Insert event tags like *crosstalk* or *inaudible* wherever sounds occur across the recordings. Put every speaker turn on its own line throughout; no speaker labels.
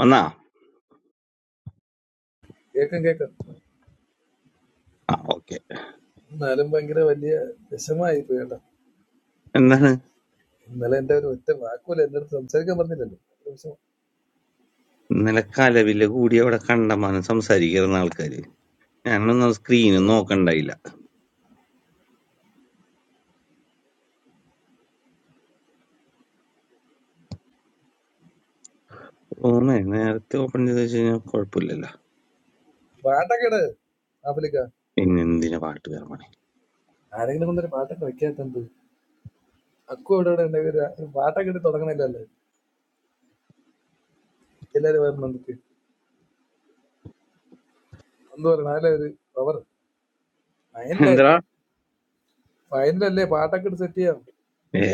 വന്നാ
കേൾക്കാം കേൾക്കാം
ആ ഓക്കെ
എന്നാലും ഭയങ്കര വലിയ വിഷമായി പോയി കേട്ടോ
എന്താണ്
ഇന്നലെ എന്റെ ഒരു ഒറ്റ വാക്കുമല്ല എന്റെ അടുത്ത് സംസാരിക്കാൻ പറഞ്ഞില്ലല്ലോ ഭയങ്കര വിഷമം.
ഇന്നലെ കലവില കൂടി അവിടെ കണ്ടമാനം സംസാരിക്കുന്ന ആൾക്കാര് ഞാനൊന്നും സ്ക്രീനും
ഉം.
നോക്കണ്ടായില്ല ഓമേ നേരത്തെ ഓപ്പൺ ചെയ്ത് വെച്ച് കഴിഞ്ഞാൽ കുഴപ്പമില്ലല്ലോ
പാട്ടൊക്കെ ഇട് ആഫ്ലിക്ക
പിന്നെ എന്തിനാ പാട്ട് കയറണേ
ആരെങ്കിലും കൊണ്ടൊരു പാട്ടൊക്കെ വെക്കാത്തത് അക്കു അവിടെ ഇവിടെ ഉണ്ടെങ്കിൽ ഒരു ഒരു പാട്ടൊക്കെ ഇട്ട് തുടങ്ങണില്ലല്ലേ എല്ലാരും വരണം നമുക്ക് എന്ത് പറയണം അതിലെ ഒരു പവർ ഫൈനലല്ലേ
എന്താ
ഫൈനലല്ലേ പാട്ടൊക്കെ ഇട്ട് സെറ്റ് ചെയ്യാം
ഏ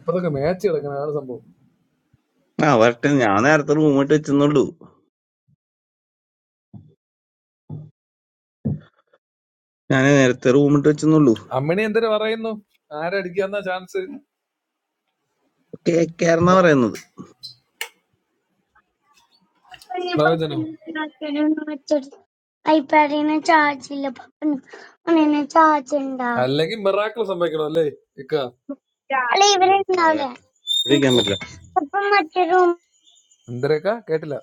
ഇപ്പതൊക്കെ മാച്ച് കിടക്കണം അതാണ് സംഭവം
ആ വരട്ടെ ഞാൻ നേരത്തെ റൂം ഇട്ട് വെച്ചെന്നുള്ളൂ ഞാൻ നേരത്തെ റൂം ഇട്ട് വെച്ചെന്നുള്ളൂ
അമ്മിണി എന്തിനു പറയുന്നു ആരടിക്കാന്ന ചാൻസ്
കേക്കാരെന്നാ പറയുന്നത് പപ്പന്
പ്രവചനം
പപ്പന് ചാച്ചനൊന്ന് വെച്ചെടുത്ത് ഐപാഡിന് ചാർജ് ഇല്ല പപ്പന് അവനെ ചാർജ് ഉണ്ടാ
അല്ലെങ്കിൽ മിറാക്കിൾ സംഭവിക്കണം അല്ലേ ഇക്ക
അല്ല ഇവരുണ്ടാവില്ല ഇരിക്കാൻ പറ്റില്ല അപ്പം മറ്റൊരു
എന്തരക്ക കേട്ടില്ല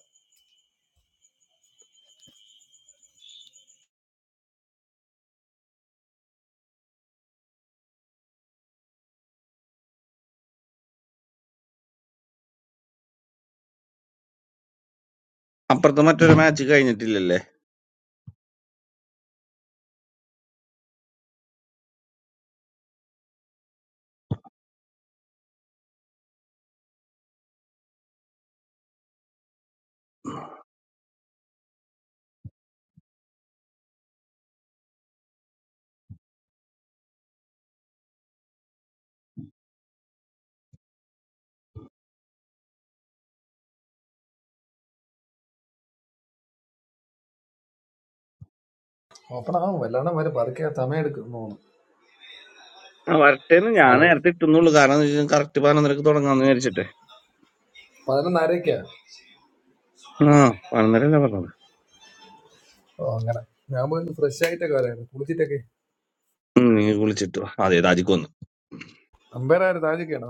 അപ്പുറത്ത് മറ്റൊരു മാച്ച് കഴിഞ്ഞിട്ടില്ലല്ലേ
ഓപ്പൺ ആവും വല്ലാണ്ട് വരെ പതുക്കെ സമയമെടുക്കും തോന്നുന്നു
ആ വരട്ടേന്ന് ഞാൻ
സാരം
നേരത്തെ ഇട്ടുന്നുള്ളൂ കാരണം കറക്റ്റ് പതിനൊന്നരക്ക് തുടങ്ങാന്ന് വിചാരിച്ചിട്ടെ
പതിനൊന്നരക്കാ
ആ പതിനൊന്നരല്ലേ പറഞ്ഞത്
ഓ അങ്ങനെ ഞാൻ പോയി ഫ്രഷ് ആയിട്ടൊക്കെ വരായിരുന്നു കുളിച്ചിട്ടൊക്കെ
ഉം, നീ വിളിച്ചിട്ട് വാ. അതെ താജിക്ക് വന്നു
അമ്പയർ ആര് താജിക്കാണോ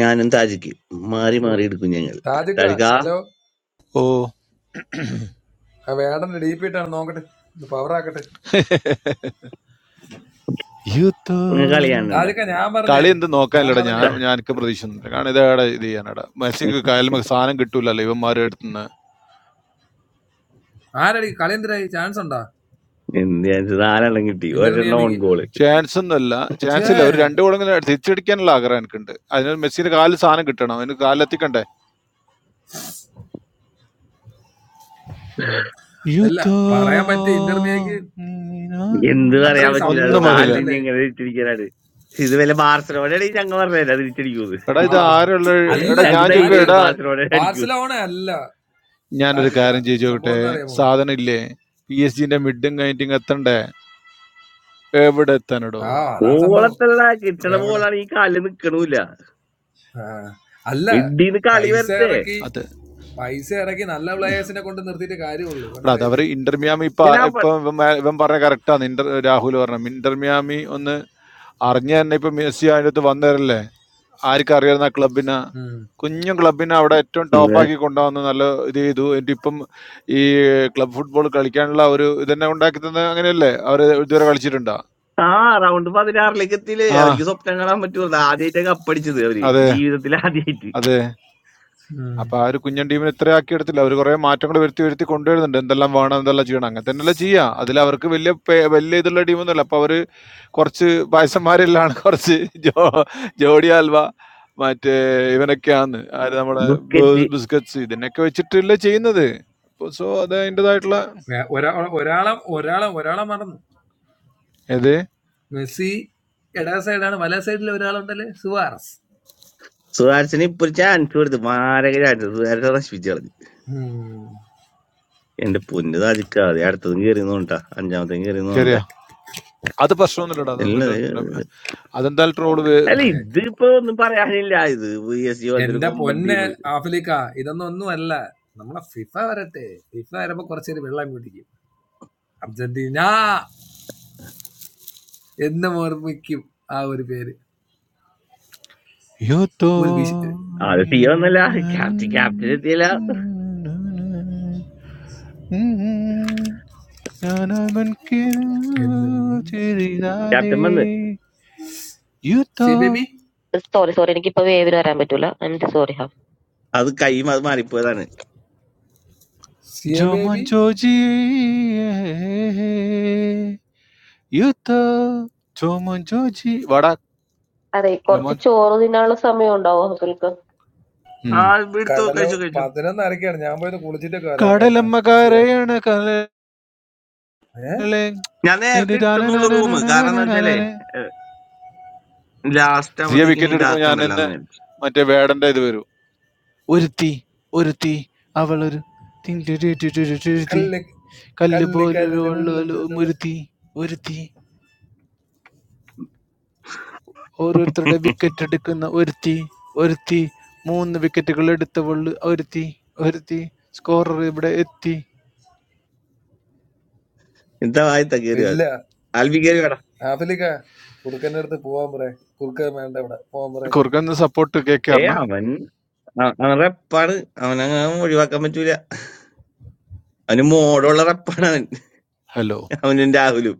ഞാനും താജിക്ക് മാറി
ഓ
മാറി എടുക്കും ഞങ്ങൾ
താജിക്ക
താജിക്കാ
ഹലോ
ഓ
ആ വേടന്റെ ഡി പി ഇട്ടാണ് നോക്കട്ടെ ഇത് പവർ ആക്കട്ടെ
യൂത്ത്
നിങ്ങൾ കളിയാണ്ട
താജിക്ക ഞാൻ പറഞ്ഞേ
കളി എന്ത്
ഞാൻ
നോക്കാനില്ലടാ ഞാൻ
പറഞ്ഞേ
ഞാൻ എനിക്ക്
ഒരു-
പ്രതീക്ഷിക്കുന്നില്ല കാരണം ഇതേടെ ഇത് ചെയ്യാനടാ മെസ്സിക്ക് കായലും സാധനം കിട്ടൂലല്ലോ ഇവന്മാരുടെ അടുത്തുനിന്ന്
ആരടി കളീന്ദ്രായി ചാൻസ് ഉണ്ടോ
എന്ത് ഞാൻ വെച്ചാ നാലെണ്ണം കിട്ടി ഒരെണ്ണം ഓൺ
ഇന്റർമിയമ്മക്ക്
ഗോള്
ചാൻസ് ഒന്നുമല്ല ചാൻസ്
ഛേ
ഇല്ല
*laughs*
ഒരു രണ്ട് കൂടെങ്കിലും തിരിച്ചടിക്കാനുള്ള ആഗ്രഹം എനിക്കുണ്ട് അതിന് മെസ്സിന്റെ കാലിൽ സാധനം കിട്ടണം അതിന് കാലിലെത്തിക്കണ്ടേ
ഉം. അല്ല
യൂത്ത്
പറയാൻ പറ്റിയ ഇന്റർമിയക്ക്
എന്ത് പറയാൻ
അത്രയ്ക്ക്
പറ്റൂല അത്
ഒന്നും
സപ്പോർട്ട്
പറയില്ല
നാലിന്
ഇല്ലല്ലേ
എങ്ങനെ തിരിച്ചടിക്കാനാണ് ഇത് വല്ല ബാർസലോണയാണെങ്കിൽ ഞങ്ങൾ പറഞ്ഞത് അത് തിരിച്ചടിക്കൂന്ന്
എടാ
ആ
ഇത് ആരുള്ള
അല്ല
എടാ ഞാൻ
ഞങ്ങക്ക്
ചോദിക്കും
ഞാന്
ധൈര്യമുണ്ട്
എടാ
ബാർസലോണ അടിക്കൂ
ബാർസലോണ അല്ല
ഞാനൊരു
താജിക്ക
കാര്യം ചെയ്ത്
സംഭവം
നോക്കട്ടെ
എന്ന് അറിയാമോ
സാധനം ഇല്ലേ പി എസ് ജിന്റെ മിഡും കഴിഞ്ഞിട്ടും എത്തണ്ടേ എവിടെ എത്താനടോ
ആ അതാണ് സംഭവം
ഓളത്തല്ല കിട്ടണ
എവിടെ
ബോളാണ് ഈ കാലിൽ നിക്കണൂല
ആ. അല്ല
മിഡീന്ന് കളി
പൈസ
വരട്ടെ
ഇറക്കി
അത്
പൈസ ഇറക്കി നല്ല പ്ലേയേഴ്സിനെ കൊണ്ട് നിർത്തിയിട്ട് കാര്യമുള്ളൂ
എടാ അത്
മനസ്സിലായില്ലേ
അവര് ഇന്റർ മിയാമി ഇപ്പൊ
ഞാൻ
ആ-
ആ
ഇപ്പൊ
പ-
ഇവൻ മേ- ഇവൻ പറഞ്ഞ കറക്റ്റാണ് ഇന്റർ രാഹുൽ പറഞ്ഞു ഇന്റർ മിയാമി ഒന്ന് അറിഞ്ഞ തന്നെ ഇപ്പൊ മെസ്സി അതിൻ്റെ അടുത്ത് വന്നവരല്ലേ ആർക്കും അറിയാവുന്ന ആ ക്ലബിനെ
ഉം.
കുഞ്ഞു ക്ലബിനെ അവിടെ ഏറ്റവും
ഉം.
ടോപ്പാക്കി കൊണ്ടുവന്ന് നല്ല ഇത് ചെയ്തു എന്നിട്ട് ഇപ്പം ഈ ക്ലബ് ഫുട്ബോൾ കളിക്കാനുള്ള ഒരു ഇതന്നെ ഉണ്ടാക്കി തന്നെ അങ്ങനെയല്ലേ അവർ ഇതുവരെ കളിച്ചിട്ടുണ്ടോ
ആ റൗണ്ട് പതിനാറിലേക്ക് എത്തിയില്ലേ
ആ
അവർക്ക് സ്വപ്നം കാണാൻ പറ്റുമോ ആദ്യമായിട്ടാ കപ്പടിച്ചത് അവര്
അതെ
ജീവിതത്തിൽ ആദ്യമായിട്ട്
അതെ
ഉം.
അപ്പൊ ആ ഒരു കുഞ്ഞൻ ടീമിനെ ഇത്ര ആക്കി എടുത്തില്ല അവർ കുറെ മാറ്റങ്ങൾ വരുത്തി വരുത്തി കൊണ്ടുവരുന്നുണ്ട് എന്തെല്ലാം വേണം എന്തെല്ലാം ചെയ്യണം അങ്ങനെ തന്നെയല്ലേ ചെയ്യാ അതിൽ അവർക്ക് വലിയ പേ- വലിയ ഇതുള്ള ടീമൊന്നുമല്ല അപ്പൊ അവര് കുറച്ച് പായസന്മാരിലാണ് കുറച്ച് ജോ ജോഡി ഹൽവ മറ്റേ ഇവനൊക്കെയാന്ന് ആര് നമ്മുടെ ബ്
ബുക്കറ്റ്
ബിസ്ക്കറ്റ്സ് ഇതിനൊക്കെ വെച്ചിട്ടല്ലേ ചെയ്യുന്നത്. അപ്പൊ സോ അത് അതിന്റേതായിട്ടുള്ള
വേ- ഒരാ- ഒരാളെ ഒരാളെ ഒരാളെ മറന്നു
ഏത്
മെസ്സി ഇട സൈഡാണ് വല സൈഡിൽ ഒരാളുണ്ടല്ലേ സുവാറസ്
സുഹാർസിന് ഇപ്പൊ ഒരു ചാൻസ് കൊടുത്തു മാരക ചാൻസ് സുഹാർസ് നശിപ്പിച്ചു കളഞ്ഞു
ഉം.
എന്റെ പൊന്ന് സാധിക്കാതെ അടുത്തതും കയറി നോണ്ടാ അഞ്ചാമത്തേം കയറി
കേറിയാ? അത് പ്രശ്നമൊന്നുമില്ലടാ. അതും
അല്ല ഇത്
വല്ലോം അതെന്തായാലും ട്രോള് വേ
അല്ല, ഇതിപ്പോ ഒന്നും പറയാനില്ല ഇത് പി എസ് ജി പോലത്തെ ഒരു
എന്റെ
കൊമ്പൻ
പൊന്നെ
ടീം
ആഫ്രിക്ക ഇതൊന്നും ഒന്നുമല്ല നമ്മളെ ഫിഫ വരട്ടെ ഫിഫ വരുമ്പോ കുറച്ചേര് വെള്ളം കുടിക്കും അർജന്റീന എന്നും ഓർമ്മിക്കും ആ ഒരു പേര്
യോ തോ
ഒരു വിശ
അത് ടീം ഒന്നല്ല ക്യാപ്റ്റൻ ക്യാപ്റ്റൻ എത്തിയില്ല
നാനാ മൻ കേ
എന്നും
ചേരിതാദേ
ക്യാപ്റ്റൻ വന്ന്
യു
സി
തോ
ബേബി
സോറി സോറി എനിക്കിപ്പോ വേവിന് വരാൻ പറ്റൂല ഐ എം സോറി ഹാഫ്
അത് കൈയും അത് മാറിപ്പോയതാണ്
സിയ
जो मन
ബേബി
जो jiye, യുദ്ധ ജോമോൻ ജോജി വട
അതെ കുറച്ച്
ജോമോൻ
ചോറ് തിന്നാനുള്ള സമയം ഉണ്ടാവോ ഹസുൽക്ക്
ആ ഇപ്പൊ എടുത്തോ
കടലോ
കഴിച്ചോ കഴിച്ചോ
പതിനൊന്നരക്കാണ് ഞാൻ പോയത് കുളിച്ചിട്ടൊക്കെ വരാൻ കേട്ടാ
കടലമ്മ
സിയ
കരയണ കലേ
ഏ
ഞാൻ നേരത്തെ
നിന്റെ
ഇട്ടുന്നുള്ളു റൂം കാരണം എന്താ വെച്ചാലേ ലാസ്റ്റ്
സിയ
ആവുമ്പത്തേക്ക് ഇനി
വിക്കറ്റ് എടുക്കുമ്പോ ഞാൻ
ഇതാക്കണ്ടല്ലോ
ഇന്ന്
എന്ന് വിചാരിച്ചു
മറ്റേ വേടന്റെ ഇത് വരൂ. ഒരു തീ ഒരു തീ അവളൊരു
കല്ല്
കല്ല് പോലെ
കല്ലിക്കല്ല് മുള്ള് കഥ-
ഒരു തീ ഒരു തീ ഓരോരുത്തരുടെ വിക്കറ്റ് എടുക്കുന്ന ഒരുത്തി ഒരുത്തി മൂന്ന് വിക്കറ്റുകൾ എടുത്തവൾ ഒരുത്തി ഒരുത്തി സ്കോറർ ഇവിടെ എത്തി
എന്താ വായത്ത കയറിയോ
ഇല്ല
അത് ആൽബി കയറി വേടാ
ആഫിലിക്ക കുറുക്കന്റെ അടുത്ത് പോവാൻ പറയേ കുറുക്കൻ വേണ്ട ഇവിടെ പോവാൻ പറയേ
കുറുക്കന്ന് സപ്പോർട്ട്
ഏ
കേക്കാറിന
അവൻ അ- അവൻ റെപ്പാണ് അവനങ്ങ ഒഴിവാക്കാൻ പറ്റൂല അവന് മോടുള്ള റെപ്പാണ് അവൻ
ഹലോ
അവനും രാഹുലും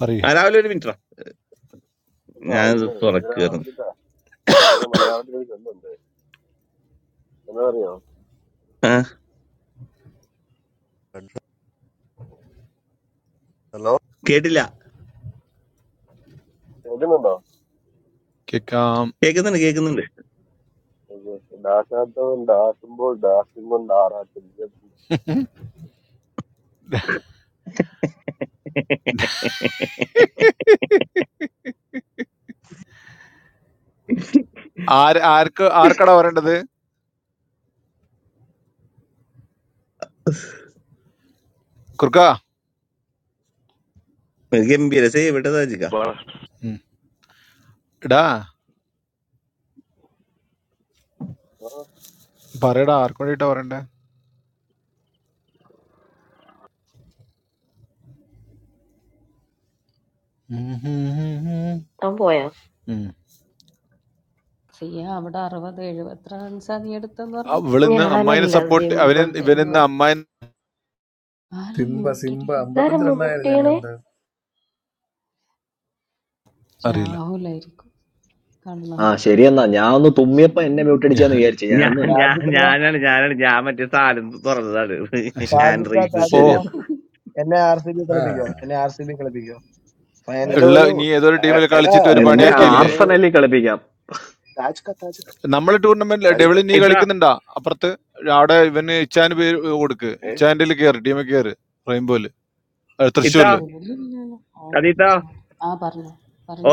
പറയൂ
ആ രാഹുലും ഒരു മിനിറ്റാ
Hello, you
ഞാൻ
know, we're in
തുറക്കുകയാണ്
Africa. You know, Malaysia is in London. Hello, hello. How are
കേട്ടില്ല
you? Hello.
കേക്കാം
കേൾക്കുന്നുണ്ട് കേൾക്കുന്നുണ്ട്
Dashad, Dashimbo, Dashimund, Dashimundara, Chilipu.
*laughs*
ആര് ആർക്ക് ആർക്കടാ പറയേണ്ടത് കുറുക്ക
ഗംഭീര സേവ് ഇട്ട താജിക്ക
Bye.
ഉം. എടാ പറയടാ ആർക്ക് വേണ്ടിട്ടാ പറയണ്ടേ ഉം ഹും ഹും ഹും.
അവൻ പോയാ
ഉം.
സിയ അവിടെ അറുപത് എഴുപത്ര റൺസാ നീ എടുത്തെന്ന് പറഞ്ഞു
അവളിന്ന് അമ്മായിനെ
ഞാനല്ല
സപ്പോർട്ട്
സിംബ
അവന്
സിംബ
ഇവനിന്ന്
തൊണ്ണൂറ്
അമ്മായി
ആരും
സിംബ സിംബ
മ്യൂട്ടടിക്കുന്നു
ഇതാരാ
അമ്പത്തഞ്ച് റണ്ണായിരുന്നു ഞാൻ
മുട്ടിയണേ
കണ്ടത്
അറിയില്ല
രാഹുലായിരിക്കും
ആ
കള്ളാണ്
ശരിയെന്നാ ഞാൻ ഒന്ന് തുമ്മിയപ്പോ എന്നെ മ്യൂട്ട്
ഞാ-
അടിച്ചാന്ന് വിചാരിച്ചു
ഞാൻ
ഞാനൊന്നുമല്ല
ഞാൻ
ഷാജിക്ക
ഞാനാണ് ഞാനാണ് ഞാൻ മറ്റേ സാധനം തുറന്നതാണ്
ആ, ശരി
ഹാൻഡ്
ഷാജിക്ക
റൈസ്
ഓ
ഷാജിക്ക
ശരിയെന്നാ
എന്നെ ആർ സി ബി
ആ
കളിപ്പിക്കോ എന്നെ ആർ സി ബി കളിപ്പിക്കോ
ആർ
ഹലോ
ഫൈനലായി
ഉള്ള
സി
ഹലോ
ബി
നീ ഏതൊരു
എ-
ടീമിൽ
എടാ
കളിച്ചിട്ട് ഒരു
എത്ര
നിന്നെ
മണിക്കാ
പണിയാക്കിയില്ലേ
ഗെയിം
ആർസണലിൽ കളിപ്പിക്കാം
താജിക്ക താജിക്ക
നമ്മളെ ടൂർണമെന്റിൽ
ഇ-
താജിക്ക
ഡെവിളി നീ
ഇത്താ
കളിക്കുന്നുണ്ടാ അപ്പുറത്ത് അവിടെ ഇവന് ഇച്ചാന് പേര് കൊടുക്ക്
ഏ
ഇച്ചാൻ്റെ കയറി ടീമിൽ കയറി റെയിൻബോയില് ഏ,
ഇത്താ
തൃശ്ശൂരില്
ഡബിളില്ലല്ലോ ഓ
അതിത്താ
ആ പറഞ്ഞോ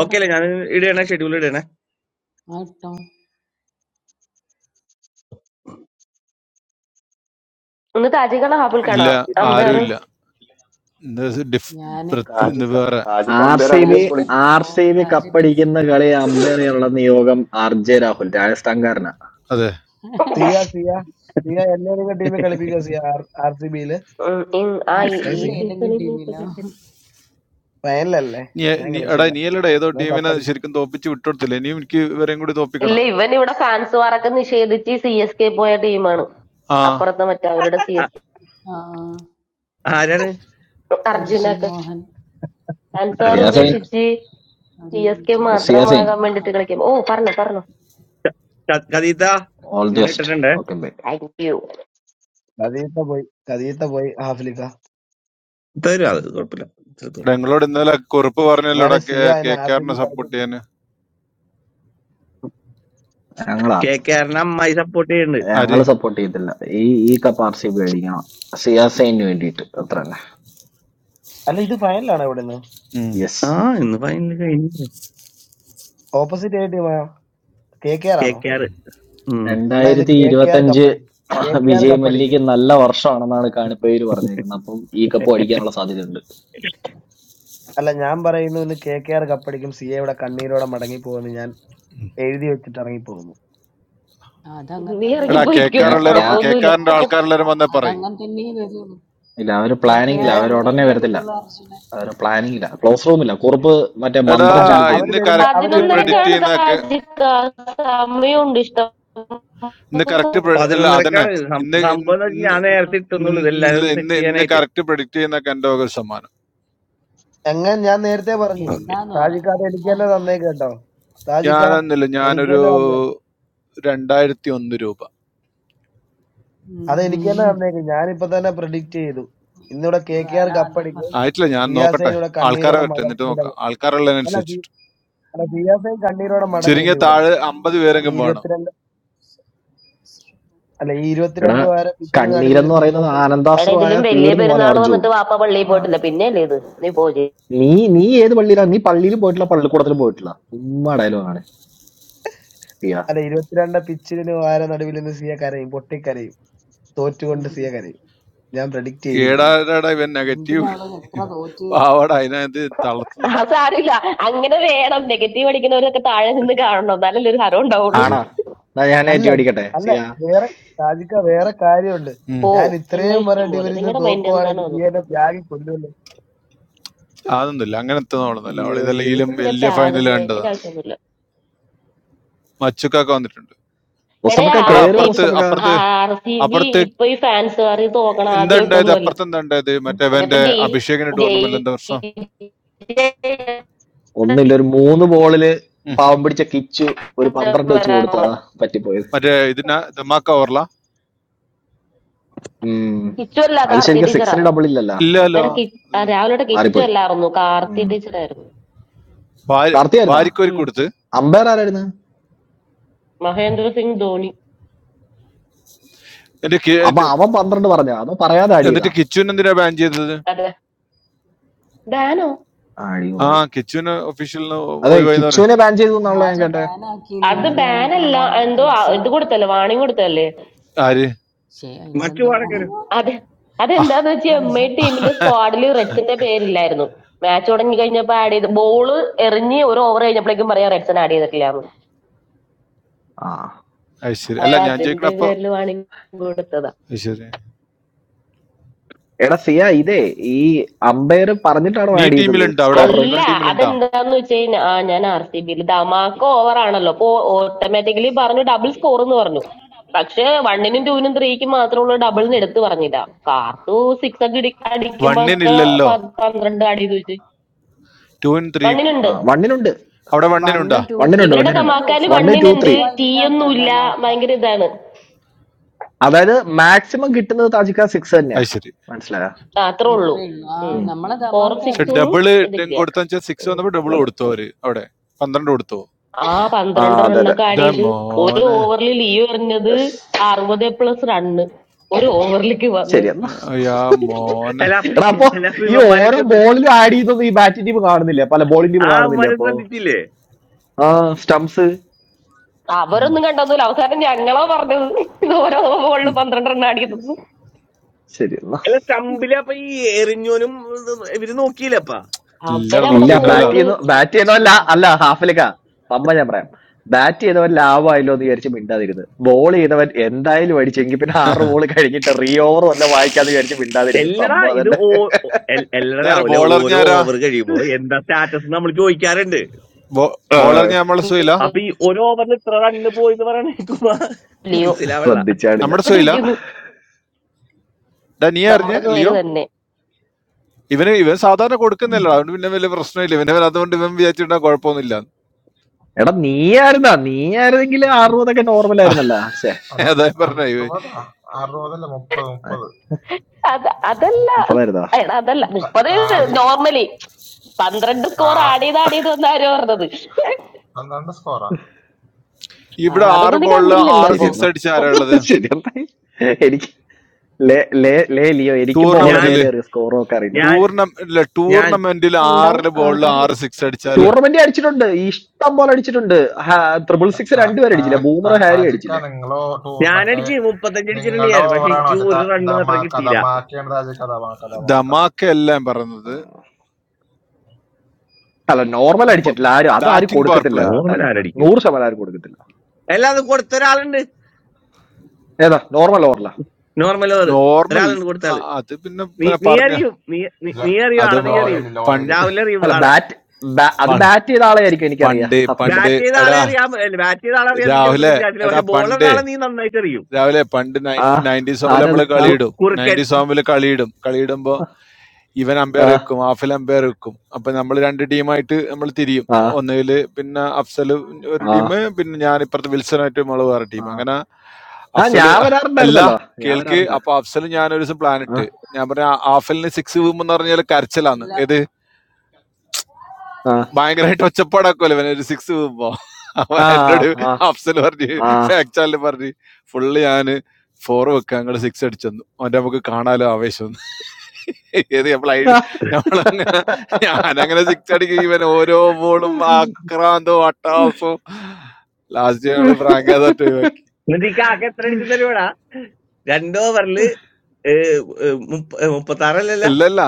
ഓക്കെ അല്ലേ ഞാൻ ഇടണേ ഷെഡ്യൂൾ ഇടണേ
ആ ഇട്ടോ
ഒന്ന് താജിക്കാണോ ഹാബിൾക്കാണോ
ഇല്ല ആരും
അമ്പയർ
ഇല്ല
ഞാനടാ
ഇത് ഡിഫ്
ഞാന്
പ്രത്- ഇത്
താജിക്ക
വേറെ
താജിക്ക
ആർ
അമ്പയർ
സി ബി
ആണെങ്കിൽ
താജിപ്പം
പൊളിക്കും
ഓ
ആർ സി ബി
താജ് ബേസ്
കപ്പടിക്കുന്ന കളി അമ്പയർ ചെയ്യാനുള്ള നിയോഗം ആർ ജെ രാഹുൽ രാജസ്ഥാൻകാരനാ
അതെ
സിയ സിയ സിയ എന്നെ നിങ്ങൾ ടീമിൽ കളിപ്പിക്കോ സിയ ആർ സി ബിയില്
ആ
ആർ
ഈ
സി
ഏ
ഈ
ബിയിൽ
സിയ
ഏതെങ്കിലും
സീസണിൽ
ടീമിലോ
ഫൈനലല്ലേ
നീ
ഞാൻ
നീ
കളിച്ചു
എടാ
തരാം
നീ അല്ലടാ ഏതോ
നിങ്ങൾ
ടീമിനെ
കപ്പടിക്കും
ശരിക്കും തോപ്പിച്ച് വിട്ടുകൊടുത്തില്ലേ ഇനിയും എനിക്ക് ഇവരെയും കൂടി
ഇല്ല
തോപ്പിക്കണം
ഇവൻ ഇവിടെ ഫാൻസ് വാറൊക്കെ നിഷേധിച്ച് സി എസ് കെ പോയ ടീമാണ്
ആ
അപ്പുറത്തെ മറ്റേ അവരുടെ സി എസ്
ആ-
ആ
ആരാണ്
കെ
അർജുൻ
അർജുനൊക്കെ
മോഹൻ
ഫാൻസ് വാർ
അർജുന
സിയാസൈൻ
ഉപേക്ഷിച്ച്
അത്
സി എസ് കെ
മറ്റേ-
സിയാസൈൻ
മറ്റേ-
മാത്രമാകാൻ വേണ്ടിട്ട് കളിക്കും ഓ പറഞ്ഞു പറഞ്ഞു
ക- കഥീത്ത
ഓൾ ദി
ഞാൻ
ബെസ്റ്റ്
ഇട്ടിട്ടുണ്ട്
ഓക്കെ ബൈ
താങ്ക് യു.
കദീത്ത പോയി കദീത്ത പോയി ഹാഫിലിക്ക
തരും അത് കുഴപ്പമില്ല എടുത്തോളൂ.
എടാ നിങ്ങളോട് ഇന്നലെ കുറിപ്പ് പറഞ്ഞല്ലോ എടാ
എന്നാലും സിയ
കെ
എന്നെ ആർ സി
കെആറിനെ
ബി
സപ്പോർട്ട്
കളിപ്പിക്കില്ല
ചെയ്യാൻ
ഞങ്ങളാ
കെ കെ ആറിന് അമ്മായി സപ്പോർട്ട് ചെയ്യുന്നുണ്ട്
ആര്
ഞങ്ങള് സപ്പോർട്ട് ചെയ്തില്ല ഈ ഈ കപ്പ് ആർ സി ബി അടിക്കണം സിയാസൈന് വേണ്ടിയിട്ട് അത്ര തന്നെ
അല്ല ഇത് ഫൈനലാണോ ഇവിടെ നിന്ന്
ഉം.
യെസ്
ആ ഇന്ന് ഫൈനൽ കഴിഞ്ഞു
ഓപ്പോസിറ്റ് ആയ ടീമായോ കെ കെ ആർ
കെ
ആണോ
കെ ആറ്
എന്നാ ഇന്ന്
രണ്ടായിരത്തി
കെ കെ ആർ
ഇരുപത്തഞ്ച്
കപ്പടിക്കും കെ കെ ആർ
വിജയ്
കപ്പടിക്കും
മല്യക്ക് നല്ല വർഷമാണെന്നാണ് കാണിപ്പേര് പറഞ്ഞേക്കുന്നത് അപ്പം ഈ കപ്പ് അടിക്കാനുള്ള സാധ്യതയുണ്ട്
അല്ല ഞാൻ പറയുന്നു ഇന്ന് കെ കെ ആർ കപ്പടിക്കും സിയ ഇവിടെ കണ്ണീരോടെ മടങ്ങി പോകുന്നു ഞാൻ എഴുതി വെച്ചിട്ട് ഇറങ്ങി പോകുന്നു
ആ, അതങ്ങനെ
നീ
എടാ
തന്നെ
കെ
ഇറങ്ങിപ്പോയിക്കോ
കെആർ
ഞാൻ
എല്ലാരും
ഞാ
കെ
കുഴപ്പമൊന്നുമില്ല
കെആറിന്റെ
അല്ല
പൊക്കോ.
ആൾക്കാരെല്ലാരും
അ-
വന്നേ പറയും
അതങ്ങനെ തന്നെയേ വരുള്ളൂ
ഇല്ല അവര്
കെ കെ
പ്ലാനിങ്ങില്ല
ആർ
അവര്
അങ്ങനെ
ഉടനെ
തന്നെയേ
വരത്തില്ല
വരുള്ളൂ അർജുന
അവര് പ്ലാനിങ്ങില്ല ക്ലോസ് റൂമില്ല കുറുപ്പ് മറ്റേ
എടാ
മന്ത്രം
അല്ല
ചൊല്ലി
അവര്
കൊടുക്കുക
ഇന്ന്
വരുമ്പോ അവര്
കറക്റ്റ്
വരുമ്പോ ഞാൻ
പ്രെഡിക്റ്റ്
പതിനൊന്നരക്കാണ്
ചെയ്യുന്ന
താജിക്ക സമയമുണ്ട് ഇഷ്ടം
ഇന്ന് കറക്റ്റ് അല്ല അതന്നെ
പതിനൊന്നരക്കാണ് ഇത്. സം-
ഇന്ന്
സംഭവം എന്ന് വെച്ചാൽ
ഇന്ന്
ഞാൻ നേരത്തെ ഇട്ടുന്നുള്ളൂ
ഇന്ന്
ഇതെല്ലാരും സെറ്റ്
ഇന്ന് ഇന്ന്
ചെയ്യാനായിട്ട്
കറക്റ്റ് പ്രഡിക്റ്റ് ചെയ്യുന്നൊക്കെ എൻ്റെ വക ഒരു ശതമാനം
എങ്ങനെ ഞാൻ നേരത്തെ പറഞ്ഞു
ഓക്കെ
എന്താന്ന് പറ
താജിക്ക അത് എനിക്ക്
എന്നാ
തന്നെ തന്നേക്ക് കേട്ടോ താജിക്ക
ഞാനൊന്നുമില്ല
എനിക്ക്
ഞാനൊരു
തന്നെ തന്നേക്ക്
രണ്ടായിരത്തി ഒന്ന് രൂപ
ഉം
അത് എനിക്ക് തന്നെ
ഉം.
തന്നേക്ക് ഞാനിപ്പോ തന്നെ പ്രിഡിക്റ്റ് ചെയ്തു ഇന്നിവിടെ കെ കെ
ഞാൻ
ആർ
ആദ്യം
കപ്പടിക്കും
പറഞ്ഞു
ആയിട്ടില്ല ഞാൻ
സിയാസൈൻ
നോക്കട്ടെ
കെ
ഇവിടെ
കെ ആർ
ആൾക്കാരെ
കണ്ണീരോടെ
വരട്ടെ
മട-
എന്നിട്ട് നോക്കാം
മടങ്ങും അല്ല സി-
ആൾക്കാരുള്ളതിനനുസരിച്ചിട്ട്
അല്ല സിയാസൈൻ കണ്ണീരോടെ മടങ്ങും
ചുരുങ്ങിയ
ഇന്ന് ഇവിടുന്ന്
താഴെ അമ്പത്
ഈ
പേരെങ്കിലും വേണം
ഇരുപത്തിരണ്ട് അല്ല ഈ
എടാ
ഇരുപത്തിരണ്ട് വാര പിച്ചിന് നടുവിൽ
കണ്ണീരെന്ന്
നിന്ന്
പറയുന്നത്
സിയാസൈൻ
എടാ
ആനന്ദാശ്രു
ഇതിലും
ആയാ
വലിയ
തീർന്നു പോനെ
പെരുന്നാൾ
അർജു
വന്നിട്ട് വാപ്പ പള്ളിയിൽ
ആ
പോയിട്ടില്ല പിന്നെയല്ലേ ഇത് നീ പോ ചെയ്യ്.
നീ നീ ഏത് പള്ളിയിലാണ് നീ പള്ളിയിലും പോയിട്ടില്ല പള്ളിക്കൂടത്തിലും പോയിട്ടില്ല ചുമ്മാ ഡയലോഗ് ആണ് സിയ
അല്ല ഇരുപത്തിരണ്ട് പിച്ചിന് വാര നടുവിൽ നിന്ന് സിയ കരയും പൊട്ടിക്കരയും തോറ്റുകൊണ്ട്
എന്തിന്
സിയ കരയും ഞാൻ പ്രെഡിക്റ്റ് ചെയ്തിരിക്കുന്നു
ഏടാടാ ഇവൻ നെഗറ്റീവ്
എന്തിനാ അവള് എത്ര തോറ്റ്
പാവാട അതിനകത്ത്
ആ
തളർത്തുന്ന
സാരില്ല അങ്ങനെ വേണം നെഗറ്റീവ് അടിക്കുന്നവരൊക്കെ താഴെ നിന്ന് കാണണം എന്നാലല്ലേ ഒരു ഹരം
അത്
ഉണ്ടാവുള്ളൂ
ആണാ
ശരി
എന്നാ ഞാൻ
അല്ല
ഏറ്റി അടിക്കട്ടെ
അല്ല
സിയ
വേറെ ഷാജിക്ക വേറെ കാര്യമുണ്ട്
ഉം.
ഓ
ഞാൻ
നിങ്ങളുടെ
ഇത്രയും
ഇഷ്ടം
പറഞ്ഞിട്ട്
പോലെ
ഇവരിന്ന്
നിങ്ങളുടെ മൈൻഡ് എന്താണോ
തോക്കുവാണെങ്കിൽ നീ
അത്
എന്നെ ത്യാഗി കൊല്ലുമല്ലോ
അതൊന്നുമില്ല അങ്ങനത്തെ നോളുന്നല്ല അവൾ
ഉം.
അയ്യോ അയ്യോ
ഇതല്ലെങ്കിലും
പിന്നെ
വലിയ ഫൈനൽ
പ്രാകുന്നേ അതിന്റെ
കണ്ടതാണ്
ആവശ്യമൊന്നുമില്ല
മച്ചുക്കൊക്കെ വന്നിട്ടുണ്ട്
എടാ
മുസ്തഫക്ക
അവിടെ
ആർ
കേറുക
സി ബി
അപ്പുറത്ത്
മുസ്തഫക്ക
അപ്പുറത്ത്
ആർ സി ബി
അപ്പുറത്ത്
ഇപ്പൊ ഈ ഫാൻസുകാർ തോക്കണ
എന്താ ഉണ്ടായത്
ആദ്യമായിട്ടൊന്നുമല്ല
അപ്പുറത്ത് എന്താ ഉണ്ടായത്
ഉം.
മറ്റേ
ഇതിപ്പോ
അവന്റെ
ജയി
അഭിഷേകിന്റെ
ജയി
ടൂർണമെന്റ് എന്താ പ്രശ്നം
ഒന്നുമില്ല ഒരു മൂന്ന് ബോളില്
ഉം.
പാവം പിടിച്ച കിച്ചു ഒരു പന്ത്രണ്ട് വെച്ച് കൊടുത്തതാ പറ്റിപ്പോയത്
മറ്റേ ഇതിന ധമാക്ക ഓർല
ഉം
കിച്ചു അല്ല
അത്
കാർത്തി
ശരിക്കും
ടീച്ചറാ
സിക്സിന് ഡബിൾ ഇല്ലല്ല അപ്പൊ
ഇല്ലല്ലോ
എടാ കി ആ, രാവിലെയുടെ കിച്ചു
മാറിപ്പോയി
അല്ലായിരുന്നു കാർത്തി ടീച്ചറായിരുന്നു
വാരി-
കാർത്തിയായിരുന്നാ
വാരിക്കോരി
ഉം
കൊടുത്ത്
അമ്പയർ ആരായിരുന്നു
മഹേന്ദ്ര സിംഗ് ധോണി
എന്റെ കി-
അപ്പൊ
എന്റെ-
അവൻ പന്ത്രണ്ട് പറഞ്ഞോ അതോ പറയാതെ ആടിയതാ
എന്നിട്ട് കിച്ചുവിന് എന്തിനാ ബാൻ ചെയ്തത്
അതെ ബാനോ
ആ
അടിപൊളി
കിച്ചുവിന് ഒഫീഷ്യലിന്
അതെ
ഒഴിവായിന്ന് പറഞ്ഞു
കിച്ചുവിനെ ബാൻ ചെയ്തു എന്നാണല്ലോ ഞാൻ
ആരെ
കേട്ടെ
ബാനാക്കി എന്ന്
അത്
ഉം.
പറഞ്ഞു എന്നിട്ട്
ബാനല്ല
അവിടെ
എന്തോ ആ-
റെഡ്സൺ
ഇത് കൊടുത്തല്ലേ വാണിംഗ് കൊടുത്തല്ലേ
ആര്
ശേ അതിനെല്ലാം
മറ്റു
എന്തോ
പാടൊക്കെ വരും
അത്
ആ,
അതെന്താന്ന് വെച്ചാൽ എം ഐ ടീമിന്റെ സ്ക്വാഡിൽ റെഡ്സിന്റെ പേരില്ലായിരുന്നു മാച്ച് തുടങ്ങി കഴിഞ്ഞപ്പോ ആഡ് ചെയ്ത് ബോള് എറിഞ്ഞ് ഒരു ഓവർ കഴിഞ്ഞപ്പോഴേക്കും പറയാം റെഡ്സൺ ആഡ് ചെയ്തിട്ടില്ലാന്ന്
ആ
അത് ശരി അല്ല
അപ്പൊ
ഞാൻ ചോദിക്കണ
അതിന്റെ
അപ്പൊ
പേരിൽ വാണിംഗ് കൊടുത്തതാ
അത് ശരി
എടാ സിയ ഇതേ ഈ അമ്പയർ പറഞ്ഞിട്ടാണ്
നീ
ആഡ് ചെയ്തത്
ടീമിലുണ്ടോ അവിടെ
സ്കോറർ
അല്ല
നിങ്ങളുടെ ടീമിലുണ്ടോ
അതെന്താന്ന് വെച്ച് കഴിഞ്ഞാ ആ ഞാൻ ആർ സി ബിയിൽ ധമാക്ക ഓവർ ആണല്ലോ അപ്പൊ ഓട്ടോമാറ്റിക്കലി പറഞ്ഞു ഡബിൾ സ്കോർ എന്ന് പറഞ്ഞു പക്ഷെ
അറിയാം
വണ്ണിനും ടൂവിനും ത്രീക്കും മാത്രമുള്ള ഡബിളിന് എടുത്തു പറഞ്ഞില്ല കാർത്തു സിക്സ് ഒക്കെ ഇടി അടിക്കുമ്പോ ഒക്കെ
വണ്ണിനില്ലല്ലോ
പ- പന്ത്രണ്ട് അടി ചോദിച്ചു
ടൂവിന് ത്രീ
ആ
വണ്ണിനുണ്ട്
വണ്ണിനുണ്ട്
അവിടെ വണ്ണിനുണ്ടാ
വണ്ണും ടു ത്രീ
വണ്ണിനുണ്ട്
ഇവരുടെ
അല്ലേ
വണ്ണിനുണ്ട്
ഉള്ളൂ
ധമാക്കാല്
വണ്
ഫോറും
ടു
വണ്ണിനുണ്ട്
ത്രീ
സിക്സും
ടീ
അല്ലാത്ത
ഒന്നുമില്ല
ധമാക്ക
ഭയങ്കര ഇതാണ്
അതായത് മാക്സിമം കിട്ടുന്നത് താജിക്ക സിക്സ് തന്നെയാ
അത് ശരി
മനസ്സിലായോ
ആ, അത്രേ ഉള്ളൂ
അത്രേ ഉള്ളൂ ആ
ഉം.
നമ്മളെ
ഫോറും
ധമാക്ക
പക്ഷെ
അല്ലേ
സിക്സും
ഡബിള്
ഇതില്ല
കൊടുത്താ വെച്ചാൽ സിക്സ്
ഉം.
വന്നപ്പോ ഡബിൾ
അതെ
കൊടുത്തു അവര് അവിടെ പന്ത്രണ്ട് കൊടുത്തു
ആ
ആ
പന്ത്രണ്ട്
അതെ അതെ
റണ്ണൊക്കെ ആഡ്
ഇതാ
ചെയ്ത് ഒരു
മോനെ
ഓവറിൽ ലീവ് എറിഞ്ഞത് അറുപത് പ്ലസ് റണ്ണ് ഒരു ഓവറിലേക്ക് വന്നത്
ശരി എന്നാ
അയ്യാ മോനെ
അല്ല അപ്പൊ
എടാ അപ്പൊ
അല്ല അപ്പൊ
ഈ
ഇവന്മാരെ
ഓരോ
ശ്രദ്ധിച്ച്
ബോളിലും ആഡ് ചെയ്തൊന്നും ഈ ബാറ്റിംഗ് ടീം കാണുന്നില്ല പല ബോളിംഗ് ടീം
ആ
കാണുന്നില്ല
അവന്മാരെ
അപ്പൊ
ശ്രദ്ധിച്ചില്ലേ
ആ സ്റ്റംസ്
അവരൊന്നും കണ്ടൊന്നുമില്ല അവസാനം ഞങ്ങളോ പറഞ്ഞത് ഇത് ഓരോ ബോളില്
ഉം.
പന്ത്രണ്ടെണ്ണം അടിക്കുന്നു
ശരി എന്നാ
അല്ല സ്റ്റമ്പില് അപ്പൊ ഈ എറിഞ്ഞോനും ഇത് ഇവര് നോക്കിയില്ലപ്പാ
ഇല്ലടാ
അവരവിടെ
ഇല്ല
നോക്കിണ്ടാവില്ല
ബാറ്റ്
ബോള്
ചെയ്യുന്നു ബാറ്റ് ചെയ്യുന്നവല്ല അല്ല
ശ്രദ്ധിച്ചിണ്ടാവില്ല
ഹാഫിലേക്കാ പമ്മ ഞാൻ പറയാം ബാറ്റ് ചെയ്തവൻ ലാവായല്ലോ എന്ന് വിചാരിച്ച് മിണ്ടാതിരുന്ന് ബോൾ ചെയ്തവൻ എന്തായാലും അടിച്ചെങ്കിൽ പിന്നെ ആറ് ബോൾ കഴിഞ്ഞിട്ട് റീ ഓവർ വല്ല വായിക്കാന്ന് വിചാരിച്ച് മിണ്ടാതിരുന്ന്
എല്ലടാ
സംഭവം
ഇത്
തന്നെ
ഓ ഓ- എൽ- എല്ലടാ
ഇതാരാ
രാവിലെ
ബോളറിഞ്ഞ
ഓരോ
ആരാ
ഓവർ കഴിയുമ്പോ എന്താ സ്റ്റാറ്റസ് നമ്മൾ ചോദിക്കാറുണ്ട്
ആ,
ബോളറിഞ്ഞ നമ്മളെ സുഖയില്ല
അപ്പൊ ഈ ഒരു ഓവറിൽ ഇത്ര റണ്ണ് പോയി എന്ന് പറയണ കേൾക്കുമ്പോ
ഇല്ലയോ
മനസ്സിലാവണ്ട
ശ്രദ്ധിച്ചാടില്ല
നമ്മുടെ സുഖയില്ല
ഇരിക്കുന്നു
ഡാ നീ അറിഞ്ഞ
നമ്മുടെ സോയില്
ലിയോ
തന്നെ
ഇവന് ഇവൻ സാധാരണ
ഉം.
കൊടുക്കുന്നില്ല അതുകൊണ്ട് പിന്നെ വലിയ പ്രശ്നമില്ല ഇവനെ അതുകൊണ്ട് ഇവൻ വിചാരിച്ചിട്ടുണ്ടാ കുഴപ്പമൊന്നുമില്ല
എടാ നീയായിരുന്നാ നീയായിരുന്നെങ്കിൽ അറുപതൊക്കെ നോർമൽ ആയിരുന്നല്ല ശേ
Ana
അതാ പറഞ്ഞ
arroba ta arroba de le mupad mupad
അത് അതല്ല
മുപ്പതായിരുന്നാ
എടാ അതല്ല
ta
മുപ്പത്
ta aji
നോർമലി പന്ത്രണ്ട്
ta
സ്കോർ ആടിയത് ആടിയത് വന്ന ആരോ പറഞ്ഞത്
an anas ko ra
ആ,
ഇവിടെ ആറ്
അതൊന്നും നീ
ബോളില്
ആ
കണ്ടില്ലല്ലോ
ആറ്
ശരി
അപ്പൊ
സിക്സ്
എന്നാ
അടിച്ച ആരാ ഉള്ളത്
ശരി എന്നാ *laughs* എനിക്ക് ലേ ലേ ലേ ലിയോ എനിക്ക് ബോൾ
ഞാൻ
അറിയാൻ
ടൂർണമെന്റില്
അറിയാം സ്കോറും ഒക്കെ അറിയാം
ഞാൻ
ടൂർണമെന്റില്
ഞാൻ
ടൂർണമെന്റിൽ
ഉണ്ടാവും
ആറില് ബോളില്
ആൾക്കാരുണ്ട്
ആറ് സിക്സ് അടിച്ചാല
ടൂർണമെന്റ് അടിച്ചിട്ടുണ്ട് ഇഷ്ടം പോലെ അടിച്ചിട്ടുണ്ട് ട്രിപ്പിൾ സിക്സ്
ta
രണ്ടുപേരും
ta
അടിച്ചില്ല
ta
ബൂമർ ഹാരി
aji ka
അടിച്ചില്ലേ
nenglo tour machay
ഞാനടിച്ച് മുപ്പത്തഞ്ച് അടിച്ചിട്ടുണ്ട്
nenglo
ഞാൻ പക്ഷെ
overano
എനിക്ക്
ata
ഒരു റണ്ണ് മാത്രം
damaka
കിട്ടിയില്ല
damaka kendra aji ka damaka damaka
dhamaka എല്ലാം പറയുന്നത്
അല്ല നോർമൽ അടിച്ചിട്ടില്ല ആരും അത് ആരും
ബാറ്റിംഗ് പവർ
കൊടുക്കത്തില്ല
പ്ലേ
നോർമൽ
താജിക്ക
ആരടിക്കും
നൂറ് ശതമാനം ആരും കൊടുക്കത്തില്ല
എല്ലാതും കൊടുത്ത ഒരാളുണ്ട്
ഏതാ നോർമൽ ഓവറില
നോർമൽ ഓർ
നോർമൽ
ഒരാളുണ്ട് കൊടുത്ത ആള്
അത് പിന്നെ
നീ
പിന്നെ
നീ
പറഞ്ഞു
അറിയും നീ നീ
lo
നീ അറിയും
അത്
ആളെ നീ
പ-
അറിയും
loeli loeli
പണ്ട്
രാഹുൽ അറിയും
അല്ല
ആളെ
ബാറ്റ് അത്
പ-
ബാറ്റ് ചെയ്ത ആളെ ആയിരിക്കും എനിക്കറിയാം
പണ്ട്
ആഫ്രിക്ക
പണ്ട്
ബാറ്റ് ചെയ്ത ആളെ
എടാ
അറിയാം ബാറ്റ് ചെയ്ത ആളെ അറിയാന്ന് ചിലപ്പോ
രാഹുലെ
എനിക്ക് ചാറ്റില്ല
എടാ
പക്ഷെ ബോളർ
പണ്ട്
ആളെ നീ നന്നായിട്ട് അറിയും
രാവിലെ പണ്ട്
ആ
നയൻറ്റി നയൻറ്റീസ് ആകുമ്പോൾ നമ്മൾ
ആരത് ആ
കു-
കളിയിടും
കുറുക്കൻ
നയൻറ്റീസ് ആകുമ്പോൾ കളിയിടും കളിയിടുമ്പോൾ ഇവൻ
ആ
അമ്പയർ വെക്കും ഹാഫിൽ അമ്പയർ വെക്കും അപ്പൊ നമ്മൾ രണ്ട് ടീമായിട്ട് നമ്മൾ തിരിയും
ആ
ഒന്നുകിൽ പിന്നെ അഫ്സൽ ഒരു
ആ
ടീം പിന്നെ ഞാൻ ഇപ്പുറത്ത് വിൽസനായിട്ട് നമ്മൾ വേറെ
ആ
ടീം അങ്ങനെ
ആ
അഫ്സൽ
ഞാൻ
അല്ല
വരാറുണ്ടായിരുന്നല്ലോ ഞാൻ
കേൾക്ക്
വരാറുണ്ട്
അപ്പൊ അഫ്സൽ ഞാൻ ഒരു ദിവസം പ്ലാൻ
ആ
ഇട്ട് ഞാൻ പറഞ്ഞ ആഫലിന് സിക്സ് വീമെന്ന് പറഞ്ഞാൽ കരച്ചിലാന്ന്
ഇല്ല
ഏത്
ആ
ഭയങ്കരമായിട്ട് ഒച്ചപ്പാടൊക്കെ അല്ലേ ഒരു സിക്സ് വീഴുമ്പോ അപ്പൊ
ആ
എന്നോട് അഫ്സൽ പറഞ്ഞ്
ആ ആ
ഫാക്ട് ചാനൽ പറഞ്ഞ് ഫുള്ള് ഞാന് ഫോർ വെക്കാൻ അങ്ങോട്ട് സിക്സ് അടിച്ചെന്നു അവന്റെ നമുക്ക് കാണാലോ ആവേശം ഏത് നമ്മൾ ഐഡിയ നമ്മളങ്ങനെ ഞാനങ്ങനെ സിക്സ് അടിക്കും ഇവൻ ഓരോ ബോളും ആക്രാന്തവും അട്ടാസവും ലാസ്റ്റ് ഞങ്ങള്
*laughs*
ഫ്രാങ്ക തട്ട് ഒഴിവാക്കി
എന്നിട്ട് ഈ കാക്ക എത്ര അടിച്ചു തരുവാടാ രണ്ട് ഓവറില് മുപ്പത്തി ആറല്ലല്ല
അല്ലല്ല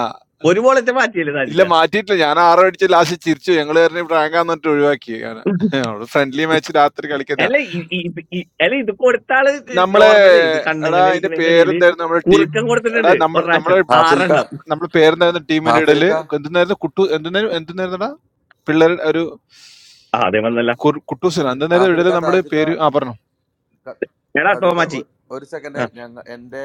ഒരു ബോളത്തെ മാറ്റിയല്ലേ
ഇല്ല
സാധിക്ക
മാറ്റിയിട്ടില്ല ഞാൻ ആറോ അടിച്ച് ലാസ്റ്റ് ചിരിച്ചു ഞങ്ങള് പറഞ്ഞു ഫ്രാങ്കാന്നിട്ട് ഒഴിവാക്കി ഞാൻ ഫ്രണ്ട്ലി മാച്ച് രാത്രി കളിക്കുന്ന
അല്ല ഇ- ഇ- ഇത് ഇ- അല്ല ഇത് കൊടുത്താള്
നമ്മളെ
നോർമല് ഇത്
എടാ
കണ്ണങ്ങൾ
അതിന്റെ
കളിക്കുന്നതിന്റെ ഇടയില്
പേരെന്തായിരുന്നു നമ്മുടെ ടീം
കുറുക്കം
എടാ
കൊടുത്തിട്ടുണ്ട്
നമ്മൾ
ഒരു
നമ്മളെ
പ്രാവശ്യം
ഹാഫിൽക്ക
ആറെണ്ണം
നമ്മളെ പേരെന്തായിരുന്നു ടീമിന്റെ ഇടയില്
ഹാഫിൽക്ക
എന്തെന്നായിരുന്നു കുട്ടു എന്തെന്നായിരുന്നു എന്തെന്നായിരുന്നടാ പിള്ളേരുടെ ഒരു
ആ അതേ വന്നല്ല
കുർ- കുട്ടൂസനോ എന്തെന്നായിരുന്നു ഇടയില്
ഹാഫിൽക്ക
നമ്മുടെ
താജുക്ക ക-
പേര് ആ
താജ്
പറഞ്ഞു
ക ക-
എടാ
കവിത
തോമാച്ചി
ഒ- ഒരു സെക്കൻഡ്
ആ
ഞങ്ങൾ എന്റെ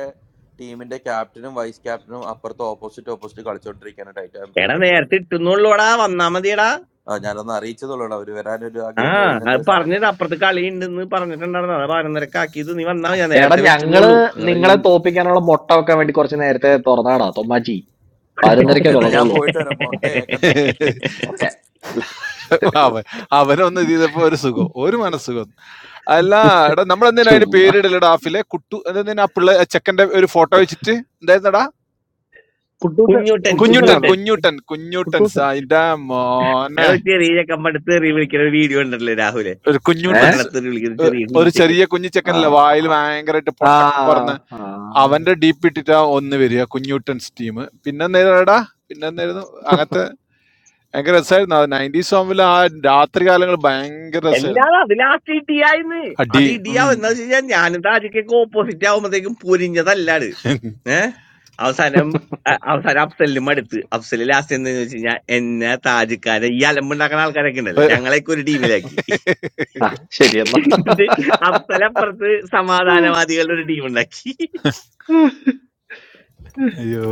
ടീമിന്റെ ക്യാപ്റ്റനും വൈസ് ക്യാപ്റ്റനും അപ്പുറത്ത് ഓപ്പോസിറ്റ് ഓപ്പോസിറ്റ് കളിച്ചോണ്ടിരിക്കാണ് ടൈറ്റാൻ
എടാ
പ്രീമിയർ ലീഗിൽ
നേരത്തെ ഇട്ടുന്നുള്ളൂടാ വന്നാ മതിയെടാ
ആ, ഞാനൊന്ന് അറിയിച്ചതുള്ളൂ അവർ വരാൻ ഒരു ആ
ആ
ഗെയിം
അത്
കഴിയുന്നപ്പോൾ സമയം
പറഞ്ഞത്
തരണം
അപ്പുറത്ത് കളി ഉണ്ടെന്ന് പറഞ്ഞിട്ടുണ്ടായിരുന്നു അതാ പതിനൊന്നരക്ക് ആക്കിയത് നീ വന്നാ മതി ഞാൻ
എടാ
നേരത്തെ
ഞങ്ങള്
വെച്ചെന്നുള്ളൂ നിങ്ങളെ നീ
നിങ്ങളെ തോപ്പിക്കാനുള്ള മൊട്ട വെക്കാൻ വേണ്ടി കുറച്ച് നേരത്തെ തുറന്നാടാ തൊമ്മാച്ചി
ഓക്കെ
പതിനൊന്നരക്കേ
എന്നാ ഞാൻ
തുടങ്ങുള്ളൂ
പോയിട്ട് വരാം മൊട്ട ഏക്കണ്ട
ഓക്കെ
അവൻ അവനൊന്ന് ഇത് ചെയ്തപ്പോ ഒരു സുഖം ഒരു മനസ്സുഖം അല്ല എടാ നമ്മൾ എന്തിനാ അതിന്റെ
ചുമ്മാ
പേരിടല് ഡാഫിലെ കുട്ടു എന്തെന്നാ ആ പിള്ളേ ആ ചെക്കന്റെ ഒരു ഫോട്ടോ വെച്ചിട്ട് എന്തായിരുന്നടാ
കുട്ടൂസൻ
കുഞ്ഞൂട്ടൻ
കുഞ്ഞുട്ടൻ
കുട്ടൂസനാണോ
കുഞ്ഞൂട്ടൻ
കുഞ്ഞുട്ടൻ കുഞ്ഞുട്ടൻ
കുട്ടൂസൻ
സാ അതിന്റെ മോനെ
എടാ ഒരു ചെറിയ ചക്കമ്പടുത്ത് തെറി വിളിക്കുന്ന ഒരു വീഡിയോ ഉണ്ടല്ലോ രാഹുലെ
ഒരു
ഏ
കുഞ്ഞൂട്ടൻസ്
മരണത്തിൽ വിളിക്കുന്ന
ഏഹ്
ചെറിയ
ഒരു
കുഞ്ഞിച്ചക്കൻ
ചെറിയ കുഞ്ഞു
ആ
ചെക്കനല്ലേ വായിൽ ഭയങ്കരമായിട്ട്
ആ
പൊട്ടക്ക് പറന്ന്
ആ.
അവന്റെ ഡീപ്പ് ഇട്ടിട്ടാ ഒന്ന് വരിക കുഞ്ഞൂട്ടൻസ് ടീം പിന്നെ നേരടാ പിന്നെ എന്തായിരുന്നു അങ്ങനത്തെ ഭയങ്കര രസമായിരുന്നു ആ നയൻറ്റി സോങ്ങിൽ ആ രാത്രി കാലങ്ങൾ ഭയങ്കര രസമായിരുന്നു
എല്ലാം അതിലാക്കി ഇടിയായിന്ന്
അടി
അത് ഇടിയാവും
ഉം.
എന്താ വെച്ച് കഴിഞ്ഞാൽ ഞാനും താജിക്കൊക്കെ ഓപ്പോസിറ്റ് ആവുമ്പത്തേക്കും പൊരിഞ്ഞതല്ലാണ് ഏഹ് അവസാനം അ- അവസാനം അഫ്സലിന് മടുത്ത് അഫ്സൽ ലാസ്റ്റ് എന്താ വെച്ച് കഴിഞ്ഞാൽ എന്നെ താജിക്കാരെ ഈ അലമ്പുണ്ടാക്കുന്ന ആൾക്കാരൊക്കെ ഉണ്ടല്ലോ ഞങ്ങളെയൊക്കെ ഒരു ടീമിലാക്കി
ആ, ശരി എന്നാ
എന്നിട്ട് അഫ്സൽ അപ്പുറത്ത് സമാധാനവാദികളുടെ ഒരു ടീം ഉണ്ടാക്കി
അയ്യോ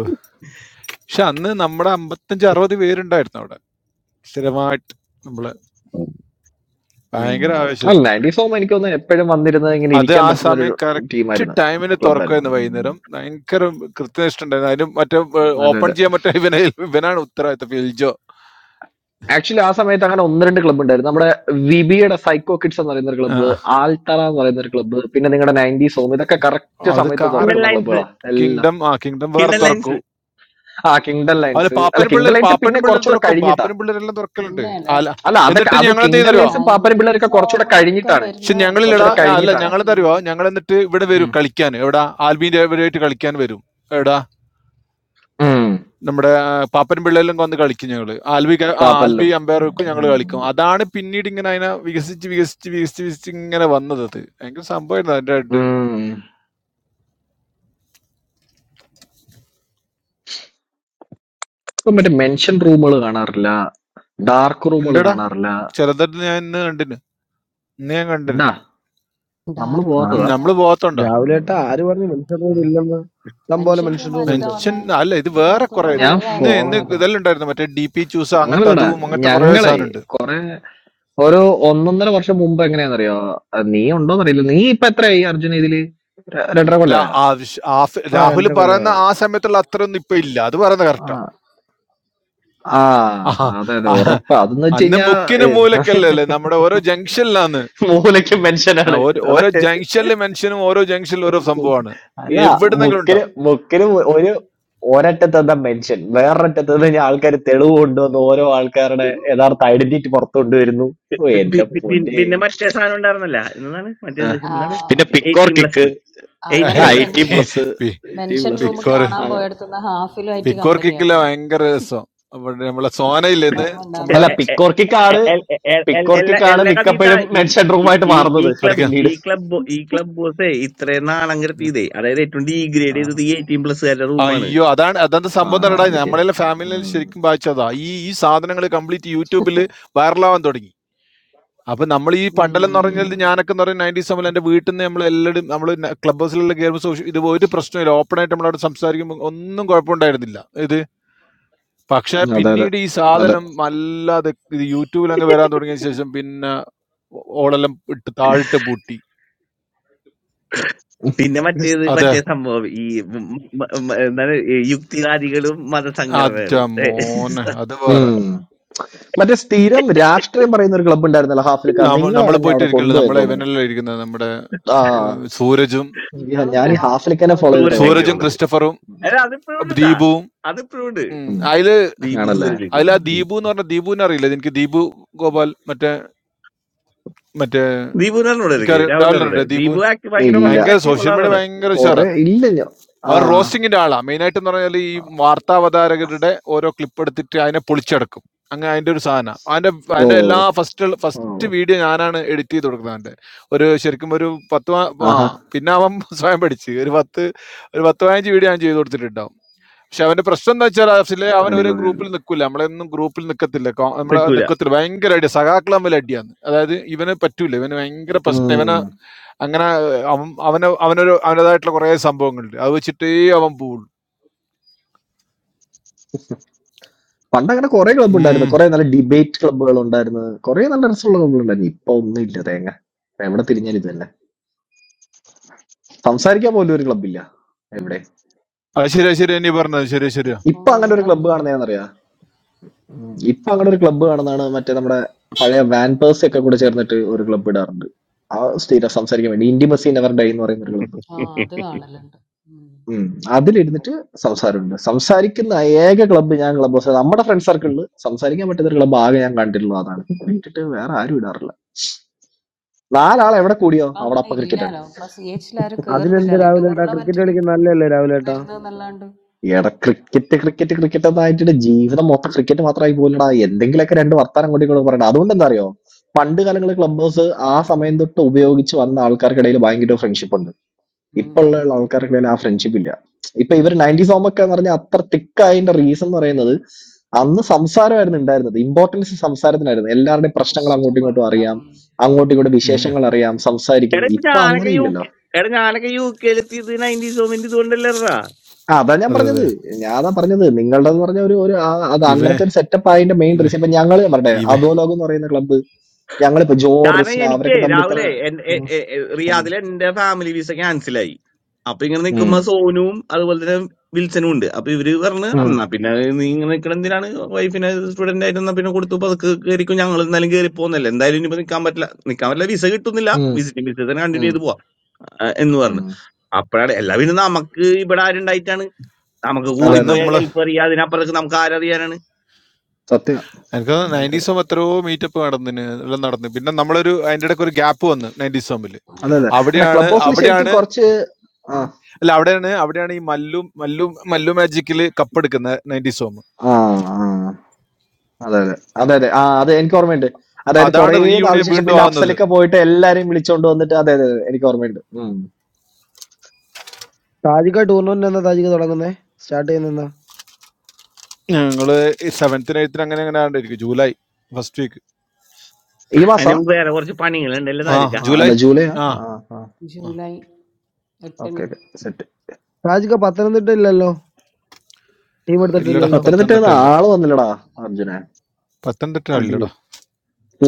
പക്ഷെ അന്ന് നമ്മുടെ അമ്പത്തഞ്ച് അറുപത് പേരുണ്ടായിരുന്നു അവിടെ സ്ഥിരമായിട്ട് നമ്മള്
ഉം.
ഭയങ്കര ആവേശം
അല്ല നയൻറ്റീസ് ഹോം എനിക്കൊന്ന് എപ്പോഴും വന്നിരുന്നത് ഇങ്ങനെ
അത്
ഇരിക്കാൻ
ആ
പറ്റുന്ന
സമയം
ഒരു
കറക്റ്റ്
ടീമായിരുന്നു
ടൈമിന് തുറക്കുമായിരുന്നു
ക്ലബായിരുന്നു
വൈകുന്നേരം ഭയങ്കര കൃത്യനിഷ്ഠ ഉണ്ടായിരുന്നു അതിന് മറ്റേ ഓപ്പൺ ചെയ്യാൻ പറ്റാ ഇവനെ ഇവനാണ് ഉത്തരവാദിത്തം ഫിൽജോ
ആക്ച്വലി ആ സമയത്ത് അങ്ങനെ ഒന്ന് രണ്ട് ക്ലബ്ബ് ഉണ്ടായിരുന്നു നമ്മുടെ വിബിയുടെ സൈക്കോ കിഡ്സ് എന്ന് പറയുന്ന ഒരു
ആ,
ക്ലബ്ബ് ആൽത്തറ എന്ന് പറയുന്ന ഒരു ക്ലബ്ബ് പിന്നെ നിങ്ങളുടെ നയൻറ്റി സോം ഇതൊക്കെ കറക്റ്റ്
അത്
സമയത്ത്
കാറ്
കിണ്ടൽ
തുറക്കുന്ന
ലൈൻസ്
ക്ലബ്ബുകളാ എല്ലാം
കിങ്ഡം ആ കിങ്ഡം വേറെ
കിണ്ടൽ
ഉം.
ലൈൻസ്
തുറക്കും
ആ കിങ്ഡൺ
അതിൽ
ലൈൻസ് അല്ല
പാപ്പൻ പിള്ളേർ
കിങ്ഡൺ ലൈൻസ്
പാപ്പൻ
പിന്നെ
പിള്ളേർ
കുറച്ചുകൂടെ
തുറക്കും
കഴിഞ്ഞിട്ടാ
പാപ്പൻ പിള്ളേരെല്ലാം തുറക്കലുണ്ട്
പിന്നെയാണ്
അല്ല
അല്ല അതൊക്കെ
എന്നിട്ട്
അത്
ഞങ്ങൾ എന്ത്
കിങ്ഡൺ
ചെയ്യുന്നറിയോ
ലൈൻസും പാപ്പനും
നയൻറ്റി
പിള്ളേരൊക്കെ കുറച്ചുകൂടെ
സോങ് ഒക്കെ
കഴിഞ്ഞിട്ടാണ്
പക്ഷെ
വരുന്ന
ഞങ്ങളില്ലടാ
എത്രയോ
കുറച്ചുകൂടെ
ആ, അല്ല
കഴിഞ്ഞിട്ടാണ്
കഴിഞ്ഞിട്ടാ
ഞങ്ങൾ അറിയോ
കിങ്ഡം
ഞങ്ങൾ എന്നിട്ട് ഇവിടെ വരും
ഉം.
കളിക്കാൻ എവിടാ ആൽബീൻ്റെ ഇവരുമായിട്ട് കളിക്കാൻ വരും എവിടാ
ഉം.
നമ്മുടെ ആ, പാപ്പനും പിള്ളയിലും വന്ന് കളിക്കും ഞങ്ങള് ആൽബി ക- ആ, ആൽബി
പാപ്പനിലും
അമ്പയർ വെക്കും ഞങ്ങൾ
ഉം.
കളിക്കും അതാണ് പിന്നീട് ഇങ്ങനെ അതിനെ വികസിച്ച് വികസിച്ച് വികസിച്ച് വികസിച്ച് ഇങ്ങനെ വന്നത് അത് ഭയങ്കര സംഭവമായിരുന്നു അതിന്റെ ആയിട്ട്
ഉം. ഇപ്പൊ മറ്റേ മെൻഷൻ റൂമുകൾ കാണാറില്ല ഡാർക്ക് റൂമുകൾ
ഉണ്ടടാ
കാണാറില്ല
ചിലതട്ട് ഞാൻ ഇന്ന് കണ്ടിന് ഇന്ന് ഞാൻ കണ്ടിന്
ഉണ്ടാ നമ്മൾ
ഡാർക്ക്
ആ
റൂം
ഉം,
പോവാത്തതാ
എന്താ
നമ്മള് പോകത്തുണ്ടോ
രാവിലെ ഏട്ടാ
ഉം.
ആര് പറഞ്ഞു മനുഷ്യർ റൂം ഇല്ലെന്ന് ഇഷ്ടം പോലെ
മനുഷ്യൻ
മനുഷ്യർ
റൂം
റൂം
ആയിരിക്കാ
ഉണ്ട്
മെൻഷൻ
വന്നേ
അല്ല ഇത് വേറെ കുറെ
അടുത്തൊന്നും
ഇത്
ഞാൻ
കുറേ
ഇന്ന്
ആയല്ലോ
ഫോളോ
ഇന്ന്
ചെയ്ത
കാണാത്ത
ഇതെല്ലാം ഉണ്ടായിരുന്നു മറ്റേ ഡി പി ചൂസ് അങ്ങനത്തെ
അങ്ങനല്ലടാ
അതും അങ്ങനത്തെ കുറെ
ഞങ്ങളെ
സാധനം ഉണ്ട്
ഒരു ഒന്നൊന്നര വർഷം മുമ്പ് എങ്ങനെയാണെന്നറിയോ അഹ് നീ ഉണ്ടോന്നറിയില്ല നീ ഇപ്പൊ എത്രയായി അർജുന ഇതില് ര- രണ്ടര
അല്ല
കൊല്ല
ആവശ്യ- ആഫ്-
ആ
രാഹുൽ
രണ്ടര കൊല്ലം
പറയുന്ന ആ സമയത്തുള്ള അത്രയൊന്നും ഇപ്പൊ ഇല്ല അത് പറയുന്നത്
ആ
കറക്റ്റാ
ആ, അതെ അതെ ഉറപ്പാ അതെന്ന് വെച്ച്
അന്ന്
കഴിഞ്ഞാ
മുക്കിന്
ഏഹ്,
മൂലക്കല്ലേ അല്ലേ നമ്മുടെ ഓരോ ജംഗ്ഷനിലാണ്
മൂലയ്ക്ക്
ആ,
മെൻഷനാണ്
ഓരോ
അതെ
ഓരോ ജംഗ്ഷനിലെ മെൻഷനും ഓരോ ജംഗ്ഷനിലും ഓരോ
ബുക്ക്
സംഭവമാണ്
അല്ല
എവിടുന്നെങ്കിലും
ബുക്കിന്
ഉണ്ടാവും
ബുക്കിന് ഒരു ഒരറ്റത്തെന്താ മെൻഷൻ വേറൊരറ്റത്ത് നിന്ന് ആൾക്കാർ തെളിവ് കൊണ്ടുവന്ന് ഓരോ ആൾക്കാരുടെ യഥാർത്ഥ ഐഡന്റിറ്റി പുറത്തു കൊണ്ടുവരുന്നു
പി-
ഓ, എന്റെ
പി- പി- പി-
പൊന്നെ
പിന്നെ മറ്റേ സാധനം ഉണ്ടായിരുന്നല്ല എന്താണ്
ആ.
മറ്റേത്
ആ
എന്താണ്
പിന്നെ പിക്കോർ
എയ്റ്റീൻ
കിക്ക്
പ്ലസ്
അങ്ങനെ
ആ
എയ്റ്റീൻ
ഒരു
*laughs*
പ്ലസ്
എയ്റ്റി
മെൻഷൻ
പി-
പ്ലസ്
പി-
എയ്റ്റി
മെൻഷൻ
പ്ലസ്
റൂം
പിക്കോർ
കാണാൻ പോയടത്തുനിന്ന് ഹാഫിലുമായിട്ട്
പിക്കോർ കിക്കില്ല
കമ്പനിയാവുന്നു
ഭയങ്കര രസം അവിടെ നമ്മളെ സോനയില്ലേ ഇന്ന്
ഓർമ്മ ഉണ്ട്
നമ്മളെ
അല്ല
ഹാഫിലെ
el,
പിക്കോർക്കിക്കാണ്
el, el- el-
പിക്കോർക്കിക്കാണ്
എല്ലാ കഥീത്ത
മിക്കപ്പോഴും
ഈ
മെൻഷൻ
ഈ
റൂമായിട്ട്
ഈ ഈ
മാറുന്നത്
അടുക്ക
ക്ലബ്
പിന്നീട്
ഈ ക്ലബ് ഈ ക്ലബ് ബോസ് ഇത്രയും നാളങ്ങരത്ത് ചെയ്തേ അതായത് ഏറ്റവും ഡീഗ്രേഡ്
ആ
ചെയ്തത് ഈ എയ്റ്റീൻ പ്ലസ്സുകാരുടെ റൂമാണ്
അയ്യോ അതാണ് അതെന്താ
ആ,
സംഭവം
ഞാൻ
തരടാ
അത് ശരി
നമ്മളെ
വിളിക്കുന്നത്.
ഫാമിലിയിൽ
ഉം,
ശരിക്കും വായിച്ചതാ ഈ ഈ സാധനങ്ങൾ കംപ്ലീറ്റ് യൂട്യൂബിൽ വൈറലാവാൻ തുടങ്ങി അപ്പൊ നമ്മൾ ഈ പണ്ടലെന്ന്
ഉം
ഉം.
പറഞ്ഞാൽ
ഉം.
ഞാനൊക്കെ എന്ന് പറഞ്ഞാൽ നയൻറ്റീസ് നമ്മൾ എന്റെ വീട്ടിൽ നിന്ന് നമ്മൾ എല്ലാവരും നമ്മൾ ക്ലബ് ഹൗസിലുള്ള ഗെയിം സോഷ്യൽ ഇത് ഒരു പ്രശ്നമില്ല ഓപ്പൺ ആയിട്ട് നമ്മളവിടെ സംസാരിക്കുമ്പോൾ ഒന്നും കുഴപ്പമുണ്ടായിരുന്നില്ല ഇത് പക്ഷെ
അതെ അതെ
പിന്നീട് ഈ
അതെ
സാധനം വല്ലാതെ ഇത് യൂട്യൂബിൽ അങ്ങ് വരാൻ തുടങ്ങിയ ശേഷം പിന്നെ ഓളെല്ലാം ഇട്ട് താഴിട്ട് പൂട്ടി
പിന്നെ
കയറി
മറ്റേത്
അതെ
മറ്റേ സംഭവം ഈ മ- മ- മ- എന്താണ് ഈ യുക്തിവാദികളും
അതെ
മതസംഘടനകളും
മോനെ അത് വേറെ
ഉം. മറ്റേ സ്ഥിരം രാഷ്ട്രീയം പറയുന്ന ഒരു ക്ലബ് ഉണ്ടായിരുന്നല്ലോ ഹാഫിലിക്ക
നമ്മൾ
നിങ്ങളാണ് എന്നെ
പോയിട്ട്
അവിടെ
ഇരിക്കണ്ട
കൊണ്ടുപോയെന്ന്
നമ്മളെ
തോന്നുന്നത്
ഇവനെല്ലാം ഇരിക്കുന്നത് നമ്മുടെ ഏഹ്,
ആ
സൂരജും
ഞാൻ
ഇപ്പോഴും
ഞാൻ ഈ
നവാസൊക്കെ
ഹാഫിലിക്കനെ
അവിടെ
ഫോളോ ചെയ്തിട്ട്
ഇരിക്കുന്ന
പോയത്
സൂരജൊക്കെ
സൂരജും
കാണാം
ഉള്ളത്
ക്രിസ്റ്റഫറും
അല്ല അതിപ്പോഴും ഉണ്ടാ
ദീപുവും
അതിപ്പോഴും ഉണ്ട്
ഉം.
ഉം.
അതില്
ദീപു
ആണല്ലേ
സൂരജ്
അതിൽ ആ
ഉം.
ദീപു എന്ന് പറഞ്ഞ ദീപുവിനെ അറിയില്ല എനിക്ക് ദീപു ഗോപാൽ മറ്റേ മറ്റേ
ദീപുവിനോട് ഇരിക്ക്
എനിക്കറിയാം
രാഹുലിനോട്
രാവിലെ ദീപു
ദീപു ആക്ട് ഭയങ്കര
ഇല്ല
ഓൺലൈൻ
ഭയങ്കര
ആക്ട് ഉള്ള
സോഷ്യൽ മീഡിയ
ആളാണ്
ഭയങ്കര ഉഷാറാ
കൊറേ ഇല്ല ഞാൻ ആ
അവൻ റോസ്റ്റിങ്ങിന്റെ ആളാണ് മെയിനായിട്ട് എന്ന് പറഞ്ഞാൽ ഈ വാർത്താവതാരകരുടെ ഓരോ ക്ലിപ്പ് എടുത്തിട്ട് അതിനെ പൊളിച്ചെടുക്കും അങ്ങനെ അതിന്റെ ഒരു സാധനം അതിന്റെ
ഓ
അതിന്റെ എല്ലാ ഫസ്റ്റ്
ഓ
ഫസ്റ്റ് വീഡിയോ ഞാനാണ് എഡിറ്റ് ചെയ്ത് കൊടുക്കുന്നത് അവന്റെ ഒരു ശരിക്കും ഒരു പത്ത് പ- ആ
ആഹാ
പിന്നെ അവൻ *laughs* സ്വയം പഠിച്ച് ഒരു പത്ത് ഒരു പത്ത് പതിനഞ്ച് വീഡിയോ ഞാൻ ചെയ്ത് കൊടുത്തിട്ടുണ്ടാവും പക്ഷെ അവന്റെ പ്രശ്നം എന്ന് വെച്ചാൽ അഫ്സലെ അവൻ ഒരു ഗ്രൂപ്പിൽ
അടിപൊളിയായിരുന്നു
നിൽക്കില്ല നമ്മളൊന്നും ഗ്രൂപ്പിൽ നിൽക്കത്തില്ല കോ- നമ്മളെ
നിൽക്കൂല
നിൽക്കത്തില്ല ഭയങ്കര അടി സഖാക്കൾ തമ്മിൽ അടിയാന്ന് അതായത് ഇവന് പറ്റൂല ഇവന് ഭയങ്കര പ്രശ്നം ഇവന്
ഉം.
അങ്ങനെ ഏഹ്, അവൻ അവന് അവനൊരു അവനതായിട്ടുള്ള കുറെ സംഭവങ്ങളുണ്ട് അത് വെച്ചിട്ടേ അവൻ പോവുള്ളൂ
പണ്ട് അങ്ങനെ കുറെ ക്ലബ്ബ് ഉണ്ടായിരുന്നു
ഉം.
കുറെ നല്ല ഡിബേറ്റ് ക്ലബ്ബുകൾ ഉണ്ടായിരുന്നു കുറെ നല്ല രസമുള്ള ക്ലബ്ബുകൾ ഉണ്ടായിരുന്നു ഇപ്പൊ ഒന്നുമില്ല തേങ്ങ ഇപ്പൊ എവിടെ തിരിഞ്ഞാലും ഇത് തന്നെ സംസാരിക്കാൻ പോലും ഒരു ക്ലബ്ബില്ല എവിടെ
അത് ശരിയാ ശരിയാ നീ പറഞ്ഞത് ശരിയാ ശരിയാ
ഇപ്പൊ
ഇപ്പൊ അങ്ങനെ ഒരു
അങ്ങനെയുള്ള
ക്ലബ്ബ് കാണുന്നതെന്നറിയാ ഉം. ഇപ്പൊ അങ്ങനെ ഒരു ക്ലബ്ബ് കാണുന്നതാണ് മറ്റേ നമ്മുടെ പഴയ വാൻപേഴ്സ് ഒക്കെ കൂടെ ചേർന്നിട്ട് ഒരു ക്ലബ്ബ് ഇടാറുണ്ട് ആ സ്ഥിരം സംസാരിക്കാൻ വേണ്ടി ഇന്റിമസി നെവർ ഡൈ എന്ന് പറയുന്ന ഒരു ക്ലബ്ബ്
ആ അത് കാണലുണ്ട് ഉം.
ഉം, അതിലിരുന്നിട്ട് സംസാരമുണ്ട് സംസാരിക്കുന്ന ഏക ക്ലബ്ബ് ഞാൻ ക്ലബ്ബ് നമ്മുടെ ഫ്രണ്ട് സർക്കിളിൽ സംസാരിക്കാൻ പറ്റുന്ന ഒരു ക്ലബ്ബ് ആകെ ഞാൻ കണ്ടിട്ടുള്ളത് അതാണ് വിട്ടിട്ട് വേറെ ആരും ഇടാറില്ല നാലാൾ എവിടെ കൂടിയോ
ഇപ്പൊ
അവിടെ
അങ്ങനെ
അപ്പൊ ക്രിക്കറ്റാണ്
ഇല്ലാലോ ഇപ്പൊ സി എച്ചിലാരും
അതിനെന്ത്
കേറുന്നില്ലല്ലോ ഈ
രാവിലെ ഏട്ടാ ക്രിക്കറ്റ്
ടൂർണമെന്റിന്
കളിക്കുന്ന നല്ലല്ലേ രാവിലെ ഏട്ടാ
വരുന്നതെന്നല്ലാണ്ട്
എടാ ക്രിക്കറ്റ് ക്രിക്കറ്റ് ക്രിക്കറ്റ് എന്നായിട്ട് ജീവിതം മൊത്തം ക്രിക്കറ്റ് മാത്രമായി പോലടാ എന്തെങ്കിലുമൊക്കെ രണ്ട് വർത്താനം അങ്ങോട്ടും ഇങ്ങോട്ടും പറയണം അതുകൊണ്ട് എന്താ അറിയോ പണ്ട് കാലങ്ങളിൽ ക്ലബ് ഹൗസ് ആ സമയം തൊട്ട് ഉപയോഗിച്ച് വന്ന ആൾക്കാർക്കിടയിൽ ഭയങ്കര ഫ്രണ്ട്ഷിപ്പ് ഉണ്ട് ഇപ്പൊ
ഉം.
ഉള്ള ആൾക്കാർക്കിടയിൽ ആ ഫ്രണ്ട്ഷിപ്പ് ഇല്ല ഇപ്പൊ ഇവർ നയൻറ്റി സോമൊക്കെ എന്ന് പറഞ്ഞാൽ അത്ര തിക്കായതിന്റെ റീസൺ എന്ന് പറയുന്നത് അന്ന് സംസാരമായിരുന്നു ഉണ്ടായിരുന്നത് ഇമ്പോർട്ടൻസ് സംസാരത്തിനായിരുന്നു എല്ലാവരുടെയും പ്രശ്നങ്ങൾ
ഇഷ്ടം
അങ്ങോട്ടും
പോലെ
ഇങ്ങോട്ടും അറിയാം
ഉണ്ടാവും ഉം.
അങ്ങോട്ടും ഇങ്ങോട്ടും
ഉം, ഉം.
വിശേഷങ്ങൾ അറിയാം സംസാരിക്കും
എടാ ഇപ്പൊ
ഇപ്പൊ
ഞാനൊക്കെ
അങ്ങനെ
യു
ഇല്ലല്ലോ
കെ എടാ ഞാനൊക്കെ യു കെയിലെത്തിയത് നയൻറ്റീസ് മൊമെന്റ് ഇതുകൊണ്ടല്ലേടാ
ആ അതാ ഞാൻ
അതെ
പറഞ്ഞത്
അതെ
ഞാൻ അതാ പറഞ്ഞത് നിങ്ങളുടെ എന്ന് പറഞ്ഞ ഒരു ഒരു ആ- അത്
ഇവ
അങ്ങനത്തെ ഒരു സെറ്റപ്പ് അതിന്റെ മെയിൻ
ഇവ
റീസൺ ഇപ്പൊ ഞങ്ങള് ഞാൻ പറഞ്ഞേ
ഇവ
അധോലോകം എന്ന് പറയുന്ന ക്ലബ്ബ് ഞങ്ങളിപ്പോ ജോ
കാരണം
റിസ്ന
എനിക്ക്
അവരൊക്കെ തമ്മിൽ ഇത്ര
രാവിലെ എൻ- എ-
ഉം,
എ- എ-
ഉം,
റിയാദിലെ എന്റെ ഫാമിലി വിസ ക്യാൻസലായി അപ്പൊ ഇങ്ങനെ നിക്കുമ്പോ സോനുവും അതുപോലെ തന്നെ വിൽസനും ഉണ്ട് അപ്പൊ ഇവര് പറഞ്ഞു
ഉം,
എന്നാ പിന്നെ നീ ഇങ്ങനെ നിക്കണ എന്തിനാണ് വൈഫിനെ സ്റ്റുഡന്റ് ആയിട്ട് എന്നാ പിന്നെ കൊടുത്തു പതുക്കെ കയറിക്കും ഞങ്ങൾ എന്തായാലും കയറി പോകുന്നല്ലേ എന്തായാലും ഇനിയിപ്പോ നിക്കാൻ പറ്റില്ല നിക്കാൻ പറ്റില്ല വിസ കിട്ടുന്നില്ല
ഉം,
വിസിറ്റിംഗ് വിസ തന്നെ കണ്ടിന്യൂ
ഉം,
ചെയ്ത് പോവാം ആ, എന്ന്
ഉം.
പറഞ്ഞു അപ്പോഴാണ് എല്ലാ പിന്നെ നമുക്ക് ഇവിടെ ആരുണ്ടായിട്ടാണ് നമുക്ക്
അതെ
അന്ന്
അതെ
കൂടിപ്പോയ
അതെ
നമ്മള്
ഗൾഫ് അറിയാം അതിനപ്പുറത്തേക്ക് നമുക്ക് ആരറിയാനാണ്
സത്യം
എനിക്ക്
അതെ അതെ
നയൻറ്റീസ് എത്രയോ മീറ്റപ്പ് നടന്നിന് എല്ലാം നടന്നു പിന്നെ നമ്മളൊരു അതിന്റെ ഇടയ്ക്ക് ഒരു ഗ്യാപ്പ് വന്നു നയൻറ്റീസ് തമ്മിൽ
അതെ അതെ. അല്ല
അവിടെയാണ്
ക്ലബ് ഹൗസിൽ
അവിടെയാണ്
ശരിക്കും കുറച്ച് ആ
അല്ല അവിടെയാണ് അവിടെയാണ് ഈ മല്ലു മല്ലു മല്ലു മാജിക്കില് കപ്പെടുക്കുന്ന നയൻറ്റി സോം
ആ ആ. അതെ അതെ അതെ അതെ ആ അതെ എനിക്ക് ഓർമ്മയുണ്ട് അതായത്
അതാണ്
കുറേ
റീയൂണിയൻ
നാളിന് ശേഷം
വീണ്ടും
പിന്നെ
ആവുന്നത്
അപ്സലൊക്കെ പോയിട്ട് എല്ലാരെയും വിളിച്ചോണ്ട് വന്നിട്ട് അതെ അതെ അതെ, എനിക്ക് ഓർമ്മയുണ്ട് ഉം.
ഷാജിക്ക ടൂർണമെന്റ് എന്നാ ഷാജിക്ക തുടങ്ങുന്നേ സ്റ്റാർട്ട് ചെയ്യുന്ന
ഞങ്ങള് സെവൻത്തിന് എയ്ത്തിന് അങ്ങനെ അങ്ങനെ ആണ്ടിരിക്കും ജൂലൈ ഫസ്റ്റ് വീക്ക്
ഈ
അതിന്
മാസാ
മുമ്പ് വേറെ കുറച്ച് പണികളുണ്ടല്ലോ
ആ
താജക്ക
ആ,
ജൂലൈ
അല്ല ജൂലൈ
ആ
ആ
ആ.
ജൂലൈ എട്ടിന്
ഓക്കെ ഓക്കെ
ഷാജിക്ക പത്തനംതിട്ട ഇല്ലല്ലോ ടീം
ഇല്ലടാ
എടുത്തിട്ടില്ലല്ലോ
പത്തനംതിട്ട
പത്തനംതിട്ട ഇല്ല
ആള് വന്നില്ലടാ അർജുനെ
പത്തനംതിട്ട ഇല്ലടാ
അടിപൊളി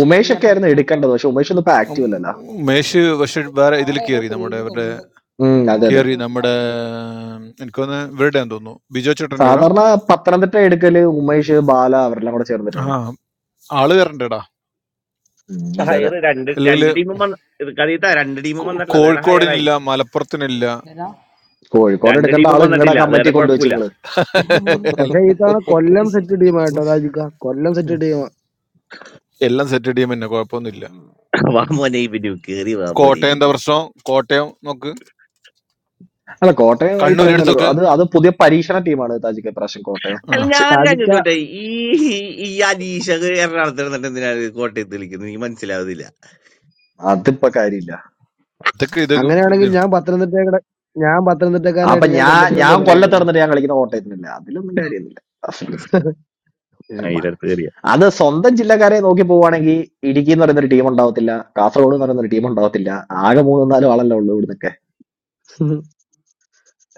ഉമേഷ്
ഇല്ല
ഒക്കെ ആയിരുന്നു
പത്ത്
എടുക്കേണ്ടത് പക്ഷെ ഉമേഷ് ഒന്നും ഇപ്പൊ
ഉം,
ആക്റ്റീവ് അല്ലല്ലോ
മേശ് പക്ഷെ വേറെ ഇതിൽ
അവരെ ഏതോ
കയറി നമ്മുടെ
ടീമിൽ
ഇവരുടെ
ഉണ്ട്
ഉം
ഏതോ
അതെ
ഒരു
അതെ
കയറി
ടീം
നമ്മുടെ
കണ്ടു
എനിക്കൊന്ന് ഇവരുടെ തോന്നുന്നു ബിജോ ചേട്ടൻ്റെടാ
സാധാരണ പത്തനംതിട്ട എടുക്കല് ഉമേഷ് ബാല അവരെല്ലാം കൂടെ
ആ
ചേർന്നിട്ടാണ്
ആള് കയറണ്ടേടാ
ഉം, അതെ അതെ
ഹയർ രണ്ട്
അല്ലെങ്കിൽ
രണ്ട് ടീമും വന്ന ഇത് കഥീത്ത രണ്ട് ടീമും വന്നിട്ടില്ല അത് കാരണം ഹയറായി
കോഴിക്കോടിനില്ല മലപ്പുറത്തിനില്ല
ഏതാ
കോഴിക്കോട്
രണ്ട്
എടുക്കേണ്ട
ടീമും
ആള് നിങ്ങളുടെ
വന്നിട്ടില്ല അത്
കമ്മിറ്റി
കാരണം
കൊണ്ടുവച്ച്
കുഴപ്പമില്ല
നിങ്ങള്
പക്ഷെ ഈ തവണ കൊല്ലം
അത്
സെറ്റ്
ശരി
ടീമായിട്ടോ ഷാജിക്ക കൊല്ലം സെറ്റ് ടീമാ
എല്ലാം സെറ്റ് അടിയും പിന്നെ കുഴപ്പമൊന്നുമില്ല
വാ മോനെ ഇവനു കേറി വാ മോനെ
കോട്ടയം എന്താ
ഇവനു
പ്രശ്നം കോട്ടയം നോക്ക്
അല്ല കോട്ടയം ഈ
കണ്ണൂർ
പറയുന്നല്ലോ
എടുത്തൊക്കെ
അത് അത് പുതിയ പരീക്ഷണ ടീമാണ് താജിക്ക് പ്രാവശ്യം കോട്ടയം
അല്ല
ആണോ
കുറച്ച്
ഞാൻ കാര്യം
ഷാജിക്ക
ചോട്ടെ ഈ ഈ അലീഷ എറണാകുളത്ത് ഇരുന്നിട്ട് എന്തിനാണ് കോട്ടയത്ത് വിളിക്കുന്നത് എനിക്ക് മനസ്സിലാവുന്നില്ല
അതിപ്പോ കാര്യമില്ല
ഇതൊക്കെ ഇതൊക്കെ ഇത്
അങ്ങനെയാണെങ്കിൽ ഞാൻ പത്തനംതിട്ടയുടെ ഞാൻ
അപ്പൊ
പത്തനംതിട്ടക്കാരനായിട്ട് ഞാൻ
ഞാൻ
കൊല്ലത്തിന്
ഞാൻ
വേണ്ടിയല്ല കളിക്കുന്നത്
കൊല്ലത്തിടന്നിട്ട് ഞാൻ കളിക്കുന്ന കോട്ടയത്തിനല്ല അതിലൊന്നും കാര്യമൊന്നുമില്ല
അതിന്റെ അടുത്ത് കയറിയ
അത് സ്വന്തം ജില്ലക്കാരെ നോക്കി പോവുകയാണെങ്കിൽ ഇടുക്കി എന്ന് പറയുന്ന ഒരു ടീം ഉണ്ടാവത്തില്ല കാസർഗോഡ് എന്ന് പറയുന്ന ഒരു ടീം ഉണ്ടാവത്തില്ല ആകെ മൂന്നും നാലും ആളല്ലേ ഉള്ളൂ ഇവിടുന്നൊക്കെ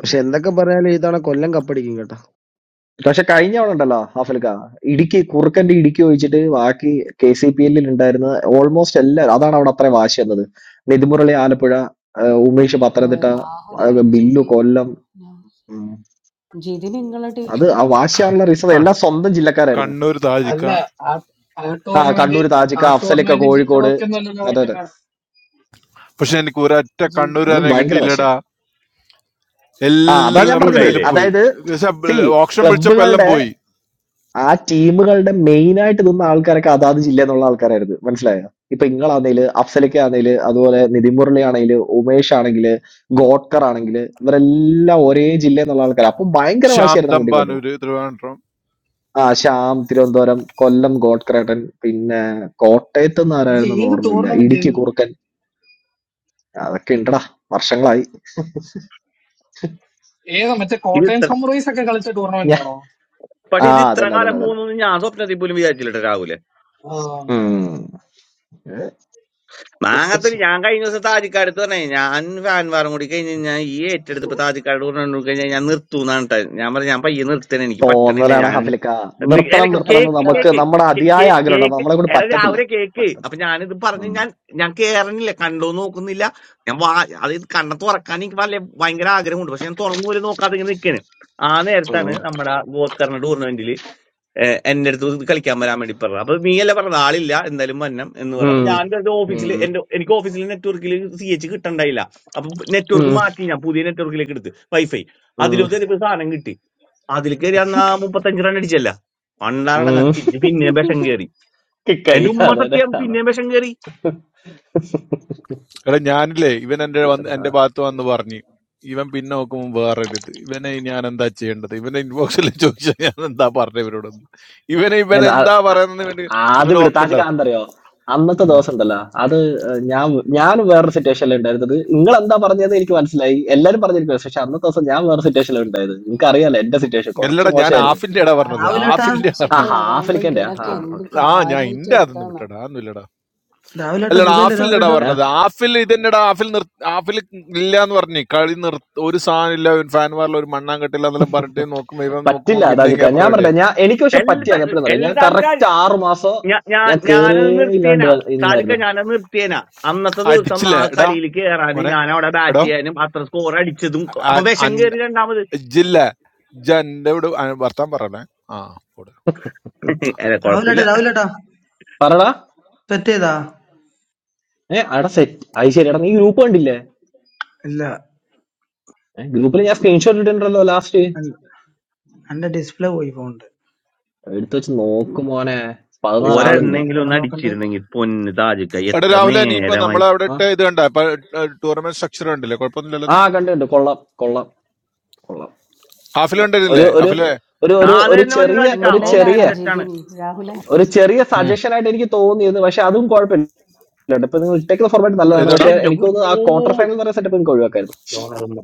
പക്ഷെ എന്തൊക്കെ പറഞ്ഞാലും ഈ തവണ കൊല്ലം കപ്പടിക്കും കേട്ടോ
പക്ഷെ കഴിഞ്ഞ ആളുണ്ടല്ലോ ഉണ്ടല്ലോ ഹാഫൽക്ക ഇടുക്കി കുറുക്കന്റെ ഇടുക്കി ഒഴിച്ചിട്ട് ബാക്കി കെ സി പി എല്ലിൽ ഉണ്ടായിരുന്ന ഓൾമോസ്റ്റ് എല്ലാ അതാണ് അവിടെ അത്രയും വാശി എന്നത് നിതിമുരളി ആലപ്പുഴ ആ, ഉമേഷ്
ആ,
പത്തനംതിട്ട ആ,
രാഹുല്
ബില്ലു
ജിതിൻ
കൊല്ലം ഉം.
ജിതിൻ നിങ്ങളെ
അത്
ടീമിലാ
ആ വാശിയാണുള്ള റീസൺ
ക-
എല്ലാം സ്വന്തം ജില്ലക്കാരായിരുന്നു
കണ്ണൂർ താജിക്ക
അല്ല ആ ആ
ആ
ടൂർണമെന്റ്
കണ്ണൂർ
ആ
താജിക്ക അഫ്സലിക്ക
ടൂർണമെന്റ്
കോഴിക്കോട്
ജില്ലകളൊക്കെ ഒന്നല്ലല്ലോ
അതെ അതെ
കളിക്കുന്നത്
പക്ഷെ എനിക്ക് ഒരൊറ്റ
ജിതി
അത്
കണ്ണൂരാനെ
ഭയങ്കര
കിട്ടിയില്ലടാ
വാശിയായിരുന്നു ആ അതാ ഞാൻ
എല്ലാം
വിഷ്ണു
പറഞ്ഞത്
ഇതിൽ
ഉണ്ടായില്ലേ
പോയി
അതായത് സി
ഓപ്ഷൻ വിളിച്ചപ്പോ
ക്ലബുകളുടെ
എല്ലാം പോയി
ആ ടീമുകളുടെ മെയിൻ ആയിട്ട് നിന്ന ആൾക്കാരൊക്കെ അതാത് ജില്ലയിൽ നിന്നുള്ള ആൾക്കാരായിരുന്നു മനസ്സിലായോ ഇപ്പൊ ഇങ്ങളാന്നേല് അഫ്സലൊക്കെ ആന്നേല് അതുപോലെ നിതിൻ മുരളി ആണെങ്കില് ഉമേഷ് ആണെങ്കില് ഗോഡ്കർ ആണെങ്കില് ഇവരെല്ലാം ഒരേ ജില്ലയിൽ നിന്നുള്ള ആൾക്കാർ അപ്പൊ ഭയങ്കര
ശ്യാം
വാശിയായിരുന്നു അങ്ങോട്ടും ഇങ്ങോട്ടും
തമ്പാനൂര് തിരുവനന്തപുരം
ആ ശ്യാം തിരുവനന്തപുരം കൊല്ലം ഗോഡ്കറേട്ടൻ പിന്നെ കോട്ടയത്ത് നിന്ന്
ഇത്
ആരായിരുന്നു
ഏത്
ഓർമ്മയില്ല
ടൂർണമെന്റ്
ഇടുക്കി കുറുക്കൻ അതൊക്കെ ഉണ്ടടാ വർഷങ്ങളായി
ഏതാ മറ്റേ
ഇത്
കോട്ടയം
ഇത്ര
സൺറൈസ് ഒക്കെ കളിച്ച ടൂർണമെന്റ്
ഞാ
ആണോ
പക്ഷെ
ആ
ഇത് ഇത്ര
അതന്നെ
കാലം
അതന്നെ അതന്നെ
പോകുന്നു ഞാൻ സ്വപ്നത്തിൽ പോലും വിചാരിച്ചില്ല രാഹുൽ
ആ
ഉം
മാങ്ങത്തിൽ ഞാൻ കഴിഞ്ഞ ദിവസം താജിക്കാട് എടുത്ത് പറഞ്ഞു ഞാൻ ഫാൻവാറും കൂടി കഴിഞ്ഞ് ഞാൻ ഈ ഏറ്റെടുത്ത് ഇപ്പൊ താജിക്കാട് കൊണ്ടു കഴിഞ്ഞാൽ ഞാൻ നിർത്തൂന്നാണ് ട്ടോ. ഞാൻ പറഞ്ഞു ഞാൻ പയ്യെ നിർത്തണ എനിക്ക് പറ്റണില്ല
തോന്നലാണ്
ഞാൻ
ഹഫിലിക്ക
നി-
നിർത്തണം
അല്ല,
അല്ല
നിർത്തണം എന്ന്
കേക്ക്
വെറുതെ
നമുക്ക്
കേക്ക്
പറയാ
നമ്മുടെ
കേ-
അതിയായ
കേ-
ആഗ്രഹമുണ്ട്
കേക്ക്
നമ്മളെ കൊണ്ട്
എടാ
പറ്റത്തില്ല
രാവിലെ കേക്ക് അപ്പൊ
പറ്റത്തില്ല
ഞാനിത് പറഞ്ഞ്
ഉം.
ഞാൻ ഞാൻ കേറണില്ല കണ്ടോ നോക്കുന്നില്ല ഞാൻ വാ അത് ഇത് കണ്ണ തുറക്കാൻ എനിക്ക് വല്ല ഭയങ്കര ആഗ്രഹമുണ്ട് പക്ഷെ ഞാൻ തുറന്നു പോലും നോക്കാതെ ഇങ്ങനെ നിൽക്കണ് ആ
ഉം.
നേരത്താണ് നമ്മുടെ ഗോത്കർണ ടൂർണമെന്റിൽ ഏഹ് എന്റെ അടുത്ത് ഇത് കളിക്കാൻ വരാൻ വേണ്ടി പറഞ്ഞു അപ്പൊ നീ അല്ല പറഞ്ഞത് ആളില്ല എന്തായാലും വരണം എന്ന് പറഞ്ഞു അപ്പൊ
ഉം.
ഞാൻ ഓഫീസിൽ
ഉം.
എന്റെ എനിക്ക് ഓഫീസിൽ നെറ്റ്വർക്കിൽ സി എച്ച് കിട്ടണ്ടായില്ല അപ്പൊ നെറ്റ്വർക്ക്
ഉം.
മാറ്റി ഞാൻ പുതിയ നെറ്റ്വർക്കിലേക്ക് എടുത്ത് വൈഫൈ
ഉം.
അതിലും കയറിയപ്പോ സാധനം കിട്ടി അതിൽ കയറി അന്ന് ആ മുപ്പത്തഞ്ച് റൺ അടിച്ചല്ല പണ്ടാണ് ഞാൻ
ഉം.
തിരിച്ച് പിന്നെയും വിഷം കയറി
കിക്കായി
എന്റെ ഉമ്മ
അതെ അതെ
സത്യം
അതാ.
പിന്നെയും വിഷം കയറി
എടാ ഞാനില്ലേ ഇവൻ എന്റെ വന്ന്
ആ.
എന്റെ ഭാഗത്ത് വന്ന് പറഞ്ഞു ഇവൻ പിന്നെ നോക്കുമ്പോൾ വേറെ എടുത്ത് ഇവനെ ഞാൻ എന്താ ചെയ്യേണ്ടത് ഇവനെ ഇൻബോക്സിൽ ചോദിച്ചാൽ ഞാൻ എന്താ പറഞ്ഞ ഇവരോടൊന്ന് ഇവനെ ഇവൻ
എന്താ, ആ-
എന്താ
ആ-
പറയുന്നത് ഇവന്
ആദ്യം
ഇവന്
വിട് താജിക്ക്
ഉറപ്പുണ്ടാവും
എന്തറിയോ അന്നത്തെ ദിവസം ഉണ്ടല്ലോ അത് ഏഹ്, ഞാൻ ഞാൻ വേറൊരു സിറ്റുവേഷനിൽ ഉണ്ടായിരുന്നത് നിങ്ങൾ എന്താ പറഞ്ഞതെന്ന് എനിക്ക് മനസ്സിലായി എല്ലാരും പറഞ്ഞിരിക്കും പക്ഷെ അന്നത്തെ ദിവസം ഞാൻ വേറെ സിറ്റുവേഷനിൽ ഉണ്ടായത് നിങ്ങൾക്ക് അറിയാലോ എന്റെ സിറ്റുവേഷൻ കുറച്ച്
അല്ലടാ ഞാൻ
മോശമായിരുന്നു
ആഫിന്റെ ഇടാ പറഞ്ഞത്
ഞാനൊക്കെ
രാവിലേട്ടാ
ആഫിന്റെ
ആ
തമാശക്ക്
പറഞ്ഞു
പറയുമ്പോ
ഹാഫിലിക്കന്റെ ആ
ഇവനൊക്കെ
ഉം,
എന്ത്
ആ ഞാൻ
കാര്യമായിട്ട്
ഇന്റെ അതൊന്നും
എടുത്തതെന്നോ
വിട്ടടാ അതൊന്നും ഇല്ലടാ
രാവിലേട്ടാ
അല്ലടാ
സുഖല്ലേ
ആഫിന്റെ ഇടാ
രാവിലേട്ടാ
ഓക്കെ
പറഞ്ഞത് ആഫിൽ ഇതെന്നെടാ ആഫിൽ നിർ ആഫിൽ ഇല്ല എന്ന് പറഞ്ഞു കളി നിർ ഒരു സാധനം ഇല്ല ഒരു ഫാൻ വാറിൽ ഒരു മണ്ണാൻ കെട്ടില്ല എന്നെല്ലാം പറഞ്ഞിട്ട് നോക്കുമ്പോ ഇവൻ നോക്കുമ്പോ
പറ്റില്ല
പിന്നെ
അതാജിക്ക
ഇങ്ങനെ
ഞാൻ
പറയട്ടെ
പറഞ്ഞ ഞാൻ എനിക്ക് പക്ഷെ
ഉം.
എല്ലാ
പറ്റിയായിരുന്നു എപ്പോഴും അറിയാം
എല്ലാ
ഞാൻ
താൽക്കാർ
കറക്റ്റ് ആറു മാസം
ഞാൻ
ഞാൻ കേറേ
ഞാനത്
ഇല്ലാണ്ട്
നിർത്തിയേനാ
വ-
താരിക്ക
ഇരുന്നായിരുന്നു
ഞാനത് നിർത്തിയേന അന്നത്തെ ദിവസം ആ
അടിച്ചില്ലേ എടാ
കളിയിൽ കയറാനും
മോനെ
ഞാൻ അവിടെ ബാറ്റ്
എടോ
ചെയ്യാനും അത്ര സ്കോർ അടിച്ചതും അപ്പൊ
അൻ-
വിഷം
അൻ-
കയറി രണ്ടാമത്
ഇജ്ജില്ല ഇജ്ജ് എന്റെ ഇവിടെ അ- വർത്താൻ പറയണേ ആ പോട്.
ഉം.
*laughs* അല്ല കൊഴപ്പില്ല
രാവിലേട്ടാ രാവിലേട്ടാ
പറടാ
സെറ്റ് ചെയ്താ
ഏ അടാ സെറ്റ് അത് ശരി എടാ നീ ഗ്രൂപ്പ് കണ്ടില്ലേ
ഇല്ല
ഗ്രൂപ്പിൽ ഞാൻ സ്ക്രീൻഷോട്ട് ഇട്ടിട്ടുണ്ടല്ലോ ലാസ്റ്റ്
എൻ- എന്റെ ഡിസ്പ്ലേ പോയി ഫോണിന്റെ
എടുത്തു വെച്ച് നോക്കും മോനെ പതിനാല്
ഡിസ്പ്ലേ
ആളുണ്ട്
ഒരെണ്ണെങ്കിലും
ഞാൻ
ഒന്ന്
നോക്കണ്ടേ
അടിച്ചിരുന്നെങ്കിൽ പൊന്ന് താജിക്ക
എടാ
എത്ര
രാഹുല നീ ഇപ്പൊ
നേരമായി
നമ്മളെ അവിടെ
ആ
ഇട്ട ഇത് കണ്ട ടൂർണമെന്റ് സ്ട്രക്ചർ കണ്ടില്ലേ കുഴപ്പമൊന്നുമില്ലല്ലോ ഇത്?
ആ കണ്ടു കണ്ടു കൊള്ളാം കൊള്ളാം കൊള്ളാം
ആഫിൽ
കൊള്ളാം ഒരു
കണ്ടില്ലേ
ഒരു
ആഫിലെ
ഒരു
ആ,
ഒരു
അത്
ഒരു
തന്നെ മതി
ചെറിയ
താജിക്ക
ഒരു ചെറിയ
നിങ്ങളുടെയിലാണോ
ഓക്കെയാണ് സെറ്റാണ്
ജിതിൻ രാഹുലെ
ഒരു ചെറിയ
ഉം.
സജഷൻ ആയിട്ട് എനിക്ക് തോന്നിയിരുന്നു പക്ഷെ അതും കുഴപ്പമില്ല കേട്ടോ. ഇപ്പൊ നിങ്ങൾ ഇട്ടേക്കുന്ന ഫോർമാറ്റ് നല്ലതാണ്
ഏതാടാ
പക്ഷെ
പക്ഷെ
എന്റെ
എനിക്ക് തോന്നുന്നു ആ
പൊന്നോ
ക്വാർട്ടർ ഫൈനൽ എന്ന് പറയുന്ന സെറ്റപ്പ് നിങ്ങൾക്ക് ഒഴിവാക്കായിരുന്നു
ലോണറുമ്പ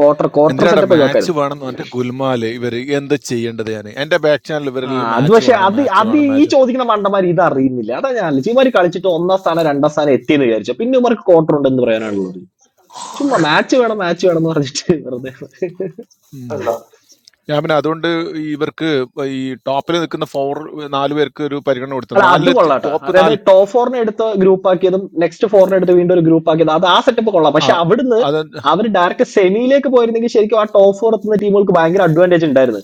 ക്വാർട്ടർ ക്വാർട്ടർ
എന്തിനാടാ
സെറ്റപ്പ് ഒഴിവാക്കായിരുന്നു
മാച്ച് വേണം എന്ന് പറഞ്ഞിട്ട് ഗുൽമാല് ഇവര് എന്താ ചെയ്യേണ്ടത് ഞാൻ എന്റെ ബാക്ക് ചാനൽ
ആ
ഇവരെല്ലാം
അത്
മാച്ച്
പക്ഷെ
വേണം
അത്
മാച്ച്
അത്
വേണം
ഈ
മാച്ച്
ചോദിക്കുന്ന മണ്ടന്മാർ ഇത് അറിയുന്നില്ല അതാ ഞാൻ ആലോചിച്ചത്. ഇവര് കളിച്ചിട്ട് ഒന്നാം സ്ഥാനം രണ്ടാം സ്ഥാനം എത്തിയെന്ന് വിചാരിച്ചു പിന്നെ ഇവർക്ക് ക്വാർട്ടർ ഉണ്ടെന്ന് പറയാനുള്ളത് ചുമ്മാ മാച്ച് വേണം മാച്ച് വേണം എന്ന് പറഞ്ഞിട്ട് *laughs* വെറുതെ
അല്ല
ഞാൻ പിന്നെ അതുകൊണ്ട് ഈ ഇവർക്ക് ഈ ടോപ്പിൽ നിൽക്കുന്ന ഫോർ നാല് പേർക്ക് ഒരു പരിഗണന കൊടുത്തു
അല്ല അത്
നാല്
കൊള്ളാട്ടാ
ടോപ്പ്
അതായത്
നാല്
ടോപ്പ് ഫോറിനെ എടുത്ത് ഗ്രൂപ്പ് ആക്കിയതും നെക്സ്റ്റ് ഫോറിനെ എടുത്ത് വീണ്ടും ഒരു ഗ്രൂപ്പ് ആക്കിയതും അത് ആ സെറ്റപ്പ് കൊള്ളാം
ആ
പക്ഷെ അവിടുന്ന്
അത്
അവർ ഡയറക്റ്റ് സെമിയിലേക്ക് പോയിരുന്നെങ്കിൽ ശരിക്കും ആ ടോപ്പ് ഫോർ എത്തുന്ന ടീമുകൾക്ക് ഭയങ്കര അഡ്വാൻറ്റേജ് ഉണ്ടായിരുന്നു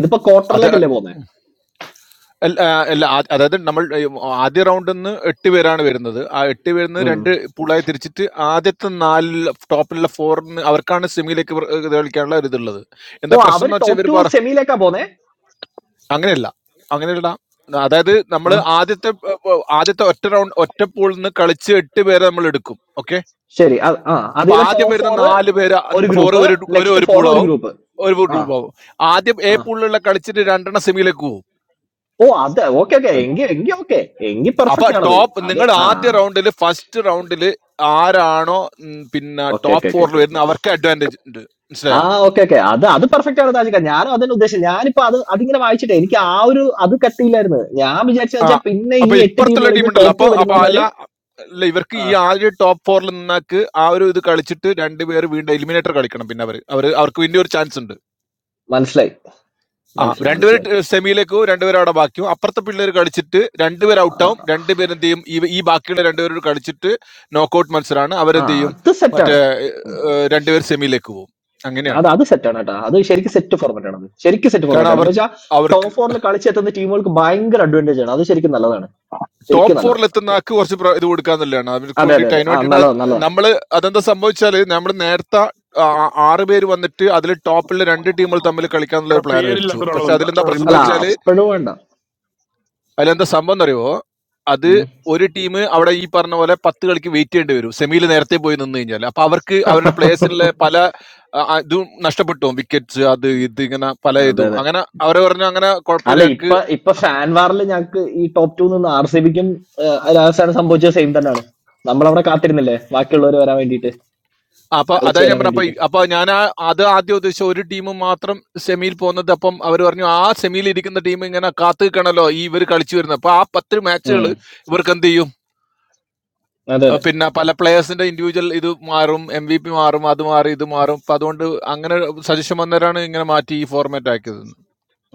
ഇതിപ്പോ
അത്
ക്വാർട്ടറിലേക്കല്ലേ പോന്നെ
അല്ല അല്ല, ആ- അതായത് നമ്മൾ ഈ ആദ്യ റൗണ്ടിൽ നിന്ന് എട്ട് പേരാണ് വരുന്നത് ആ എട്ട് പേരിൽ നിന്ന്
ഉം.
രണ്ട് പൂളായി തിരിച്ചിട്ട് ആദ്യത്തെ നാലിൽ ടോപ്പിലുള്ള ഫോറിന് അവർക്കാണ് സെമിയിലേക്ക് ഇവർ- ഇത് കളിക്കാനുള്ള ഒരു ഇതുള്ളത്
ഓ
എന്താ പ്രശ്നം
അവർ
എന്ന് വെച്ചാൽ
ടോപ്പ്
ഇവർ
ടു
പറ
സെമിയിലേക്കാ പോന്നെ
അങ്ങനെയല്ല അങ്ങനെയല്ല അതായത് നമ്മൾ
ആ
ആദ്യത്തെ ഏർ, ഏർ, ആദ്യത്തെ ഒറ്റ റൗണ്ട് ഒറ്റ പൂളിൽ നിന്ന് കളിച്ച് എട്ട് പേരെ നമ്മൾ എടുക്കും ഓക്കെ
ശരി അത് ആ അത്
അപ്പൊ
ചെയ്ത
ആദ്യം
ടോപ്പ്
വരുന്ന
ഫോർ
നാല് പേര്
ഒരു
ഫോർ
ഗ്രൂപ്പ്
ഒരു ഒരു
നെക്സ്റ്റ്
ഒരു
ഫോർ ഒരു
പൂളാവും
ഗ്രൂപ്പ്
ഒരു
ആ
പൂളാവും ആദ്യം എ
ആ
പൂളിലുള്ള കളിച്ചിട്ട് രണ്ടെണ്ണം സെമിയിലേക്ക് പോകും
ഓ അത് ഓക്കെ ഓക്കെ എങ്കി എങ്കി ഓക്കെ എങ്കി
അപ്പൊ
പെർഫെക്റ്റ് ആണത്
ടോപ്പ്
അത്
നിങ്ങൾ
ആ
ആദ്യ റൗണ്ടിൽ ഫസ്റ്റ് റൗണ്ടിൽ ആരാണോ ഉം, പിന്നെ
ഓക്കെ
ടോപ്പ്
ഓക്കെ ഓക്കെ
ഫോറിൽ
ഓക്കെ
വരുന്നത് അവർക്ക് അഡ്വാൻറ്റേജ് ഉണ്ട്
ആ
മനസ്സിലായോ
ഓക്കെ ഓക്കെ അത് അത് പെർഫെക്റ്റ് ആണ് താജിക്ക ഞാനും അതന്നെ ഉദ്ദേശിച്ചത് ഞാനിപ്പോ അത് അതിങ്ങനെ വായിച്ചിട്ടേ എനിക്ക് ആ ഒരു അത് കത്തിയില്ലായിരുന്നു ഞാൻ വിചാരിച്ചത്
ആ
വെച്ചാൽ പിന്നെ
അപ്പൊ
ഈ എട്ട്
ഇപ്പുറത്തുള്ള
ടീമുകളിൽ നിന്ന്
ടീമുണ്ടല്ലോ
ടോപ്പ്
അപ്പൊ
ടു
അപ്പൊ അല്ല
വരുന്നവര്
അല്ല ഇവർക്ക്
ആ,
ഈ ആദ്യ ടോപ്പ് ഫോറിൽ നിന്നാക്ക് ആ ഒരു ഇത് കളിച്ചിട്ട് രണ്ടുപേർ വീണ്ടും എലിമിനേറ്റർ കളിക്കണം പിന്നെ അവർ അവർ അവർക്ക് വീണ്ടും ഒരു ചാൻസ് ഉണ്ട്
മനസ്സിലായി
ആ
മനസ്സിലായി മനസ്സിലായി
രണ്ടുപേര് സെമിയിലേക്കോ രണ്ടുപേരും അവിടെ ബാക്കിയും അപ്പുറത്തെ പിള്ളേർ കളിച്ചിട്ട് രണ്ടുപേർ
ആ
ഔട്ടാവും രണ്ടുപേരും എന്ത് ചെയ്യും ഈ ഈ ബാക്കിയുള്ള രണ്ടുപേരോട് കളിച്ചിട്ട് നോക്കൗട്ട് മത്സരമാണ്
ആ,
അവരെന്ത് ചെയ്യും
അത്
മറ്റേ
സെറ്റാണ്
ഏഹ്, രണ്ടുപേർ സെമിയിലേക്ക് പോകും അങ്ങനെയാണ്
അത് അത് സെറ്റാണ് കേട്ടോ അത് ശരിക്കും സെറ്റ് ഫോർമാറ്റ് ആണ് അത് ശരിക്കും സെറ്റ്
കാരണം
ഫോർമാറ്റ് ആണ്
അവർ
എന്ന് വെച്ചാൽ
അവർക്ക്
ടോപ്പ് ഫോറിൽ കളിച്ചെത്തുന്ന ടീമുകൾക്ക് ഭയങ്കര അഡ്വാൻറ്റേജ് ആണ് അത് ശരിക്കും നല്ലതാണ്
ടോപ്പ്
ശരിക്കും
ഫോറിൽ
നല്ലതാണ്
എത്തുന്ന ആൾക്ക് കുറച്ച് പ്ര- ഇത് കൊടുക്കാൻ നല്ലതാണ് അവർക്ക്
അതെ അതെ
വേണ്ടിയിട്ട്
അതെ
അതിന്
ആ
വേണ്ടിയിട്ട് അത്
നല്ലതാണ് നല്ലതാണ്
നമ്മള് അതെന്താ സംഭവിച്ചാല് നമ്മൾ നേരത്തെ ആ- ആ- ആറ് പേര് വന്നിട്ട് അതിൽ ടോപ്പിൽ രണ്ട് ടീമുകൾ തമ്മിൽ കളിക്കാന്നുള്ള
എടാ
ഒരു പ്ലാൻ വരച്ചു പക്ഷെ
പേരില്ലാത്തൊരാളുണ്ട്
അതിലെന്താ പ്രശ്നം
അല്ല
എന്ന്
മൂടി
വെച്ചാല്
അപ്പോഴും വേണ്ട
അതിലെന്താ സംഭവം എന്നറിയോ അത്
ഉം.
ഒരു ടീം അവിടെ ഈ പറഞ്ഞ പോലെ പത്ത് കളിക്ക് വെയിറ്റ് ചെയ്യേണ്ടി വരും സെമിയിൽ നേരത്തെ പോയി നിന്ന് കഴിഞ്ഞാൽ അപ്പൊ അവർക്ക് അവരുടെ പ്ലേയേഴ്സിലെ പല ആ, ആ, ഇതും നഷ്ടപ്പെട്ടു വിക്കറ്റ്സ് അത്
ഉം.
ഇത് ഇങ്ങനെ പല
അതെ
ഇതും
അതെ
അങ്ങനെ അവരെ പറഞ്ഞു അങ്ങനെ കുഴപ്പമില്ല
അല്ല
ഞങ്ങൾക്ക്
ഇപ്പൊ ഇപ്പൊ ഫാൻ വാറിൽ ഞങ്ങക്ക് ഈ ടോപ്പ് ടൂ നിന്ന് ആർ സി ബിക്കും രാജസ്ഥാനും സംഭവിച്ചത് സെയിം തന്നെയാണ് നമ്മളവിടെ കാത്തിരുന്നില്ലേ ബാക്കിയുള്ളവർ വരാൻ വേണ്ടിയിട്ട്
അപ്പൊ അതാ
കളിച്ചു
ഞാൻ
വരാൻ
പറഞ്ഞ അപ്പൊ
വേണ്ടിയിട്ട്
ഈ- അപ്പൊ ഞാൻ ആ അത് ആദ്യം ഉദ്ദേശിച്ച ഒരു ടീം മാത്രം സെമിയിൽ പോകുന്നത് അപ്പം അവർ പറഞ്ഞു ആ സെമിയിൽ ഇരിക്കുന്ന ടീം ഇങ്ങനെ കാത്തു നിൽക്കണല്ലോ ഈ ഇവർ കളിച്ചു വരുന്നത് അപ്പൊ ആ പത്ത്
ഉം
മാച്ചുകൾ ഇവർക്ക് എന്ത് ചെയ്യും
അതെ
അഹ്
അതെ
പിന്നെ പല പ്ലെയേഴ്സിന്റെ ഇൻഡിവിജ്വൽ ഇത് മാറും എം വി പി മാറും അത് മാറി ഇത് മാറും അപ്പൊ അതുകൊണ്ട് അങ്ങനെ സജഷൻ വന്നവരാണ് ഇങ്ങനെ മാറ്റി ഈ ഫോർമാറ്റ് ആക്കിയത് എന്ന്.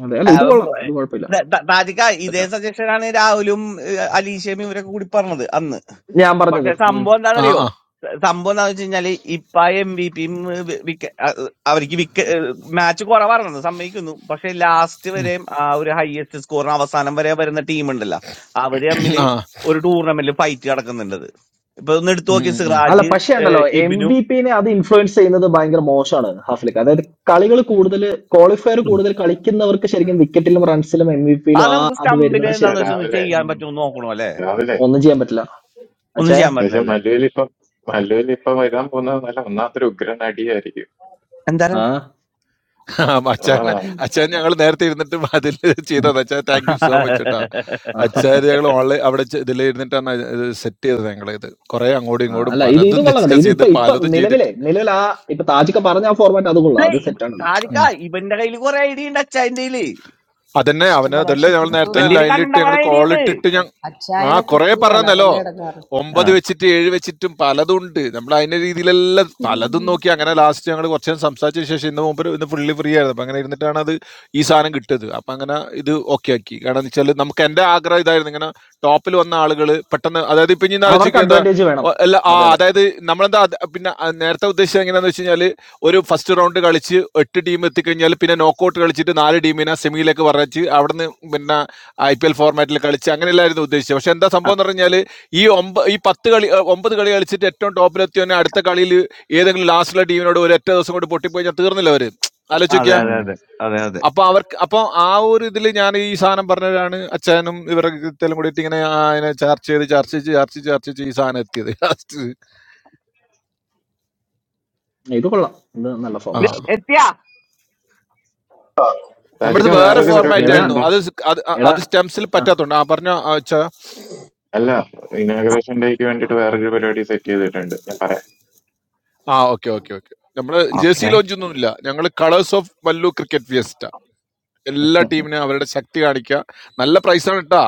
അതെ അല്ല
ആ,
ഇത് കൊള്ളാം
ഏ,
ഇത് കുഴപ്പമില്ല
ത- ത- താജിക്ക ഇതേ
സെറ്റാണ്
സജഷൻ ആണ് രാഹുലും ഏ, അലീഷയും ഇവരൊക്കെ കൂടി പറഞ്ഞത് അന്ന്
ഞാൻ പറഞ്ഞത്
പക്ഷെ
ഉം.
സംഭവം
ആ
എന്താണെന്നറിയോ
ആ
സ- സംഭവം എന്താണെന്ന് വെച്ച് കഴിഞ്ഞാല് ഇപ്പ എം വി പിയും അവർക്ക് വിക്ക മാച്ച് കുറവാണെന്ന് സമ്മതിക്കുന്നു പക്ഷെ ലാസ്റ്റ്
ഉം.
വരെ ആ ഒരു ഹയസ്റ്റ് സ്കോറിന് അവസാനം വരെ വരുന്ന ടീം ഉണ്ടല്ലോ അവര് തമ്മിൽ ഒരു ടൂർണമെന്റിൽ ഫൈറ്റ് നടക്കുന്നുണ്ടത് ഇപ്പൊ ഒന്ന് എടുത്തു നോക്കി
ആ
അല്ല
സിറാജ്
പക്ഷേ ഉണ്ടല്ലോ
ഏഹ്,
എം
ഇബിനു
ബി പിന്നെ അത് ഇൻഫ്ലുവൻസ് ചെയ്യുന്നത് ഭയങ്കര മോശമാണ് ഹാഫിലേക്ക് അതായത് കളികൾ കൂടുതൽ ക്വാളിഫയർ
ഉം.
കൂടുതൽ കളിക്കുന്നവർക്ക് ശരിക്കും വിക്കറ്റിലും റൺസിലും എം ബി പിയിലും
അത്
ആ
നമുക്ക്
അത്
സ്റ്റമ്പിൽ
വരുന്നത്
പക്ഷെ
എന്താന്ന്
ശരിക്കും
വെച്ചാൽ ഒന്ന്
രാവിലെ
ചെയ്യാൻ
ഉം,
പറ്റുമോ എന്ന് നോക്കണോ അല്ലെ
രാവിലെ
ഒന്നും ചെയ്യാൻ പറ്റില്ല
ഒന്നും ചെയ്യാൻ
പക്ഷെ
പറ്റില്ലല്ലേ
മല്ലുവിൽ ഇപ്പൊ മല്ലുവിൽ ഇപ്പൊ വരാൻ പോകുന്നത് നല്ല ഒന്നാമത്തെ ഒരു ഉഗ്രൻ അടിയായിരിക്കും
എന്താണ്
ആ
അച്ചായന്
ആ
ഉം.
അച്ചായൻ ഞങ്ങൾ നേരത്തെ ഇരുന്നിട്ട് അതിൽ ചെയ്തത് അച്ഛാ താങ്ക് യു സോ മച്ച് കേട്ടാ
ആഹ്.
അച്ചാര് ഞങ്ങൾ ഓൺലൈൻ അവിടെ ഇതിൽ ഇരുന്നിട്ടാണ് ഇത് സെറ്റ് ചെയ്തത് ഞങ്ങളിത് കുറെ അങ്ങോട്ടും
ആ,
ഇങ്ങോട്ടും
അല്ല ഇത് ഇത്
പലതും
കൊള്ളാം കേട്ടോ
ഡിസ്കസ്
ഇത്
ചെയ്ത്
ഇപ്പൊ ഇപ്പൊ
പലതും
നിലവിലെ
ചെയ്തിട്ട്
നിലവിൽ ആ ഇപ്പൊ താജിക്ക് പറഞ്ഞ ആ ഫോർമാറ്റ് അത് കൊള്ളാം
അല്ലേ
അത്
ഇവ-
സെറ്റാണ്
താരിക്കാ ഇവന്റെ കയ്യിൽ കുറെ ഐഡിയ ഉണ്ട് അച്ഛൻ്റെ കയ്യില്
അതന്നെ അവന്
ഇഷ്ടംപോലെ
അതല്ലേ
പക്ഷെ
ഞങ്ങൾ നേരത്തെ
കിട്ടൂല
വണ്ടിയിൽ
ഓന
ലൈനിലിട്ട്
കണ്ടമാന
ഞങ്ങൾ
ഐഡിയ
കോൾ
ഉണ്ട്
ഇട്ടിട്ട് ഞാൻ ആ
അച്ചായനെ
കൊറേ
കിട്ടൂലല്ലോ
പറഞ്ഞല്ലോ
അതല്ലേ ഇടങ്ങാറ്
ആ,
ഒമ്പത് വെച്ചിട്ട് ഏഴ് വെച്ചിട്ടും പലതും ഉണ്ട് നമ്മൾ അതിന്റെ രീതിയിലെല്ലാം പലതും നോക്കി അങ്ങനെ ലാസ്റ്റ് ഞങ്ങൾ കുറച്ച് നേരം സംസാരിച്ചതിന് ശേഷം ഇന്ന് മുമ്പ് ഇന്ന് ഫുള്ളി ഫ്രീ ആയിരുന്നു അപ്പൊ അങ്ങനെ ഇരുന്നിട്ടാണ് അത് ഈ സാധനം കിട്ടിയത് അപ്പൊ അങ്ങനെ ഇത് ഓക്കെ ആക്കി കാരണം എന്ന് വെച്ചാൽ നമുക്ക് എന്റെ ആഗ്രഹം ഇതായിരുന്നു ഇങ്ങനെ ടോപ്പിൽ വന്ന ആളുകൾ പെട്ടെന്ന് അതായത് ഇപ്പൊ ഇനി
അവർക്ക്
ആലോചിക്കുക
അഡ്വാൻറ്റേജ് വേണം
എല്ലാ ആ
അതെ അതെ
അതായത് നമ്മളെന്താ അത് പിന്നെ ആ, നേരത്തെ ഉദ്ദേശിച്ചത് എങ്ങനെയാന്ന് വെച്ച് കഴിഞ്ഞാൽ ഒരു ഫസ്റ്റ് റൗണ്ട് കളിച്ച് എട്ട് ടീം എത്തിക്കഴിഞ്ഞാൽ പിന്നെ നോക്കൗട്ട് കളിച്ചിട്ട് നാല് ടീമിനെ സെമിയിലേക്ക് പറഞ്ഞ് അവിടുന്ന് പിന്നെ ഐ പി എൽ ഫോർമാറ്റിൽ കളിച്ച് അങ്ങനെയല്ലായിരുന്നു ഉദ്ദേശിച്ചത് പക്ഷെ എന്താ
ആ,
സംഭവം എന്ന് പറഞ്ഞാൽ ഈ ഒമ്പ ഈ പത്ത് കളി ഏഹ് ഒമ്പത് കളി കളിച്ചിട്ട് ഏറ്റവും ടോപ്പിലെത്തിയവനെ അടുത്ത കളിയിൽ ഏതെങ്കിലും ലാസ്റ്റിലെ ടീമിനോട് ഒരു ഒറ്റ ദിവസം കൊണ്ട് പൊട്ടിപ്പോയി തീർന്നില്ല അവർ ആലോചിക്കുക
അതെ അതെ
ഉം.
അതെ അതെ അതെ
അപ്പൊ അവർക്ക് അപ്പൊ ആ ഒരു ഇതിൽ ഞാൻ ഈ സാധനം പറഞ്ഞതാണ് അച്ഛനും ഇവരുടെ ഇതെല്ലാം കൂടിയിട്ട് ഇങ്ങനെ ആ, അതിനെ ചർച്ച ചെയ്ത് ചർച്ച ചെയ്ത് ചർച്ച ചെയ്ത് ചർച്ച ചെയ്ത് ഈ സാധനം എത്തിയത് *laughs* ലാസ്റ്റ്
ഇത് കൊള്ളാം ഇത് നല്ല
ആ
ഫോർമാറ്റ്
ഇത്
അത്
എത്തിയാ
നമ്മുടെ
താജിക്ക
അടുത്ത് വേറെ
സിയ
വേറൊരു
സിയ
പരിപാടി
ഫോർമാറ്റ്
കൂടി
എടാ
ആയിരുന്നു
ഉണ്ടോ
അത് സ് അത് അ-
എടാ
അത് സ്റ്റെംസിൽ
ആ,
പറ്റാത്തോണ്ട് ആ പറഞ്ഞ അച്ഛാ
അല്ല ഇനാഗ്രേഷൻ ഡേക്ക് വേണ്ടിട്ട് വേറൊരു പരിപാടി സെറ്റ് ചെയ്തിട്ടുണ്ട് ഞാൻ പറയാം
ആ ഓക്കെ ഓക്കെ ഓക്കെ നമ്മള്
ഓക്കെ
ജേഴ്സി ലോഞ്ച് ഒന്നുമില്ല ഞങ്ങൾ കളേഴ്സ് ഓഫ് വല്ലു ക്രിക്കറ്റ് ഫിയസ്റ്റ എല്ലാ ടീമിനും അവരുടെ ശക്തി കാണിക്കുക നല്ല പ്രൈസാണ് കേട്ടാ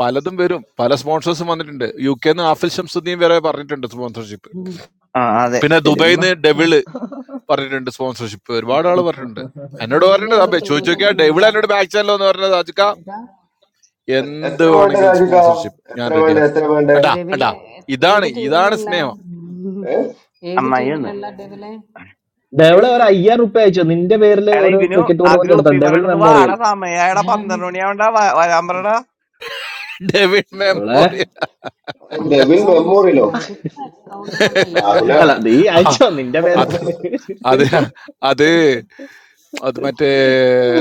പലതും വരും പല സ്പോൺസേഴ്സും വന്നിട്ടുണ്ട് യു കെ നിന്ന് ആഫിൽ ഷംസുദ്ദീൻ വരെ പറഞ്ഞിട്ടുണ്ട് സ്പോൺസർഷിപ്പ്
ആ അതെ
പിന്നെ
ശരി
ദുബായിൽ
എന്നാ
നിന്ന് ഡെവിള് പറഞ്ഞിട്ടുണ്ട് സ്പോൺസർഷിപ്പ് ഒരുപാട് ആൾ പറഞ്ഞിട്ടുണ്ട് എന്നോട്
ദേവിലെ
പറഞ്ഞിട്ട്
ഏത്
ചോദിച്ചു
ടീമിന്റെ
നോക്കിയാ ഡെവിൾ
ഉണ്ടോ
എന്നോട് ബാക്ക് ചാനലോ എന്ന് പറഞ്ഞത് അജിക്ക
ഇതാ
എ-
എന്ത്
എത്ര വേണ്ട
വേണമെങ്കിലും
താജിക്ക
സ്പോൺസർഷിപ്പ് ഞാൻ
എത്ര വേണ്ട
റെഡിയാണ്
എത്ര വേണ്ട
കണ്ടാ
ദേവിലെ
കണ്ടാ
ഏത്
ഇതാണ് ഇതാണ്
ടീമിലുള്ള
സ്നേഹം
ഏ
ഏത്
അമ്മായി ഒന്ന്
ടീമിലുള്ള ദേവിലെ
ഡെവിളെ ഒരു
എങ്ങനെ?
അയ്യായിരം റുപ്യ അയച്ചോ നിന്റെ പേരിൽ
എടാ
ഒരു
ഇവനു
ക്രിക്കറ്റ്
ആ
ടൂർണമെന്റ്
ഗ്രൂപ്പിൽ
നടത്താം ഡെവിൾ
പറഞ്ഞിട്ട്
മെമ്മോറിയൽ
വാടാ സമയാടാ പന്ത്രണ്ട് മണിയാവണ്ട വ- വരാൻ പറടാ
ഡേവിഡ്
ഡെവിളെ
മെമ്മോറിയൽ
ഡെവിൽ
ഓസ്കാർ ഓസ്കോ
മെമ്മോറിയലോ
ഇത് ഇത്ര അക്കൗണ്ടും
അല്ല,
കൊണ്ട് അയാള്
രാഹുലേ
അല്ല
വരുന്നത്
നീ അയച്ചോ നിന്റെ പേര്
അത് അത് അത് അത് മറ്റേ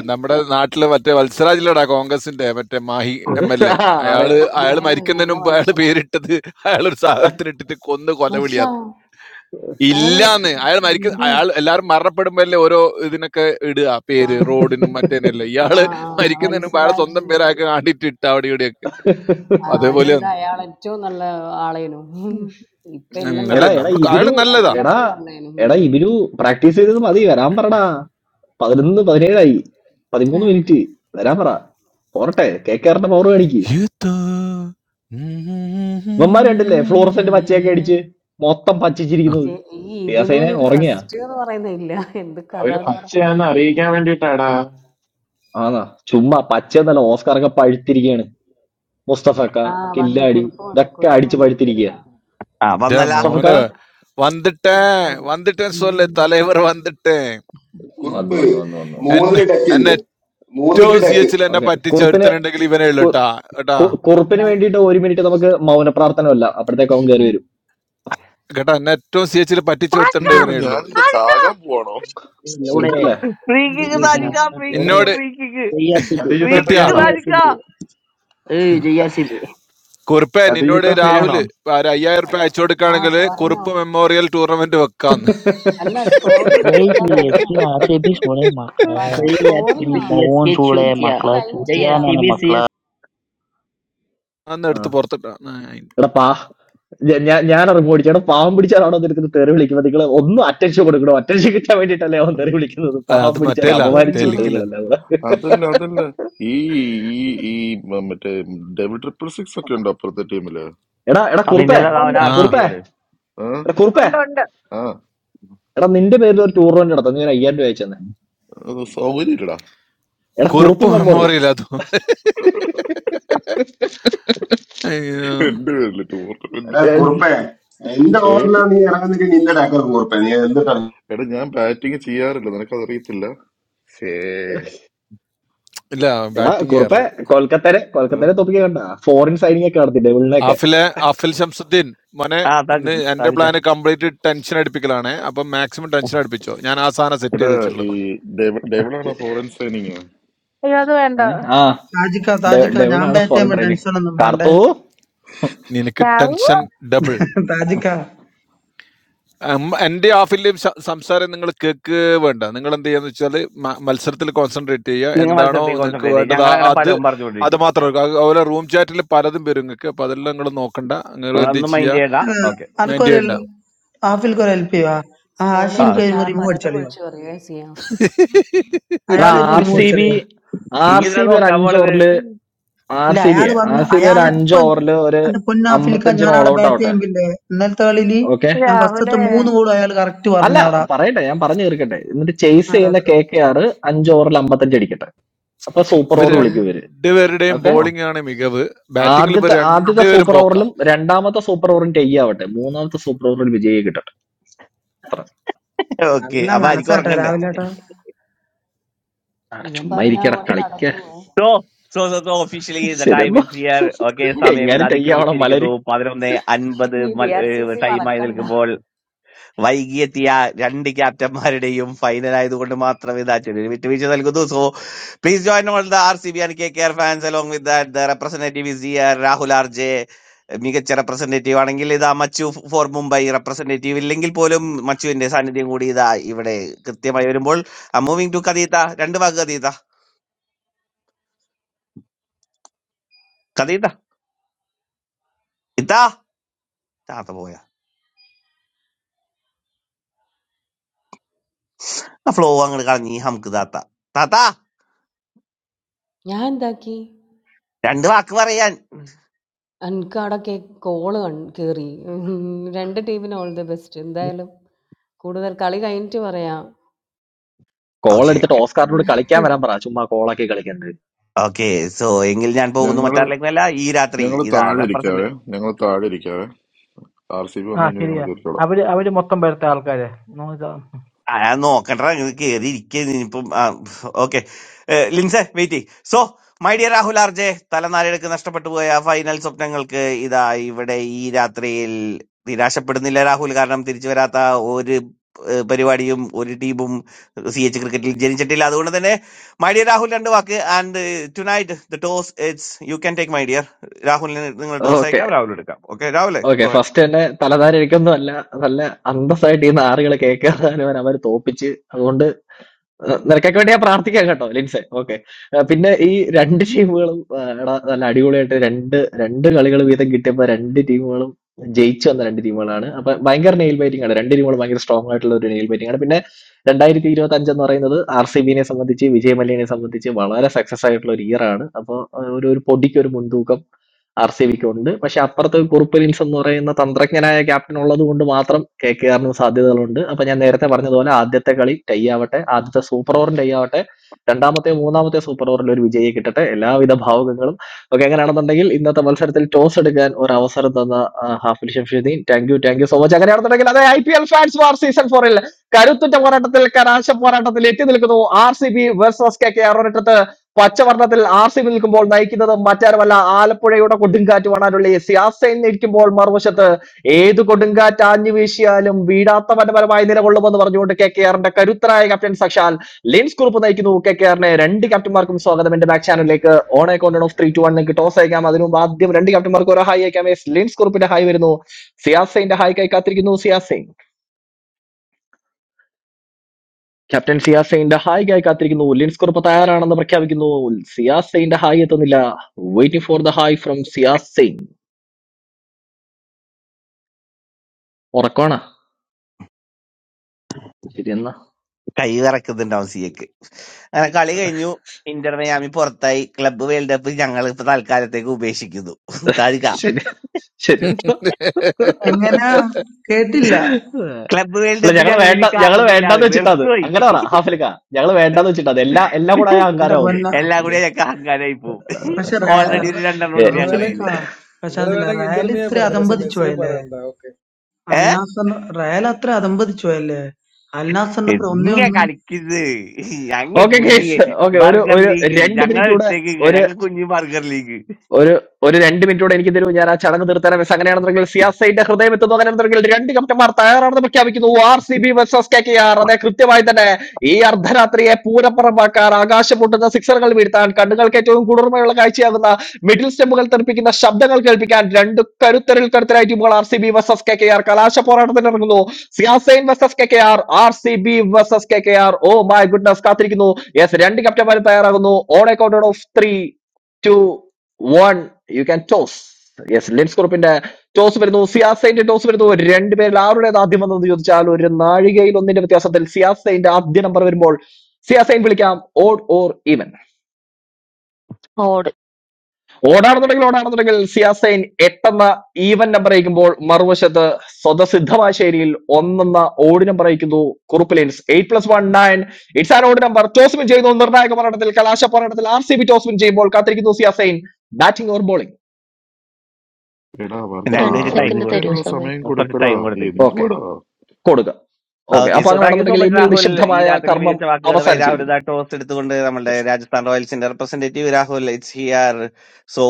നമ്മുടെ നാട്ടില് മറ്റേ വത്സരാജിലടാ കോൺഗ്രസിന്റെ മറ്റേ മാഹി എം എൽ എ
ആ,
അയാള്
അറിയാം
അയാള്
പറയരുത് നല്ല
മരിക്കുന്നതിന് മുമ്പ് അയാള്
മനുഷ്യനാ
പേരിട്ടത് അയാളൊരു സാധനത്തിന് ഇട്ടിട്ട് കൊന്ന് കൊലവിളിയാ
മരിച്ചാ അയാള്
ഇല്ലാന്ന് അയാൾ
മരിച്ചിട്ടില്ല
മരിക്ക അയാൾ എല്ലാരും മരണപ്പെടുമ്പോഴല്ലേ ഓരോ ഇതിനൊക്കെ ഇടുക
ആ.
പേര് റോഡിനും മറ്റേനല്ലേ
ആ,
ഇയാള്
ആ.
മരിക്കുന്നതിന് മുമ്പ് അയാളെ സ്വന്തം
വത്സരാജിന്റെ
പേരാക്കി കാണിട്ട് ഇട്ട അവിടെ ഇവിടെയൊക്കെ
ആ,
അപ്പൊ അതേപോലെ
അതിനെന്താ അയാളേറ്റവും നല്ല ആളേനു. ഇപ്പ
ഉം,
എല്ലാം
അല്ല
എടാ
കണക്കാ.
എടാ
നമ്മൾ അയാള്
ഇബിനു
നല്ലതാ
എടാ
അയാളുള്ളപ്പം നല്ലേനു.
എടാ
ഉം.
ഇബിനു പ്രാക്ടീസ് ചെയ്തത് മതി വരാൻ പറടാ പതിനൊന്ന് പതിനേഴായി പതിമൂന്ന് മിനിറ്റ് വരാൻ പറ പോരട്ടെ കെ കെആറിന്റെ പവർ കാണിക്ക്
യുദ്ധോ. ഉം.
ഇവന്മാര് കണ്ടില്ലേ ഫ്ലോറസന്റ് പച്ചയൊക്കെ അടിച്ച് മൊത്തം പച്ചിച്ചിരിക്കുന്നത്
ജെ ഈ
സിയാസൈനെ
ഇബിനൂനൊരു
ഉറങ്ങിയ
റെസ്റ്റ്ന്ന് പറയുന്നേ ഇല്ല. എന്ത്
അവര്
കഥാന്ന് പറ.
പച്ചയാന്ന് അറിയിക്കാൻ വേണ്ടിട്ടാടാ
ആന്നാ ചുമ്മാ പച്ച എന്നല്ല ഓസ്കാർ ഒക്കെ പഴുത്തിരിക്കുകയാണ് മുസ്തഫക്ക
ആ വന്ന്
കില്ലാടി
കുറുപ്പ് വന്ന്
ഇതൊക്കെ
കുറുപ്പ്
അടിച്ച്
വന്ന് കേറി
പഴുത്തിരിക്കുക
വാ.
ആ
ദേ
വന്നല്ല
മുസ്തഫക്ക
മോനെ വന്നിട്ടേ
കുറുപ്പ് വന്ന്.
വന്നിട്ടേ സോല്ലേ
ഉം.
തലൈവർ വന്നിട്ടേ ഉം.
വന്നു
കുറിപ്പ്
വന്നു വന്നു വന്നു വന്നു
എന്നെ
മൂന്നില് ടെക്ക്
എന്നെ
ഇന്ന്
ഏറ്റവും
മൂന്നിട്ട്
സി
ടെക്ക്
എച്ചിൽ എന്നെ
ഓക്കെ
പറ്റിച്ച
കുറുപ്പിന്
ഒരുത്തനുണ്ടെങ്കിൽ ഇവനേ ഉള്ളു
കു-
കേട്ടാ കേട്ടാ
കു- കുറുപ്പിന്
അതാ
വേണ്ടിയിട്ട് ഒരു മിനിറ്റ് നമുക്ക് മൗന പ്രാർത്ഥനമല്ല അപ്പോഴത്തേക്ക് അവൻ കയറി വരും
കേട്ടാ എന്നെ ഏറ്റവും സി എച്ചിൽ പറ്റിച്ച ഒരുത്തനുണ്ട്
എന്താണ്
ഇവനേ ഉള്ളൂ
ഞാനെന്താ ചാകാൻ പോവാണോ
Lode, we
കുറുപ്പല്ലേ
ഫ്രീ കിക്ക്
Hey,
അതാരാ
can nak
താജിക്ക
പായ
kat
ഫ്രീ കിക്ക്
lode.
എന്നോട്
free kick
Jai RCB.
Free
കഥയുദ്ധ ഫ്രീ
കിട്ടിയാ
കിക്ക്
Jai
ആണോ
താജിക്ക
RCB. hey, JRCB,
ആരാ?
കുറിപ്പേ നിന്നോട്
കഥയുദ്ധ ഫ്രീ
രാഹുൽ
ആണോ
ഒരു അയ്യായിരം റുപ്യ അയച്ചു
ആ
കൊടുക്കുകയാണെങ്കിൽ
ഉം,
പറഞ്ഞോ.
കുറിപ്പ് മെമ്മോറിയൽ ടൂർണമെന്റ് വെക്കാന്ന്
അല്ല സ്കോറിങ്ങാ
Jai
എന്താ
CSK
പറഞ്ഞോ.
*laughs*
RCB சூளே மக்களா.
പറ
JRCB,
സ്കോറിങ്ങാ.
மோகன் CSK, சூளே Chokya,
ഇത്
மக்களா.
കഴിഞ്ഞിട്ട്
சித்தியானன JRCB,
വരാം.
மக்களா.
അന്ന് എടുത്ത്
ആ
പുറത്തിട്ടാ ആ, അയിന്.
എടാ പാ ഞാ- ഞാൻ ഞാൻ ഇറങ്ങി എടാ പാവം പിടിച്ചാലാണോ നിനക്ക് തെറി വിളിക്കുന്നത് നിങ്ങൾ ഒന്നും അറ്റൻഷൻ കൊടുക്കണം അറ്റൻഷൻ കിട്ടാൻ വേണ്ടിയിട്ടല്ലേ അവൻ
ഉം.
തെറി വിളിക്കുന്നത്
ആ,
പാവം
അത്
പിടിച്ചാൽ
മറ്റേല
അപമാനിച്ചു
അതല്ലടാ
വിട്ടത്
തെലുങ്കിലാണ്
നിങ്ങളെല്ലാം കൂടെ
അതല്ല അതല്ല ഈ ഈ ഈ മ- മറ്റേ ഡെവിൾ ട്രിപ്പിൾ സിക്സ് ഒക്കെ ഉണ്ട് അപ്പുറത്തെ ടീമില്
എടാ എടാ
ആ,
കുറുപ്പേ
പിന്നല്ല
ഷടാ.
അവൻ
ഉണ്ട്
ആ
ആർ സി ബി
കുറുപ്പേ
ആണ്
ആ
എടാ കുറുപ്പേ
ഉണ്ട് ഉണ്ട്
ആ
എടാ നിന്റെ പേരിൽ ഒരു ടൂർണമെന്റ് നടത്തുന്നു ഞാൻ അയ്യായിരം രൂപ അയച്ചു തന്നെ
അത് സൗകര്യം ഇല്ലടാ
എടാ കുറുപ്പ്
കുറിപ്പ്
മെമ്മോറിയൽ
മെമ്മോറിയൽ അത് അയ്യോ.
എന്റെ പേരില് ടൂർണമെന്റ്
എടാ
ഏ,
കുറിപ്പേ എന്റെ
ഏ
ഓവറിലാണ് നീ ഇറങ്ങുന്നെങ്കിൽ നിന്റെ ടെക്ക് കുറിപ്പേ നീ എന്തിട്ടാ
എടാ ഞാൻ ബാറ്റിംഗ് ചെയ്യാറില്ല നിനക്കതറിയത്തില്ല ഷേ
ഇല്ല
എടാ
ബാറ്റിംഗ്
കുറുപ്പേ
ചെയ്യാറില്ല
കൊൽക്കത്തരെ
ഏ?
കൊൽക്കത്തരെ തൊപ്പിക്ക് കണ്ട ഫോറിൻ സൈനിങ് ഒക്കെ നടത്തി ഡെവിളിനൊക്കെ
ആഫിലെ ആഫിൽ ശംസുദ്ദീൻ മോനെ
ആ താക്ക്
ഇന്ന് എന്റെ
താക്കിച്ച
പ്ലാന് കംപ്ലീറ്റ് ടെൻഷൻ അടിപ്പിക്കലാണ് അപ്പൊ മാക്സിമം ടെൻഷൻ അടിപ്പിച്ചോ ഞാൻ ആ സാധനം സെറ്റ്
എടാ
ചെയ്ത് വെച്ചിട്ടുള്ളത്
ഈ ഡെവ- ഡെവിളാണോ ഫോറിൻ സൈനിങ്
അയ്യോ അത് വേണ്ട
ഏ? ആ
താജിക്ക
ഡെ-
താജിക്ക ഞാൻ
ഡെവിളാണ്
ബാറ്റ്
ഫോറിൻ
ചെയ്യുമ്പോ
ട്രെയിനിങ്
ടെൻഷൻ ഒന്നും വേണ്ടേ
കാർത്തു
നിനക്ക്
രാഹു
ടെൻഷൻ ഡബിൾ
താജിക്ക
എൻ്റെ ഹാഫിലെയും സംസാരം നിങ്ങൾ കേക്ക് വേണ്ട നിങ്ങൾ എന്ത് ചെയ്യാന്ന് വെച്ചാൽ മത്സരത്തിൽ കോൺസെൻട്രേറ്റ് ചെയ്യുക
നിങ്ങൾ
എന്താണോ
മത്സരത്തിൽ
നിങ്ങൾക്ക്
കോൺസെൻട്രേറ്റ് ചെയ്യും
വേണ്ടത്
ഞങ്ങൾ
ആ-
അങ്ങനെ
അത്
പലവും
അത്
പറഞ്ഞുകൊണ്ടിരിക്കും
മാത്രം എടുക്കുക. അത് അതുപോലെ റൂം ചാറ്റിൽ പലതും വരും നിങ്ങൾക്ക് അപ്പൊ അതെല്ലാം നിങ്ങൾ നോക്കണ്ട നിങ്ങൾ എന്ത്
നിങ്ങളൊന്നും
ചെയ്യുക
മൈൻഡ് ചെയ്യണ്ട
ഏഹ്,
ഓക്കെ
മൈൻഡ്
അനക്കൊരു
ചെയ്യണ്ട
ഹെൽ- ആഫിൽക്ക് ഒരു ഹെൽപ്പ് ചെയ്യുവാ ആ
സ്കോർ
ആ
ചെയ്യുന്ന
ആഷിംക്ക് ഒരു
ഞാൻ
റിമൂവ്
പലതും
അടിച്ചളിയോ
വിളിച്ചു പറയുകയും ചെയ്യാം
എടാ
അയാൾ ഒരു
ആർ
റിമൂവ്
*laughs*
സി ബി
അടിച്ചളിയോ
നീ
ആർ
ഇതിനാ
സി ബി ഒരു
നോക്കാൻ
അഞ്ച്
പോണത്
ഓവറിൽ ആർ
ഇല്ല
സി ബി
അയാൾ
ആർ
വന്ന്
സി ബി
അയാൾ
ഒരു അഞ്ച്
എപ്പോ
ഓവറിൽ
എന്റെ പൊന്നാഫിൽക്ക
അമ്പത്തഞ്ചിന്
ഞാൻ
ഓൾ
അവിടെ
ഔട്ട്
ബാറ്റ്
ആവട്ടെ
ചെയ്യാൻ പിന്നെ ഇന്നലത്തെ കളിയില്
ഓക്കെ
ഞാൻ
രാഹുലെ
ഫസ്റ്റത്തെ മൂന്ന് ഗോളും അയാൾ കറക്റ്റ്
അല്ല
പറഞ്ഞാടാ
പറയട്ടെ ഞാൻ പറഞ്ഞു തീർക്കട്ടെ എന്നിട്ട് ചേസ് ചെയ്യുന്ന കെ കെ ആർ അഞ്ച് ഓവറിൽ അമ്പത്തഞ്ച് അടിക്കട്ടെ അപ്പൊ സൂപ്പർ
ഇവർ
ഓവർ വിളിക്കും ഇവര്
രണ്ടുപേരുടെയും
ഓക്കെ
ബോളിംഗ് ആണ് മികവ് ബാറ്റിംഗിൽ ഇവർ
ആദ്യത്തെ ആദ്യത്തെ
രണ്ടുപേരും
സൂപ്പർ
പോക്ക
ഓവറിലും രണ്ടാമത്തെ സൂപ്പർ ഓവറും ടൈ ആവട്ടെ മൂന്നാമത്തെ സൂപ്പർ ഓവറിൽ വിജയി കിട്ടട്ടെ അത്ര
ഓക്കെ
നല്ല
അപ്പൊ ആയിരിക്കും
മനസ്സാട്ടാ
ഉറങ്ങണ്ടേ
രാഹുലേട്ടാ
അവിടെ
ഇവൻ
ചുമ്മാ
പറഞ്ഞ
ഇരിക്കട
പോലെ
കളിക്ക
നടക്കുവേ
so so so so officially the time
ശരിയെന്നോ
ഇസ് ഹിയർ ഓക്കെ സമയം ഇത്
എങ്ങനെ ടൈ ആവണം മലര്
അതിക്രമിച്ചിരിക്കുന്നു പതിനൊന്ന് അൻപത്
നീ ബി ആർ സി സി
ടൈമായി
മറക്കണ്ട
നിൽക്കുമ്പോൾ വൈകിയെത്തിയ രണ്ട് ക്യാപ്റ്റന്മാരുടെയും ഫൈനൽ ആയതുകൊണ്ട് മാത്രമേ ഇത് ആ ചെറിയൊരു വിട്ടുവീഴ്ച നൽകുന്നു so please join all the R C B and K K R fans along with that the representative is here Rahul R J മികച്ച റെപ്രസെന്റേറ്റീവ് ആണെങ്കിൽ ഇതാ മച്ചു ഫോർ മുംബൈ റെപ്രസെന്റേറ്റീവ് ഇല്ലെങ്കിൽ പോലും മച്ചുവിന്റെ സാന്നിധ്യം കൂടി ഇതാ ഇവിടെ കൃത്യമായി വരുമ്പോൾ മൂവിങ് ടു കദീത രണ്ട് വാക്ക് കദീത കദീത ഇതാ താത്ത പോയ ആ ഫ്ലോ അങ്ങോട്ട് കളഞ്ഞി നമുക്ക് താത്ത താത്ത
ഞാൻ എന്താക്കി
രണ്ട് വാക്ക് പറയാൻ
എനിക്ക് അവിടെയൊക്കെ കോള് കയറി രണ്ട് ടീമിന് ഓൾ ദി ബെസ്റ്റ് എന്തായാലും കൂടുതൽ കളി കഴിഞ്ഞിട്ട് പറയാം
കോൾ
ഓക്കെ
എടുത്തിട്ട് ഓസ്കാറിനോട് കളിക്കാൻ വരാൻ പറ ചുമ്മാ കോളാക്കി കളിക്കണ്ട്
ഓക്കെ സോ എങ്കിൽ ഞാൻ പോകുന്നു
ഞങ്ങള്
മറ്റാരിലേക്കുമല്ല ഈ രാത്രി
ഞങ്ങള്
ഇതാ
താഴെ
റെപ്രസെന്റ്
ഇരിക്കാവേ ഞങ്ങള് താഴെ ഇരിക്കാവേ ആർ സി ബി
ആ
വന്നു കഴിഞ്ഞാൽ
ശരിയാ
ഞങ്ങളെ ചോദിച്ചോളാം
അവര് അവര് മൊത്തം പേരത്തെ ആൾക്കാര് നമ്മ ഇതാ-
ആ ഞാൻ നോക്കണ്ട കയറി ഇരിക്കും ആ ഓക്കെ ലിൻസെ wait so my dear Rahul RJ തലനാരിഴക്ക് നഷ്ടപ്പെട്ടു പോയ ഫൈനൽ സ്വപ്നങ്ങൾക്ക് ഇതാ ഇവിടെ ഈ രാത്രിയിൽ നിരാശപ്പെടുന്നില്ല രാഹുൽ കാരണം തിരിച്ചു വരാത്ത ഒരു ഏഹ്, പരിപാടിയും ഒരു ടീമും സി എച്ച് ക്രിക്കറ്റിൽ ജനിച്ചിട്ടില്ല അതുകൊണ്ട് തന്നെ മൈ ഡിയർ രാഹുൽ രണ്ട് വാക്ക് and tonight the toss it's you can take my dear രാഹുലിന് നിങ്ങൾ ടോസ്
ഓക്കെ
അയക്കാം രാഹുൽ എടുക്കാം ഓക്കെ രാഹുലെ
ഓക്കെ
ഗോ ഹെഡ്
ഫസ്റ്റ് തന്നെ തലധാരിക്കൊന്നും അല്ല നല്ല അന്തസ്സായിട്ട് ഈ നാറുകളെ കേൾക്കാതെ അവരെ തോപ്പിച്ച് അതുകൊണ്ട് ഏഹ് നിനക്കൊക്കെ വേണ്ടി ഞാൻ പ്രാർത്ഥിക്കാം കേട്ടോ ലിൻസെ ഓക്കെ പിന്നെ ഈ രണ്ട് ടീമുകളും ഏഹ് എടാ നല്ല അടിപൊളിയായിട്ട് രണ്ട് രണ്ട് കളികൾ വീതം കിട്ടിയപ്പോ രണ്ട് ടീമുകളും ജയിച്ചു വന്ന രണ്ട് ടീമുകളാണ് അപ്പൊ ഭയങ്കര നെയിൽ ബൈറ്റിംഗ് ആണ് രണ്ട് ടീമുകളും ഭയങ്കര സ്ട്രോങ് ആയിട്ടുള്ള ഒരു നെയിൽ ബൈറ്റിംഗ് ആണ് പിന്നെ രണ്ടായിരത്തി ഇരുപത്തി അഞ്ച് എന്ന് പറയുന്നത് ആർ സി ബിനെ സംബന്ധിച്ച് വിജയ മല്യനെ സംബന്ധിച്ച് വളരെ സക്സസ് ആയിട്ടുള്ള ഒരു ഇയർ ആണ് അപ്പോൾ ഒരു ഒരു പൊടിക്ക് ഒരു മുൻതൂക്കം ആർസിബിക്കും ഉണ്ട്. പക്ഷെ അപ്പുറത്ത് കുറുപ്പലിൻസ് എന്ന് പറയുന്ന തന്ത്രജ്ഞനായ ക്യാപ്റ്റൻ ഉള്ളത് കൊണ്ട് മാത്രം കെകെആറിനും സാധ്യതകളുണ്ട്. അപ്പൊ ഞാൻ നേരത്തെ പറഞ്ഞതുപോലെ ആദ്യത്തെ കളി ടൈ ആവട്ടെ, ആദ്യത്തെ സൂപ്പർ ഓവറും ടൈ ആവട്ടെ, രണ്ടാമത്തെ മൂന്നാമത്തെ സൂപ്പർ ഓവറിൽ ഒരു വിജയി കിട്ടട്ടെ. എല്ലാവിധ ഭാവുകങ്ങളും. ഓക്കെ അങ്ങനെയാണെന്നുണ്ടെങ്കിൽ ഇന്നത്തെ മത്സരത്തിൽ ടോസ് എടുക്കാൻ ഒരു അവസരം തന്ന ആ, Afil Shamshuddin thank you thank you so much. അങ്ങനെയാണെന്നുണ്ടെങ്കിൽ അതെ I P L fans war season ഫോറിൽ കരുത്തുറ്റ പോരാട്ടത്തിൽ കലാശ പോരാട്ടത്തിൽ എത്തി നിൽക്കുന്നു R C B versus K K R ഒരിടത്ത് പച്ചവർണ്ണത്തിൽ ആർ സി ബി നിൽക്കുമ്പോൾ നയിക്കുന്നത് മറ്റാരുമല്ല ആലപ്പുഴയുടെ കൊടുങ്കാറ്റുമാണാനുള്ള എസ് ആസൈൻ നിൽക്കുമ്പോൾ മറുവശത്ത് ഏത് കൊടുങ്കാറ്റ് ആഞ്ഞു വീശിയാലും വീഴാത്ത മനപരമായി നിലകൊള്ളുമെന്ന് പറഞ്ഞുകൊണ്ട് കെ കെ ആറിന്റെ കരുത്തനായ ക്യാപ്റ്റൻ സക്ഷാൽ ലിൻസ് കുറുപ്പ് നയിക്കുന്നു കെ കെ ആറിനെ
Okay
രണ്ട് ക്യാപ്റ്റന്മാർക്കും സ്വാഗതം എന്റെ ബാക്ക് ചാനലിലേക്ക് on a count of three two one നിങ്ങൾക്ക് ടോസ് അയക്കാം അതിനു മുമ്പ് ആദ്യം രണ്ട് ക്യാപ്റ്റന്മാർക്ക് ഒരു ഹായ് അയക്കാം Yes, ലിൻസ് കുറുപ്പിന്റെ ഹായ് വരുന്നു സിയാസൈന്റെ ഹായ് കൈ കാത്തിരിക്കുന്നു സിയാസൈൻ ക്യാപ്റ്റൻ സിയാസ് സെയിന്റെ ഹായ് ആയി കാത്തിരിക്കുന്നു ലിൻസ് കുറുപ്പ് തയ്യാറാണെന്ന് പ്രഖ്യാപിക്കുന്നു സിയാസ് സെയിന്റെ ഹായ് എത്തുന്നില്ല waiting for the hi from Siyas Sain ഉറക്കമാണ് ശരിയെന്നാ
കൈ വിറക്കുന്നുണ്ടാവും സി എക്ക്. അങ്ങനെ കളി കഴിഞ്ഞു ഇന്റർ മയാമി പുറത്തായി ക്ലബ്ബ് വേൾഡ് കപ്പ് ഞങ്ങൾ ഇപ്പൊ തൽക്കാലത്തേക്ക് ഉപേക്ഷിക്കുന്നു *laughs* താരിക
ശരി ശരിയെന്നാ
എങ്ങനെയാ
*laughs*
കേട്ടില്ല
ക്ലബ്ബ് വേൾഡ്
അല്ല
കപ്പ്
ഞങ്ങള്
ഞങ്ങൾ
വേണ്ട
ഇനി
ഞങ്ങള്
കാണുന്നില്ല അത്
വേണ്ടാന്ന് വെച്ചിട്ടാ അത്
വെറുത്തുപോയി
അങ്ങനെ പറ ഹാഫലിക്ക ഞങ്ങള് വേണ്ടാന്ന് വെച്ചിട്ടാ അത് എല്ലാ എല്ലാം കൂടെ ആയ
*laughs*
എന്റെ
അഹങ്കാരമാവുന്നത്
പൊന്ന
എല്ലാം കൂടി
ഓക്കെ
ഞങ്ങൾക്ക് അഹങ്കാരമായി പോവും *laughs*
പക്ഷെ റേ-
അതെ
ഓൾറെഡി ഒരു
റ-
രണ്ടെണ്ണം ഉണ്ട്
നിങ്ങൾ
ഞങ്ങളുടെ
വേണേ
ആഫ്രിക്ക
കയ്യില്
പക്ഷെ
നിങ്ങൾ
അതില്ല
വേണമെങ്കിൽ
റയൽ
ഇന്റർവ്യൂ
ഇത്ര
പറഞ്ഞു പക്ഷെ
അതമ്പതിച്ചു
മെസ്സേജ്
പോയല്ലേ
പറയണ്ട ഓക്കെ.
ഏ
അൽനാസറിന് റയൽ അത്ര അതമ്പതിച്ചു പോയല്ലേ അൽനാസറിന്റെ ഒന്നേ
ഇങ്ങ
ഒന്ന്
കളിക്കുന്നത് ഞങ്ങ
ഓക്കെ
കുഞ്ഞ്
കേസ് ഓക്കെ ഒരു
ബർഗർ
ഒരു
ലീഗ്
രണ്ട്
ഞങ്ങളെ
മിനിറ്റ് കൂടെ
ഇട്ടേക്ക്
ഒരു
ഇങ്ങ ഞങ്ങൾ കുഞ്ഞ് ബർഗർ ലീഗ്
ഒരു ഒരു രണ്ട് മിനിറ്റ് കൂടെ എനിക്ക് തരൂ ഞാൻ ആ ചടങ്ങ് തീർത്താൻ വെസ് അങ്ങനെയാണെന്നുണ്ടെങ്കിൽ സിയാസൈന്റെ ഹൃദയം എത്തുന്നു അങ്ങനെയാണെന്നുണ്ടെങ്കിൽ രണ്ട് കപ്റ്റന്മാർ തയ്യാറാണെന്ന് പ്രഖ്യാപിക്കുന്നു R C B versus K K R അതെ കൃത്യമായി തന്നെ ഈ അർദ്ധരാത്രിയെ പൂരപ്പുറമാക്കാൻ ആകാശം മുട്ടുന്ന സിക്സറുകൾ വീഴ്ത്താൻ കണ്ണുകൾക്ക് ഏറ്റവും കുളിർമയുള്ള കാഴ്ചയാകുന്ന മിഡിൽ സ്റ്റെമ്പുകൾ തെറിപ്പിക്കുന്ന ശബ്ദങ്ങൾ കേൾപ്പിക്കാൻ രണ്ട് കരുത്തരിൽ കരുത്തരായ ടീമുകൾ R C B versus K K R കലാശ പോരാട്ടത്തിന് ഇറങ്ങുന്നു Siyasain versus K K R R C B versus K K R oh my goodness കാത്തിരിക്കുന്നു യെസ് രണ്ട് കപ്റ്റന്മാർ തയ്യാറാകുന്നു on a count of three two one you can toss yes Lins കുറുപ്പിന്റെ toss വരുന്നു സിയാസൈന്റെ ടോസ് വരുന്നു രണ്ടുപേരിൽ ആരുടേത് ആദ്യം വന്നതെന്ന് ചോദിച്ചാൽ ഒരു നാഴികയിൽ ഒന്നിന്റെ വ്യത്യാസത്തിൽ സിയാസൈന്റെ ആദ്യ നമ്പർ വരുമ്പോൾ സിയാസൈൻ വിളിക്കാം odd or even
odd
ഓടാണെന്നുണ്ടെങ്കിൽ ഓടാണെന്നുണ്ടെങ്കിൽ സിയാസൈൻ എട്ടെന്ന even number അയക്കുമ്പോൾ മറുവശത്ത് സ്വതസിദ്ധമായ ശൈലിയിൽ ഒന്നെന്ന ഓഡ് നമ്പർ അയക്കുന്നു Kuruppu Lins eight plus one nine it's an odd number toss win ചെയ്യുന്നു നിർണായക പോരാട്ടത്തിൽ കലാശ പോരാട്ടത്തിൽ R C B toss win ചെയ്യുമ്പോൾ കാത്തിരിക്കുന്നു സിയാസൈൻ ബാറ്റിംഗ് ഓർ ബോളിംഗ്
എടാ അവർക്ക്
ഒരു രണ്ട്
രണ്ടുപേര് ടൈം
സെക്കൻഡ്
കൊടുത്തു
തരൂ
ആലോചിക്കാനുള്ള
സമയം
സമയം
കുറച്ച്
കൊടുക്കടാ
ടൈം കൊടുത്തേക്ക്
ഓക്കെ,
എന്തുവാടാ
കൊടുക്കുക ഓക്കെ
ഓക്കെ
അപ്പൊ
സോ താങ്ക് യു സോ
അങ്ങനെയാണെന്നുണ്ടെങ്കിൽ
മച്ച്
എന്നിൽ
രാഹുൽ ഈ
നിശബ്ദമായ
രാത്രിയിൽ
കർമ്മം
മികച്ച വാക്കുകളുമായി രാഹുൽ
അവസാനിച്ചിരിക്കുന്നു
ഇതാ ടോസ് എടുത്തുകൊണ്ട് നമ്മുടെ
Yes.
രാജസ്ഥാൻ റോയൽസിന്റെ representative Rahul it's here so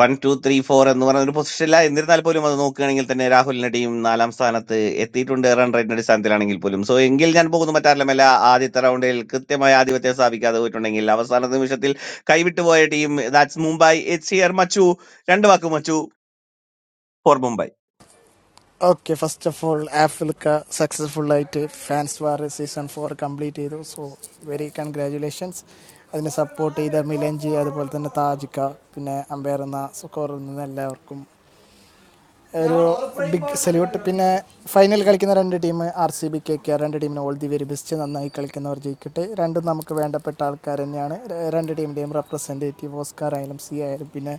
one two three four എന്ന് പറയുന്ന ഒരു പൊസിഷനില്ല എന്നിരുന്നാൽ പോലും അത് നോക്കുകയാണെങ്കിൽ തന്നെ രാഹുലിന്റെ ടീം നാലാം സ്ഥാനത്ത് എത്തിയിട്ടുണ്ട് റൺ റേറ്റിന്റെ അടിസ്ഥാനത്തിലാണെങ്കിൽ പോലും സോ എങ്കിൽ ഞാൻ പോകുന്ന മറ്റാരുമല്ല ആദ്യത്തെ റൗണ്ടിൽ കൃത്യമായ ആധിപത്യം സ്ഥാപിക്കാതെ പോയിട്ടുണ്ടെങ്കിൽ അവസാന നിമിഷത്തിൽ കൈവിട്ടുപോയ team that's Mumbai it's here മച്ചു രണ്ട് വാക്ക് മച്ചു for Mumbai
okay first of all ആഫിൽക്ക സക്സസ്ഫുൾ ആയിട്ട് fans war season four complete ചെയ്തു സോ വെരി കൺഗ്രാജുലേഷൻസ് അതിനെ സപ്പോർട്ട് ചെയ്ത മിലൻജി അതുപോലെ തന്നെ താജിക്ക പിന്നെ അമ്പയർ എന്ന സ്കോറിൽ നിന്ന് എല്ലാവർക്കും ഒരു ബിഗ് സല്യൂട്ട് പിന്നെ ഫൈനൽ കളിക്കുന്ന രണ്ട് team R C B K K R, രണ്ട് ടീമിന് ഓൾ ദി വെരി ബെസ്റ്റ് നന്നായി കളിക്കുന്നവർ ജയിക്കട്ടെ രണ്ടും നമുക്ക് വേണ്ടപ്പെട്ട ആൾക്കാർ തന്നെയാണ് ര- രണ്ട് ടീമിൻ്റെയും റെപ്രസെൻറ്റേറ്റീവ് ഓസ്കാർ ആയാലും സി ആയാലും പിന്നെ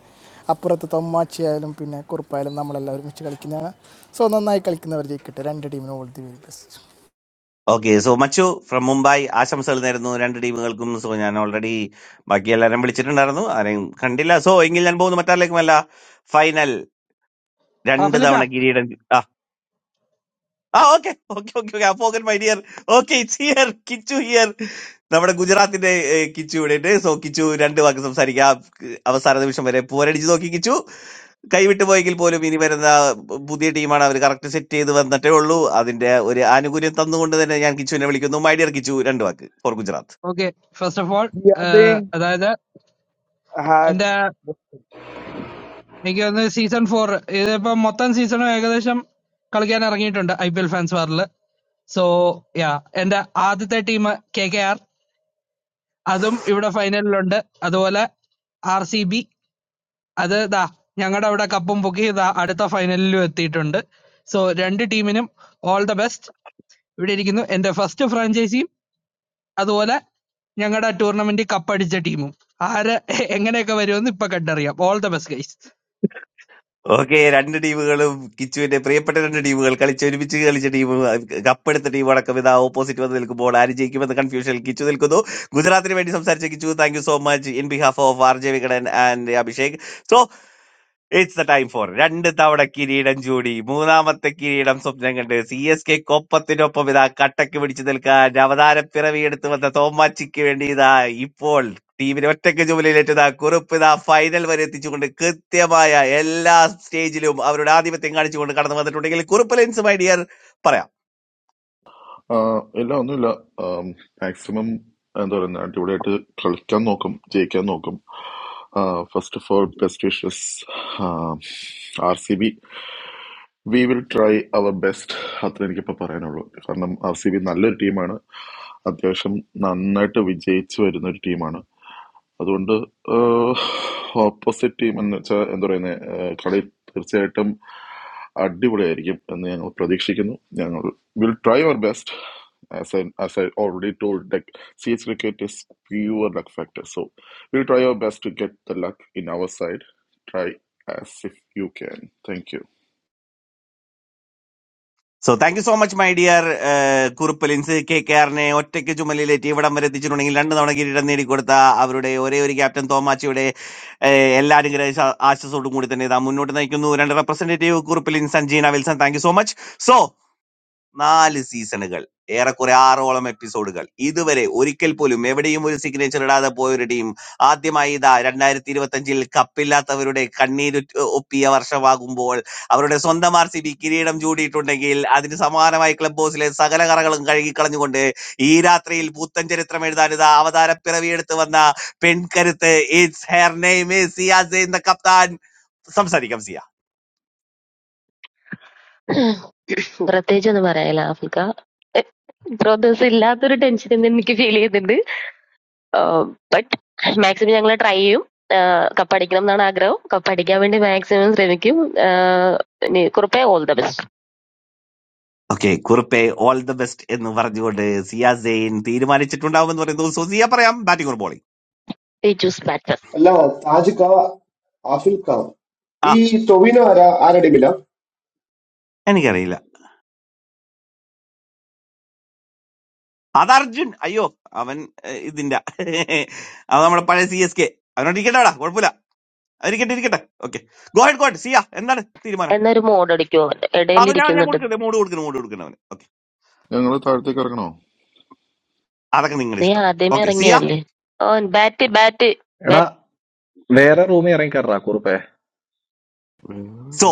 അപ്പുറത്ത് തൊമ്മാച്ചി ആയാലും പിന്നെ കുറുപ്പായാലും നമ്മളെല്ലാം ഒരുമിച്ച് കളിക്കുന്നതാണ് സോ നന്നായി കളിക്കുന്നവർ ജയിക്കട്ടെ രണ്ട് ടീമിനും all the very best
okay so മച്ചു ഫ്രം മുംബൈ ആശംസകൾ നേരുന്നു രണ്ട് ടീമുകൾക്കും സോ ഞാൻ ഓൾറെഡി ബാക്കി എല്ലാവരും വിളിച്ചിട്ടുണ്ടായിരുന്നു ആരെയും കണ്ടില്ല സോ എങ്കിൽ ഞാൻ പോകുന്നു മറ്റാരിലേക്കുമല്ല ഫൈനൽ രണ്ട്
ഹാഫലിക്ക
തവണ കിരീടം കി- ആ ആ ഓക്കെ ഓക്കെ ഓക്കെ ഓക്കെ അപ്പോകൻ my dear okay it's here Kichu here നമ്മുടെ ഗുജറാത്തിന്റെ ഏ, കിച്ചു ഇവിടെ സോ കിച്ചു രണ്ട് വാക്ക് സംസാരിക്കാം അവസാന നിമിഷം വരെ പോരടിച്ച് നോക്കി കിച്ചു കൈവിട്ട് പോയെങ്കിൽ പോലും ഇനി വരുന്ന പുതിയ ടീമാണ് അവര് കറക്റ്റ് സെറ്റ് ചെയ്ത് വന്നിട്ടേ ഉള്ളൂ. അതിന്റെ ഒരു ആനുകൂല്യം തന്നുകൊണ്ട് തന്നെ ഞാൻ കിച്ചുവിനെ വിളിക്കുന്നു. മൈ ഡിയർ കിച്ചു രണ്ട് വാക്ക് for Gujarat.
Okay first of all
The Yardley
അതായത്
has
എന്റെ എനിക്ക് തോന്നുന്നത് സീസൺ ഫോർ ഇതിപ്പോ മൊത്തം സീസണും ഏകദേശം കളിക്കാൻ ഇറങ്ങിയിട്ടുണ്ട് ഐ പി എൽ ഫാൻസ് വാറിൽ സോ യാ എന്റെ ആദ്യത്തെ ടീം കെ കെ ആർ അതും ഇവിടെ ഫൈനലിലുണ്ട് അതുപോലെ ആർ സി ബി അത് ദാ ഞങ്ങളുടെ അവിടെ കപ്പും പൊക്കി ദാ അടുത്ത ഫൈനലിലും എത്തിയിട്ടുണ്ട് സോ രണ്ട് ടീമിനും ഓൾ ദ ബെസ്റ്റ് ഇവിടെ ഇരിക്കുന്നു എന്റെ ഫസ്റ്റ് ഫ്രാഞ്ചൈസി അതുപോലെ ഞങ്ങടെ ടൂർണമെന്റിൽ കപ്പടിച്ച ടീമും ആര് എങ്ങനെയൊക്കെ വരുമെന്ന് ഇപ്പൊ കണ്ടറിയാം all the best guys
okay രണ്ട് ടീമുകളും കിച്ചുവിന്റെ പ്രിയപ്പെട്ട രണ്ട് ടീമുകൾ കളിച്ച് ഒരുമിച്ച് കളിച്ച ടീം കപ്പെടുത്ത ടീം അടക്കം ഇതാ ഓപ്പോസിറ്റ് വന്ന് നിൽക്കുമ്പോൾ ആര് ജയിക്കുമെന്ന കൺഫ്യൂഷനിൽ കിച്ചു നിൽക്കുന്നു. ഗുജറാത്തിന് വേണ്ടി സംസാരിച്ച Kichu thank you so much in behalf of R J Vikatan and Abhishek so it's the time for രണ്ട് തവണ കിരീടം ചൂടി മൂന്നാമത്തെ കിരീടം സ്വപ്നം കണ്ട് സി എസ് കെ കൊപ്പത്തിനൊപ്പം ഇതാ കട്ടക്ക് പിടിച്ചു നിൽക്കാൻ അവതാര പിറവിയെടുത്ത് വന്ന തോമാച്ചിക്ക് വേണ്ടി ഇതാ ഇപ്പോൾ ടീമിന് ഒറ്റയ്ക്ക് ചുമലിലേറ്റത് കുറിപ്പ് ഇതാ ഫൈനൽ വരെ എത്തിച്ചുകൊണ്ട് കൃത്യമായ എല്ലാ സ്റ്റേജിലും അവരുടെ ആധിപത്യം കാണിച്ചുകൊണ്ട് കടന്നു വന്നിട്ടുണ്ടെങ്കിൽ കുറുപ്പ് ലെൻസ് മൈ ഡിയർ പറയാം
ആ, എല്ലാം ഒന്നുമില്ല മാക്സിമം എന്താ പറയുക അടിപൊളിയായിട്ട് കളിക്കാൻ നോക്കും ജയിക്കാൻ നോക്കും first of all best wishes R C B we will try our best അത്ര എനിക്കിപ്പോൾ പറയാനുള്ളൂ കാരണം ആർ സി ബി നല്ലൊരു ടീമാണ് അത്യാവശ്യം നന്നായിട്ട് വിജയിച്ചു വരുന്ന ഒരു ടീമാണ് അതുകൊണ്ട് ഓപ്പോസിറ്റ് ടീം എന്ന് വെച്ചാൽ എന്താ പറയുന്നത് കളി തീർച്ചയായിട്ടും അടിപൊളിയായിരിക്കും എന്ന് ഞങ്ങൾ പ്രതീക്ഷിക്കുന്നു ഞങ്ങൾ will try our best as I as I already told like C H cricket is pure luck factor so will try our best to get the luck in our side try as if you can thank you
so thank you so much my dear കുറുപ്പലിൻസ് കെ കെ ആറിനെ ഒറ്റയ്ക്ക് ചുമലിലേറ്റ് ഇവിടം വരെ എത്തിച്ചിട്ടുണ്ടെങ്കിൽ രണ്ട് തവണ കിരീടം നേടിക്കൊടുത്ത അവരുടെ ഒരേ ഒരു ക്യാപ്റ്റൻ തോമാച്ചിയുടെ ഏഹ്, എല്ലാ അനുഗ്രഹ ശ- ആശംസയോടും കൂടി തന്നെ ഇതാ മുന്നോട്ട് നയിക്കുന്നു രണ്ട് റെപ്രസെന്റേറ്റീവ് കുറുപ്പലിൻ Sanjeena Wilson thank you so much so നാല് സീസണുകൾ ഏറെക്കുറെ ആറോളം എപ്പിസോഡുകൾ ഇതുവരെ ഒരിക്കൽ പോലും എവിടെയും ഒരു സിഗ്നേച്ചർ ഇടാതെ പോയ ഒരു ടീം ആദ്യമായി ഇതാ രണ്ടായിരത്തി ഇരുപത്തഞ്ചിൽ കപ്പില്ലാത്തവരുടെ കണ്ണീര് ഒപ്പിയ വർഷമാകുമ്പോൾ അവരുടെ സ്വന്തം ആർ സി ബി കിരീടം ചൂടിയിട്ടുണ്ടെങ്കിൽ അതിന് സമാനമായി ക്ലബ് ഹൗസിലെ സകല കറകളും കഴുകിക്കളഞ്ഞുകൊണ്ട് ഈ രാത്രിയിൽ പുത്തൻ ചരിത്രം എഴുതാൻ ഇതാ അവതാര പിറവിയെടുത്ത് വന്ന പെൺകരുത്ത് ഇറ്റ്സ് ഹെർ നെയ്മ് സിയാസ് കപ്താൻ സംസാരിക്കാം സിയ
പ്രത്യേകിച്ച് ഒന്നും പറയാനില്ല ആഫ്രിക്ക ബ്രോദേഴ്സ് ഇല്ലാത്തൊരു ടെൻഷൻ ഇന്ന് എനിക്ക് ഫീൽ ചെയ്യുന്നുണ്ട് ബട്ട് മാക്സിമം ഞങ്ങൾ ട്രൈ ചെയ്യും കപ്പ് അടിക്കണം എന്നാണ് ആഗ്രഹം കപ്പ് അടിക്കാൻ വേണ്ടി മാക്സിമം ശ്രമിക്കും ആഹ് ഇനി കുറുപ്പേ ഓൾ ദ ബെസ്റ്റ്
ഓക്കെ കുറുപ്പെ ഓൾ ദ ബെസ്റ്റ് എന്ന് പറഞ്ഞുകൊണ്ട് സിയ സെയിൻ തീരുമാനിച്ചിട്ടുണ്ടാവുമെന്ന് പറയുന്നു സോ സിയ പറയാം ബാറ്റിംഗ് ഒരു ബോളിംഗ്
ഈ ചൂസ് ബാറ്റർ
അല്ല താജിക്ക ആഫിൽക്ക
ആ
ഈ ടൊവിനോ ആരാ ആരടി മില
എനിക്കറിയില്ല അത് അർജുൻ അയ്യോ അവൻ ഏഹ്, ഇതിന്റെ *laughs* അവൻ നമ്മുടെ പഴയ സി എസ് കെ അവനോട് ഇരിക്കട്ടെടാ കുഴപ്പമില്ല ഇരിക്കട്ടെ ഇരിക്കട്ടെ ഓക്കെ ഗോഡ് ഗോഡ് സിയ എന്താണ് തീരുമാനം
എന്നൊരു മോഡ് അടിക്കുമോ അവന്റെ ഇടയിൽ
അത് ഞാൻ ഞാൻ
ഇരിക്കുന്നുണ്ട്
കൊടുക്കട്ടെ മൂട് കൊടുക്കണം മൂട് കൊടുക്കണം അവന് ഓക്കെ
ഞങ്ങൾ താഴത്തേക്ക് ഇറങ്ങണോ
അതൊക്കെ നിങ്ങളുടെ
നീ
ഇഷ്ടം
ആദ്യമേ
ഓക്കെ സിയ
ഇറങ്ങിയതല്ലേ ഓ ബാറ്റ് ബാറ്റ്
എടാ
ബാറ്റ്
വേറെ റൂമിൽ ഇറങ്ങിക്കാറാ കുറുപ്പേ
സോ
വേറെ-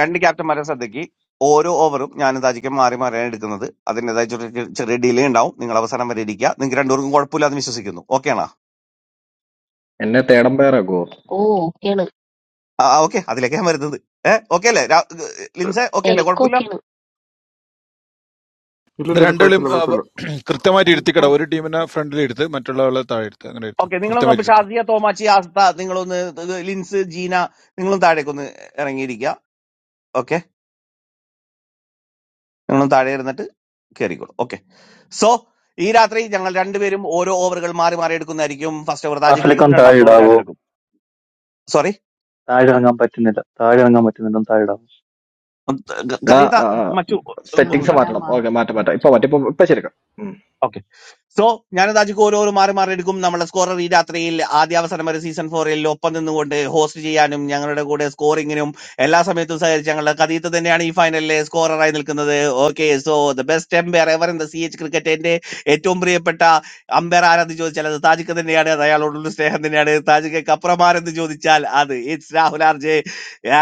രണ്ട് ക്യാപ്റ്റന്മാരെ ശ്രദ്ധയ്ക്ക് ഓരോ ഓവറും ഞാനും താജിക്കും മാറി മാറിയാണ് എടുക്കുന്നത് അതിൻ്റെതായ ചെറിയ ചെറിയ ഡിലേ ഉണ്ടാവും നിങ്ങൾ അവസാനം വരെ ഇരിക്കുക നിങ്ങൾക്ക് രണ്ടുപേർക്കും കുഴപ്പമില്ലാന്ന് വിശ്വസിക്കുന്നു ഓക്കെ ആണോ
എന്നെ തേടം പേരാക്കോ
ഓ ഓക്കെയാണ്
ആ ഓക്കെ അതിലേക്ക് ഞാൻ വരുന്നത് ഏഹ് ഓക്കെ അല്ലേ രാ- ലിൻസെ ഓക്കെ അല്ലേ കുഴപ്പമില്ല
എനിക്കൊക്കെയാണ്
ഇല്ല
ഇവിടെ
ഇല്ല ഇല്ല,
രണ്ടുപേരും
കുഴപ്പമില്ല
ആ, വ-
കുഴപ്പമില്ല
കൃത്യമായിട്ട്
എനിക്കോ
ഇരുത്തിക്കട ഒരു ടീമിനെ ഫ്രണ്ടിൽ എടുത്ത് മറ്റുള്ള ആളെ താഴെ എടുത്ത് അങ്ങനെ എടുത്ത്
ഓക്കെ നിങ്ങളൊന്ന്
കൃത്യമായിട്ട്
അപ്പൊ
എടുത്ത്
ഷാസിയ തോമാച്ചി ആസ്ത നിങ്ങളൊന്ന് ഇത് ലിൻസ് ജീന നിങ്ങളും താഴേക്കൊന്ന് ഇറങ്ങിയിരിക്കുക ഓക്കെ നിങ്ങളും താഴെ ഇരുന്നിട്ട് കയറിക്കോളൂ ഓക്കെ സോ ഈ രാത്രി ഞങ്ങൾ രണ്ടുപേരും ഓരോ ഓവറുകൾ മാറി മാറി എടുക്കുന്നതായിരിക്കും ഫസ്റ്റ് ഓവർ താജിക്ക് എടുക്കും
ഹാഫിലേക്കൊന്നും താഴെ
രണ്ടാമത്തെ ഓവർ ഞാൻ
ഇടാവോ?
എടുക്കും സോറി
താഴെ ഇറങ്ങാൻ പറ്റുന്നില്ല, താഴെ ഇറങ്ങാൻ പറ്റുന്നില്ല, ഒന്ന് താഴെ ഇടാവോ?
എടാ
കരീത മറ്റു
ആ
ഒന്ന്
അത്
സെറ്റിങ്സ്
താഴെ
ഞാൻ
മാറ്റണം ഓക്കെ
മാറ്റാം
മാറ്റം മാറ്റാം ഇപ്പൊ
മാറ്റാം
മാറ്റി ഇപ്പൊ ഇപ്പൊ ശരിക്കും
ഓക്കെ സോ ഞാനത് അജിക്ക് ഓരോരോ മാറി മാറി എടുക്കും നമ്മുടെ സ്കോറർ ഈ രാത്രിയിൽ ആദ്യ അവസരം വരെ സീസൺ ഫോറിൽ ഒപ്പം നിന്നുകൊണ്ട് ഹോസ്റ്റ് ചെയ്യാനും ഞങ്ങളുടെ കൂടെ സ്കോറിങ്ങിനും എല്ലാ സമയത്തും സഹകരിച്ച ഞങ്ങളുടെ കഥീത്ത് തന്നെയാണ് ഈ ഫൈനലിലെ സ്കോററായി നിൽക്കുന്നത് okay so the best umpire ever in the C H ക്രിക്കറ്റിന്റെ ഏറ്റവും പ്രിയപ്പെട്ട അമ്പയർ ആരെന്ന് ചോദിച്ചാൽ അത് താജിക്ക് തന്നെയാണ് അത് അയാളോടുള്ള സ്നേഹം തന്നെയാണ് താജിക്ക് അപ്പുറമാരെന്ന് ചോദിച്ചാൽ അത് it's Rahul R J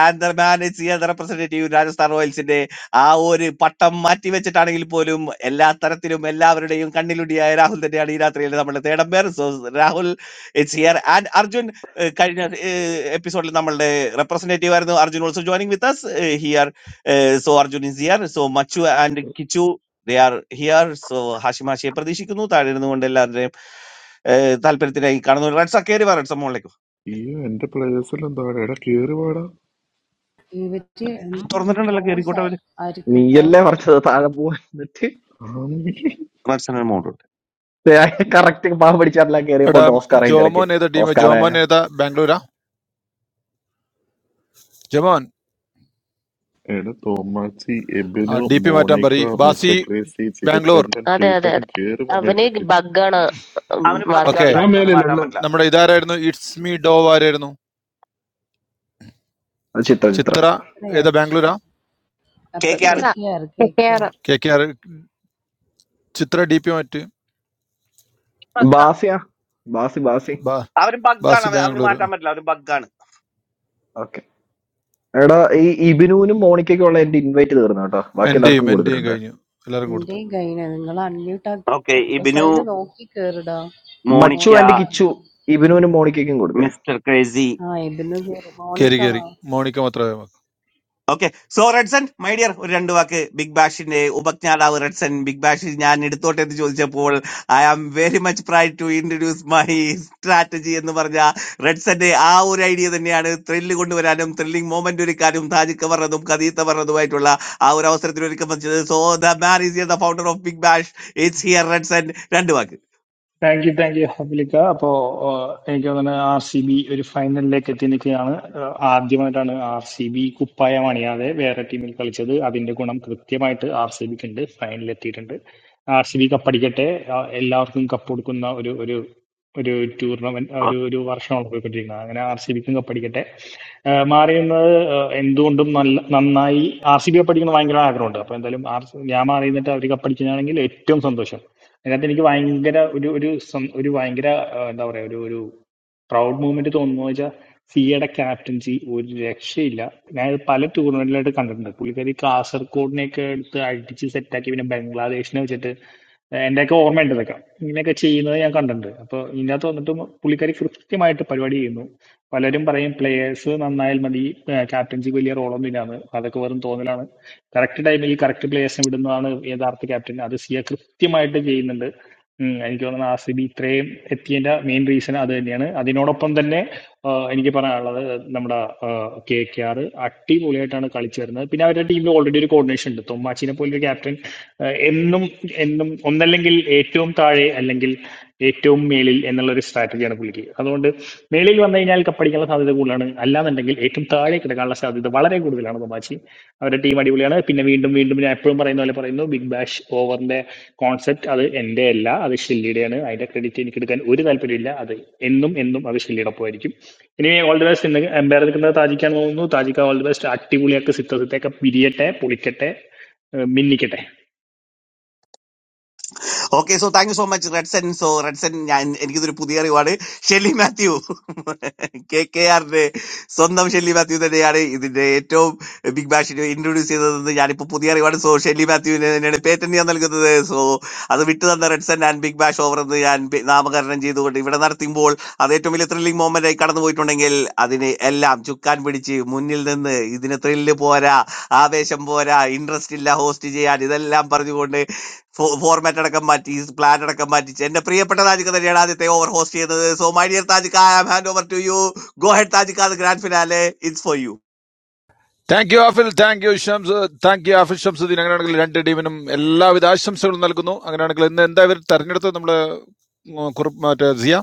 and the man it's representative Rajasthan റോയൽസിന്റെ ആ ഒരു പട്ടം മാറ്റി വെച്ചിട്ടാണെങ്കിൽ പോലും എല്ലാ തരത്തിലും എല്ലാവരുടെയും കണ്ണിലുടിയായ രാഹുൽ തന്നെയാണ് ഈ രാത്രിയിൽ നമ്മൾ തേടമ്പേർ so Rahul it's here and Arjun ഏഹ്, കഴിഞ്ഞ എപ്പിസോഡിൽ നമ്മളുടെ റെപ്രസെന്റേറ്റീവ് ആയിരുന്നു Arjun also joining with us here so Arjun is here so മച്ചു and Kichu they are here so Hashim ഹാഷിയെ പ്രതീക്ഷിക്കുന്നു താഴെ ഇരുന്നുകൊണ്ട് എല്ലാവരുടെയും ഏഹ്, താല്പര്യത്തിനായി കാണുന്നു റെഡ്സ കയറി വാ റെഡ്സ മോളിലേക്ക്
ഈ എന്റെ പ്ലേയേഴ്സ് എല്ലാം താഴെ എടാ കേറി പാടാ
ഇവറ്റ്
Oh.
തുറന്നിട്ടുണ്ടല്ലോ
ടോസ്
കയറിക്കോട്ടെ അവര്
ആയിരിക്കും
നീയല്ലേ
ടോസ് ആയിരിക്കും
പറഞ്ഞത് താഴെ പോയിട്ട്
റെഡ്സൺ മോളിലുണ്ട്
കറക്റ്റ് പാവം പിടിച്ചാറില്ല കയറിയപ്പോ
എടാ
ഓസ്കാർ അതിന്റെ ഇടയ്ക്ക്
ജോമോൻ ഏതാ ടീം
ഓസ്കാറെ
ജോമോൻ ഏതാ ബാംഗ്ലൂരാ ജോമോൻ
എടാ തോമാച്ചി എബിനു
ഡി പി മാറ്റാൻ
മോണിക്ക
പറയും ബാസി
മിസ്റ്റർ ക്രേസി
ബാംഗ്ലൂർ
ചികർത്തണ്ടൻ
അതെ അതെ
പ്രീതേട്ടൻ
അതെ
കേറി
അവന്
മമ്മയിലേക്ക്
ബഗ്ഗാണ്
അവന്
ഓക്കെ
ബഗ്ഗാണ്
വാസിക്ക്
ഞാൻ
താജിക്ക് അവന്
മേലെയല്ല
മാറ്റാൻ
ഉള്ളത്
പറ്റില്ല
നമ്മുടെ ഇതാരായിരുന്നു ഇറ്റ്സ് മീ ഡോ ആരായിരുന്നു
അത് ചിത്രം ചിത്രം
ചിത്ര ഏതാ ബാംഗ്ലൂരാ
അപ്പൊ K
K
Chithra
K R K K
കെട്ടിയാറ്
R
K K R Chithra D P മാറ്റ്
പക്ക
ബാസിയാ ബാസി ബാസി
ബാ
അവന് ബഗ്ഗാണ്
ബാസി
അവൻ അവന്
ബാംഗ്ലൂർ
മാറ്റാൻ പറ്റില്ല അവന് ബഗ്ഗാണ്
ഓക്കെ എടാ ഈ ഇബിനുവിനും മോണിക്കയ്ക്കും ഉള്ള എന്റെ ഇൻവൈറ്റ് തീർന്നു കേട്ടോ ബാക്കി എല്ലാവർക്കും
എൻ്റെയും എൻ്റെയും
കൊടുത്തിട്ടുണ്ട്
കഴിഞ്ഞു എല്ലാവരും കൊടുത്തു
എന്തേ ഗൈന നിങ്ങൾ അൺമ്യൂട്ട് ആക്കി
ഓക്കെ ഇബിനു
പ്രൊഫൈല് നോക്കി കേറിടാ
മച്ചു
മോണിക്ക
മോണിക്ക
ആൻഡ് കിച്ചു
ഇത്.
ഇബിനുവിനും മോണിക്കയ്ക്കും കൊടുക്കുക
മിസ്റ്റർ ക്രേസി
ആ ഇതിന് കേറി
കയറി
മോണിക്ക
കയറി
വാ.
മോണിക്ക മാത്രമേ നമുക്ക്
okay so Redson my dear ഒരു രണ്ട് വാക്ക് ബിഗ് ബാഷിന്റെ ഉപജ്ഞാതാവ് റെഡ്സൺ ബിഗ് ബാഷിൽ ഞാൻ എടുത്തോട്ടെ എന്ന് ചോദിച്ചപ്പോൾ I am very much pride to introduce my strategy എന്ന് പറഞ്ഞ റെഡ്സന്റെ ആ ഒരു ഐഡിയ തന്നെയാണ് ത്രില്ല് കൊണ്ടുവരാനും ത്രില്ലിംഗ് മൊമെന്റ് ഒരുക്കാനും താജിക്ക പറഞ്ഞതും കദീത്ത പറഞ്ഞതുമായിട്ടുള്ള ആ ഒരു അവസരത്തിൽ ഒരുക്കം വെച്ചത് so the man is here, the founder of big bash it's here Redson രണ്ട് വാക്ക്
താങ്ക് യു താങ്ക് യു ഹബിലിക്ക അപ്പോ ആഹ്, എനിക്ക് തോന്നുന്നത് ആർ സി ബി ഒരു ഫൈനലിലേക്ക് എത്തി നിൽക്കുകയാണ് ആഹ്, ആദ്യമായിട്ടാണ് ആർ സി ബി കുപ്പായം അണിയാതെ വേറെ ടീമിൽ കളിച്ചത് അതിന്റെ ഗുണം കൃത്യമായിട്ട് ആർ സി ബിക്ക് ഉണ്ട് ഫൈനലിൽ എത്തിയിട്ടുണ്ട് ആർ സി ബി കപ്പടിക്കട്ടെ ആഹ്, എല്ലാവർക്കും കപ്പ് കൊടുക്കുന്ന ഒരു ഒരു ഒരു ടൂർണമെന്റ് ഒരു ഒരു വർഷമാണ് പോയിക്കൊണ്ടിരിക്കുന്നത് അങ്ങനെ ആർ സി ബിക്കും കപ്പടിക്കട്ടെ ആഹ്, മാറിയുന്നത് ആഹ്, എന്തുകൊണ്ടും നല്ല നന്നായി ആർ സി ബി കപ്പടിക്കണം ഭയങ്കര ആഗ്രഹമുണ്ട് അപ്പൊ എന്തായാലും ആർ ഞാൻ മാറി നിന്നിട്ട് അവർ കപ്പടിക്കുന്നതാണെങ്കിൽ ഏറ്റവും സന്തോഷം അതിനകത്ത് എനിക്ക് ഭയങ്കര ഒരു ഒരു സം- ഒരു ഭയങ്കര ആ, എന്താ പറയാ ഒരു ഒരു പ്രൗഡ് മൂവ്മെന്റ് തോന്നുന്നു വെച്ചാൽ സിയുടെ ക്യാപ്റ്റൻസി ഒരു രക്ഷയില്ല ഞാൻ ഇത് പല ടൂർണമെന്റിലായിട്ട് കണ്ടിട്ടുണ്ട് പുള്ളിക്കാരി കാസർഗോഡിനെയൊക്കെ എടുത്ത് അടിച്ച് സെറ്റാക്കി പിന്നെ ബംഗ്ലാദേശിനെ വെച്ചിട്ട് എന്റെയൊക്കെ ഓർമ്മയുണ്ട് ഇതൊക്കെ ഇങ്ങനെയൊക്കെ ചെയ്യുന്നത് ഞാൻ കണ്ടിട്ടുണ്ട് അപ്പോൾ ഇതിനകത്ത് വന്നിട്ട് പുള്ളിക്കാരി കൃത്യമായിട്ട് പരിപാടി ചെയ്യുന്നു പലരും പറയും പ്ലേയേഴ്സ് നന്നായാൽ മതി ക്യാപ്റ്റൻസി വലിയ റോളൊന്നും ഇല്ലാന്ന് അതൊക്കെ വെറും തോന്നലാണ് കറക്റ്റ് ടൈമിൽ കറക്റ്റ് പ്ലേയേഴ്സിനെ വിടുന്നതാണ് യഥാർത്ഥ ക്യാപ്റ്റൻ അത് സിയ കൃത്യമായിട്ട് ചെയ്യുന്നുണ്ട് ഉം എനിക്ക് തോന്നുന്നത് ആർ സി ബി ഇത്രയും എത്തിയതിന്റെ മെയിൻ റീസൺ അത് തന്നെയാണ് അതിനോടൊപ്പം തന്നെ ആ, എനിക്ക് പറയാനുള്ളത് നമ്മുടെ കെ കെ ആർ അടിപൊളിയായിട്ടാണ് കളിച്ചു വരുന്നത് പിന്നെ അവരുടെ ടീമിൽ ഓൾറെഡി ഒരു കോർഡിനേഷൻ ഉണ്ട് തൊമ്മാച്ചിനെ പോലൊരു ക്യാപ്റ്റൻ എന്നും എന്നും ഒന്നല്ലെങ്കിൽ ഏറ്റവും താഴെ അല്ലെങ്കിൽ ഏറ്റവും മേളിൽ എന്നുള്ള ഒരു സ്ട്രാറ്റജിയാണ് പുള്ളിക്ക് അതുകൊണ്ട് മേളിൽ വന്നു കഴിഞ്ഞാൽ കപ്പടിക്കാനുള്ള സാധ്യത കൂടുതലാണ് അല്ലാന്നുണ്ടെങ്കിൽ ഏറ്റവും താഴെ കിടക്കാനുള്ള സാധ്യത വളരെ കൂടുതലാണ് തൊമാച്ചി അവരുടെ ടീം അടിപൊളിയാണ് പിന്നെ വീണ്ടും വീണ്ടും ഞാൻ എപ്പോഴും പറയുന്ന പോലെ പറയുന്നു ബിഗ് ബാഷ് ഓവറിന്റെ കോൺസെപ്റ്റ് അത് എൻ്റെ അല്ല അത് ഷെല്ലിയുടെയാണ് അതിന്റെ ക്രെഡിറ്റ് എനിക്ക് എടുക്കാൻ ഒരു താല്പര്യമില്ല അത് എന്നും എന്നും അത് ഷെല്ലിയോടൊപ്പമായിരിക്കും ഇനി ഓൾ ദി ബെസ്റ്റ് ഇന്ന് എംപയർ നിൽക്കുന്നത് താജിക്കാന്ന് തോന്നുന്നു താജിക്ക ഓൾ ദി ബെസ്റ്റ് അടിപൊളിയാക്ക് സിത്ത സിത്തയൊക്കെ പിരിയട്ടെ പൊളിക്കട്ടെ ഏർ മിന്നിക്കട്ടെ
okay so thank you so much Redson so Redson ഞാൻ എനിക്കിതൊരു പുതിയ അറിവാണ് ഷെല്ലി മാത്യു കെ കെ ആറിന്റെ *laughs* സ്വന്തം ഷെല്ലി മാത്യു തന്നെയാണ് ഇതിന്റെ ഏറ്റവും ബിഗ് ബാഷിനെ ഇൻട്രൊഡ്യൂസ് ചെയ്തതെന്ന് ഞാനിപ്പോ പുതിയ അറിവാണ് സോ ഷെല്ലി മാത്യുവിന് തന്നെയാണ് പേറ്റന്റ് ഞാൻ നൽകുന്നത് സോ അത് വിട്ടു തന്ന Redson and big bash over എന്ന് ഞാൻ പി- നാമകരണം ചെയ്തുകൊണ്ട് ഇവിടെ നടത്തുമ്പോൾ അത് ഏറ്റവും വലിയ ത്രില്ലിംഗ് മൊമെന്റ് ആയി കടന്നു പോയിട്ടുണ്ടെങ്കിൽ അതിന് എല്ലാം ചുക്കാൻ പിടിച്ച് മുന്നിൽ നിന്ന് ഇതിന് ത്രില്ല് പോരാ ആവേശം പോരാ ഇൻട്രസ്റ്റ് ഇല്ല ഹോസ്റ്റ് ചെയ്യാൻ ഇതെല്ലാം പറഞ്ഞുകൊണ്ട് ഫോർമാറ്റ് അടക്കം മാറ്റി പ്ലാൻ അടക്കം മാറ്റി എന്റെ പ്രിയപ്പെട്ട താജിക്ക് തന്നെയാണ് ആദ്യത്തെ ഓവർ ഹോസ്റ്റ് ചെയ്തത് സോ മൈ ഡിയർ താജിക്ക I am hand over to you go ahead താജിക്ക അത് grand finale it's for you
thank you Afil thank you Shams thank you Afil Shamsuddin അങ്ങനെയാണെങ്കിൽ രണ്ട് ടീമിനും എല്ലാവിധ ആശംസകളും നൽകുന്നു അങ്ങനെയാണെങ്കിൽ ഇന്ന് എന്താ ഇവർ തെരഞ്ഞെടുത്തത് നമ്മള് ഉം, കുറുപ്പ് മറ്റേ സിയ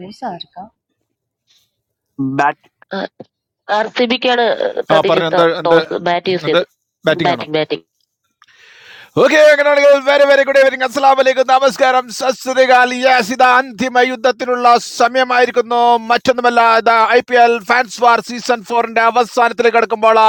ന്യൂസ് ആർക്കാ
ബാറ്റ്
ആർ സി ബിക്കാണ്
ആ പറഞ്ഞു
കതിജിത്ത
എന്താ എന്താ
ടോസ് ബാറ്റ് യൂസ്
എന്ത്
ചെയ്ത്
ബാറ്റിംഗ് ആണോ
ബാറ്റിംഗ് ബാറ്റിംഗ്
ഓക്കെ അങ്ങനെയാണെങ്കിൽ വെരി വെരി ഗുഡ് ഈവനിങ് അസ്സലാം വലൈക്കും നമസ്കാരം സസ്രികാൽ യെസ് ഇത് അന്തിമ യുദ്ധത്തിനുള്ള സമയമായിരിക്കുന്നു മറ്റൊന്നുമല്ല ഇത് I P L fans war season ഫോറിന്റെ അവസാനത്തിലേക്ക് കടക്കുമ്പോൾ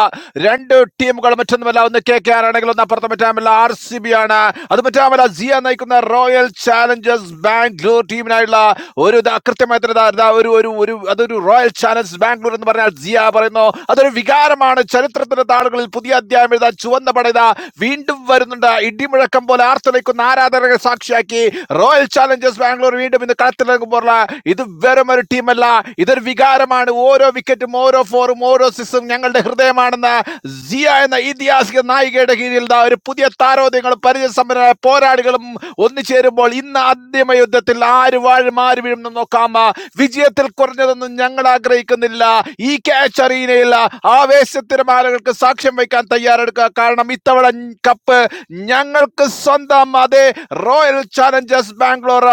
രണ്ട് ടീമുകൾ മറ്റൊന്നുമല്ല ഒന്ന് കെ കെ ആർ ആണെങ്കിൽ ഒന്ന് അപ്പുറത്ത് മറ്റാമല്ല ആർ സി ബി ആണ് അത് മറ്റാമല്ല സിയ നയിക്കുന്ന റോയൽ ചാലഞ്ചേഴ്സ് ബാംഗ്ലൂർ ടീമിനായുള്ള ഒരു ദാ കൃത്യമായ തന്നെ ദാ- ദാ ഒരു ഒരു ഒരു അതൊരു റോയൽ ചാലഞ്ച് ബാംഗ്ലൂർ എന്ന് പറഞ്ഞാൽ സിയ പറയുന്നു അതൊരു വികാരമാണ് ചരിത്രത്തിന്റെ താളുകളിൽ പുതിയ അധ്യായം എഴുതാ ചുവന്ന പട ഇതാ വീണ്ടും വരുന്നുണ്ട് ഇടിമുഴക്കം പോലെ ആർത്തലയ്ക്കുന്ന ആരാധകരെ സാക്ഷിയാക്കി റോയൽ ചാലഞ്ചേഴ്സ് ബാംഗ്ലൂർ വീണ്ടും ഇന്ന് കളത്തിലിറങ്ങുമ്പോൾ ഇത് വെറും ഒരു ടീമല്ല മാത്രമല്ല ഇതൊരു വികാരമാണ് ഓരോ വിക്കറ്റും ഓരോ ഫോറും ഓരോ സിക്സും ഞങ്ങളുടെ ഹൃദയമാണെന്ന് സിയ എന്ന ഐതിഹാസിക നായികയുടെ കീഴിൽ ദാ ഒരു പുതിയ താരോദ്യങ്ങളും പരിചയസമ്പന്നരായ പോരാളികളും ഒന്നിച്ചേരുമ്പോൾ ഇന്ന് അന്തിമ യുദ്ധത്തിൽ ആര് വാഴും ആര് വീഴും എന്ന് നോക്കാം വിജയത്തിൽ കുറഞ്ഞതൊന്നും ഞങ്ങൾ ആഗ്രഹിക്കുന്നില്ല ഈ ക്യാച്ച് അറീനയിൽ ആവേശത്തിരമാലകൾക്ക് സാക്ഷ്യം വയ്ക്കാൻ തയ്യാറെടുക്കുക കാരണം ഇത്തവണ കപ്പ് ഞങ്ങൾക്ക് സ്വന്തം അതെ റോയൽ റോയൽ ചാലഞ്ചേഴ്സ് ബാംഗ്ലൂർ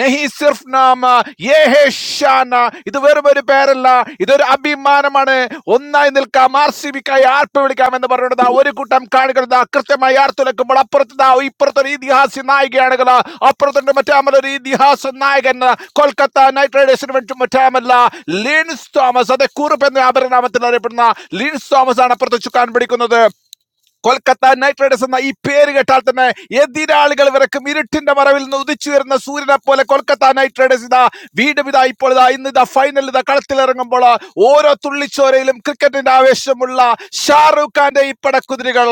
നെഹി സിർഫ് നാമ യേ ഹേ ഷാന ഇത് വെറും ഒരു പേരല്ല ഇതൊരു അഭിമാനമാണ് ഒന്നായി നിൽക്കാം ആർ സി ബിക്കായി ആർപ്പ് വിളിക്കാം എന്ന് പറയുന്നത് ഒരു കൂട്ടം കാണികൾ ദാ കൃത്യമായി ആർത്തുലക്കുമ്പോൾ അപ്പുറത്ത് ദാ ഇപ്പുറത്തൊരു ഇതിഹാസ നായികയാണെങ്കിൽ അപ്പുറത്തുണ്ട് മറ്റാമലൊരു ഇതിഹാസ നായകൻ കൊൽക്കത്ത നൈറ്റ് റൈഡേഴ്സിന് വേണ്ടി മറ്റാമല്ല ലിൻസ് തോമസ് അതെ കുറുപ്പ് എന്ന അപരനാമത്തിൽ അറിയപ്പെടുന്ന ലിൻസ് തോമസ് ആണ് അപ്പുറത്ത് ചുക്കാൻ പിടിക്കുന്നത് കൊൽക്കത്ത നൈറ്റ് റൈഡേഴ്സ് എന്ന ഈ പേര് കേട്ടാൽ തന്നെ എതിരാളികൾ വിറക്കും ഇരുട്ടിന്റെ മറവിൽ നിന്ന് ഉദിച്ചുയരുന്ന സൂര്യനെ പോലെ കൊൽക്കത്ത നൈറ്റ് റൈഡേഴ്സ് ഇതാ വീണ്ടും ഇതാ ഇപ്പോൾ ഇതാ ഇന്ന് ഇതാ ഫൈനൽ ഇതാ കളത്തിലിറങ്ങുമ്പോൾ ഓരോ തുള്ളിച്ചോരയിലും ക്രിക്കറ്റിന്റെ ആവേശമുള്ള ഷാറൂഖ് ഖാന്റെ ഈ പടക്കുതിരികൾ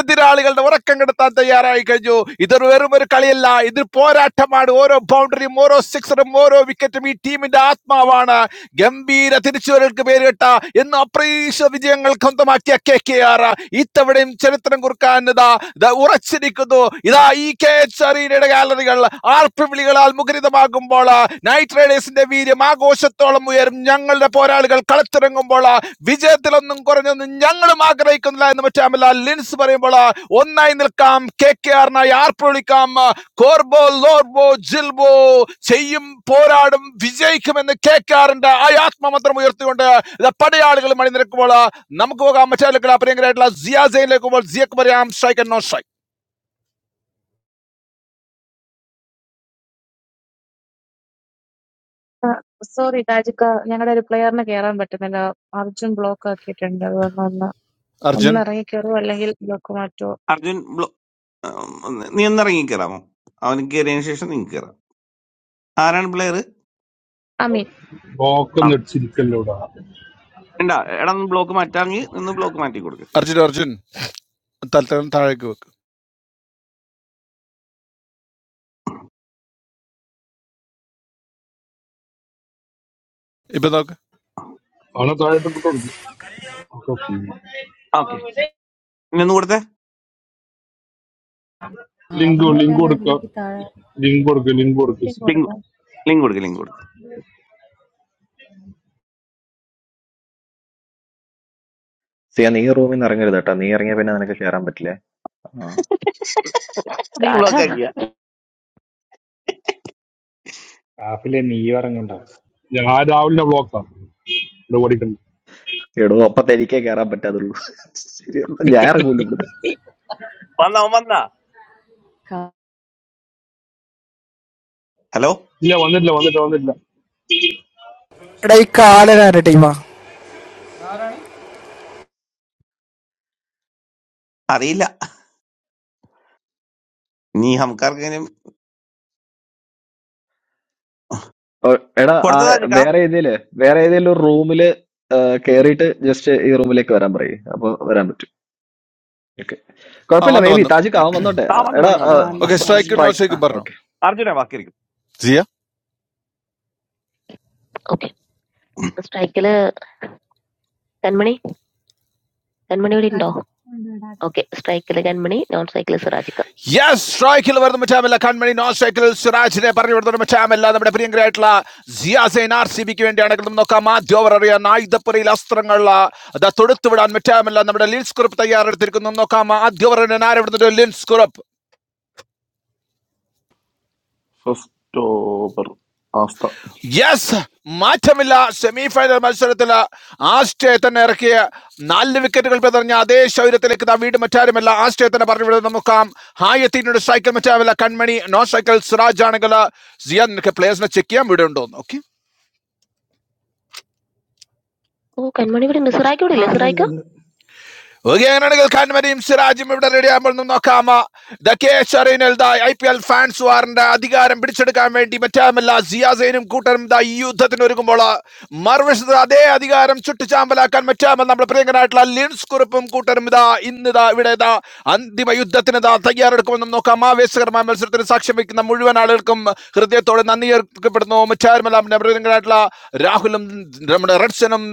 എതിരാളികളുടെ ഉറക്കം കെടുത്താൻ തയ്യാറായി കഴിഞ്ഞു ഇതൊരു വെറും ഒരു കളിയല്ല ഇത് പോരാട്ടമാണ് ഓരോ ball ബൗണ്ടറിയും ഓരോ സിക്സറും ഓരോ വിക്കറ്റും ഈ ടീമിന്റെ ആത്മാവാണ് ഗംഭീര തിരിച്ചുവരൽക്ക് പേരുകെട്ട എന്ന് അപ്രീക്ഷിത വിജയങ്ങൾ സ്വന്തമാക്കിയ കെ കെ ആർ ഇത്തവണയും ചരിത്രം കുറിക്കാൻ ഇതാ ദാ ഉറച്ചിരിക്കുന്നു ഇതാ ഈ കെ എച്ച് അറീനയുടെ ഗാലറികൾ ആർപ്പിവിളികളാൽ മുഖരിതമാകുമ്പോൾ നൈറ്റ് റൈഡേഴ്സിന്റെ വീര്യം ആഘോഷത്തോളം ഉയരും ഞങ്ങളുടെ പോരാളികൾ കളത്തിറങ്ങുമ്പോൾ വിജയത്തിലൊന്നും കുറഞ്ഞൊന്നും ഞങ്ങളും ആഗ്രഹിക്കുന്നില്ല എന്ന് മറ്റാമല്ല ലിൻസ് പറയുമ്പോൾ ഒന്നായി നിൽക്കാം കെ കെ ആറിനായി ആർപ്പ് വിളിക്കാം കോർബോ ലോർബോ ജിൽബോ ചെയ്യും പോരാടും വിജയിക്കുമെന്ന് കേൾക്കാറുണ്ട് ആ ആത്മമന്ത്രം ഉയർത്തിക്കൊണ്ട് ഇത് പടയാളികൾ മണിനിരക്കുമ്പോൾ നമുക്ക് പോകാം മറ്റേ പ്രിയങ്കരായിട്ടുള്ള സിയാ ജയിലേക്ക് പോകുമ്പോൾ സിയക്ക് പറയാം strike and no strike
sorry താജിക്ക ഞങ്ങളുടെ ഒരു പ്ലെയറിന് കയറാൻ പറ്റുന്നില്ല അർജുൻ ബ്ലോക്ക് ആക്കിയിട്ടുണ്ട് അതുകൊണ്ട് ഒന്ന് ഒന്ന്
അർജുൻ
ഇറങ്ങി കയറുമോ അല്ലെങ്കിൽ ബ്ലോക്ക് മാറ്റുമോ
അർജുൻ ബ്ലോ- ഉം, നീ ഒന്ന് ഇറങ്ങി കയറാമോ അവൻ കയറിയതിനു ശേഷം നീ കയറാം ആരാണ് പ്ലെയർ
ഐ മീൻ
ബ്ലോക്ക് ഒന്ന് അടിച്ചിരിക്കല്ലോ ഇവിടെ അവനെ
ഉണ്ടാ എടാ ഒന്ന് ബ്ലോക്ക് മാറ്റാമെങ്കിൽ നിന്ന് ബ്ലോക്ക് മാറ്റി കൊടുക്ക്
അർജുൻ അർജുൻ തൽത്തരം താഴേക്ക് വെക്ക് ഇപ്പൊ നോക്ക്
താഴോട്ട് ഇട്ട് കൊടുക്കും
ഓക്കെ ഇന്ന് കൊടുത്തേ
ലിങ്ക് ലിങ്ക്
ആവുന്നില്ലല്ലോ
കൊടുക്കുക
ഇതിലേക്ക് താഴെ
ലിങ്ക് കൊടുക്കുക ലിങ്ക്
പിൻ
കൊടുക്കുക
ലിങ്ക്
കൊടുക്കാം
ലിങ്ക് കൊടുക്ക് ലിങ്ക് കൊടുക്ക്
സിയ നീ റൂമിൽ നിന്ന് ഇറങ്ങരുത് കേട്ടോ നീ ഇറങ്ങിയ പിന്നെ നിനക്ക് കയറാൻ പറ്റില്ല ആ
നീ ബ്ലോക്ക് ആക്കിയ
ആഫിലെ നീ ഇറങ്ങണ്ട
ഞാൻ ആ രാവിലെ ബ്ലോക്കാണ് ഇവിടെ ഓടിക്കണ്ട
എടോ അപ്പത്തെ എനിക്കേ കയറാൻ പറ്റാതുള്ളൂ ശരി എന്നാ ഞാൻ ഇറങ്ങൂല ഇവിടുന്ന്
വന്നാ അവൻ വന്നാ
ക-
ഹലോ
ഇല്ല വന്നിട്ടില്ല വന്നിട്ട് വന്നിട്ടില്ല
എടാ ഈ കാലനാരുടെ ടീമാ
അറിയില്ല നീ ഹംകാർക്കെങ്കിലും
ഓ, എടാ ആ
കൊടുത്തതാ ചിക്കാ
വേറെ ഏതേല് വേറെ ഏതേലും ഒരു റൂമില് കയറിയിട്ട് ജസ്റ്റ് ഈ റൂമിലേക്ക് വരാൻ പറയും അപ്പൊ വരാൻ പറ്റും ഓക്കെ
ആ
കുഴപ്പമില്ല
വന്നു
മേ ബി
വന്നു
താജിക്ക് അവൻ വന്നോട്ടെ
ആ
ആ,
വന്ന്
എടാ
വന്ന് വന്ന് വന്ന് വന്ന്
ഓക്കെ
വന്ന്
സ്ട്രൈക്ക്
വന്ന്
നോ സ്ട്രൈക്കും പറഞ്ഞു
സ്ട്രൈക്ക്
അർജുന ബാക്കി
സിയ.
ഓക്കെ സ്ട്രൈക്കില് കൺമണി കൺമണി ഇവിടെ ഉണ്ടോ
Data, under data.
ഓക്കെ സ്ട്രൈക്കില് കൺമണി നോൺ സ്ട്രൈക്കില് സിറാജിക്ക
യെസ് സ്ട്രൈക്കിൽ വരുന്ന മറ്റാമല്ല കൺമണി നോ സ്ട്രൈക്കിൽ സിറാജിനെ പറഞ്ഞു വിടുന്ന മറ്റാമല്ല നമ്മുടെ പ്രിയങ്കരായിട്ടുള്ള സിയാസൈൻ ആർ സി ബിക്ക് വേണ്ടിയാണ് കിടന്ന് നോക്കാം ആദ്യ ഓവർ അറിയാൻ ആയുധപ്പുറയിൽ അസ്ത്രങ്ങൾ അത് തൊടുത്തുവിടാൻ മറ്റാമല്ല നമ്മുടെ ലിൻസ് കുറുപ്പ് തയ്യാറെടുത്തിരിക്കുന്നു നോക്കാം ആദ്യ ഓവർ ആരവിടുന്നത് ലിൻസ് കുറുപ്പ്
ഫസ്റ്റ് ഓവർ ആസ്ത
യെസ് മാറ്റമില്ല സെമി ഫൈനൽ മത്സരത്തിൽ ആസ്റ്റേ തന്നെ ഇറക്കിയ നാല് വിക്കറ്റുകൾ പിതറിഞ്ഞ അതേ ശൗര്യത്തിലേക്ക് ഇതാ വീട് മറ്റാരുമല്ല ആസ്റ്റേ തന്നെ പറഞ്ഞു വിടുന്നത് നോക്കാം ഹായത്തീനോട് സൈക്കിൾ മറ്റാവില്ല കൺമണി നോ സൈക്കിൾ സിറാജ് ആണെങ്കിൽ സിയാൻ നിനക്ക് പ്ലേയേഴ്സിനെ ചെക്ക് ചെയ്യാൻ വീടുണ്ടോ
ഓ കൺമണി ഇവിടെ ഉണ്ട് സിറായിക്ക ഇവിടെ
ആ,
ഇല്ലേ
ഉണ്ട് ഉണ്ട്
സിറായിക്ക
ഉണ്ട്
ഓക്കെ അങ്ങനെയാണെങ്കിൽ ഖാൻമരിയും സിറാജും ഇവിടെ റെഡി ആകുമ്പോൾ ഒന്ന് നോക്കാമ ദ കെ ഷറീനൽ the I P L fans വാറിന്റെ അധികാരം പിടിച്ചെടുക്കാൻ വേണ്ടി മറ്റാമല്ല സിയാസൈനും കൂട്ടരും ദ ഈ യുദ്ധത്തിന് ഒരുങ്ങുമ്പോൾ മറുവശത്ത് അതേ അധികാരം ചുട്ടുചാമ്പലാക്കാൻ മറ്റാമൽ നമ്മുടെ പ്രിയങ്കനായിട്ടുള്ള ലിൻസ് കുറിപ്പും കൂട്ടരും ഇതാ ഇന്ന് ഇതാ ഇവിടെ ഇതാ അന്തിമ യുദ്ധത്തിന് ദാ തയ്യാറെടുക്കുമെന്നും നോക്കാം ആവേശകരമായ മത്സരത്തിന് സാക്ഷ്യം വയ്ക്കുന്ന മുഴുവൻ ആളുകൾക്കും ഹൃദയത്തോടെ നന്ദി അർപ്പിക്കപ്പെടുന്നു മറ്റാരുമെല്ലാം നവരങ്ങളായിട്ടുള്ള രാഹുലും നമ്മുടെ റെഡ്സനും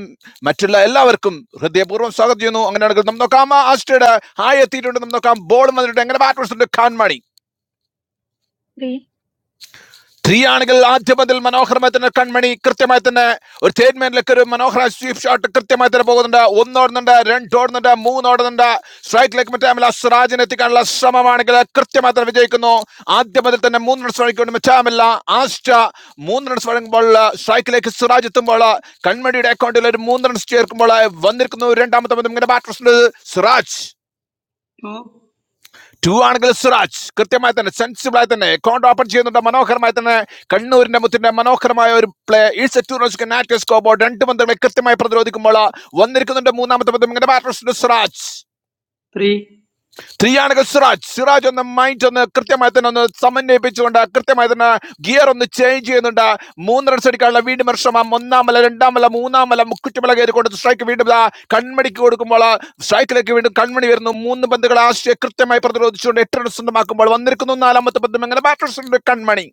മറ്റുള്ള എല്ലാവർക്കും ഹൃദയപൂർവ്വം സ്വാഗതം ചെയ്യുന്നു അങ്ങനെയാണെങ്കിൽ നമുക്ക് നോക്കാം ആ ആസ്റ്റയുടെ ഹായ് എത്തിയിട്ടുണ്ട് നമുക്ക് നോക്കാം ബോൾ വന്നിട്ടുണ്ട് എങ്ങനെ ബാറ്റ് ഖാൻ മണി ത്രീയാണെങ്കിൽ ആദ്യ പതിൽ മനോഹരമായി തന്നെ കൺമണി കൃത്യമായി തന്നെ ഒരു സ്റ്റേറ്റ്മെന്റിലേക്ക് ഒരു മനോഹര സ്വീപ് ഷോട്ട് കൃത്യമായി തന്നെ പോകുന്നുണ്ട് ഒന്നോടുന്നുണ്ട് രണ്ടോടുന്നുണ്ട് മൂന്നോടുന്നുണ്ട് സ്ട്രൈക്കിലേക്ക് മറ്റാമില്ല സിറാജിനെ എത്തിക്കാനുള്ള ശ്രമമാണെങ്കിൽ കൃത്യമായി തന്നെ വിജയിക്കുന്നു ആദ്യ പതിൽ തന്നെ മൂന്ന് റൺസ് വഴിക്കൊണ്ട് മറ്റാമില്ല ആസ്റ്റ മൂന്ന് റൺസ് വഴങ്ങുമ്പോൾ സ്ട്രൈക്കിലേക്ക് സിറാജ് എത്തുമ്പോൾ കൺമണിയുടെ അക്കൗണ്ടിൽ ഒരു മൂന്ന് റൺസ് ചേർക്കുമ്പോൾ വന്നിരിക്കുന്നു രണ്ടാമത്തെ പതിൽ ഇങ്ങനെ ബാറ്റ് സിറാജ്
ടു
ടു ആണെങ്കിൽ സിറാജ് കൃത്യമായി തന്നെ സെൻസിബിളായി തന്നെ കോണ്ട് ഓപ്പൺ ചെയ്യുന്നുണ്ട് മനോഹരമായി തന്നെ കണ്ണൂരിന്റെ മുത്തിന്റെ മനോഹരമായ ഒരു പ്ലേ ഈസ്റ്റ് സ്കോബോ രണ്ട് പന്തുകളെ കൃത്യമായി പ്രതിരോധിക്കുമ്പോൾ വന്നിരിക്കുന്നുണ്ട് മൂന്നാമത്തെ പന്തും ഇങ്ങനെ ബാറ്റർ സിറാജ്
ത്രീ
ത്രിയാണക സിറാജ് സിറാജ് ഒന്ന് മൈൻഡ് ഒന്ന് കൃത്യമായി തന്നെ ഒന്ന് സമന്വയിപ്പിച്ചുകൊണ്ട് കൃത്യമായി തന്നെ ഗിയർ ഒന്ന് ചേഞ്ച് ചെയ്യുന്നുണ്ട് മൂന്ന് റൺസ് അടിക്കാനുള്ള വീണ്ടും ശ്രമം ഒന്നാം മല രണ്ടാം മല മൂന്നാം മല കുറ്റുമല കയറി കൊടുത്ത് സ്ട്രൈക്ക് വീണ്ടും ദാ കൺമണിക്ക് കൊടുക്കുമ്പോൾ സ്ട്രൈക്കിലേക്ക് വീണ്ടും കൺമണി വരുന്നു മൂന്ന് പന്തുകൾ ആശയെ കൃത്യമായി പ്രതിരോധിച്ചുകൊണ്ട് എട്ട് റൺസ് സ്വന്തമാക്കുമ്പോൾ വന്നിരിക്കുന്നു നാലാമത്തെ പന്തും അങ്ങനെ ബാറ്റർ കൺമണി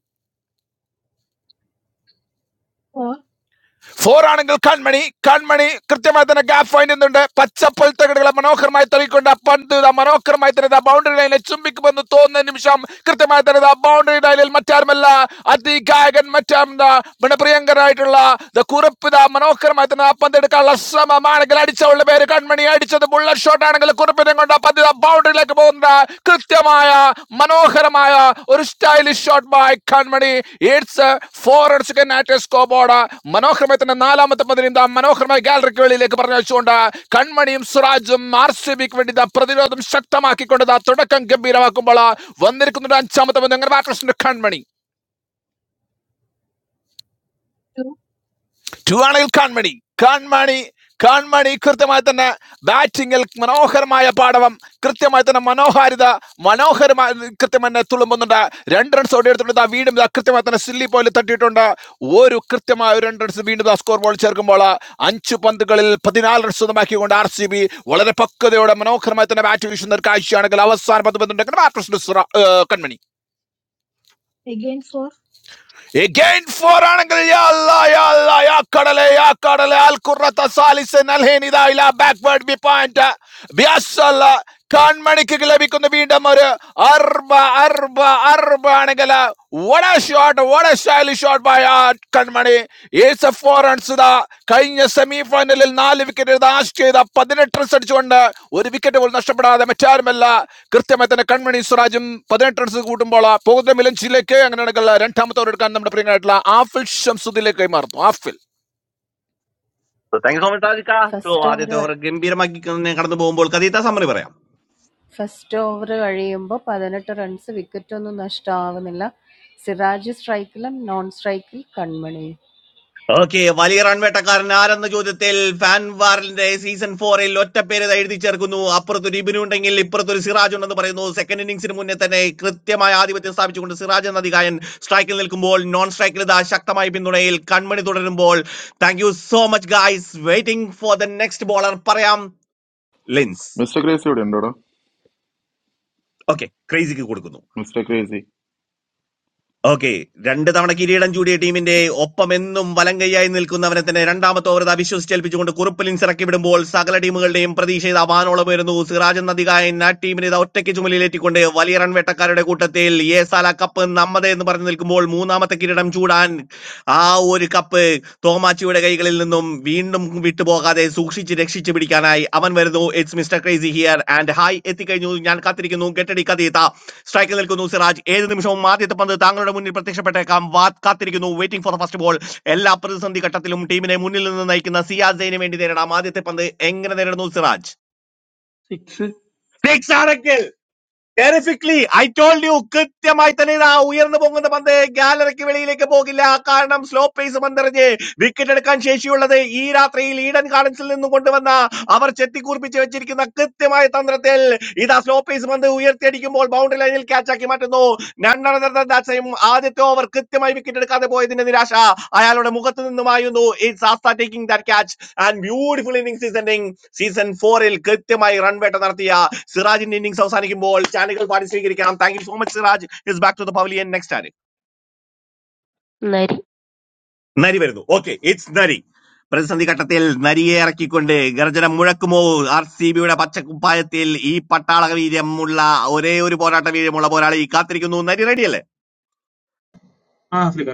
ഫോർ ആണെങ്കിൽ കൺമണി കൺമണി കൃത്യമായി തന്നെ ഗ്യാപ്പ് ഫൈൻഡ് ചെയ്യുന്നുണ്ട് പച്ചപ്പൽ തകടുകളെ മനോഹരമായി തള്ളിക്കൊണ്ട് ആ പന്ത് ഇതാ മനോഹരമായി തന്നെ ഇതാ ബൗണ്ടറി ലൈനെ ചുംബിക്കുമെന്ന് തോന്നുന്ന നിമിഷം കൃത്യമായി തന്നെ ഇതാ ബൗണ്ടറി ലൈനിൽ മറ്റാരുമല്ല അതിഗായകൻ മറ്റാം ദാ നമ്മുടെ പ്രിയങ്കരായിട്ടുള്ള ദ കുറിപ്പ് ഇതാ മനോഹരമായി തന്നെ ആ പന്ത് എടുക്കാനുള്ള ശ്രമമാണെങ്കിൽ അടിച്ചവളുടെ പേര് കൺമണി അടിച്ചത് ബുള്ളറ്റ് ഷോട്ട് ആണെങ്കിൽ കുറിപ്പിനെ പന്തിനെ കൊണ്ട് ആ പന്ത് ബൗണ്ടറിയിലേക്ക് പോകുന്ന കൃത്യമായ മനോഹരമായ ഒരു stylish shot by Kanmani it's four അടിച്ച് സ്കോർ ബോർഡ് മനോഹരമായി തന്നെ നാലാമത്തെ പന്തിന് ഇതാ മനോഹരമായ ഗാലറിക്ക് വെളിയിലേക്ക് പറഞ്ഞു വെച്ചുകൊണ്ട് കൺമണിയും സുരാജും ആർ സി ബിക്ക് വേണ്ടി ഇതാ പ്രതിരോധം ശക്തമാക്കിക്കൊണ്ട് ഇതാ തുടക്കം ഗംഭീരമാക്കുമ്പോൾ വന്നിരിക്കുന്നുണ്ട് അഞ്ചാമത്തെ പന്ത് അങ്ങനെ ബാറ്റേഴ്സിന്റെ കൺമണി ടു ആണെങ്കിൽ കാൺമണി കാൺമണി കാൺമണി കൃത്യമായി തന്നെ ബാറ്റിങ്ങിൽ മനോഹരമായ പാടവം കൃത്യമായി തന്നെ മനോഹാരിത മനോഹരമായി കൃത്യം തന്നെ തുളുമ്പുന്നുണ്ട് രണ്ട് റൺസ് ഓടിയെടുത്തിട്ടുണ്ട് ആ വീണ്ടും ഇതാ കൃത്യമായി തന്നെ സില്ലി പോലെ തട്ടിയിട്ടുണ്ട് ഒരു കൃത്യമായ ഒരു രണ്ട് റൺസ് വീണ്ടും ആ സ്കോർ ബോൾ ചേർക്കുമ്പോൾ അഞ്ച് പന്തുകളിൽ പതിനാല് റൺസ് സ്വന്തമാക്കിക്കൊണ്ട് ആർ സി ബി വളരെ പക്വതയോടെ മനോഹരമായി തന്നെ ബാറ്റ് വീശുന്ന ഒരു കാഴ്ചയാണെങ്കിൽ അവസാന പന്ത് പന്ത്രണ്ട് കൺമണി
again 4,
എഗൈൻ ഫോർ ആണെങ്കിൽ യാ അല്ലാ, യാ അല്ലാ, യാ കടലെ യാ കടലെ അൽ ഖുറത്ത സാലിസൻ അൽ ഹെനിദ ഇലാ ബാക്ക്വേർഡ് ബി പോയിന്റ് ബിയസ്സല്ല കൺമണിക്ക് ലഭിക്കുന്ന വീണ്ടും ഒരു അർബ അർബ അർബ ആണെങ്കിൽ വട ഷോട്ട് വട stylish shot by Kanmani it's four runs ഇതാ കഴിഞ്ഞ സെമി ഫൈനലിൽ നാല് വിക്കറ്റ് ദാഷ് ചെയ്ത പതിനെട്ട് റൺസ് അടിച്ചുകൊണ്ട് ഒരു വിക്കറ്റ് പോലും നഷ്ടപ്പെടാതെ മറ്റാരുമല്ല കൃത്യമായി തന്നെ കൺമണി സ്വരാജും പതിനെട്ട് റൺസ് കൂട്ടുമ്പോൾ പോകുന്ന മിലഞ്ചിലേക്ക് അങ്ങനെയാണെങ്കിൽ രണ്ടാമത്തെ ഓവർ എടുക്കാൻ നമ്മുടെ പ്രിയനായിട്ടുള്ള ആഫിൽ ഷംസുദ്ദീനിലേക്ക് കൈമാറുന്നു Aafil
So, thank you so much, Radhika. So,
first over
ആദ്യത്തെ ഓവർ ഗംഭീരമാക്കി തന്നെ കടന്നു പോകുമ്പോൾ കഥീത്ത സമ്മറി പറയാം
ഫസ്റ്റ് ഓവർ കഴിയുമ്പോൾ പതിനെട്ട് റൺസ് വിക്കറ്റൊന്നും നഷ്ടമാവുന്നില്ല സിറാജ് സ്ട്രൈക്കിലും നോൺ സ്ട്രൈക്കിൽ കൺമണി
ഓക്കെ വലിയ റൺ വേട്ടക്കാരൻ ആരെന്ന ചോദ്യത്തിൽ ഫാൻ വാറിന്റെ സീസൺ ഫോറിൽ ഒറ്റ പേര് ദാ എഴുതി ചേർക്കുന്നു അപ്പുറത്തൊരു ഇബിനു ഉണ്ടെങ്കിൽ ഇപ്പുറത്തൊരു സിറാജ് ഉണ്ടെന്ന് പറയുന്നു സെക്കൻഡ് ഇന്നിംഗ്സിന് മുന്നേ തന്നെ കൃത്യമായ ആധിപത്യം സ്ഥാപിച്ചുകൊണ്ട് സിറാജ് എന്ന അധികായൻ സ്ട്രൈക്കിൽ നിൽക്കുമ്പോൾ നോൺ സ്ട്രൈക്കിൽ ഇതാ ശക്തമായ പിന്തുണയിൽ കൺമണി തുടരുമ്പോൾ thank you so much guys waiting for the next bowler പറയാം ലിൻസ്
മിസ്റ്റർ ക്രേസി ഇവിടെ ഉണ്ടോ
ഓക്കെ ക്രേസിക്ക് കൊടുക്കുന്നു
മിസ്റ്റർ ക്രേസി
ഓക്കെ രണ്ട് തവണ കിരീടം ചൂടിയ ടീമിന്റെ ഒപ്പമെന്നും വലങ്കയ്യായി നിൽക്കുന്നവനെ തന്നെ രണ്ടാമത്തെ ഓവർ അവിശ്വസിച്ചേൽപ്പിച്ചുകൊണ്ട് കുറുപ്പലിൻ ഇറക്കി വിടുമ്പോൾ സകല ടീമുകളുടെയും പ്രതീക്ഷ ഇത് അവാനോളം വരുന്നു സിറാജൻ നദികായൻ ആ ടീമിനെ ഇത് ഒറ്റയ്ക്ക് ചുമലിലേറ്റിക്കൊണ്ട് വലിയ റൺ വേട്ടക്കാരുടെ കൂട്ടത്തിൽ ഏസാല കപ്പ് നമ്മതേ എന്ന് പറഞ്ഞു നിൽക്കുമ്പോൾ മൂന്നാമത്തെ കിരീടം ചൂടാൻ ആ ഒരു കപ്പ് തോമാച്ചിയുടെ കൈകളിൽ നിന്നും വീണ്ടും വിട്ടുപോകാതെ സൂക്ഷിച്ച് രക്ഷിച്ചു പിടിക്കാനായി അവൻ വരുന്നു it's mister crazy here and hi എത്തിക്കഴിഞ്ഞു ഞാൻ കാത്തിരിക്കുന്നു ഗെറ്റടി കഥീത സ്ട്രൈക്കിൽ നിൽക്കുന്നു സിറാജ് ഏത് നിമിഷവും ആദ്യത്തെ പന്ത് താങ്കളുടെ മുന്നിൽ പ്രത്യക്ഷപ്പെട്ടേക്കാം വാ- കാത്തിരിക്കുന്നു വെയിറ്റിംഗ് ഫോർ ഫസ്റ്റ് ബോൾ എല്ലാ പ്രതിസന്ധി ഘട്ടത്തിലും ടീമിനെ മുന്നിൽ നിന്ന് നയിക്കുന്ന സിയാസൈന് വേണ്ടി നേരിടാം ആദ്യത്തെ പന്ത് എങ്ങനെ നേരിടുന്നു സിറാജ്
സിക്സ്
സിക്സ് ആണെങ്കിൽ ടെറിഫിക്ലി ഐ ടോൾഡ് യു കൃത്യമായി തന്നെ ഇതാ ഉയർന്നു പോകുന്ന പന്ത് ഗാലറിക്ക് വെളിയിലേക്ക് പോകില്ല കാരണം സ്ലോ പേസ് പന്തെറിഞ്ഞ് വിക്കറ്റ് എടുക്കാൻ ശേഷിയുള്ളത് ഈ രാത്രിയിൽ ഈഡൻ ഗാർഡൻസിൽ നിന്നും കൊണ്ടുവന്ന അവർ ചെത്തിക്കൂർപ്പിച്ച് വെച്ചിരിക്കുന്ന കൃത്യമായ തന്ത്രത്തിൽ ഇതാ സ്ലോ പേസ് പന്ത് ഉയർത്തിയടിക്കുമ്പോൾ ബൗണ്ടറി ലൈനിൽ catch ആക്കി മാറ്റുന്നു None other than that same ആദ്യത്തെ ഓവർ കൃത്യമായി വിക്കറ്റ് എടുക്കാതെ പോയതിന്റെ നിരാശ അയാളുടെ മുഖത്ത് നിന്നുമായിരുന്നു it's Aastha taking that catch. And beautiful inning season season ഫോറിൽ കൃത്യമായി റൺ വേട്ട നടത്തിയ സിറാജിന്റെ ഇന്നിംഗ്സ് അവസാനിക്കുമ്പോൾ ചാനലുകൾ പാടി സ്വീകരിക്കണം thank you so much Siraj is back to the pavilion next ആര്
നരി
നരി വരുന്നു ഓക്കെ ഇറ്റ്സ് നരി പ്രതിസന്ധി ഘട്ടത്തിൽ നരിയെ ഇറക്കിക്കൊണ്ട് ഗർജനം മുഴക്കുമോ ആർ സി ബിയുടെ പച്ചക്കുപ്പായത്തിൽ ഈ പട്ടാള വീര്യമുള്ള ഒരേ ഒരു പോരാട്ട വീര്യമുള്ള പോരാളി കാത്തിരിക്കുന്നു നരി റെഡിയല്ലേ
Ah, Three,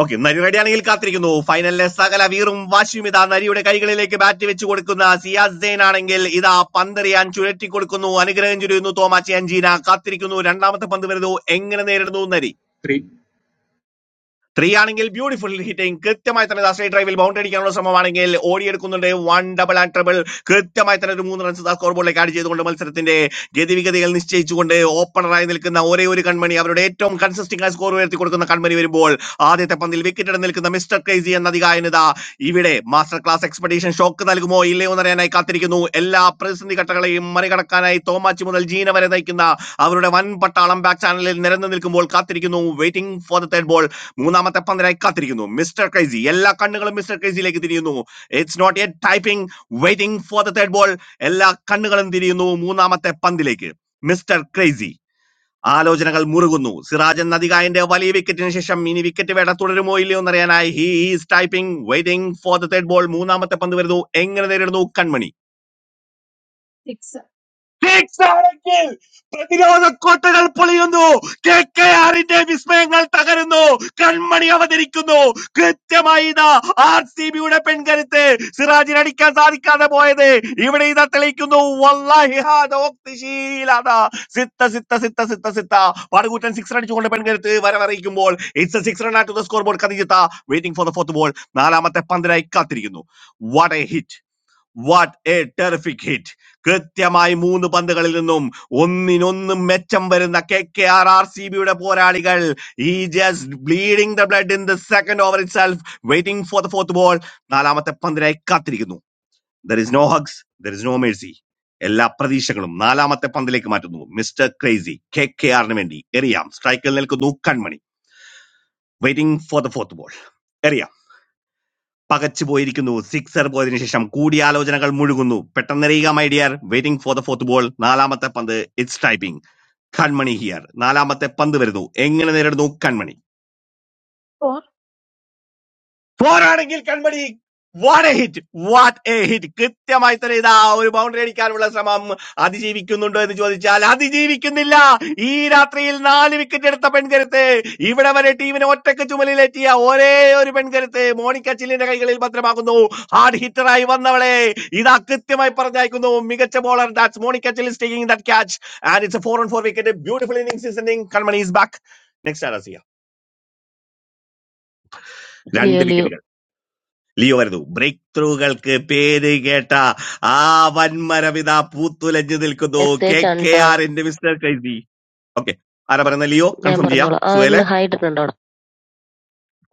ഓക്കെ നരി റെഡിയാണെങ്കിൽ കാത്തിരിക്കുന്നു ഫൈനലിലെ സകല വീറും വാശിയും ഇതാ നരിയുടെ കൈകളിലേക്ക് ബാറ്റ് വെച്ച് കൊടുക്കുന്ന സിയാസ് സെയിൻ ആണെങ്കിൽ ഇതാ പന്തെറിയാൻ ചുഴറ്റി കൊടുക്കുന്നു അനുഗ്രഹം ചുരിയുന്നു തോമാച്ചി അഞ്ചീന കാത്തിരിക്കുന്നു രണ്ടാമത്തെ പന്ത് വരുന്നു എങ്ങനെ നേരിടുന്നു നരി
three,
ത്രീ ആണെങ്കിൽ ബ്യൂട്ടിഫുൾ ഹിറ്റിംഗ് കൃത്യമായി തന്നെ ദാസേ ഡ്രൈവിൽ ബൗണ്ടറി അടിക്കാനുള്ള ശ്രമമാണെങ്കിൽ ഓടിയെടുക്കുന്നുണ്ട് വൺ ഡബിൾ ആൻഡ് ട്രിബിൾ കൃത്യമായി തന്നെ ഒരു മൂന്ന് റൺസ് സ്കോർ ബോർഡിലേക്ക് ആഡ് ചെയ്തുകൊണ്ട് മത്സരത്തിന്റെ ഗതിവിഗതികൾ നിശ്ചയിച്ചുകൊണ്ട് ഓപ്പണറായി നിൽക്കുന്ന ഒരേ ഒരു കൺമണി അവരുടെ ഏറ്റവും കൺസിസ്റ്റിംഗ് ആയി സ്കോർ ഉയർത്തി കൊടുക്കുന്ന കൺമണി വരുമ്പോൾ ആദ്യത്തെ പന്തിൽ വിക്കറ്റ് ഇടം നിൽക്കുന്ന മിസ്റ്റർ ക്രൈസി എന്ന അധികായനത ഇവിടെ മാസ്റ്റർ ക്ലാസ് എക്സ്പെഡീഷൻ ഷോക്ക് നൽകുമോ ഇല്ലയോ എന്നറിയാനായി കാത്തിരിക്കുന്നു എല്ലാ പ്രതിസന്ധി ഘട്ടങ്ങളെയും മറികടക്കാനായി തോമാച്ചി മുതൽ ജീന വരെ നയിക്കുന്ന അവരുടെ വൻ പട്ടാളം ബാക്ക് ചാനലിൽ നിരന്നു നിൽക്കുമ്പോൾ കാത്തിരിക്കുന്നു waiting for the third ball മൂന്നാമത്തെ പന്തിനായി കാത്തിരിക്കുന്നു മിസ്റ്റർ ക്രൈസി എല്ലാ കണ്ണുകളും മിസ്റ്റർ ക്രൈസിയിലേക്ക് തിരിയുന്നു it's not a typing waiting for the third ball എല്ലാ കണ്ണുകളും തിരിയുന്നു മൂന്നാമത്തെ പന്തിലേക്ക് മിസ്റ്റർ ക്രേസി ആലോചനകൾ മുറുകുന്നു സിറാജൻ നദികായന്റെ വലിയ വിക്കറ്റിന് ശേഷം ഇനി വിക്കറ്റ് വേട തുടരുമോ ഇല്ലയോ എന്നറിയാനായി he is typing waiting for the third ball മൂന്നാമത്തെ പന്ത് വരുന്നു എങ്ങനെ നേരിടുന്നു കൺമണി
6, 4.
ാണെങ്കിൽ പ്രതിരോധ കോട്ടകൾ പൊളിയുന്നു കെ കെ ആറിന്റെ വിസ്മയങ്ങൾ തകരുന്നു കൺമണി അവതരിക്കുന്നു കൃത്യമായി ഇതാ ആർ സി ബിയുടെ പെൺകരുത്ത് സിറാജിന് അടിക്കാൻ സാധിക്കാതെ പോയത് ഇവിടെ ഇതാ തെളിയിക്കുന്നു വല്ലാഹി ഹാദ ഉക്തിശീലാദ. സിത്ത സിത്ത സിത്ത സിത്ത സിത്ത പടകൂറ്റൻ സിക്സ് അടിച്ചുകൊണ്ട് പെൺകരുത്ത് വരവറിയിക്കുമ്പോൾ it's six run at the score scoreboard കതിജിത്ത waiting for the fourth ball നാലാമത്തെ പന്തിനായി കാത്തിരിക്കുന്നു what a hit what a terrific hit കൃത്യമായി മൂന്ന് പന്തുകളിൽ നിന്നും ഒന്നിനൊന്നും മെച്ചം വരുന്ന K K R R C ബിയുടെ പോരാളികൾ ഈ just bleeding the blood in the second over itself waiting for the fourth ball നാലാമത്തെ പന്തിനായി കാത്തിരിക്കുന്നു there is no hugs there is no Mercy എല്ലാ പ്രതീക്ഷകളും നാലാമത്തെ പന്തിലേക്ക് മാറ്റുന്നു മിസ്റ്റർ ക്രേസി കെ കെ ആറിന് വേണ്ടി എറിയാം സ്ട്രൈക്കിൽ നിൽക്കുന്നു Kanmani waiting for the fourth ball എറിയാം. പകച്ചുപോയിരിക്കുന്നു. സിക്സർ പോയതിനു ശേഷം കൂടിയാലോചനകൾ മുഴുകുന്നു. പെട്ടെന്നെറിയുക my dear. Waiting for the fourth ball. നാലാമത്തെ പന്ത്. It's typing. കൺമണി ഹിയർ. നാലാമത്തെ പന്ത് വരുന്നു. എങ്ങനെ നേരിടുന്നു കൺമണി? പോരാണെങ്കിൽ Kanmani what a hit what a hit കൃത്യമായി തന്നെ ഇതാ ഒരു ബൗണ്ടറി അടിക്കാനുള്ള ശ്രമം അതിജീവിക്കുന്നുണ്ടോ എന്ന് ചോദിച്ചാൽ അതിജീവിക്കുന്നില്ല ഈ രാത്രിയിൽ നാല് വിക്കറ്റ് എടുത്ത പെൺകരുത്ത് ഇവിടെ വരെ ടീമിനെ ഒറ്റക്ക് ചുമലിലേറ്റിയ ഒരേ ഒരു പെൺകരുത്ത് മോണിക്ക ചില്ലിന്റെ കൈകളിൽ ഭദ്രമാകുന്നു ഹാർഡ് ഹിറ്ററായി വന്നവളെ ഇതാ കൃത്യമായി പറഞ്ഞയക്കുന്നു മികച്ച bowler that's Monica chilli taking that catch and it's a four on four wicket beautiful innings Kanmani is back next ആരാ സിയ
ലിയോ
രണ്ട്
ലിയോ
വിക്കറ്റുകൾ ലിയോ വരുന്നു ബ്രേക്ക് ത്രൂകൾക്ക് പേര് കേട്ട ആ വൻമരവിത പൂത്തുലഞ്ഞു നിൽക്കുന്നു കെ
മെസ്സേജ് ആണ്
കെ
ട്ടോ.
ആറിന്റെ മിസ്റ്റർ ക്രൈസി ഓക്കെ ആരാ പറയുന്ന ലിയോ
ഞാൻ
കൺഫേം ചെയ്യാം
പറഞ്ഞോളാം ആ
സുഹേലെ
ഹായ് ഇട്ടിട്ടുണ്ടോ അവിടെ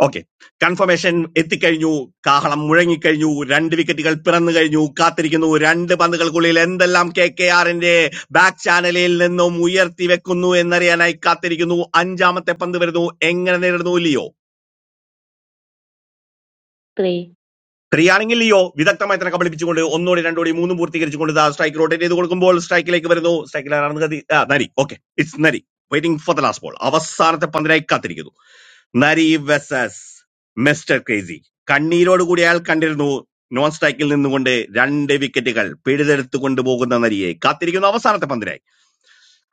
ഓക്കെ കൺഫർമേഷൻ എത്തിക്കഴിഞ്ഞു കാഹളം മുഴങ്ങിക്കഴിഞ്ഞു രണ്ട് വിക്കറ്റുകൾ പിറന്നു കഴിഞ്ഞു കാത്തിരിക്കുന്നു രണ്ട് പന്തുകൾക്കുള്ളിൽ എന്തെല്ലാം കെ കെ ആറിന്റെ ബാക്ക് ചാനലിൽ നിന്നും ഉയർത്തി വെക്കുന്നു എന്നറിയാനായി കാത്തിരിക്കുന്നു അഞ്ചാമത്തെ പന്ത് വരുന്നു എങ്ങനെ നേരിടുന്നു ലിയോ
ത്രീ
ക്രിയാണെങ്കിൽ ലിയോ വിദഗ്ധമായി തന്നെ കബളിപ്പിച്ചുകൊണ്ട് ഒന്നോടി രണ്ടോടി മൂന്നും പൂർത്തീകരിച്ചുകൊണ്ട് ദാ സ്ട്രൈക്ക് റോട്ടേറ്റ് ചെയ്ത് കൊടുക്കുമ്പോൾ സ്ട്രൈക്കിലേക്ക് വരുന്നു സ്ട്രൈക്കിൽ ആരാണെന്ന് കതി ആ, Nari okay it's Nari waiting for the last ball അവസാനത്തെ പന്തിനായി കാത്തിരിക്കുന്നു നരി വെസസ് മിസ്റ്റർ ക്രേസി കണ്ണീരോട് കൂടി അയാൾ കണ്ടിരുന്നു നോൺ സ്ട്രൈക്കിൽ നിന്നുകൊണ്ട് രണ്ട് വിക്കറ്റുകൾ പിഴുതെടുത്തു കൊണ്ടുപോകുന്ന നരിയെ കാത്തിരിക്കുന്നു അവസാനത്തെ പന്തിനായി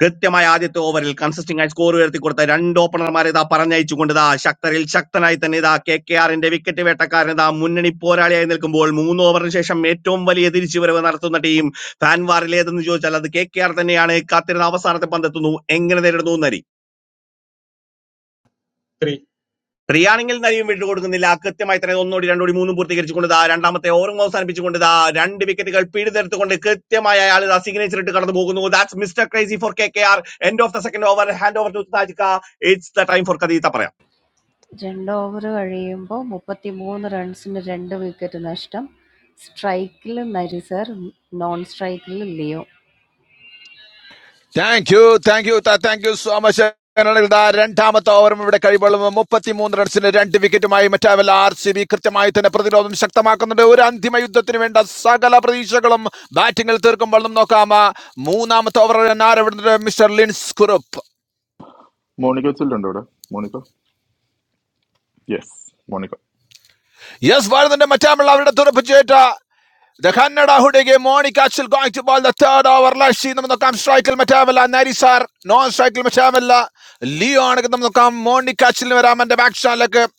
കൃത്യമായ ആദ്യത്തെ ഓവറിൽ കൺസിസ്റ്റിംഗ് ആയി സ്കോർ ഉയർത്തിക്കൊടുത്ത രണ്ട് ഓപ്പണർമാരെ ഇതാ പറഞ്ഞയച്ചുകൊണ്ട് ഇതാ ശക്തരിൽ ശക്തനായി തന്നെ ഇതാ കെ കെ ആറിന്റെ വിക്കറ്റ് വേട്ടക്കാരൻ ഇതാ മുന്നണി പോരാളിയായി നിൽക്കുമ്പോൾ മൂന്ന് ഓവറിന് ശേഷം ഏറ്റവും വലിയ തിരിച്ചുവരവ് നടത്തുന്ന ടീം ഫാൻവാറിൽ ഏതെന്ന് ചോദിച്ചാൽ അത് കെ കെ ആർ തന്നെയാണ് കാത്തിരുന്ന അവസാനത്തെ പന്തെത്തുന്നു എങ്ങനെ നേരിടുന്നു നരി
three,
റിയാണെങ്കിൽ നരിയും വിട്ടു കൊടുക്കുന്നില്ല കൃത്യമായി തന്നെ ഒന്നോടി രണ്ടോടി മൂന്നും പൂർത്തീകരിച്ചുകൊണ്ട് ദാ രണ്ടാമത്തെ ഓവറും അവസാനിപ്പിച്ചുകൊണ്ട് ദാ രണ്ട് വിക്കറ്റുകൾ പിഴുതെടുത്തുകൊണ്ട് കൃത്യമായ അയാൾ ദാ സിഗ്നേച്ചർ ഇട്ട് കടന്നു പോകുന്നു that's mister crazy for K K R end of the second over hand over to Thajikka it's the time for കഥീത്ത പറയാം
രണ്ട് ഓവർ കഴിയുമ്പോൾ മുപ്പത്തി മൂന്ന് റൺസിന് രണ്ട് വിക്കറ്റ് നഷ്ടം സ്ട്രൈക്കിൽ നരിസർ നോൺ സ്ട്രൈക്കിൽ Leo
thank you thank you thank you so much അങ്ങനെയാണെങ്കിൽ ദാ രണ്ടാമത്തെ ഓവറും ഇവിടെ കഴിയുമ്പോഴും മുപ്പത്തിമൂന്ന് റൺസിന് രണ്ട് വിക്കറ്റുമായി മറ്റാവല്ല ആർ സി ബി കൃത്യമായി തന്നെ പ്രതിരോധം ശക്തമാക്കുന്നുണ്ട് ഒരു അന്തിമ യുദ്ധത്തിന് വേണ്ട സകല പ്രതീക്ഷകളും ബാറ്റിംഗിൽ തീർക്കുമ്പോൾ നമുക്ക് നോക്കാം ആ മൂന്നാമത്തെ ഓവർ ആരവിടുന്നുണ്ട് മിസ്റ്റർ ലിൻസ് കുറുപ്പ്
മോണിക്ക വെച്ചിട്ടുണ്ടോ ഇവിടെ മോണിക്ക യെസ് മോണിക്ക
യെസ് ഭാരതന്റെ മറ്റാമുള്ള അവരുടെ തുറപ്പിച്ചേറ്റ The Kannada Hudege Monica Achal going to ball the third over. Lashi Namakam Strikel Matavella Narisar non Strikel Matavella Leon Namakam Monica Achal Ramanda Bakshak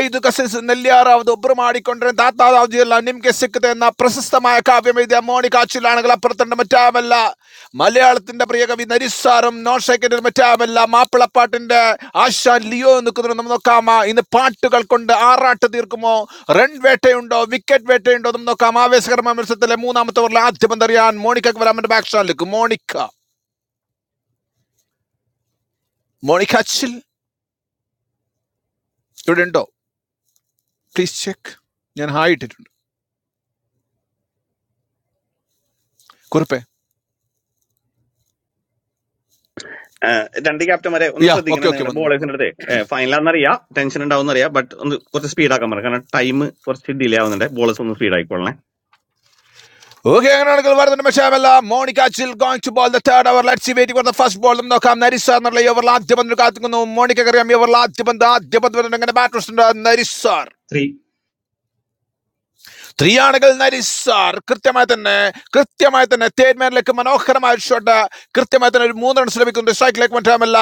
ಐದು ಕಸಿಸ್ ನೆಲ್ಲಿಯಾರ ಅವರು ಒಬ್ಬರು ಮಾಡಿಕೊಂಡ್ರೆ ದಾತಾರಾವ್ದಿಯಲ್ಲ ನಿಮ್ಗೆ ಸಿಕ್ಕದೆ ಎನ್ನ ಪ್ರಶಸ್ತಮಾಯ ಕಾವ್ಯವಿದೆ ಮೋನಿಕಾಚಿಲಾಣಗಳ പ്രത്തണ്ട മറ്റാമല്ല മലയാളത്തിന്റെ പ്രിയ കവി നരിസാറും നോഷയ്ക്കിന്റെ മറ്റാമല്ല മാപ്പിളപ്പാട്ടിന്റെ ആശാൻ ലിയോ നിൽക്കുന്നവർ നമ്മൾ നോക്കാമ ഇന്ന് പാട്ടുകൾ കൊണ്ട് ആറാട്ട് തീർക്കുമോ റൺ വേട്ടയുണ്ടോ വിക്കറ്റ് വേട്ടയുണ്ടോ നമ്മൾ നോക്കാം ആവേശകരമായ മത്സരത്തിലെ മൂന്നാമത്തെ ഓവറിൽ ആദ്യം എന്തറിയാൻ മോണിക്കക്ക് വരാൻ മറ്റേ ബാക്ക് സ്റ്റാൻഡിലേക്ക് മോണിക്ക മോണിക്ക അച്ചിൽ ഇവിടെ ഉണ്ടോ പ്ലീസ് ചെക്ക് ഞാൻ ഹായ് ഇട്ടിട്ടുണ്ട് കുറിപ്പേ
ഏഹ് രണ്ട് ക്യാപ്റ്റന്മാരെ ഒന്ന്
യാ ഓക്കെ
ശ്രദ്ധിക്കണം
ഓക്കെ
നിങ്ങളുടെ
വന്നു
ബോളേഴ്സിന്റെ അടുത്ത് ഫൈനലാണെന്നറിയാം ടെൻഷൻ ഉണ്ടാവുന്നറിയാം ബട്ട് ഒന്ന് കുറച്ച് സ്പീഡ് ആക്കാൻ പറയാം കാരണം ടൈം കുറച്ച് ഡിലേ ആവുന്നുണ്ട് ബോളേഴ്സ് ഒന്ന് സ്പീഡ് ആയിക്കോളണേ
Okay, അങ്ങനെയാണെങ്കിൽ വരുന്നുണ്ട് മെഷാമല്ല Monica chill going to bowl the third over let's wait for the first ball നമുക്ക് നോക്കാം നരിസ എന്നുള്ള ഈ ഓവറിൽ ആദ്യ പന്തിന് കാത്തിക്കുന്നു മോണിക്ക അറിയാം ഈ ഓവറിൽ ആദ്യ പന്ത് ആദ്യ പന്ത് വരുന്നുണ്ട് അങ്ങനെ ബാറ്റ് നരിസാർ സ്ത്രീയാണെങ്കിൽ നരിസാർ കൃത്യമായി തന്നെ കൃത്യമായി തന്നെ തേർഡ് മാനിലേക്ക് മനോഹരമായ ഒരു ഷോട്ട് കൃത്യമായി തന്നെ ഒരു മൂന്ന് റൺസ് ലഭിക്കുന്നു സ്ട്രൈക്കിലേക്ക് മറ്റാമല്ല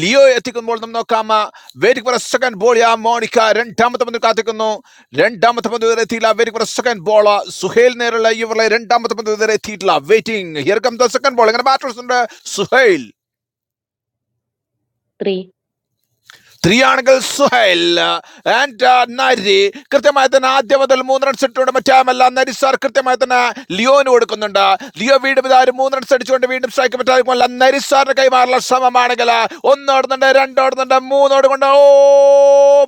ലിയോ എത്തിക്കുമ്പോൾ നമ്മൾ നോക്കാം waiting for a second ball ആ മോണിക്ക രണ്ടാമത്തെ പന്തിൽ കാത്തിക്കുന്നു രണ്ടാമത്തെ പന്ത് വരെ എത്തിയില്ല waiting for a second ball Suhail നേരെയുള്ള ഇവരുടെ രണ്ടാമത്തെ പന്ത് വരെ എത്തിയിട്ടില്ല waiting here come the second ball ഇങ്ങനെ ബാറ്റേഴ്സ് ഉണ്ട് സുഹേൽ
ത്രീ
സ്ത്രീയാണെങ്കിൽ സുഹൈൽ ആൻഡ് നരി കൃത്യമായി തന്നെ ആദ്യം മുതൽ മൂന്ന് റൺസ് ഇട്ടുകൊണ്ട് മറ്റാമല്ല നരി സാർ കൃത്യമായി തന്നെ ലിയോന് കൊടുക്കുന്നുണ്ട് ലിയോ വീണ്ടും ഇതാ ഒരു മൂന്ന് റൺസ് അടിച്ചുകൊണ്ട് വീണ്ടും സ്ട്രൈക്ക് പറ്റാതെ നരി സാറിന്റെ കൈമാറുള്ള ശ്രമമാണെങ്കിൽ ഒന്നോടുന്നുണ്ട് രണ്ടോടുന്നുണ്ട് മൂന്നോട് കൊണ്ട് ഓ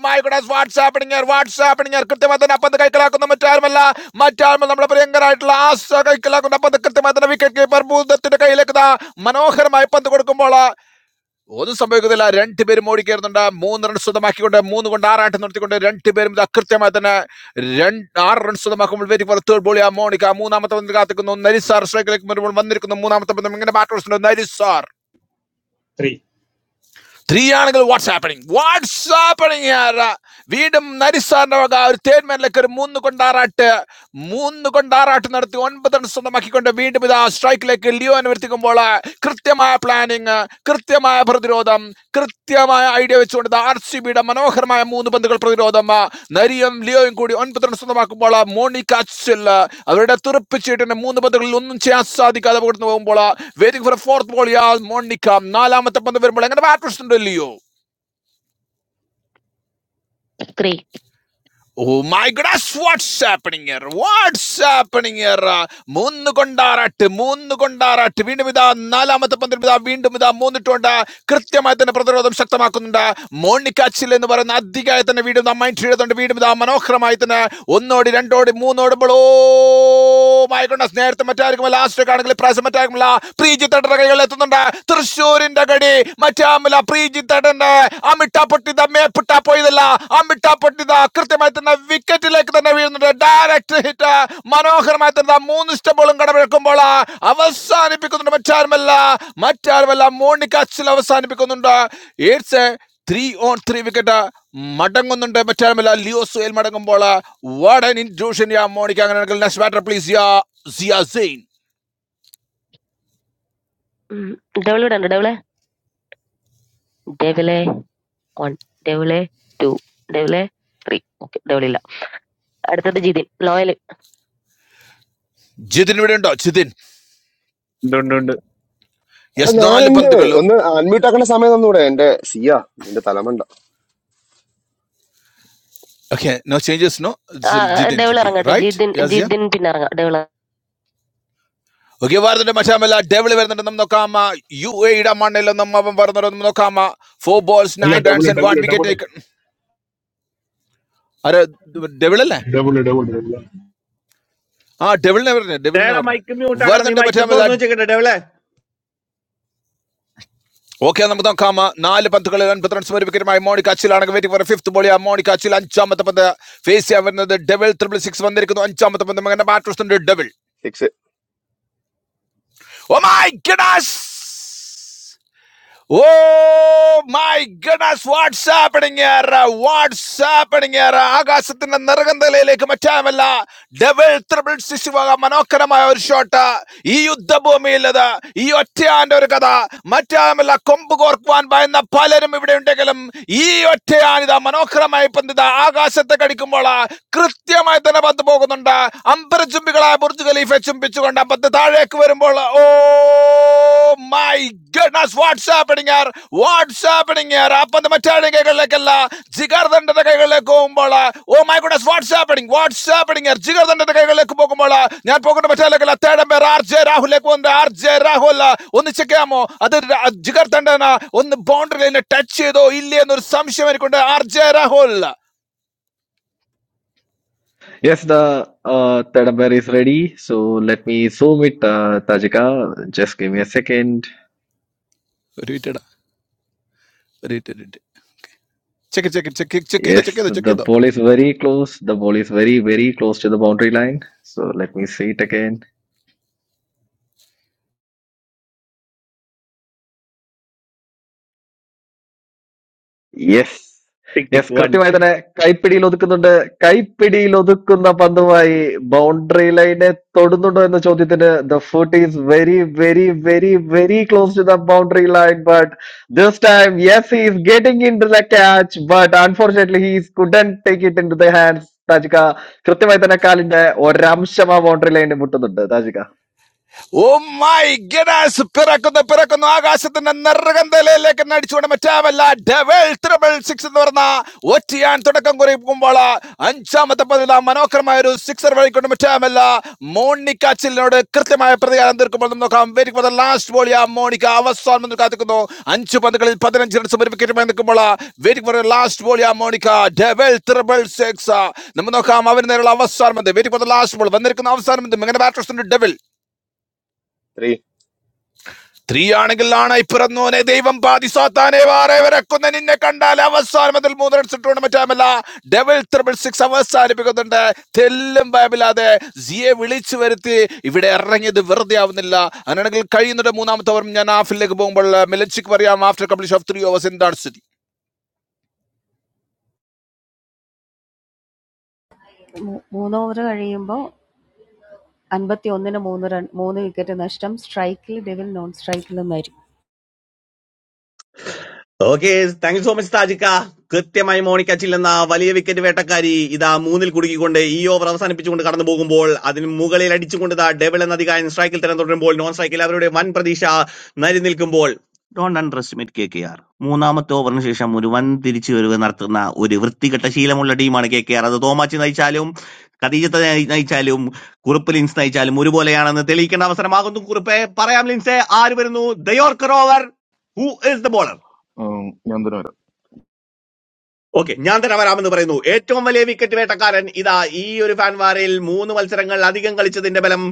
മൈ ഗുഡസ് വാട്സാപ്പ് ഇങ്ങർ വാട്സാപ്പ് ഇങ്ങർ കൃത്യമായി തന്നെ അപ്പം കൈക്കലാക്കുന്ന മറ്റാരുമല്ല മറ്റാരും നമ്മുടെ പ്രിയങ്കരായിട്ടുള്ള ആശ കൈക്കലാക്കുന്ന അപ്പം കൃത്യമായി തന്നെ വിക്കറ്റ് കീപ്പർ ഭൂതത്തിന്റെ കയ്യിലേക്ക് ദാ മനോഹരമായി പന്ത് കൊടുക്കുമ്പോൾ ഒന്നും സംഭവിക്കുന്നില്ല രണ്ടുപേരും ഓടിക്കയറുന്നുണ്ട് മൂന്ന് റൺ സ്വന്തമാക്കിക്കൊണ്ട് മൂന്ന് കൊണ്ട് ആറാട്ടം നടത്തിക്കൊണ്ട് രണ്ടുപേരും ഇത് അകൃത്യമായി തന്നെ രണ്ട് ആറ് റൺ സ്വന്തമാക്കുമ്പോൾ വെരി ഫോർ തേർഡ് ബോളി ആ മോണിക്ക മൂന്നാമത്തെ പന്തിൽ കാത്തിക്കുന്നു നരിസാർ സ്ട്രൈക്കിലേക്ക് വരുമ്പോൾ വന്നിരിക്കുന്നു മൂന്നാമത്തെ പന്തും ഇങ്ങനെ ബാറ്റ് വസ്തുണ്ട് നരിസാർ
three,
ത്രീ ആണെങ്കിൽ വാട്സ് ഹാപ്പനിങ് വാട്സ് ഹാപ്പനിങ് വീണ്ടും നരിസാറിന്റെ വക ഒരു തേർമാനിലേക്ക് ഒരു മൂന്ന് കൊണ്ട് ആറാട്ട് മൂന്ന് കൊണ്ട് ആറാട്ട് നടത്തി ഒൻപത് റൺ സ്വന്തമാക്കിക്കൊണ്ട് വീണ്ടും ഇത് ആ സ്ട്രൈക്കിലേക്ക് ലിയോനെ വരുത്തിക്കുമ്പോൾ കൃത്യമായ പ്ലാനിങ് കൃത്യമായ പ്രതിരോധം കൃത്യ കൃത്യമായ ഐഡിയ വെച്ചുകൊണ്ട് ആർ സി ബിയുടെ മനോഹരമായ മൂന്ന് പന്തുകൾ പ്രതിരോധം ആ, നരിയും ലിയോയും കൂടി ഒൻപത് റൺ സ്വന്തമാക്കുമ്പോൾ ആ, മോണിക്ക അച്ചിൽ ആ, അവരുടെ തുറപ്പിച്ചിട്ടിന് മൂന്ന് പന്തുകളിൽ ഒന്നും ചെയ്യാൻ സാധിക്കാതെ പുറത്തു പോകുമ്പോൾ waiting for fourth ball yeah Monica നാലാമത്തെ പന്ത് വരുമ്പോൾ എങ്ങനെ bat Leo
three
Oh my gosh, what's happening here? What's happening here? മൂന്ന് കൊണ്ടാറാട്ട് മൂന്ന് കൊണ്ടാറാട്ട് വീണ്ടും ഇതാ നാലാമത്തെ പന്തിൽ ഇതാ വീണ്ടും ഇതാ മൂന്നിട്ടുണ്ട് കൃത്യമായി തന്നെ പ്രതിരോധം ശക്തമാക്കുന്നുണ്ട് മോണിക്കാച്ചിൽ എന്ന് പറയുന്ന അധികമായി തന്നെ വീണ്ടും നാം മൈൻഡ് ചെയ്തുകൊണ്ട് വീണ്ടും ഇതാ മനോഹരമായി തന്നെ ഒന്നോടി രണ്ടോടി മൂന്നോടുമ്പോൾ ഓ മൈ ഗോഡ്നസ് നേരത്തെ മറ്റാർക്കുമല്ല ലാസ്റ്റ് ആണെങ്കിൽ പ്രാവശ്യം മറ്റാർക്കുമല്ല പ്രീജി തട്ടറ കൈകളിൽ എത്തുന്നുണ്ട് തൃശ്ശൂരിന്റെ കടി മറ്റാ തമ്മിൽ അപ്രീജിത്തേട്ടന്റെ ആ മിട്ടാപ്പൊട്ടിത മേപ്പിട്ടാ പോയതല്ല ആ മിട്ടാപ്പൊട്ടിത കൃത്യമായി തന്നെ വിക്കറ്റിലേക്ക് തന്നെ വീഴുന്നുണ്ട് ഡയറക്റ്റ് ഹിറ്റ് മനോഹരമായി തന്നെ മൂന്ന് സ്റ്റംബോളും കടമെടുക്കുമ്പോൾ അവസാനിപ്പിക്കുന്നുണ്ട് മറ്റാരുമല്ല മറ്റാരുമല്ല മോണിക്ക അച്ചിൽ അവസാനിപ്പിക്കുന്നുണ്ട് ഏഴ്സ് ത്രീ ഓൺ ത്രീ വിക്കറ്റ് മടങ്ങുന്നുണ്ട് മറ്റാരുമല്ല ലിയോ സുയൽ മടങ്ങുമ്പോൾ വാടൻ ഇൻട്രൂഷൻ യാ മോണിക്ക അങ്ങനെയാണെങ്കിൽ next batter please yeah സിയാ Zain
double ഇവിടെ ഉണ്ട് ഡബിളെ ഡബിളെ വൺ ഡബിളെ ടു ഡബിളെ ത്രീ ഓക്കെ ഡബിളില്ല അടുത്തത് ജിതിൻ ലോയൽ
ജിതിൻ ഇവിടെ ഉണ്ടോ ജിതിൻ
ഉണ്ട് ഉണ്ട് ഉണ്ട്
എടാ
യെസ് നാല്
ഞാനുണ്ട്
പന്തുകൾ
ഒന്ന് അൺമ്യൂട്ട് ആക്കേണ്ട സമയം തന്നൂടെ എന്റെ സിയ നിന്റെ തലമണ്ട
Okay, no changes, no? It's Jidin
double
Jidi,
ഇറങ്ങട്ടെ
right?
Jithin
Yes, yeah.
Jithin പിന്നെ ഇറങ്ങാം ഡബിൾ
ഓക്കെ വരുന്നുണ്ട് മറ്റാമല്ല ഡെവിള് വരുന്നുണ്ട് നമ്മൾ നോക്കാം യു എയുടെ മണ്ണിലൊന്നും അവൻ വരുന്നുണ്ടെന്നും നോക്കാം ഫോർ ബോൾസ്
അല്ല
nine
double
runs and one
double double
wicket ആരെ ഡെവിളല്ലേ
ഡബിൾ ഡബിൾ ഡബിൾ
ആ ഡെവിളിനെ പറഞ്ഞേ ഡെവിളിനെ
ചേടാ
പറഞ്ഞേ
മൈക്ക് മ്യൂട്ട് ആക്കണം നീ
വരുന്നുണ്ട്
മൈക്ക്
മറ്റാമല്ല
തുറന്നു വെച്ചേക്കട്ടെ ഡെവലെ
ഓക്കെ നമുക്ക് നോക്കാം നാല് പന്തുകളിൽ അൻപത്തി റൺസ് ഒരു വിക്കറ്റുമായി മോണിക്ക അച്ചിലാണെങ്കിൽ വെയിറ്റ് ഫോർ ഫിഫ്ത് ബോളി ആ മോണിക്ക അച്ചിൽ അഞ്ചാമത്തെ പന്ത് ഫേസ് ചെയ്യാൻ വരുന്നത് ഡെവിൾ ത്രിപിൾ സിക്സ് വന്നിരിക്കുന്നു അഞ്ചാമത്തെ പന്ത് മകന്റെ bat devil
six
oh my goodness Oh my goodness, what's happening here? What's happening here? ആകാശത്തിന്റെ നിറകന്തലയിലേക്ക് മറ്റാമല്ല ഡബിൾ ട്രിപ്പിൾ സിക്സ് വക മനോഹരമായ ഒരു ഷോട്ട് ഈ യുദ്ധഭൂമിയിലത് ഈ ഒറ്റയാന്റെ ഒരു കഥ മറ്റാമല്ല കൊമ്പ് കോർക്കുവാൻ ഭയന്ന പലരും ഇവിടെ ഉണ്ടെങ്കിലും ഈ ഒറ്റയാൻ ഇതാ മനോഹരമായി പന്തിത ആകാശത്തെ കടിക്കുമ്പോൾ കൃത്യമായി തന്നെ പന്ത് പോകുന്നുണ്ട് അമ്പരചുംബികളായ ബുർജ് ഖലീഫ വിച്ചുംപിച്ചുകൊണ്ട് അമ്പത്ത് താഴേക്ക് വരുമ്പോൾ oh my goodness what's happening here what's happening here അപ്പന്ത് മറ്റാരുടെ കൈകളിലേക്കല്ല ജിഗർദണ്ഡന്റെ കൈകളിലേക്ക് പോകുമ്പോൾ oh my goodness what's happening what's happening here ജിഗർദണ്ഡന്റെ കൈകളിലേക്ക് പോകുമ്പോൾ ഞാൻ പോകുന്ന മറ്റാരിലേക്കല്ല തേടം പേർ ആർ ജെ രാഹുലേക്ക് വന്ന് ആർ ജെ രാഹുൽ ഒന്ന് ചെക്ക് ചെയ്യാമോ അത് ര- ജിഗർദണ്ഡന ഒന്ന് ബൗണ്ടറി ലൈനെ ടച്ച് ചെയ്തോ ഇല്ലേ എന്നൊരു സംശയം എനിക്കുണ്ട് R J Rahul
Yes, the uh, tadabber is ready. So let me zoom it, uh, Tajika. Just give me a second.
ഒരു മിനിറ്റ് ഒരു minute check check check check ചെയ്തോ ചെക്ക്
Yes,
ചെയ്തോ ചെക്ക്
the
ചെയ്തോ
ball is very close. The ball is very, very close to the boundary line. So let me see it again. Yes
tick tick
yes
one
കൃത്യമായി തന്നെ കൈപ്പിടിയിൽ ഒതുക്കുന്നുണ്ട് കൈപ്പിടിയിൽ ഒതുക്കുന്ന പന്തുമായി boundary ലൈനെ തൊടുന്നുണ്ടോ എന്ന ചോദ്യത്തിന് the foot is very very very very close to the boundary line but this time yes he's getting into the catch but unfortunately he's couldn't take it into the hands Thajika കൃത്യമായി തന്നെ കാലിന്റെ ഒരംശം ആ boundary ലൈനിൽ മുട്ടുന്നുണ്ട് താജിക
ഓ my ഗഡാസ് പിറക്കുന്നു പിറക്കുന്നു ആകാശത്തിന്റെ നിറകന്തലയിലേക്ക് എന്നെ അടിച്ചുകൊണ്ട് മറ്റാമല്ല double triple six എന്ന് പറഞ്ഞ ഒറ്റയാൻ തുടക്കം കുറിക്കുമ്പോൾ അഞ്ചാമത്തെ പതില മനോഹരമായ ഒരു സിക്സർ വഴിക്കൊണ്ട് മറ്റാമല്ല മോണിക്ക ചില്ലിനോട് കൃത്യമായ പ്രതികാരം തീർക്കുമ്പോൾ നമുക്ക് നോക്കാം very for the last ball ആ മോണിക്ക അവസാനം എന്ന് കാത്തിക്കുന്നു അഞ്ച് പന്തുകളിൽ പതിനഞ്ച് റൺസ് ഒരു വിക്കറ്റുമായി നിൽക്കുമ്പോൾ very for the last ball ആ മോണിക്ക ഡബിൾ ത്രിബിൾ സിക്സ് നമ്മൾ നോക്കാം അവന് നേരെയുള്ള അവസാനം very for the last ball വന്നിരിക്കുന്ന അവസാനം ഇങ്ങനെ ബാറ്റേഴ്സിന്റെ ഡബിൾ
ത്രീ
ത്രീയാണെങ്കിൽ ആണായി പിറന്നോനെ ദൈവം പാതി സാത്താനെ വാറെ വരക്കുന്ന നിന്നെ കണ്ടാൽ അവസാനം അതിൽ മൂന്ന് റൺസ് ഇട്ടുകൊണ്ട് മറ്റാമല്ല ഡബിൾ ത്രിബിൾ സിക്സ് അവസാനിപ്പിക്കുന്നുണ്ട് തെല്ലും ഭയമില്ലാതെ സിയെ വിളിച്ചു വരുത്തി ഇവിടെ ഇറങ്ങിയത് വെറുതെ ആവുന്നില്ല അങ്ങനെയാണെങ്കിൽ കഴിയുന്നുണ്ട് മൂന്നാമത്തെ ഓവർ ഞാൻ ഹാഫിലേക്ക് പോകുമ്പോൾ മിലൻസിക്ക് പറയാം after completion of three overs എന്താണ് സ്ഥിതി
മൂന്ന് ഓവർ കഴിയുമ്പോൾ അൻപത്തിയൊന്നിന് മൂന്ന് റൺ മൂന്ന് വിക്കറ്റ് നഷ്ടം സ്ട്രൈക്കിൽ ഡെവിൽ നോൺ സ്ട്രൈക്കിൽ Nari
okay thank you so much Thajikka കൃത്യമായി മോണിക്ക ചില്ലെന്ന വലിയ വിക്കറ്റ് വേട്ടക്കാരി ഇതാ മൂന്നിൽ കുടുക്കിക്കൊണ്ട് ഈ ഓവർ അവസാനിപ്പിച്ചുകൊണ്ട് കടന്നു പോകുമ്പോൾ അതിന് മുകളിൽ അടിച്ചുകൊണ്ട് ഇതാ ഡബിൾ എന്ന അധികാരൻ സ്ട്രൈക്കിൽ തരം തുടരുമ്പോൾ നോൺ സ്ട്രൈക്കിൽ അവരുടെ വൻ പ്രതീക്ഷ നരി നിൽക്കുമ്പോൾ don't underestimate K K R മൂന്നാമത്തെ ഓവറിന് ശേഷം ഒരു വൻ തിരിച്ചു വരവ് നടത്തുന്ന ഒരു വൃത്തികെട്ട ശീലമുള്ള ടീമാണ് കെ കെ ആർ അത് തോമാച്ചി നയിച്ചാലും ഖദീജത്തെ നയി- നയിച്ചാലും കുറുപ്പ് ലിൻസ് നയിച്ചാലും ഒരുപോലെയാണെന്ന് തെളിയിക്കേണ്ട അവസരമാകുന്നു കുറുപ്പെ പറയാം ലിൻസെ ആര് വരുന്നു the yorker over who is the bowler
ഉം, ഞാൻ തന്നെ വരാം
ഓക്കെ ഞാൻ തന്നെ വരാമെന്ന് പറയുന്നു ഏറ്റവും വലിയ വിക്കറ്റ് വേട്ടക്കാരൻ ഇതാ ഈ ഒരു ഫാൻവാരയിൽ മൂന്ന് മത്സരങ്ങൾ അധികം കളിച്ചതിന്റെ ബലം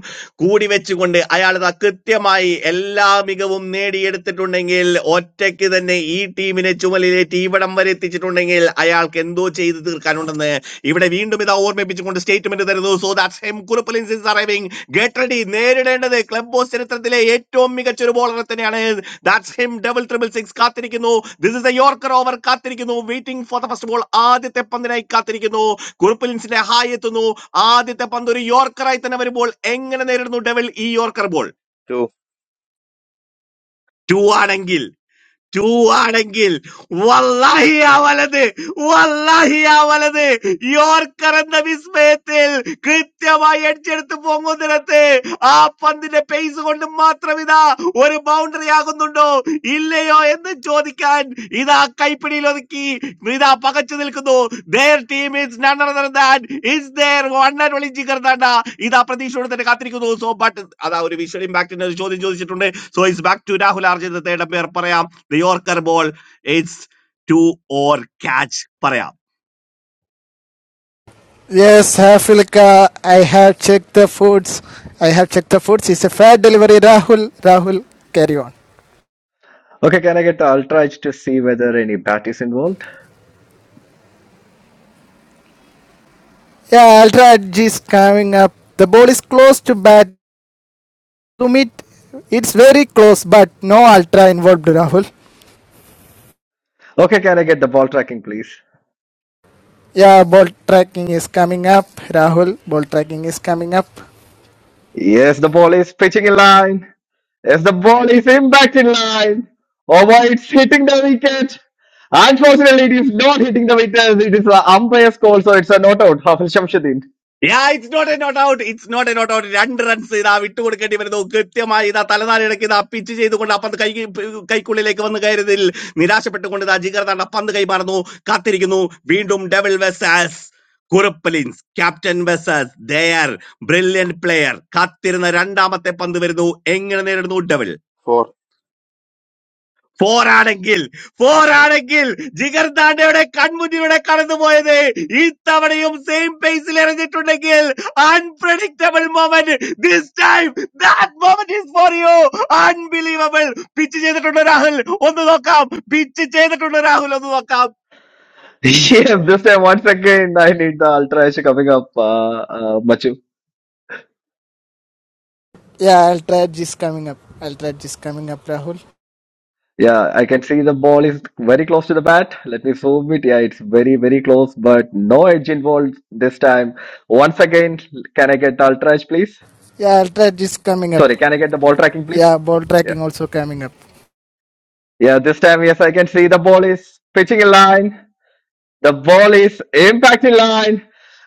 കൂടി വെച്ചുകൊണ്ട് അയാൾ ഇതാ കൃത്യമായി എല്ലാ മികവും നേടിയെടുത്തിട്ടുണ്ടെങ്കിൽ ഒറ്റയ്ക്ക് തന്നെ ഈ ടീമിനെ ചുമലിലേറ്റ് ഇവിടം വരെ എത്തിച്ചിട്ടുണ്ടെങ്കിൽ അയാൾക്ക് എന്തോ തീർക്കാനുണ്ടെന്ന് ഇവിടെ വീണ്ടും ഇത് ഓർമ്മിപ്പിച്ചുകൊണ്ട് സ്റ്റേറ്റ്മെന്റ് തരുന്നു സോ ദാറ്റ്സ് ഹെം കുറുപ്പലിൻസ് ഈസ് അറൈവിംഗ് ഗെറ്റ് റെഡി നേരിടേണ്ടത് ക്ലബ് ബോസ് ചരിത്രത്തിലെ ഏറ്റവും മികച്ച ഒരു ബോളറെ തന്നെയാണ് that's him double triple six കാത്തിരിക്കുന്നു this is a yorker over കാത്തിരിക്കുന്നു waiting for the first ball ആദ്യത്തെ പന്തിനായി കാത്തിരിക്കുന്നു കുറുപ്പലിൻസിന്റെ ഹായ് എത്തുന്നു ആദ്യത്തെ പന്ത് ഒരു യോർക്കറായി തന്നെ വരുമ്പോൾ എങ്ങനെ നേരിടുന്നു ഡെവിൾ ഈ യോർക്കർ ബോൾ
ടു
ടു ആണെങ്കിൽ ടു ആണെങ്കിൽ വല്ലാഹി ആ വലത് വല്ലാഹി ആ വലത് യോർക്കർ എന്ന വിസ്മയത്തിൽ കൃത്യമായി അടിച്ചെടുത്ത് പൊങ്ങുന്നിടത്ത് ആ പന്തിന്റെ പേസ് കൊണ്ട് മാത്രം ഇതാ ഒരു ബൗണ്ടറി ആകുന്നുണ്ടോ ഇല്ലയോ എന്ന് ചോദിക്കാൻ ഇതാ കൈപ്പിടിയിൽ ഒതുക്കി ഇതാ പകച്ചു നിൽക്കുന്നു their team is none other than is their one and only Jigar ദാണ്ട ഇതാ പ്രതീക്ഷയോടെ തന്നെ കാത്തിരിക്കുന്നു സോ ബട്ട് അതാ ഒരു വിഷ്വൽ ഇമ്പാക്റ്റിന്റെ ഒരു ചോദ്യം ചോദിച്ചിട്ടുണ്ട് so is back to Rahul ആർജിത തേടം പേർ പറയാം the Yorker ball. It's two or catch പറയാം.
Yes, Hafilka, I have checked the foods. I have checked the foods. It's a fair delivery, Rahul. Rahul, carry on.
Okay can I get ultraedge to see whether any bat is involve
Yeah, Ultra Edge is coming up. The ball is close to bat. To meet, it's very close, but no Ultra involved, Rahul.
Okay can I get the ball tracking please
Yeah, ball tracking is coming up, Rahul. Ball tracking is coming up.
Yes, the ball is pitching in line. Yes, the ball is impact in line. Oh boy, it's hitting the wicket. Unfortunately, it is not hitting the wicket. It is the umpire's call, so it's a not out. Hafiz Shamsuddin.
Yeah, it's not a not out. It's not a not out. രണ്ട് runs ഇതാ വിട്ടുകൊടുക്കേണ്ടി വരുന്നു. കൃത്യമായി ഇതാ തലനാരിഴയ്ക്ക് ഇതാ pitch ചെയ്തുകൊണ്ട് ആ പന്ത് കൈ കൈക്കുള്ളിലേക്ക് വന്ന് കയറിയതിൽ നിരാശപ്പെട്ടുകൊണ്ട് ഇതാ ജിഗർ തണ്ട പന്ത് കൈമാറുന്നു കാത്തിരിക്കുന്നു വീണ്ടും ഡെവിൾ വെസാസ് കുറുപ്പലിൻസ് ക്യാപ്റ്റൻ വെസാസ് ദയർ ബ്രില്യൻ പ്ലെയർ കാത്തിരുന്ന രണ്ടാമത്തെ പന്ത് വരുന്നു എങ്ങനെ നേരിടുന്നു ഡെവിൾ
ഫോർ
പോരാണെങ്കിൽ പോരാണെങ്കിൽ ജിഗർദാണ്ടയുടെ കൺമുന്നിലൂടെ കടന്നുപോയത് ഈ തവണയും സെയിം പേസിൽ എറിഞ്ഞിട്ടുണ്ടെങ്കിൽ unpredictable moment this time that moment is for you unbelievable pitch ചെയ്തിട്ടുണ്ട് രാഹുൽ ഒന്ന് നോക്കാം പിച്ച് ചെയ്തിട്ടുണ്ട് രാഹുൽ ഒന്ന് നോക്കാം
*laughs* yes, this time once again, I need the ultra edge coming up, uh, uh, Machu.
Yeah, Ultra Edge is coming up. Ultra Edge is coming up, Rahul.
Yeah, I can see the ball is very close to the bat. Let me zoom it. Yeah, it's very, very close, but no edge involved this time. Once again, can I get the ultra edge, please?
Yeah, Ultra Edge is coming up.
Sorry, can I get the ball tracking, please?
Yeah, ball
Yeah.
tracking also coming up.
Yeah, this time, yes, I can see the ball is pitching in line. The ball is impacting line.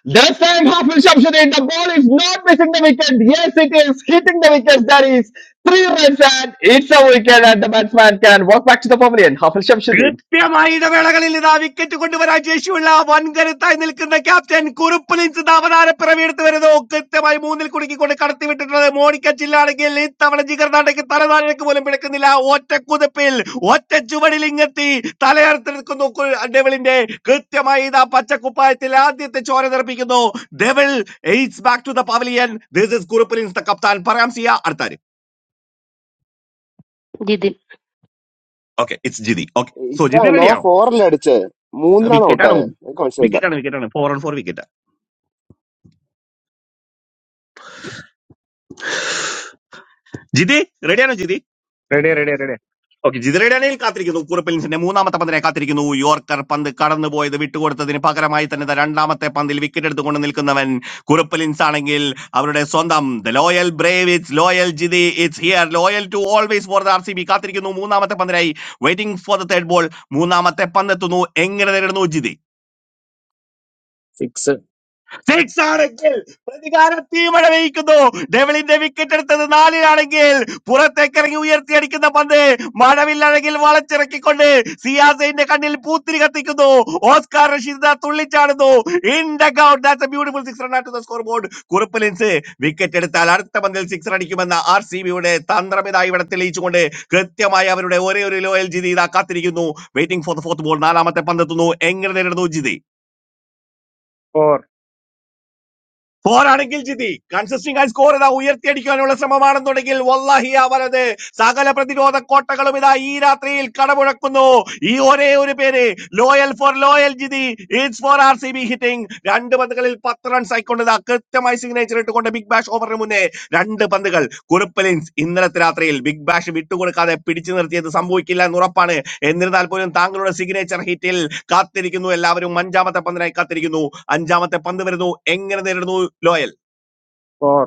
This time, Hafiz Shamsuddin, the ball is not missing the wicket. Yes, it is hitting the wicket. That is three runs and it's a wicket and the batsman can walk back to the pavilion. Hafiz Shamsuddin.
കൃത്യമായ ഇടവേളകളിൽ ഇതാ wicket കൊണ്ടുവരാൻ ശേഷിയുള്ള വൻകരുത്തായി നിൽക്കുന്ന captain കുറുപ്പലിൻസ് അവതാരപ്പിറവിയെടുത്ത് വരുന്നു കൃത്യമായി മൂന്നിൽ കുടുക്കിക്കൊണ്ട് കടത്തിവിട്ടിട്ടുള്ളത് മോണിക്കച്ചില്ലാണെങ്കിൽ ഇത്തവണ ജിഗർനാട്ടയ്ക്ക് തലനാടേക്ക് പോലും പിടക്കുന്നില്ല ഒറ്റ കുതിപ്പിൽ ഒറ്റ ചുവടിൽ ഇങ്ങെത്തി തലയർത്ത് നിൽക്കുന്നു കു- ഡെവിളിന്റെ കൃത്യമായി ഇതാ പച്ചക്കുപ്പായത്തിൽ ആദ്യത്തെ ചോര തെറിപ്പിക്കുന്നു devil it's back to the pavilion this is കുറുപ്പലിൻസ് ദ കപ്താൻ പറയാം സിയ അടുത്താര്
Jithin
okay it's Jithi okay so
ഇക്ക
ജിതി
ഞാൻ
റെഡിയാണോ
ഫോർ അല്ലേ അടിച്ചേ മൂന്നിലാണ്
വിക്കറ്റാണ്
ഔട്ടായേ എനിക്ക് മനസ്സിലായില്ല
വിക്കറ്റാണ് വിക്കറ്റാണ് four on four wicket Jithi റെഡിയാണോ ജിതി
റെഡിയാ റെഡിയാ റെഡിയാ
ഓക്കെ ജിതി റെഡിയാണെങ്കിൽ കാത്തിരിക്കുന്നു കുറിപ്പിൻസിന്റെ മൂന്നാമത്തെ പന്തിനെ കാത്തിരിക്കുന്നു യോർക്കർ പന്ത് കടന്നുപോയത് വിട്ടുകൊടുത്തതിന് പകരമായി തന്നെ ദാ രണ്ടാമത്തെ പന്തിൽ വിക്കറ്റ് എടുത്തുകൊണ്ട് നിൽക്കുന്നവൻ കുറിപ്പിൻസ് ആണെങ്കിൽ അവരുടെ സ്വന്തം the loyal brave it's loyal Jithi it's here loyal to always for the R C B കാത്തിരിക്കുന്നു മൂന്നാമത്തെ പന്തിനായി waiting for the third ball മൂന്നാമത്തെ പന്തെത്തുന്നു എങ്ങനെ നേരിടുന്നു ജിതി
സിക്സ്
സിക്സ് ആണെങ്കിൽ പ്രതികാര തീമഴ പെയ്യിക്കുന്നു ഡെവിളിന്റെ വിക്കറ്റ് എടുത്തത് നാലിലാണെങ്കിൽ പുറത്തേക്കിറങ്ങി ഉയർത്തിയടിക്കുന്ന പന്ത് മഴവില്ലഴകിൽ വളച്ചിറക്കിക്കൊണ്ട് സിയാസൈന്റെ കണ്ണിൽ പൂത്തിരി കത്തിക്കുന്നു ഓസ്കാർ റഷീദ് തുള്ളിച്ചാടുന്നു ഇൻ ദ ഗൗട്ട് that's a beautiful six run at the score scoreboard Kurup Lins wicket എടുത്താൽ അടുത്ത പന്തിൽ സിക്സ് അടിക്കുമെന്ന ആർ സി ബിയുടെ തന്ത്രം ഇതാ ഇവിടെ തെളിയിച്ചുകൊണ്ട് കൃത്യമായി അവരുടെ ഒരേ ഒരു ലോയൽ ജിതി ഇതാ കാത്തിരിക്കുന്നു waiting for the fourth ball നാലാമത്തെ പന്തെത്തുന്നു എങ്ങനെ നേരിടുന്നു ജിതി
ഫോർ
പോരാണെങ്കിൽ ജിതി കൺസിസ്റ്റിംഗ് ആയി സ്കോർ ഇതാ ഉയർത്തിയടിക്കാനുള്ള ശ്രമമാണെന്നുണ്ടെങ്കിൽ വല്ലാഹി അവരത് സകല പ്രതിരോധ കോട്ടകളും ഇതാ ഈ രാത്രിയിൽ കടമുഴക്കുന്നു ഈ ഒരേ ഒരു പേര് Loyal four Loyal Jithi it's four R C B hitting രണ്ട് പന്തുകളിൽ പത്ത് റൺസ് ആയിക്കൊണ്ട് ഇതാ കൃത്യമായി സിഗ്നേച്ചർ ഇട്ടുകൊണ്ട് ബിഗ് ബാഷ് ഓവറിന് മുന്നേ രണ്ട് പന്തുകൾ കുറുപ്പലിൻസ് ഇന്നലത്തെ രാത്രിയിൽ ബിഗ് ബാഷ് വിട്ടുകൊടുക്കാതെ പിടിച്ചു നിർത്തിയത് സംഭവിക്കില്ല എന്ന് ഉറപ്പാണ് എന്നിരുന്നാൽ പോലും താങ്കളുടെ സിഗ്നേച്ചർ ഹിറ്റിൽ കാത്തിരിക്കുന്നു എല്ലാവരും അഞ്ചാമത്തെ പന്തിനായി കാത്തിരിക്കുന്നു അഞ്ചാമത്തെ പന്ത് വരുന്നു എങ്ങനെ നേരിടുന്നു ലോയൽ
ഫോർ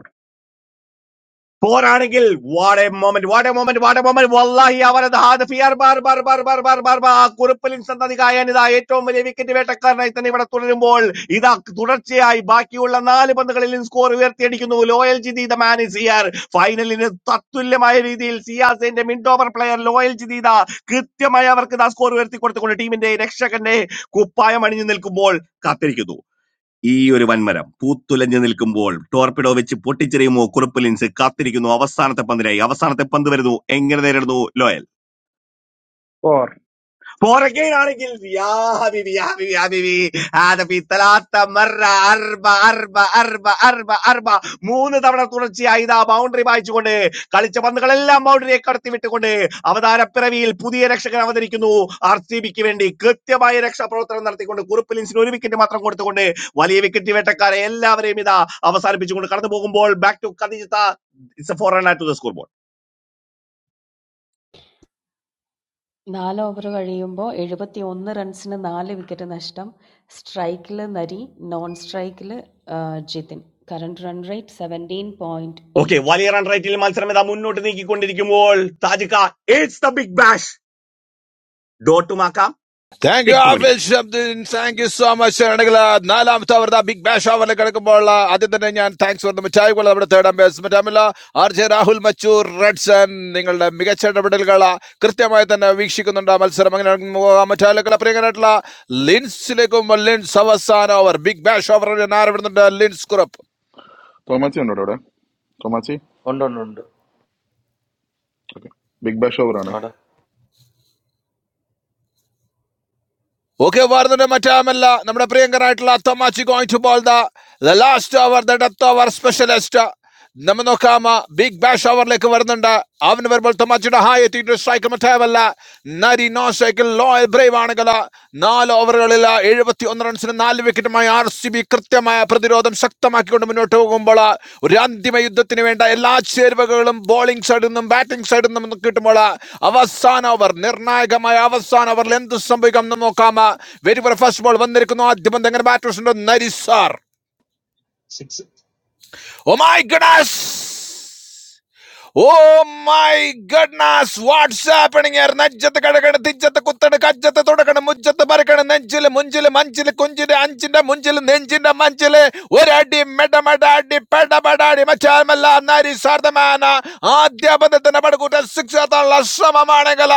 പോരാണെങ്കിൽ what a moment what a moment what a moment വല്ലാഹി അവരത് ഹാദഫിയാർ ബാർ ബാർ ബാർ ബാർ ബാർ ബാർ ബാർ ആ കുറിപ്പലിൻ സന്തതി കായാൻ ഇതാ ഏറ്റവും വലിയ വിക്കറ്റ് വേട്ടക്കാരനായി തന്നെ ഇവിടെ തുടരുമ്പോൾ ഇതാ തുടർച്ചയായി ബാക്കിയുള്ള നാല് പന്തുകളിലും സ്കോർ ഉയർത്തിയടിക്കുന്നു Loyal Jithi the man is here ഫൈനലിന് തത്തുല്യമായ രീതിയിൽ സിയാസിന്റെ mid over player Loyal Jithi ദാ കൃത്യമായി അവർക്ക് ഇതാ സ്കോർ ഉയർത്തി കൊടുത്തുകൊണ്ട് ടീമിന്റെ രക്ഷകന്റെ കുപ്പായം അണിഞ്ഞു നിൽക്കുമ്പോൾ കാത്തിരിക്കുന്നു ഈ ഒരു വൻമരം പൂത്തുലഞ്ഞു നിൽക്കുമ്പോൾ ടോർപിഡോ വെച്ച് പൊട്ടിച്ചെറിയുമോ കുറുപ്പ് ലിൻസ് കാത്തിരിക്കുന്നു അവസാനത്തെ പന്തിനായി അവസാനത്തെ പന്ത് വരുന്നു എങ്ങനെ നേരിടുന്നു ലോയൽ
ഫോർ
ഫോർഗെയിൻ ആണെങ്കിൽ യാ ഹബീബി യാ ഹബീബി യാ ഹബീബി ആദബി തലാത്ത മറ അർബ അർബ അർബ അർബ അർബ മൂന്ന് തവണ തുടർച്ചയായി ഇതാ ബൗണ്ടറി വായിച്ചുകൊണ്ട് കളിച്ച പന്തുകളെല്ലാം ബൗണ്ടറിയെ കടത്തി വിട്ടുകൊണ്ട് അവതാരപ്പിറവിയിൽ പുതിയ രക്ഷകൻ അവതരിക്കുന്നു ആർ സി ബിക്ക് വേണ്ടി കൃത്യമായ രക്ഷാപ്രവർത്തനം നടത്തിക്കൊണ്ട് കുറുപ്പ് ലിൻസിന് ഒരു വിക്കറ്റ് മാത്രം കൊടുത്തുകൊണ്ട് വലിയ വിക്കറ്റ് വേട്ടക്കാരെ എല്ലാവരെയും ഇതാ അവസാനിപ്പിച്ചുകൊണ്ട് കടന്നു പോകുമ്പോൾ ബാക്ക് ടു കദിജത്ത it's four run to the score
നാല് ഓവർ കഴിയുമ്പോൾ എഴുപത്തി ഒന്ന് റൺസിന് നാല് വിക്കറ്റ് നഷ്ടം സ്ട്രൈക്കിൽ നരി നോൺ സ്ട്രൈക്കിൽ Jithin current run rate seventeen point
okay
eight
വലിയ റൺ റേറ്റിൽ മത്സരം ഇതാ മുന്നോട്ട് നീക്കിക്കൊണ്ടിരിക്കുമ്പോൾ താജിക്ക ഇറ്റ്സ് ദ ബിഗ് ബാഷ് ഡോട്ടുമാക്കാം
താങ്ക് യു
സിക്സ്
ആഫിൽ
മണിക്കാം
ശബ്ദിൻ താങ്ക് യു സോ മച്ച് ആണെങ്കില് നാലാമത്തെ അവർ ബിഗ് ബാഷ് അവറിൽ കിടക്കുമ്പോൾ ആദ്യം തന്നെ ഞാൻ താങ്ക്സ് പറഞ്ഞു മിഠായി കൊള്ള നമ്മുടെ തേർഡ് അംബേസ്മെന്റ് അമില ആർ ജെ രാഹുൽ മച്ചു റെഡ്സൺ നിങ്ങളുടെ മികച്ച ഇടപെടലുകൾ കൃത്യമായി തന്നെ വീക്ഷിക്കുന്നുണ്ട് ആ മത്സരം അങ്ങനെ മറ്റാളുകളെ പ്രിയങ്കരായിട്ടുള്ള ലിൻസിലേക്കും ലിൻസ് അവസാന ഓവർ ബിഗ് ബാഷ് ഓവർ ഞാൻ ആരംഭിടുന്നുണ്ട് ലിൻസ് കുറുപ്പ്
തോമാച്ചി ഉണ്ടോ ഇവിടെ തോമാച്ചി
ഉണ്ട് ഉണ്ട് ഉണ്ട്
ഓക്കെ ബിഗ് ബാഷ് ഓവറാണ്
അവിടെ
Okay, വാർന്നയുടെ മറ്റാമല്ല നമ്മുടെ പ്രിയങ്കരായിട്ടുള്ള അത്തമാച്ചി going to bowl the the last over the death over specialist നമ്മ നോക്കാമ ബിഗ് ബാഷ് ഓവറിലേക്ക് വരുന്നുണ്ട് അവന് വരുമ്പോൾ തമാച്ചിയുടെ ഹായ് എത്തിയിട്ട് സ്ട്രൈക്ക് മറ്റാവല്ല നരി നോ സൈക്കിൾ ലോ ബ്രേവ് ആണെങ്കിൽ നാല് ഓവറുകളിൽ എഴുപത്തി ഒന്ന് നാല് വിക്കറ്റുമായി ആർ സി ബി കൃത്യമായ പ്രതിരോധം ശക്തമാക്കിക്കൊണ്ട് മുന്നോട്ട് പോകുമ്പോൾ ഒരു അന്തിമ യുദ്ധത്തിന് വേണ്ട എല്ലാ ചേരുവകളും ബോളിംഗ് സൈഡിൽ നിന്നും ബാറ്റിംഗ് സൈഡിൽ നിന്നും കിട്ടുമ്പോൾ അവസാന ഓവർ നിർണായകമായ അവസാന ഓവറിൽ എന്ത് സംഭവിക്കാം എന്ന് നോക്കാം വെരി ഫസ്റ്റ് ബോൾ വന്നിരിക്കുന്നു ആദ്യം പന്ത് എങ്ങനെ ബാറ്റ് നരി sir
six.
Oh my Ganesh oh my goodness what's up ഇണിങ്ങർ നജ്ജത്ത് കടകട തിജ്ജത്ത് കുത്തട കജ്ജത്ത് തുടക്കണം മുജ്ജത്ത് പറക്കണം നെഞ്ചില് മുഞ്ചില് മഞ്ചില് കുഞ്ചില് അഞ്ചിന്റെ മുഞ്ചില് നെഞ്ചിന്റെ മഞ്ചില് ഒരടി മെടമടാടി പെടപടാടി മച്ചാൽമല്ല നരി സാർദ്ധമാന ആദ്യ പദത്തിന്റെ പടകൂറ്റ ശിക്ഷത്തുള്ള ശ്രമമാണെങ്കിൽ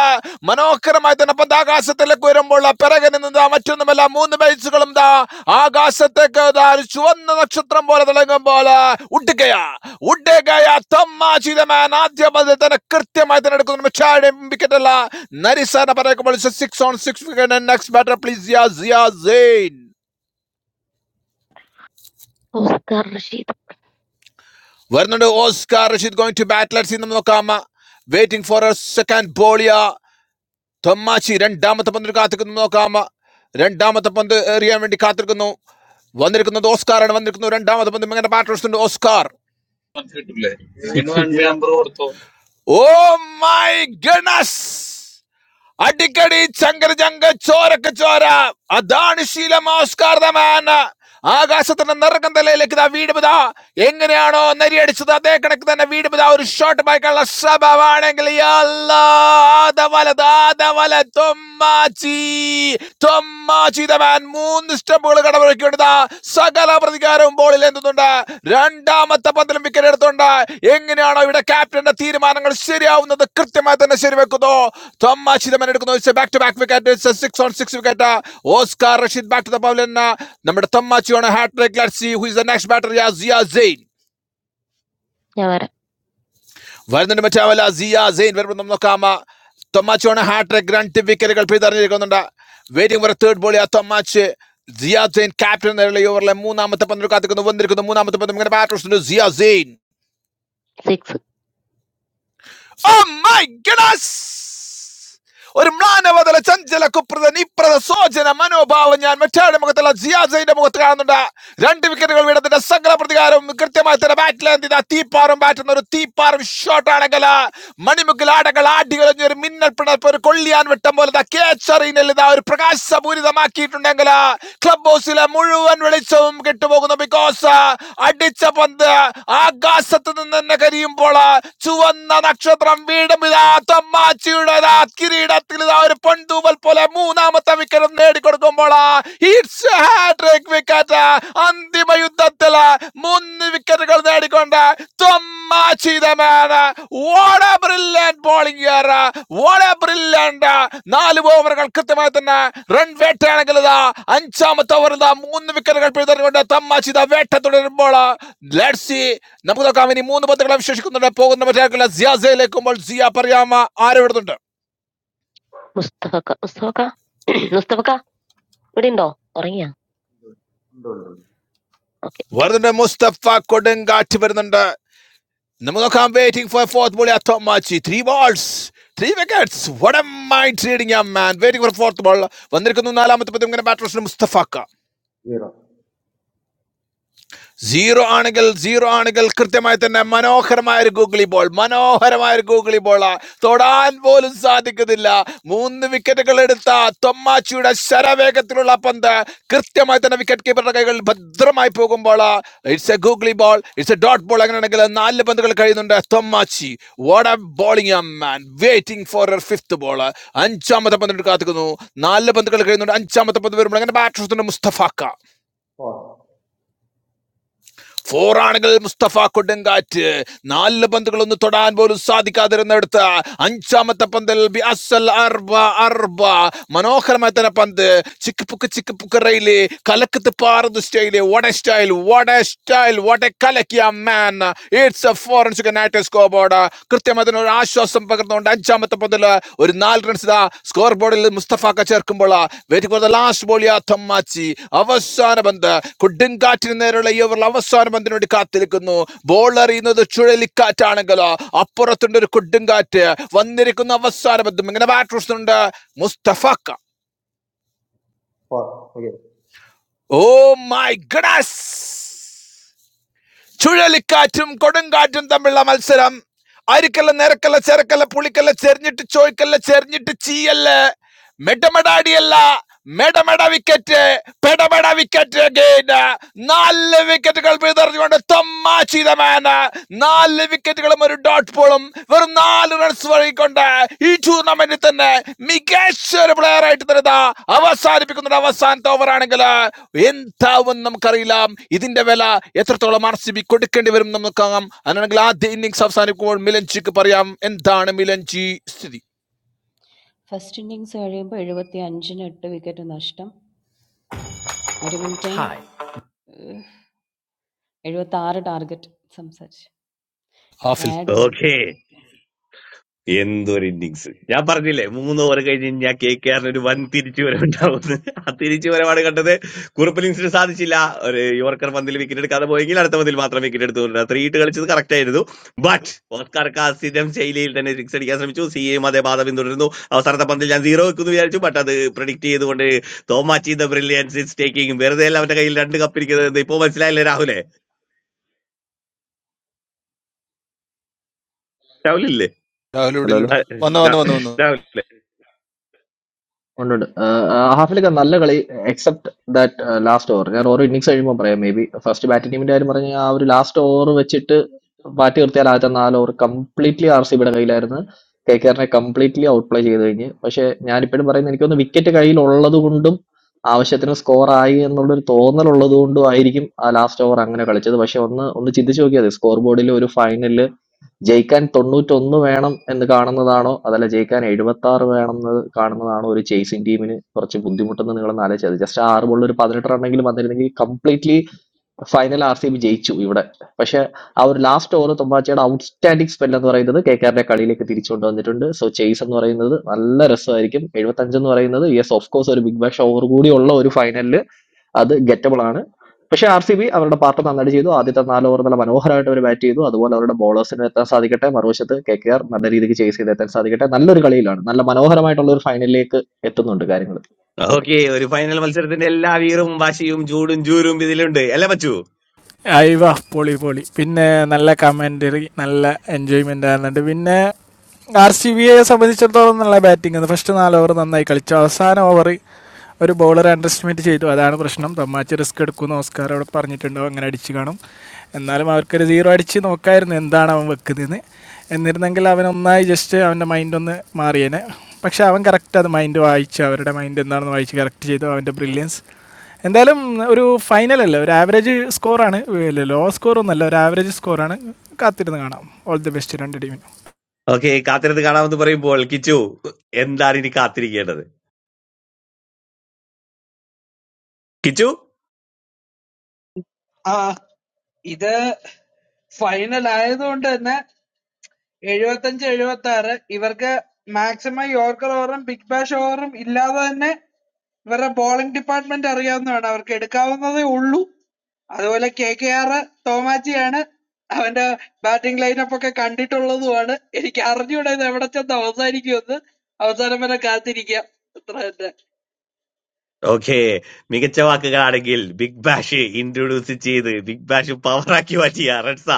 മനോഹര മാത്രമായി തന്നെ അപ്പൊ ദാ ആകാശത്തിലേക്ക് വരുമ്പോൾ ആ പിറകനിൽ നിന്ന് ദാ മറ്റൊന്നുമല്ല മൂന്ന് ബൈസുകളും ദാ ആകാശത്തേക്ക് ദാ ഒരു ചുവന്ന നക്ഷത്രം പോലെ തിളങ്ങുമ്പോൾ ഉടുകയാ ഉടുകയ തമ്മാചിതമാൻ ആദ്യ പതിൽ തന്നെ കൃത്യമായി തന്നെ എടുക്കുന്നു മിച്ചാടെ വിക്കറ്റ് അല്ല നരിസാന പറയുമ്പോൾ six on six wicket next batter please യാ സിയാ സെയിൻ
ഓസ്കാർ റഷീദ്
വരുന്നുണ്ട് Oscar Rashid going to bat let's see. നോക്കാം വെയിറ്റിംഗ് ഫോർ എ സെക്കൻഡ് ബോളിയാ തൊമ്മാശി രണ്ടാമത്തെ പന്തിന് കാത്തിരിക്കുന്നു നോക്കാം രണ്ടാമത്തെ പന്ത് എറിയാൻ വേണ്ടി കാത്തിരിക്കുന്നു വന്നിരിക്കുന്നത് ഓസ്കാറാണ് വന്നിരിക്കുന്നു രണ്ടാമത്തെ പന്ത് ഇങ്ങനെ ബാറ്റേഴ്സ് ഉണ്ട് ഓസ്കാർ
കിട്ടില്ലേ നിങ്ങൾ സിക്സ് ഇവനും അഞ്ച് ഞാൻ നമ്പർ കൊടുത്തോ
ഓ മൈ ഗണസ് അടിക്കടി ചങ്കരചങ്ക ചോരക്ക് ചോര അതാണ് ശീലമാസ്കാർമാന ആകാശത്തിന്റെ നിറക്കം തലയിലേക്ക് ഇതാ വീട് പിതാ എങ്ങനെയാണോ നരിയടിച്ചത് അതേ കണക്ക് തന്നെ വീട് പിതാ ഒരു ഷോട്ട് ബൈക്കുള്ള സ്വഭാവമാണെങ്കിൽ തൊമ്മാച്ചി തൊമ്മാച്ചി ദമാൻ മൂന്ന് സ്റ്റെപ്പുകൾ കടമൊഴുക്കി സകല പ്രതികാരവും ബോൾ എന്തുന്നുണ്ട് രണ്ടാമത്തെ പന്തിലും വിക്കറ്റ് എടുത്തുണ്ട് എങ്ങനെയാണോ ഇവിടെ ക്യാപ്റ്റന്റെ തീരുമാനങ്ങൾ ശരിയാവുന്നത് കൃത്യമായി തന്നെ ശരിവെക്കുന്നു തമ്മാശിതമൻ എടുക്കുന്നു back to back wicket six on six wicket Oscar Rashid back to the pavilion നമ്മുടെ തമ്മാച്ചിയാണ് hat trick let's see who is the next batter യാ സിയ സെയിൻ
ഞാൻ വരാം
വരുന്നുണ്ട് മറ്റാവല്ല സിയ സെയിൻ വരുമ്പോൾ നമ്മൾ നോക്കാം തൊമാച്ചോണ് ഹാട്രിക് രണ്ട് വിക്കറ്റുകൾ പിന്തുടർന്നിരിക്കുന്നുണ്ട് വെയിറ്റിംഗ് ഫോർ തേർഡ് ബോൾ ആ തൊമാച്ച് സിയ സെയിൻ ക്യാപ്റ്റൻ നിലയിൽ ഓവറിലെ മൂന്നാമത്തെ പന്തിൽ കാത്തിക്കുന്നു വന്നിരിക്കുന്നു മൂന്നാമത്തെ പന്ത് ഇങ്ങനെ ബാറ്റ് സിയ സെയിൻ
സിക്സ്
Oh my goodness! ഒരു മ്ലാനവതല ചഞ്ചല കുപ്രത നിപ്രത സോജന മനോഭാവം ഞാൻ മറ്റാരുടെ മുഖത്തുള്ള ജിയാസൈന്റെ മുഖത്ത് കാണുന്നുണ്ട് രണ്ട് വിക്കറ്റുകൾ വീണത്തിന്റെ സകല പ്രതികാരവും കൃത്യമായി തന്നെ ബാറ്റിൽ തീപ്പാറും ബാറ്റുന്ന ഒരു തീപ്പാറും ഷോട്ട് ആണെങ്കിൽ മണിമുക്കിൽ ആടകൾ ആടികളഞ്ഞ ഒരു മിന്നൽ പിണർപ്പ് ഒരു കൊള്ളിയാൻ വിട്ടം പോലെ ദാ catch അറിയുന്നില്ല. ഇതാ ഒരു പ്രകാശപൂരിതമാക്കിയിട്ടുണ്ടെങ്കിൽ ക്ലബ് ഹൗസിലെ മുഴുവൻ വെളിച്ചവും കിട്ടുപോകുന്നു ബിക്കോസ് അടിച്ച പന്ത് ആകാശത്ത് നിന്ന് തന്നെ കരിയുമ്പോൾ ചുവന്ന നക്ഷത്രം വീടും ഇതാ തൊമ്മാച്ചിയുടെ കിരീടത്തിൽ ഇതാ ഒരു പൊൻതൂവൽ പോലെ മൂന്നാമത്തെ വിക്കറ്റ് നേടിക്കൊടുക്കുമ്പോൾ ഹിറ്റ്സ് ഹാട്രിക് വിക്കറ്റ് അന്തിമ യുദ്ധത്തിൽ മൂന്ന് വിക്കറ്റുകൾ നേടിക്കൊണ്ട് തൊമ്മാചിതമാണ് വാട ബ്രില്യൻറ്റ് ബോളിംഗ് വാട ബ്രില്യൻറ്റ് നാല് ഓവറുകൾ കൃത്യമായി തന്നെ റൺ വേട്ടയാണെങ്കിൽ ഇതാ അഞ്ചാമത്തെ ഓവറിൽ ഇതാ മൂന്ന് വിക്കറ്റുകൾ പിഴുതെറിഞ്ഞുകൊണ്ട് തമ്മാച്ചിത വേട്ട തുടരുമ്പോൾ ലെഡ്സി നമുക്ക് നോക്കാം ഇനി മൂന്ന് പന്തുകളെ വിശേഷിക്കുന്നുണ്ട് പോകുന്ന മറ്റേ ജിയാസയിലേക്കുമ്പോൾ ജിയ പറയാമ ആരവിടുന്നുണ്ട്
മുസ്തഫക്ക മുസ്തഫക്ക മുസ്തഫക്ക ഇവിടെ ഉണ്ടോ ഉറങ്ങിയാ
Don't, don't, don't.
വരുന്നുണ്ട് മുസ്തഫ കൊടുങ്കാറ്റ് വരുന്നുണ്ട് നമുക്ക് നോക്കാം വെയിറ്റിംഗ് ഫോർ ഫോർത്ത് ബോൾ അത്തോമാച്ചി ത്രീ ബോൾസ് ത്രീ വിക്കറ്റ്സ് വടം മൈൻഡ് റീഡിംഗ് ആ man waiting for fourth ball വന്നിരിക്കുന്നു നാലാമത്തെ പതിവ് ഇങ്ങനെ ബാറ്റേഴ്സിന് മുസ്തഫാക്ക
Zero.
സീറോ ആണെങ്കിൽ സീറോ ആണെങ്കിൽ കൃത്യമായി തന്നെ മനോഹരമായ ഒരു ഗൂഗിളി ബോൾ മനോഹരമായ ഒരു ഗൂഗിളി ബോൾ തൊടാൻ പോലും സാധിക്കുന്നില്ല മൂന്ന് വിക്കറ്റുകൾ എടുത്ത തൊമ്മാച്ചിയുടെ ശരവേഗത്തിലുള്ള പന്ത് കൃത്യമായി തന്നെ വിക്കറ്റ് കീപ്പറുടെ കൈകൾ ഭദ്രമായി പോകുമ്പോൾ it's a googly ball it's a dot ball അങ്ങനെയാണെങ്കിൽ നാല് പന്തുകൾ കഴിയുന്നുണ്ട് തൊമ്മാച്ചി what a bowling man waiting for uh fifth ball അഞ്ചാമത്തെ പന്തിന് കാത്തുക്കുന്നു നാല് പന്തുകൾ കഴിയുന്നുണ്ട് അഞ്ചാമത്തെ പന്ത് വരുമ്പോൾ അങ്ങനെ ബാറ്റ് മുസ്തഫാക്ക
Four.
ഫോർ ആണെങ്കിൽ മുസ്തഫ കൊടുങ്കാറ്റ് നാല് പന്തുകളൊന്നും തൊടാൻ പോലും സാധിക്കാതിരുന്നെടുത്ത് അഞ്ചാമത്തെ പന്തിൽ ബി അസൽ അർബ അർബ മനോഹരമായ തന്നെ പന്ത് ചിക്ക് പുക്ക് ചിക്ക് പുക്ക് റെയില് കലക്കത്ത് പാറുന്ന സ്റ്റൈല് വട സ്റ്റൈൽ വട സ്റ്റൈൽ വട കലക്കിയ man it's a forensic night scoreboard കൃത്യമായി തന്നെ ഒരു ആശ്വാസം പകർന്നുകൊണ്ട് അഞ്ചാമത്തെ പതിൽ ഒരു നാല് റൺസ് ഇതാ സ്കോർ ബോർഡിൽ മുസ്തഫാക്ക ചേർക്കുമ്പോൾ waiting for the last ball അഥമ്മാച്ചി അവസാന പന്ത് കൊടുങ്കാറ്റിന് നേരെയുള്ള ഈ ഓവറിൽ അവസാന പന്തിന് വേണ്ടി കാത്തിരിക്കുന്നു ബോൾ എറിയുന്നത് ചുഴലിക്കാറ്റാണെങ്കിൽ അപ്പുറത്തുണ്ട് ഒരു കൊടുങ്കാറ്റ് വന്നിരിക്കുന്ന അവസാന പന്തും ഇങ്ങനെ ബാറ്റ് ഉണ്ട് മുസ്തഫാക്ക
Four. Okay.
Oh my goodness ചുഴലിക്കാറ്റും കൊടുങ്കാറ്റും തമ്മിലുള്ള മത്സരം അരിക്കല്ല നിരക്കല്ല ചെരക്കല്ല പുളിക്കല്ല ചെരിഞ്ഞിട്ട് ചോയ്ക്കല്ല ചെരിഞ്ഞിട്ട് ചീയല്ല മെടമെടാടിയല്ല മെടമെട വിക്കറ്റ് പെടമെട വിക്കറ്റ് ഗെയിന് നാല് വിക്കറ്റുകൾ പിതറിഞ്ഞുകൊണ്ട് തമ്മാചീതമാന നാല് വിക്കറ്റുകളും ഒരു ഡോട്ട് ബോളും വെറും നാല് റൺസ് വഴങ്ങിക്കൊണ്ട് ഈ ടൂർണമെന്റിൽ തന്നെ മികച്ച ഒരു പ്ലെയർ ആയിട്ട് തന്നെ ഇതാ അവസാനിപ്പിക്കുന്നുണ്ട് അവസാനത്തെ ഓവറാണെങ്കിൽ എന്താവും നമുക്കറിയില്ല ഇതിന്റെ വില എത്രത്തോളം ആർ സി ബി കൊടുക്കേണ്ടി വരും നമുക്കാകാം അങ്ങനെയാണെങ്കിൽ ആദ്യ ഇന്നിങ്സ് അവസാനിക്കുമ്പോൾ മിലൻജിക്ക് പറയാം എന്താണ് മിലൻജി സ്ഥിതി
ഫസ്റ്റ് ഇന്നിങ്സ് കഴിയുമ്പോൾ എഴുപത്തി അഞ്ചിന് എട്ട് വിക്കറ്റ് നഷ്ടം ഒരു മിനിറ്റ് ഹായ് എഴുപത്തി ആറ് ടാർഗറ്റ് സംസാരിച്ചു
ഹാഫിൽ
ആഡ് വന്നു
ഓക്കെ എന്തൊരു ഇന്നിങ്സ് ഞാൻ പറഞ്ഞില്ലേ മൂന്ന് ഓവർ കഴിഞ്ഞ് ഞാൻ കെ കെ ആറിന് ഒരു വൻ തിരിച്ചുവരവുണ്ടാവുമെന്ന് ആ തിരിച്ചുവരവാണ് കണ്ടത് കുറുപ്പ് ലിങ്സിന് സാധിച്ചില്ല ഒരു യോർക്കർ പന്തിൽ വിക്കറ്റ് എടുക്കാതെ പോയെങ്കിൽ അടുത്ത പന്തിൽ മാത്രം വിക്കറ്റ് എടുത്തുകൊണ്ട് ത്രീ ഇട്ട് കളിച്ചത് കറക്റ്റ് ആയിരുന്നു ബട്ട് ഓസ്കാർ കാസിഡം ശൈലിയിൽ തന്നെ സിക്സ് അടിക്കാൻ ശ്രമിച്ചു സി എയും അതേ ബാധ പിന്തുടരുന്നു അവസാനത്തെ പന്തിൽ ഞാൻ സീറോ വെക്കുന്നു വിചാരിച്ചു ബട്ട് അത് പ്രിഡിക്റ്റ് ചെയ്തുകൊണ്ട് തോമാച്ചി ദ ബ്രില്യൻസ് ഇസ് ടേക്കിംഗ് വെറുതെ അല്ല അവന്റെ കയ്യിൽ രണ്ട് കപ്പിരിക്കുന്നത് ഇപ്പൊ മനസ്സിലായില്ലേ രാഹുലേ രാഹുലില്ലേ
രാഹുൽ ഇവിടെ
ഹലോ ഹലോ
ഇല്ലടാ
ആ,
വന്നു വന്നു
രാ-
വന്നു വന്നു
രാഹുൽ
ഉണ്ട് ഉണ്ട് ആ, ആ, ഹാഫിലൊക്കെ നല്ല കളി എക്സെപ്റ്റ് ദാറ്റ് ലാസ്റ്റ് ഓവർ ഞാൻ ഓരോ ഇന്നിങ്സ് കഴിയുമ്പോൾ പറയാം മേ ബി ബാറ്റിംഗ് ടീമിന്റെ കാര്യം പറഞ്ഞാൽ ആ ഒരു ലാസ്റ്റ് ഓവർ വെച്ചിട്ട് ബാറ്റ് നിർത്തിയാൽ ആദ്യത്തെ നാല് ഓവർ കംപ്ലീറ്റ്ലി ആർ സി കേക്കേറിനെ കംപ്ലീറ്റ്ലി ഔട്ട്പ്ലേ ചെയ്ത് കഴിഞ്ഞ്. പക്ഷെ ഞാനിപ്പഴും പറയുന്നത് എനിക്ക് തോന്നുന്നു വിക്കറ്റ് കയ്യിലുള്ളതുകൊണ്ടും ആ സ്കോറായി എന്നുള്ളതുകൊണ്ടും അവർ അങ്ങനെ കളിച്ചത്. പക്ഷെ ഒരു ഫൈനലില് ജയിക്കാൻ 91 വേണം എന്ന് കാണുന്നതാണോ അതല്ല ജയിക്കാൻ 76 വേണം എന്ന് കാണുന്നതാണോ ഒരു ചേസിംഗ് ടീമിന് കുറച്ച് ബുദ്ധിമുട്ടെന്ന് നിങ്ങളൊന്ന് ആലോചിച്ചത്. ജസ്റ്റ് ആ 6 ബോളിൽ ഒരു 18 റണ്ണെങ്കിലും വന്നിരുന്നെങ്കിൽ completely final R C B ജയിച്ചു ഇവിടെ പക്ഷെ ആ ഒരു ലാസ്റ്റ് ഓവർ തുമ്പാച്ചയുടെ ഔട്ട്സ്റ്റാൻഡിംഗ് സ്പെൽ എന്ന് പറയുന്നത് കെ കെആറിന്റെ കളിയിലേക്ക് തിരിച്ചു കൊണ്ടുവന്നിട്ടുണ്ട് സോ ചേസ് എന്ന് പറയുന്നത് നല്ല രസമായിരിക്കും എഴുപത്തഞ്ച് എന്ന് പറയുന്നത് യെസ് ഓഫ് കോഴ്സ് ഒരു ബിഗ് ബാഷ് ഓവർ കൂടി ഉള്ള ഒരു ഫൈനലിൽ അത് ഗെറ്റബിൾ ആണ് പക്ഷെ ആർ സി ബി അവരുടെ പാർട്ട് നന്നായിട്ട് ചെയ്തു ആദ്യത്തെ നാല് ഓവർ നല്ല മനോഹരമായിട്ട് അവർ ബാറ്റ് ചെയ്തു അതുപോലെ അവരുടെ ബോളേഴ്സിന് എത്താൻ സാധിക്കട്ടെ മറുവശത്ത് കെ കെ ആർ നല്ല രീതിക്ക് ചേസ് ചെയ്ത് എത്താൻ സാധിക്കട്ടെ നല്ലൊരു കളിയിലാണ് നല്ല മനോഹരമായിട്ടുള്ള ഒരു ഫൈനലിലേക്ക് എത്തുന്നുണ്ട് കാര്യങ്ങൾ
ഓക്കെ
ഓക്കെ
ഒരു ഫൈനൽ മത്സരത്തിന്റെ എല്ലാ വീറും വാശിയും ചൂടും ജൂരും ഇതിലുണ്ട് അല്ലേ മച്ചു
അയവ പൊളി പൊളി പിന്നെ നല്ല കമന്ററി നല്ല എൻജോയ്മെന്റ് ആയിരുന്നുണ്ട് പിന്നെ ആർ സി ബിയെ സംബന്ധിച്ചിടത്തോളം നല്ല ബാറ്റിംഗ് ഫസ്റ്റ് നാല് ഓവർ നന്നായി കളിച്ചു അവസാന ഓവർ ഒരു ബോളർ അണ്ടർ എസ്റ്റിമേറ്റ് ചെയ്തു അതാണ് പ്രശ്നം തമാച്ച് റിസ്ക് എടുക്കുമെന്ന് ഓസ്കാർ അവിടെ പറഞ്ഞിട്ടുണ്ടാവും അങ്ങനെ അടിച്ചു കാണും എന്നാലും അവർക്കൊരു സീറോ അടിച്ച് നോക്കായിരുന്നു എന്താണ് അവൻ വെക്കുന്നതെന്ന് എന്നിരുന്നെങ്കിൽ അവൻ ഒന്നായി ജസ്റ്റ് അവൻ്റെ മൈൻഡ് ഒന്ന് മാറിയേനെ പക്ഷെ അവൻ കറക്റ്റ് അത് മൈൻഡ് വായിച്ചു അവരുടെ മൈൻഡ് എന്താണെന്ന് വായിച്ച് കറക്റ്റ് ചെയ്തു അവൻ്റെ ബ്രില്യൻസ് എന്തായാലും ഒരു ഫൈനൽ അല്ലേ ഒരു ആവറേജ് സ്കോറാണ് ലോ സ്കോർ ഒന്നല്ല ഒരു ആവറേജ് സ്കോറാണ് കാത്തിരുന്ന് കാണാം ഓൾ ദി ബെസ്റ്റ് രണ്ട് ടീമിനും
ഓക്കെ കാത്തിരുന്ന് കാണാമെന്ന് പറയുമ്പോൾ കിച്ചു എന്താണ് ഇനി കാത്തിരിക്കേണ്ടത് കിച്ചു
ആ ഇത് ഫൈനൽ ആയതുകൊണ്ട് തന്നെ എഴുപത്തഞ്ച് എഴുപത്തി ആറ് ഇവർക്ക് മാക്സിമം യോർക്കർ ഓവറും ബിഗ് ബാഷ് ഓവറും ഇല്ലാതെ തന്നെ ഇവരുടെ ബോളിംഗ് ഡിപ്പാർട്ട്മെന്റ് അറിയാവുന്നതാണ് അവർക്ക് എടുക്കാവുന്നതേ ഉള്ളൂ അതുപോലെ KKR തോമാച്ചിയാണ് അവൻ്റെ batting lineup ഒക്കെ കണ്ടിട്ടുള്ളതുമാണ് എനിക്ക് അറിഞ്ഞൂടാ ഇത് എവിടെ ചെന്ന് അവസാനിക്കുമെന്ന് അവസാനം വരെ കാത്തിരിക്കാം അത്ര തന്നെ
ഓക്കെ മികച്ച വാക്കുകളാണെങ്കിൽ ബിഗ് ബാഷ് ഇൻട്രൊഡ്യൂസ് ചെയ്ത് ബിഗ് ബാഷ് പവറാക്കി മാറ്റിയ റെഡ്സ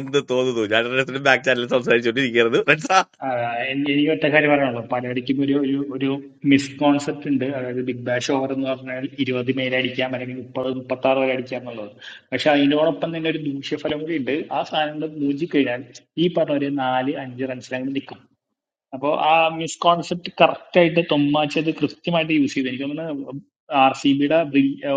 എന്ന് തോന്നുന്നു ഞാൻ റെഡ്സിന്റെ ബാക്ക് ചാനലിൽ സംസാരിച്ചുകൊണ്ടിരിക്കുന്നത് റെഡ്സ
ആ, എനി- എനിക്ക് ഒറ്റ കാര്യം പറയാനുള്ളൂ പലയിടയ്ക്കും ഒരു ഒരു ഒരു മിസ്കോൺസെപ്റ്റ് ഉണ്ട് അതായത് ബിഗ് ബാഷ് ഓവർ എന്ന് പറഞ്ഞാൽ ഇരുപത് മേലെ അടിക്കാം അല്ലെങ്കിൽ മുപ്പത് മുപ്പത്തി ആറ് വരെ അടിക്കാം എന്നുള്ളത് പക്ഷെ അതിനോടൊപ്പം തന്നെ ഒരു ദൂഷ്യഫലം കൂടി ഉണ്ട് ആ സാധനങ്ങൾ മൂജിക്കഴിഞ്ഞാൽ ഈ പറഞ്ഞ ഒരു നാല് അഞ്ച് റൺസിലങ്ങനെ നിൽക്കും അപ്പോൾ ആ മിസ്കോൺസെപ്റ്റ് കറക്റ്റ് ആയിട്ട് തൊമ്മാച്ചി അത് കൃത്യമായിട്ട് യൂസ് ചെയ്തു എനിക്ക് തോന്നുന്നു ആർ സി ബിയുടെ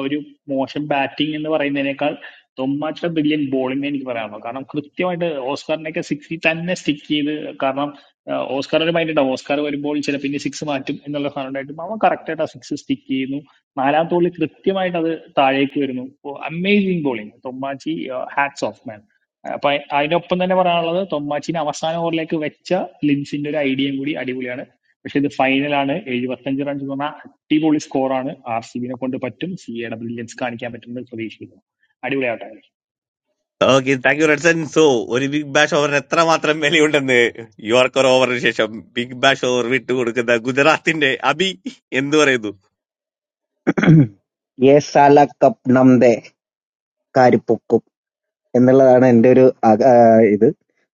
ഒരു മോശം ബാറ്റിംഗ് എന്ന് പറയുന്നതിനേക്കാൾ തൊമ്മാച്ചിയുടെ ബ്രില്യൻ ബോളിംഗ് എനിക്ക് പറയാനുള്ളൂ കാരണം കൃത്യമായിട്ട് ഓസ്കാറിനെയൊക്കെ സിക്സിൽ തന്നെ സ്റ്റിക്ക് ചെയ്ത് കാരണം ആഹ് ഓസ്കാർ ഒരു മൈൻഡ് ഉണ്ടാവും ഓസ്കാർ വരുമ്പോൾ ചിലപ്പോൾ ഇനി സിക്സ് മാറ്റും എന്നുള്ള സാധനം ഉണ്ടായിട്ടും അവൻ correct ആയിട്ട് ആ സിക്സ് സ്റ്റിക്ക് ചെയ്യുന്നു നാലാമത്തെ ബോളിൽ കൃത്യമായിട്ട് അത് താഴേക്ക് വരുന്നു അമേസിങ് ബോളിംഗ് തൊമ്മാച്ചി ഹാറ്റ്സ് ഓഫ് മാൻ. അപ്പൊ അയ്- അതിനൊപ്പം തന്നെ പറയാനുള്ളത് തൊമ്മാച്ചിനെ അവസാന ഓവറിലേക്ക് വെച്ച ലിൻസിന്റെ ഒരു ഐഡിയയും കൂടി അടിപൊളിയാണ് പക്ഷെ ഇത് ഫൈനലാണ് എഴുപത്തഞ്ച് റൺസ് എന്ന് പറഞ്ഞാൽ അടിപൊളി സ്കോറാണ് ആർ സി ബിനെ കൊണ്ട് പറ്റും സി എയുടെ ബ്രില്യൻസ് കാണിക്കാൻ പറ്റുമെന്ന് പ്രതീക്ഷിക്കുന്നു അടിപൊളിയാവട്ടെ
ഓക്കെ താങ്ക് യു റെഡ്സൺ സോ ഒരു ബിഗ് ബാഷ് ഓവറിന് എത്രമാത്രം വിലയുണ്ടെന്ന് യോർക്കർ ഓവറിന് ശേഷം ബിഗ് ബാഷ് ഓവർ വിട്ടുകൊടുക്കുന്ന ഗുജറാത്തിന്റെ അബി എന്ത് പറയുന്നു
യേ സാല കബ് നം ദേ കാരിപ്പൂക്കും എന്നുള്ളതാണ് എന്റെ ഒരു അക- ആ, ഇത്.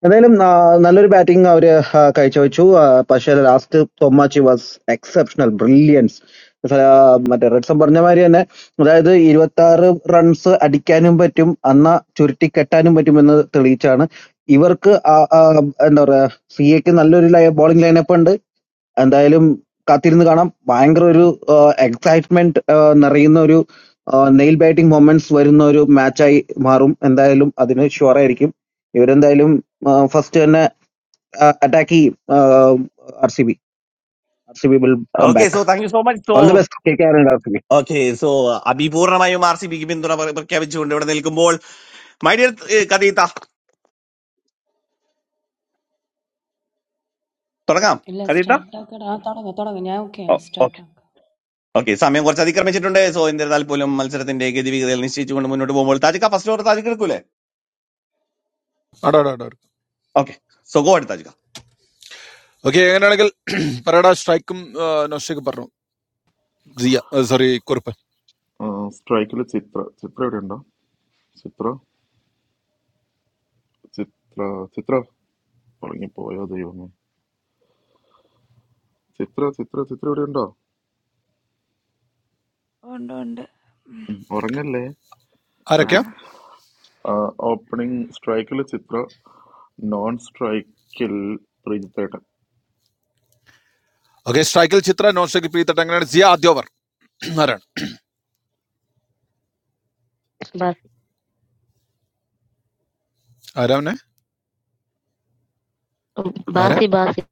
എന്തായാലും ആ, നല്ലൊരു ബാറ്റിംഗ് അവര് ആ, കാഴ്ചവെച്ചു. ആ, പക്ഷേ ലാസ്റ്റ് തൊമാച്ചി വാസ് എക്സെപ്ഷണൽ ബ്രില്യൻസ്. മറ്റേ റെഡ്സൺ പറഞ്ഞ മാതിരി തന്നെ അതായത് ഇരുപത്തി ആറ് റൺസ് അടിക്കാനും പറ്റും അന്നാ ചുരുട്ടിക്കെട്ടാനും പറ്റുമെന്ന് തെളിയിച്ചാണ് ഇവർക്ക് ആ- ആ, എന്താ പറയാ സി എക്ക് നല്ലൊരു ബോളിംഗ് ലൈനപ്പ് ഉണ്ട് എന്തായാലും കാത്തിരുന്ന് കാണാം. ഭയങ്കര ഒരു ഏഹ്, എക്സൈറ്റ്മെന്റ് ഏഹ്, നിറയുന്ന ഒരു ഏഹ്, നെയിൽ ബൈറ്റിംഗ് മൊമെന്റ്സ് വരുന്ന ഒരു മാച്ചായി മാറും. എന്തായാലും അതിന് ഷുവർ ആയിരിക്കും. ഇവരെന്തായാലും ഏഹ്, ഫസ്റ്റ് തന്നെ അറ്റാക്ക് ചെയ്യും R C B. R C B will come
okay
back.
So thank you so much so
all the best K K R and R C B.
Okay so അഭിപൂർണമായും R C ബിക്ക് പിന്തുണ പ്ര- പ്രഖ്യാപിച്ചുകൊണ്ട് ഇവിടെ നിൽക്കുമ്പോൾ my dear കഥീത്ത തുടങ്ങാം
ഇല്ല
കഥീത്ത
സ്റ്റാർട്ടാക്കടാ തുടങ്ങ തുടങ്ങ ഞാൻ ഓക്കെ
ഓക്കെ
സ്റ്റാർട്ടാക്കാം
ഓക്കെ സമയം കുറച്ച് അതിക്രമിച്ചിട്ടുണ്ട് സോ എന്നിരുന്നാൽ പോലും മത്സരത്തിന്റെ ഗതിവിഗതികൾ നിശ്ചയിച്ചുകൊണ്ട് മുന്നോട്ട് പോകുമ്പോൾ താജിക്ക ഫസ്റ്റ് ഓവർ താജിക്ക് എടുക്കൂലേ
ആടാ ആടാ ആടാ
ഓക്കെ സോ ഗോ ആയിട്ട് താജിക്ക
ഓക്കെ അങ്ങനെയാണെങ്കിൽ *clears throat* പറയടാ സ്ട്രൈക്കും നോഷയ്ക്ക് പറഞ്ഞു സിയ സോറി കുറുപ്പ്
സ്ട്രൈക്കിൽ ചിത്ര ചിത്ര ഇവിടെ ഉണ്ടോ ചിത്ര ചിത്ര ചിത്ര ഉറങ്ങിപ്പോയോ ദൈവമേ ചിത്ര ചിത്ര ചിത്ര ഇവിടെ ഉണ്ടോ
Don't, don't.
ഉം, ഉറങ്ങല്ലേ ഓക്കെ
ആരൊക്കെയാ
Ah,
ഓപ്പണിംഗ് സ്ട്രൈക്കിൽ ചിത്ര നോൺ സ്ട്രൈക്കിൽ പ്രീജിത്തേട്ടൻ
ഓക്കെ സ്ട്രൈക്കിൽ ചിത്ര നോഷയ്ക്ക് പീത്തട്ട് അങ്ങനെയാണ് സിയ ആദ്യ ഓവർ *clears throat* ആരാണ്
ബാസി
ആരാ അവനെ
ഉം
ആരാ
ബാസി ബാസി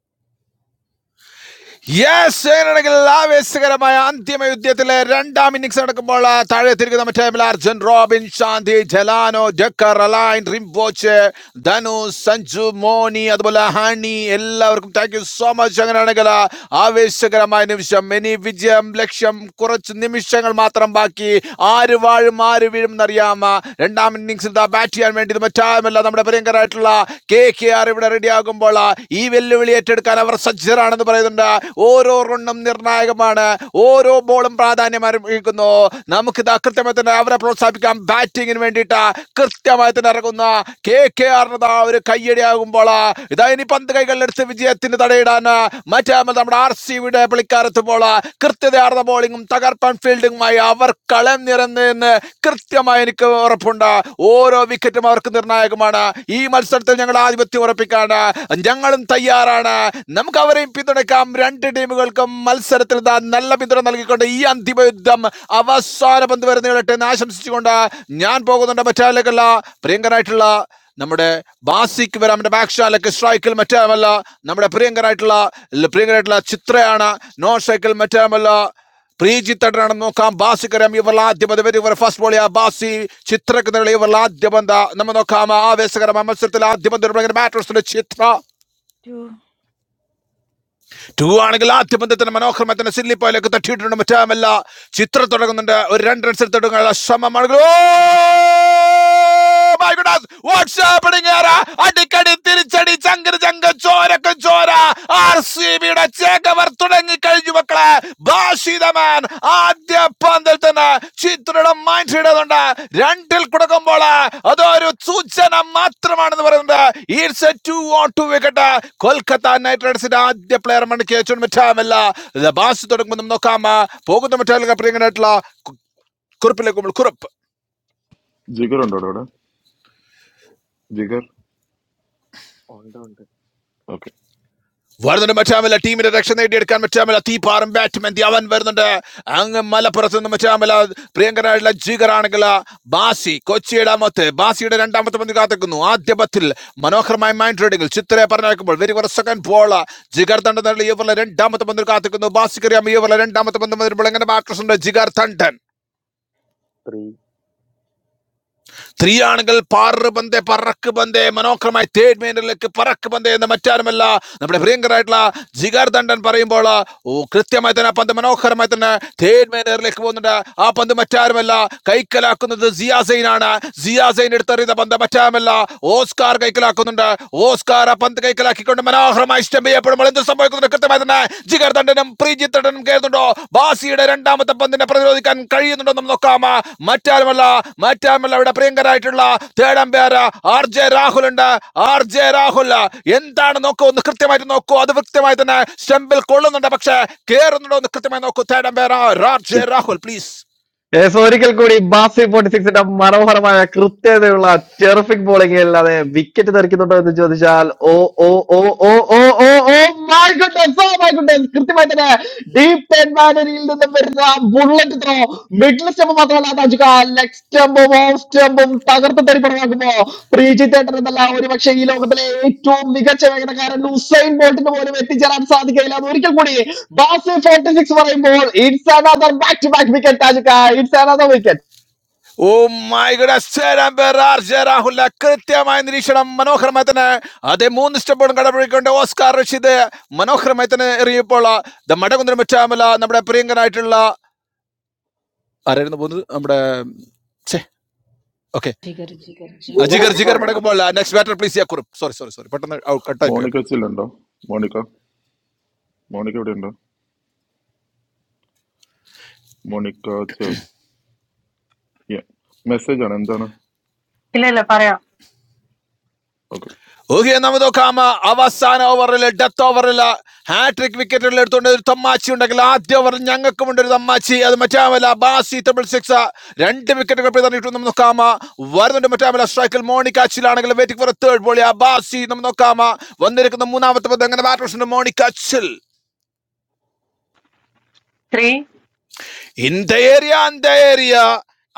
യെസ് അങ്ങനെയാണെങ്കിൽ ആവേശകരമായ അന്തിമ യുദ്ധത്തിലെ രണ്ടാം ഇന്നിംഗ്സ് നടക്കുമ്പോൾ ആ, താഴെ തിരിക്കുന്ന മറ്റേ ടീമിൽ അർജുൻ റോബിൻ ശാന്തി ജലാനോ ജക്കർ അലൈൻ റിംബോച്ച് ധനു സഞ്ജു മോനി അതുപോലെ ഹണി എല്ലാവർക്കും താങ്ക് യു സോ മച്ച് അങ്ങനെയാണെങ്കിൽ ആ, ആവേശകരമായ നിമിഷം ഇനി വിജയം ലക്ഷ്യം കുറച്ച് നിമിഷങ്ങൾ മാത്രം ബാക്കി ആര് വാഴും ആര് വീഴും എന്നറിയാം ആ, രണ്ടാം ഇന്നിംഗ്സിൽ ബാറ്റ് ചെയ്യാൻ വേണ്ടി ഇത് മറ്റാരുമല്ല നമ്മുടെ പ്രിയങ്കരായിട്ടുള്ള കെ കെ ആർ ഇവിടെ റെഡിയാകുമ്പോൾ ഈ വെല്ലുവിളി ഏറ്റെടുക്കാൻ അവർ സജ്ജ സിക്സറാണെന്ന് പറയുന്നുണ്ട് ഓരോ റണ്ണും നിർണായകമാണ് ഓരോ ബോളും പ്രാധാന്യം അറിയിക്കുന്നു നമുക്ക് ഇതാ കൃത്യമായി തന്നെ അവരെ പ്രോത്സാഹിപ്പിക്കാം ബാറ്റിങ്ങിന് വേണ്ടിയിട്ട് കൃത്യമായി തന്നെ ഇറങ്ങുന്ന കെ കെ ആറിന് ഒരു കയ്യടിയാകുമ്പോൾ ഇതാ ഇനി പന്ത് കൈകളിലെടുത്ത് വിജയത്തിന് തടയിടാൻ മറ്റേ നമ്മുടെ ആർ സി വിയുടെ പുള്ളിക്കാരെത്തുമ്പോൾ കൃത്യതയാർന്ന ബോളിങ്ങും തകർപ്പൻ ഫീൽഡിങ്ങുമായി അവർ കളം നിറഞ്ഞെന്ന് കൃത്യമായി എനിക്ക് ഉറപ്പുണ്ട് ഓരോ വിക്കറ്റും അവർക്ക് നിർണായകമാണ് ഈ മത്സരത്തിൽ ഞങ്ങൾ ആധിപത്യം ഉറപ്പിക്കാണ് ഞങ്ങളും തയ്യാറാണ് ടീമാണ് നമുക്ക് അവരെയും പിന്തുണയ്ക്കാം രണ്ട് ടീമുകൾക്കും മത്സരത്തിൽ ഇതാ നല്ല പിന്തുണ നൽകിക്കൊണ്ട് ഈ അന്തിമ യുദ്ധം അവസാന പന്ത് വരെ നീളട്ടെ എന്ന് ആശംസിച്ചുകൊണ്ട് ഞാൻ പോകുന്നുണ്ട് മറ്റാലേക്കല്ല പ്രിയങ്കരായിട്ടുള്ള നമ്മുടെ ബാസിക്ക് വരാം നമ്മുടെ ബാക്ക്ഷാലക്ക് സ്ട്രൈക്കിൽ മറ്റാമല്ല നമ്മുടെ പ്രിയങ്കരായിട്ടുള്ള പ്രിയങ്കരായിട്ടുള്ള ചിത്രയാണ് നോ സ്ട്രൈക്കിൽ മറ്റാമല്ല പ്രീജിത്തടനാണെന്ന് നോക്കാം ബാസിക്കരം ഇവരുടെ ആദ്യ പദവി ഇവർ ഫസ്റ്റ് ബോളിയാ ബാസി ചിത്രക്ക് നിന്നുള്ള ഇവരുടെ ആദ്യ പന്ത നമ്മൾ നോക്കാം ആവേശകരമായ മത്സരത്തിൽ ആദ്യ പന്ത് ബാറ്റേഴ്സിന്റെ ചിത്ര
two.
ടു ആണെങ്കിൽ ആദ്യ പന്തത്തിന് മനോഹരമായി തന്നെ സില്ലി പോയിലേക്ക് തട്ടിയിട്ടുണ്ട് മറ്റാമല്ല ചിത്രം തുടങ്ങുന്നുണ്ട് ഒരു രണ്ട് റൺസ് എടുത്തിട്ടുണ്ട് ശ്രമമാണെങ്കിൽ അടിക്കടി തിരിച്ചടി ചങ്കര ചങ്ക ചോരക്ക ചോര ആർ സി ബിയുടെ ചേകവർ തുടങ്ങി കഴിഞ്ഞു മക്കളെ ബാ ശീതമാൻ ആദ്യ പന്തിൽ തന്നെ ചിത്രയുടെ മൈൻഡ് ഇടുന്നുണ്ട് രണ്ടിൽ കൊടുക്കുമ്പോൾ അതൊരു സൂചന മാത്രമാണെന്ന് പറയുന്നത് it's a two on two wicket Kolkata Knight റൈഡേഴ്സിന്റെ ആദ്യ പ്ലെയർ മണി കേച്ചോൺ മിറ്റാമല്ല ബാസ് തുടങ്ങുമ്പോൾ നമുക്ക് നോക്കാം പോകുന്ന മിറ്റാലിക പ്രിയങ്കരായിട്ടുള്ള കു- കുറിപ്പിലേക്ക് പോകുമ്പോൾ കുറിപ്പ്
ജിഗർ ഉണ്ടോ ഇവിടെ ജിഗർ
onto the
ഓക്കെ
വരുന്നുണ്ട് മറ്റാമല ടീമിന്റെ രക്ഷ നേടിയെടുക്കാൻ മറ്റാമല തീപ്പാറും ബാറ്റ്മെന്റ് അവൻ വരുന്നുണ്ട് അങ്ങ് മലപ്പുറത്ത് നിന്ന് മറ്റാമല പ്രിയങ്കരായിട്ടുള്ള ജിഗറാണെങ്കിൽ ബാസി കൊച്ചിയുടെ മൊത്ത് ബാസിയുടെ രണ്ടാമത്തെ പന്ത് കാത്തിക്കുന്നു ആദ്യ പത്തിൽ മനോഹരമായ മൈൻഡ് റീഡിംഗിൽ ചിത്രയെ പറഞ്ഞേക്കുമ്പോൾ വെരി കുറച്ച് സെക്കൻഡ് ബോൾ ജിഗർ തണ്ടൻ ഇവരുടെ രണ്ടാമത്തെ പന്തിൽ കാത്തിക്കുന്നു ബാസിക്കറിയാം ഇവരുടെ രണ്ടാമത്തെ പന്ത് വരുമ്പോൾ എങ്ങനെ ബാറ്റേഴ്സ് ഉണ്ട് ജിഗർ തണ്ടൻ
tree
സ്ത്രീയാണെങ്കിൽ പാറ് പന്തേ പറക്ക് പന്തേ മനോഹരമായി തേഡ് മേനിലേക്ക് പറക്ക് പന്തേ എന്ന് മറ്റാരുമല്ല നമ്മുടെ പ്രിയങ്കരായിട്ടുള്ള ജിഗാർ ദണ്ഡൻ പറയുമ്പോൾ ഓ കൃത്യമായി തന്നെ ആ പന്ത് മനോഹരമായി തന്നെ തേഡ് മേനറിലേക്ക് പോകുന്നുണ്ട് ആ പന്ത് മറ്റാരുമല്ല കൈക്കലാക്കുന്നത് സിയാസൈനാണ് സിയാസൈൻ എടുത്തെറിയുന്ന പന്ത് മറ്റാരുമല്ല ഓസ്കാർ കൈക്കലാക്കുന്നുണ്ട് ഓസ്കാർ ആ പന്ത് കൈക്കലാക്കിക്കൊണ്ട് മനോഹരമായി ഇഷ്ടം ആരംഭം ചെയ്യപ്പെടുമ്പോൾ എന്ത് സംഭവിക്കുന്നു കൃത്യമായി തന്നെ ജിഗർ തണ്ടനും പ്രീജിത് തണ്ടനും കേൾക്കുന്നുണ്ടോ ബാസിയുടെ രണ്ടാമത്തെ പന്തിനെ പ്രതിരോധിക്കാൻ കഴിയുന്നുണ്ടോ എന്ന് നോക്കാം മറ്റാരുമല്ല മറ്റാരുമല്ല ഇവിടെ പ്രിയങ്കരായിട്ടുള്ള തേടം പേര് ആർ ജെ രാഹുൽ ഉണ്ട് ആർ ജെ രാഹുൽ എന്താണ് നോക്കൂ ഒന്ന് കൃത്യമായിട്ട് നോക്കൂ അത് കൃത്യമായി തന്നെ സ്റ്റെമ്പിൽ കൊള്ളുന്നുണ്ട് പക്ഷേ കേറുന്നുണ്ടോ എന്ന് കൃത്യമായി നോക്കൂ തേടം പേര് R J Rahul please
yes ഒരിക്കൽ കൂടി ബാസി ഫോർട്ടി സിക്സിന്റെ മനോഹരമായ കൃത്യതയുള്ള ടെറിഫിക് ബോളിംഗ് അല്ലാതെ വിക്കറ്റ് തെറിക്കുന്നുണ്ടോ എന്ന് ചോദിച്ചാൽ oh oh oh oh oh oh oh my goodness oh my goodness കൃത്യമായി തന്നെ ഡീപ് മാനരിയിൽ നിന്നും വരുന്ന ബുള്ളറ്റ് ത്രോ മിഡിൽ സ്റ്റെമ്പ് മാത്രമല്ല താജുക ലെഗ് സ്റ്റെമ്പും ഓഫ് സ്റ്റെമ്പും തകർത്ത് തരിപ്പണമാക്കുമ്പോ പ്രീജിത്ത് ഏട്ടൻ എന്നല്ല ഒരുപക്ഷെ ഈ ലോകത്തിലെ ഏറ്റവും മികച്ച വേഗതക്കാരൻ ഉസൈൻ ബോൾട്ടിന് പോലും എത്തിച്ചേരാൻ സാധിക്കില്ല അത് ഒരിക്കൽ കൂടി ബാസി ഫോർട്ടി സിക്സ് പറയുമ്പോൾ it's another back to back wicket താജിക്ക it's another wicket
oh my good കൃത്യമായ നിരീക്ഷണം മനോഹരമായി തന്നെ അതേ മൂന്ന് സ്റ്റെപ്പുകളും കടപിടിക്കൊണ്ട് ഓസ്കാർ റഷീദ് മനോഹരമായി തന്നെ എറിയപ്പോൾ ദ മടകുന്നരം വെച്ചാമല നമ്മുടെ പ്രിയങ്കനായിട്ടുള്ള ആരായിരുന്നു പോകുന്നത് നമ്മുടെ ഓക്കെ
ജിഗർ ജിഗർ ജിഗർ
അജിഗർ ജിഗർ മടക്കുമ്പോൾ നെക്സ്റ്റ് ബാറ്റർ പ്ലീസ് യാ കുറുപ്പ് സോറി സോറി സോറി പെട്ടെന്ന് കട്ടായി പോയി ഓക്കെ.
മോണിക്ക ചിൽ ഉണ്ടോ മോണിക്ക മോണിക്ക ഇവിടെ ഉണ്ടോ മോണിക്ക ചിൽ മെസ്സേജ് ആണ് എന്താണ്
Hila la para
okay
okay നമുക്ക് നോക്കാം അവസാന ഓവറിൽ ഡെത്ത് ഓവറിൽ ഹാട്രിക് വിക്കറ്റുകൾ എടുത്തുകൊണ്ട് ഒരു തമ്മാച്ചി ഉണ്ടെങ്കിൽ ആദ്യ ഓവറിൽ ഞങ്ങൾക്കും ഉണ്ട് ഒരു തമ്മാച്ചി അത് മറ്റാമല്ല ബാസി ട്രിപ്പിൾ സിക്സ് രണ്ട് വിക്കറ്റുകൾ പിതറിയിട്ടു നമുക്ക് നോക്കാം വരുന്നുണ്ട് മറ്റാമല്ല സ്ട്രൈക്കിൽ മോണിക്കാച്ചിലാണെങ്കിൽ വെയിറ്റിംഗ് ഫോർ തേർഡ് ബോളി ബാസി നമുക്ക് നോക്കാം വന്നിരിക്കുന്ന മൂന്നാമത്തെ പന്ത് അങ്ങനെ ബാറ്റ് മോണിക്കാച്ചിൽ
three.
இந்த ஏரியா அந்த ஏரியா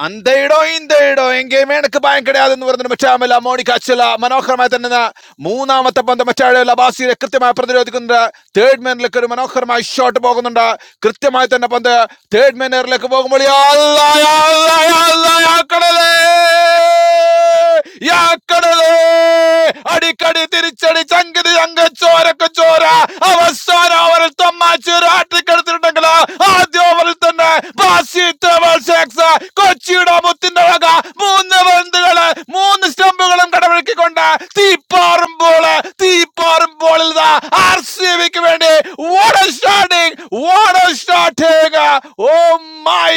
அந்த ഇടം இந்த ഇടം എങ്കേയുമേ എനിക്ക് ഭയം കിടയാതെന്ന് പറഞ്ഞിട്ട് മറ്റാമല്ല മോണിക്ക അച്ചല മനോഹരമായി തന്നെ ന- മൂന്നാമത്തെ പന്ത് മറ്റാളെ ലബാസിയെ കൃത്യമായി പ്രതിരോധിക്കുന്നുണ്ട് തേർഡ് മാനിലേക്ക് ഒരു മനോഹരമായി ഷോട്ട് പോകുന്നുണ്ട് കൃത്യമായി തന്നെ പന്ത് തേർഡ് മാനേറിലേക്ക് പോകുമ്പോൾ അല്ല, അല്ല, അല്ല, അല്ല, ആക്കണലേ. യാ കടലേ അടിക്കടി തിരിച്ചടി ചങ്കിതി ചങ്ക ചോരക്ക് ചോര അവസാന ഓവറിൽ തമ്മാച്ചി ആട്ടിക്കെടുത്തിട്ടുണ്ടെങ്കിൽ ആദ്യ ഓവറിൽ തന്നെ ബാസി ട്രവൽ സിക്സ് കൊച്ചിയുടെ മുത്തിന്റെ വക മൂന്ന് പന്തുകള് മൂന്ന് സ്റ്റംപ് ും കടവഴക്കിക്കൊണ്ട് തീപ്പാറുമ്പോൾ തീപ്പാറുമ്പോളിൽ ആർ സി ബിക്ക് വേണ്ടി water starting water starting oh my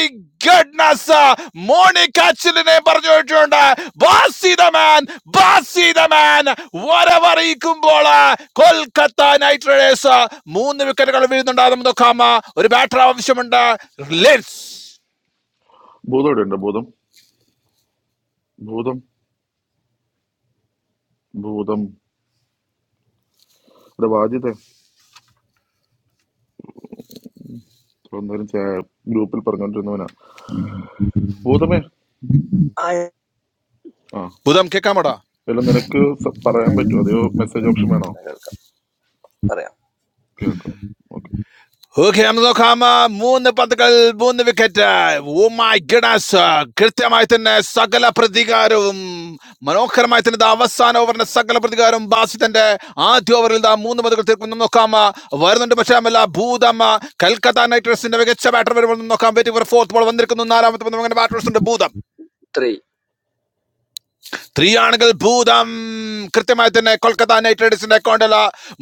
goodness മോണിക് അച്ചിലിനെ പറഞ്ഞു വെച്ചിട്ടുണ്ട് ബാസി ദ മാൻ ബാസി ദ മാൻ വരവറിയിക്കുമ്പോൾ കൊൽക്കത്ത നൈറ്റ് റൈഡേഴ്സ് മൂന്ന് വിക്കറ്റുകൾ വീഴുന്നുണ്ടാകും നോക്കാമ ഒരു ബാറ്റർ ആവശ്യമുണ്ട് ലെറ്റ്സ്
ഭൂതം ഇവിടെ ഉണ്ടോ ഭൂതം ഭൂതം ഭൂതം ഇവിടെ വാജിതേ ഒന്നേരം ഗ്രൂപ്പിൽ പറഞ്ഞുകൊണ്ടിരുന്നവനാ ഭൂതമേ
I
ആ
ബുധം കേൾക്കാമോടാ
ഇല്ല നിനക്ക് സ- പറയാൻ പറ്റുമോ അതെയോ മെസ്സേജ് ഓപ്ഷൻ വേണോ
am Kerala. Okay.
കേൾക്കാം ഓക്കെ
ഓക്കെ നമുക്ക് നോക്കാം ആ, മൂന്ന് പന്തുകൾ മൂന്ന് വിക്കറ്റ് ഓ മൈ ഗഡാസ് കൃത്യമായി തന്നെ സകല പ്രതികാരവും മനോഹരമായി തന്നെ ദാ അവസാന ഓവറിന്റെ സകല പ്രതികാരവും ബാസിത്തന്റെ ആദ്യ ഓവറിൽ ദാ മൂന്ന് പന്തുകൾ തീർക്കുന്നു നോക്കാം ആ, വരുന്നുണ്ട് പക്ഷേ അമല ഭൂതം ആ, കൽക്കത്ത നൈറ്റ് റൈഡേഴ്സിന്റെ മികച്ച ബാറ്റർ വരുമ്പോൾ നമുക്ക് നോക്കാം വെയിറ്റിംഗ് ഫോർ ഫോർത്ത് ബോൾ വന്നിരിക്കുന്നു നാലാമത്തെ പന്ത് അങ്ങനെ ബാറ്റേഴ്സ് ഉണ്ട് ഭൂതം
Three,
ത്രീയാണെങ്കിൽ ഭൂതം കൃത്യമായി തന്നെ കൊൽക്കത്ത നൈറ്റ് റൈഡേഴ്സിന്റെ അക്കൗണ്ടിൽ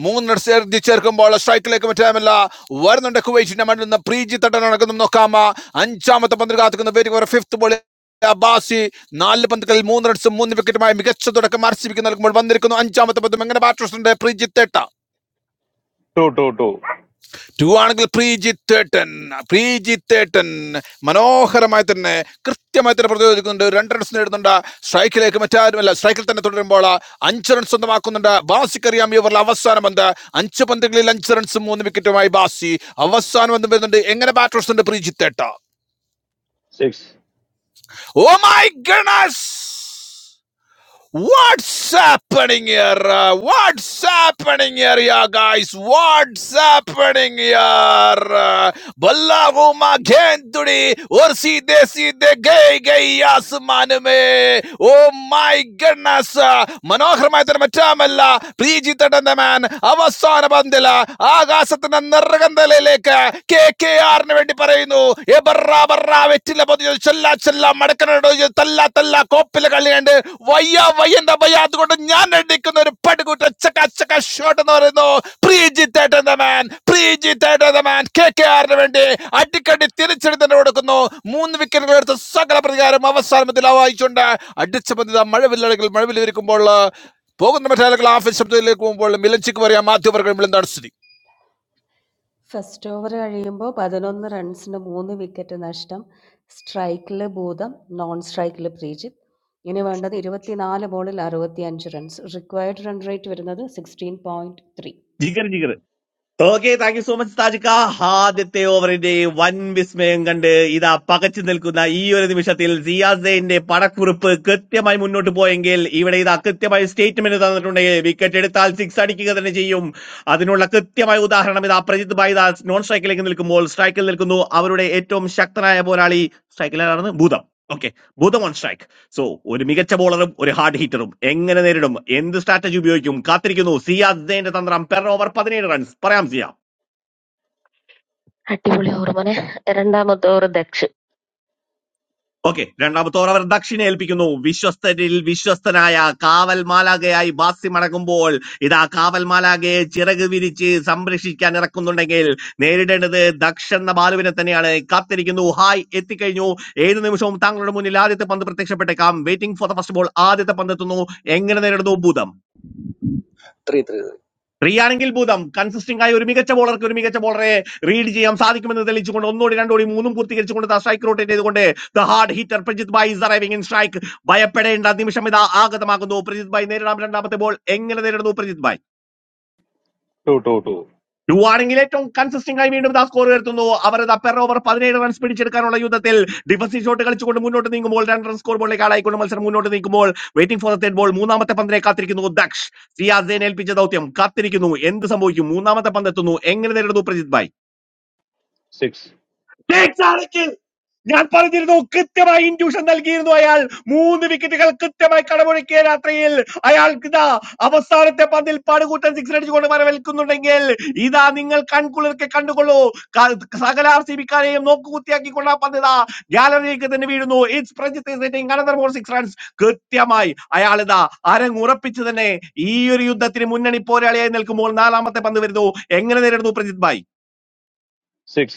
മൂന്ന് റൺസ് ചേർക്കുമ്പോൾ സ്ട്രൈക്കിലേക്ക് മറ്റാമല്ല വരുന്നുണ്ട് കുവൈറ്റിന്റെ മണ്ണിൽ നിന്ന് പ്രീജി തട്ടൻ നടക്കുന്നു നോക്കാം അഞ്ചാമത്തെ പന്തിൽ കാത്തുക്കുന്ന പേര് ഫിഫ്ത് ബോൾ അബ്ബാസി നാല് പന്തുകളിൽ മൂന്ന് റൺസും മൂന്ന് വിക്കറ്റുമായി മികച്ച തുടക്കം ആർ സി ബിക്ക് നൽകുമ്പോൾ വന്നിരിക്കുന്നു അഞ്ചാമത്തെ പന്തും എങ്ങനെ ബാറ്റ് ഉണ്ട് പ്രീജിത്ത് എട്ട
two two two
ടു ആണെങ്കിൽ പ്രീജിത്തേട്ടൻ പ്രീജിത്തേട്ടൻ മനോഹരമായി തന്നെ കൃത്യമായി തന്നെ പ്രതിരോധിക്കുന്നുണ്ട് രണ്ട് റൺസ് നേടുന്നുണ്ട് സ്ട്രൈക്കിലേക്ക് മറ്റാരുമല്ല സ്ട്രൈക്കിൽ തന്നെ തുടരുമ്പോൾ അഞ്ച് റൺസ് സ്വന്തമാക്കുന്നുണ്ട് ബാസിക്കറിയാം ഇവരുടെ അവസാന പന്ത് അഞ്ച് പന്തുകളിൽ അഞ്ച് റൺസും മൂന്ന് വിക്കറ്റുമായി ബാസി അവസാന പന്ത് വരുന്നുണ്ട് എങ്ങനെ ബാറ്റ് ഉണ്ട് പ്രീജിത്തേട്ട
six
oh my goodness What's happening here? What's happening here, ya guys? What's happening here? Bhalava ma ghanduri orsi desi de gay gay asman me. Oh my goodness! Manohar maithra ma chamma la. Preetita danda man avasaran bande la. Agasat na nargandalele ka. K K K ആറിന് വേണ്ടി പറയുന്നു എബറ ബറ വെറ്റില പൊതിഞ്ഞു ചെല്ലാ ചെല്ലാ മടക്കനടോ തല്ല തല്ല കോപ്പിലെ കളി കണ്ട് വയ്യ വയ്യന്റെ വയ്യ അതുകൊണ്ട് ഞാൻ എടുക്കുന്ന ഒരു പടുകൂട്ട ചക്ക ചക്ക ഷോട്ട് എന്ന് പറയുന്നു പ്രീജിത്തേട്ടൻ ദ മാൻ പ്രീജിത്തേട്ടൻ ദ മാൻ കെ കെ ആറിന് വേണ്ടി അടിക്കടി തിരിച്ചെടുത്ത് തന്നെ കൊടുക്കുന്നു മൂന്ന് വിക്കറ്റുകൾ എടുത്ത് സകല പ്രതികാരം അവസാനത്തിൽ വായിച്ചുകൊണ്ട് അടിച്ച പന്തിത മഴവില്ലഴകിൽ മഴവില്ലിരിക്കുമ്പോൾ പോകുന്ന മറ്റേ ആളുകൾ ആഫീസ് ശബ്ദത്തിലേക്ക് പോകുമ്പോൾ മിലഞ്ചിക്ക് പറയാം മാധ്യമവർഗ്ഗം എന്താണ് സ്ഥിതി
ഫസ്റ്റ് ഓവർ കഴിയുമ്പോൾ പതിനൊന്ന് റൺസിന് മൂന്ന് വിക്കറ്റ് നഷ്ടം സ്ട്രൈക്കിൽ ഭൂതം നോൺ സ്ട്രൈക്കിൽ പ്രീജിത്ത് ഇനി വേണ്ടത് ഇരുപത്തിനാല് ബോളിൽ അറുപത്തി അഞ്ച് റൺസ് റിക്വയർഡ് റൺ റേറ്റ് വരുന്നത് sixteen point three
Jigar Jigar okay thank you so much താജിക്ക ആദ്യത്തെ ഓവറിന്റെ വൻ വിസ്മയം കണ്ട് ഇതാ പകച്ചു നിൽക്കുന്ന ഈ ഒരു നിമിഷത്തിൽ സിയാസൈന്റെ പടക്കുറിപ്പ് കൃത്യമായി മുന്നോട്ട് പോയെങ്കിൽ ഇവിടെ ഇതാ കൃത്യമായി സ്റ്റേറ്റ്മെന്റ് തന്നിട്ടുണ്ടെങ്കിൽ വിക്കറ്റ് എടുത്താൽ സിക്സ് അടിക്കുക തന്നെ ചെയ്യും അതിനുള്ള കൃത്യമായ ഉദാഹരണം ഇതാ പ്രജിത് ഭായിദാസ് നോൺ സ്ട്രൈക്കിലേക്ക് നിൽക്കുമ്പോൾ സ്ട്രൈക്കിൽ നിൽക്കുന്നു അവരുടെ ഏറ്റവും ശക്തനായ പോരാളി സ്ട്രൈക്കിലാണെന്ന് ഭൂതം ഓക്കെ ഭൂതം ഓൺ സ്ട്രൈക്ക് സോ ഒരു മികച്ച ബോളറും ഒരു ഹാർഡ് ഹീറ്ററും എങ്ങനെ നേരിടും എന്ത് സ്ട്രാറ്റജി ഉപയോഗിക്കും കാത്തിരിക്കുന്നു സിയാദിന്റെ തന്ത്രം പെർ ഓവർ പതിനേഴ് റൺസ് പറയാം സിയാം
അടിപൊളി ഓറ് മോനെ രണ്ടാമത്തെ ഓറ് ദക്ഷ്
ഓക്കെ രണ്ടാമത്തെ ഓവർ ദക്ഷിണെ ഏൽപ്പിക്കുന്നു വിശ്വസ്തരിൽ വിശ്വസ്തനായ കാവൽ മാലാകയായി ബാസി മടങ്ങുമ്പോൾ ഇതാ കാവൽ മാലാകയെ ചിറക് വിരിച്ച് സംരക്ഷിക്കാൻ ഇറക്കുന്നുണ്ടെങ്കിൽ നേരിടേണ്ടത് ദക്ഷ എന്ന ബാലുവിനെ തന്നെയാണ് കാത്തിരിക്കുന്നു ഹായ് എത്തിക്കഴിഞ്ഞു ഏത് നിമിഷവും താങ്കളുടെ മുന്നിൽ ആദ്യത്തെ പന്ത് പ്രത്യക്ഷപ്പെട്ടേക്കാം waiting for the first ball ആദ്യത്തെ പന്ത് എത്തുന്നു എങ്ങനെ നേരിടുന്നു ഭൂതം
three, three,
റീയാണെങ്കിൽ ഭൂതം കൺസിസ്റ്റിംഗ് ആയ ഒരു മികച്ച ബോളർക്ക് ഒരു മികച്ച ബോളറെ റീഡ് ചെയ്യാൻ സാധിക്കുമെന്ന് തെളിയിച്ചുകൊണ്ട് ഒന്നോടി രണ്ടോടി മൂന്നും പൂർത്തീകരിച്ചുകൊണ്ട് സ്ട്രൈക്ക് റോട്ടേറ്റ് ചെയ്തുകൊണ്ട് ദ ഹാർഡ് ഹിറ്റർ പ്രജിത് ബായ് ഇസ് അറൈവിംഗ് ഇൻ സ്ട്രൈക്ക് ഭയപ്പെടേണ്ട നിമിഷം ഇതാ ആഗതമാകുന്നു പ്രജിത് ബായ് നേരിടാം രണ്ടാമത്തെ ബോൾ എങ്ങനെ നേരിടുന്നു പ്രജിത് ബായ്
two two two
ടുവാണെങ്കിൽ ഏറ്റവും കൺസിസ്റ്റിംഗ് ആയി വീണ്ടും ദാ സ്കോർ ഉയർത്തുന്നു അവർ ദാ പെർ ഓവർ പതിനേഴ് റൺസ് പിടിച്ചെടുക്കാനുള്ള യുദ്ധത്തിൽ ഡിഫൻസീവ് ഷോട്ട് കളിച്ചുകൊണ്ട് മുന്നോട്ട് നീങ്ങുമ്പോൾ രണ്ട് റൺ സ്കോർ ബോളിലേക്ക് ആളായിക്കൊണ്ട് മത്സരം മുന്നോട്ട് നീങ്ങുമ്പോൾ waiting for the third ball മൂന്നാമത്തെ പന്തിനെ കാത്തിരിക്കുന്നു ദക്ഷ് സിയാസേൻ ഏൽപ്പിച്ച ദൗത്യം കാത്തിരിക്കുന്നു എന്ത് സംഭവിക്കും മൂന്നാമത്തെ പന്ത് എത്തുന്നു എങ്ങനെ നേരിടുന്നു പ്രജിത്
six
ഭായ് ഞാൻ പറഞ്ഞിരുന്നു കൃത്യമായി ഇൻഡ്യൂഷൻ നൽകിയിരുന്നു അയാൾ മൂന്ന് വിക്കറ്റുകൾ കൃത്യമായി കടമൊഴുക്കിയ രാത്രിയിൽ അയാൾക്ക് ഇതാ അവസാനത്തെ പന്തിൽ പാടുകൂട്ടൻ സിക്സ് അടിച്ചുകൊണ്ട് വരവേൽക്കുന്നുണ്ടെങ്കിൽ ഇതാ നിങ്ങൾ കൺകുളിർക്കെ കണ്ടുകൊള്ളൂ ക- സകല ആർ സി ബിക്കാരെയും നോക്കുകുത്തിയാക്കിക്കൊണ്ട് ആ പന്ത് ഇതാ ഗാലറിയിലേക്ക് തന്നെ വീഴുന്നു it's another more six runs കൃത്യമായി അയാൾ ഇതാ അരങ്ങുറപ്പിച്ച് തന്നെ ഈ ഒരു യുദ്ധത്തിന് മുന്നണി പോരാളിയായി നിൽക്കുമ്പോൾ നാലാമത്തെ പന്ത് വരുന്നു എങ്ങനെ നേരിടുന്നു പ്രജിത് ഭായ്
six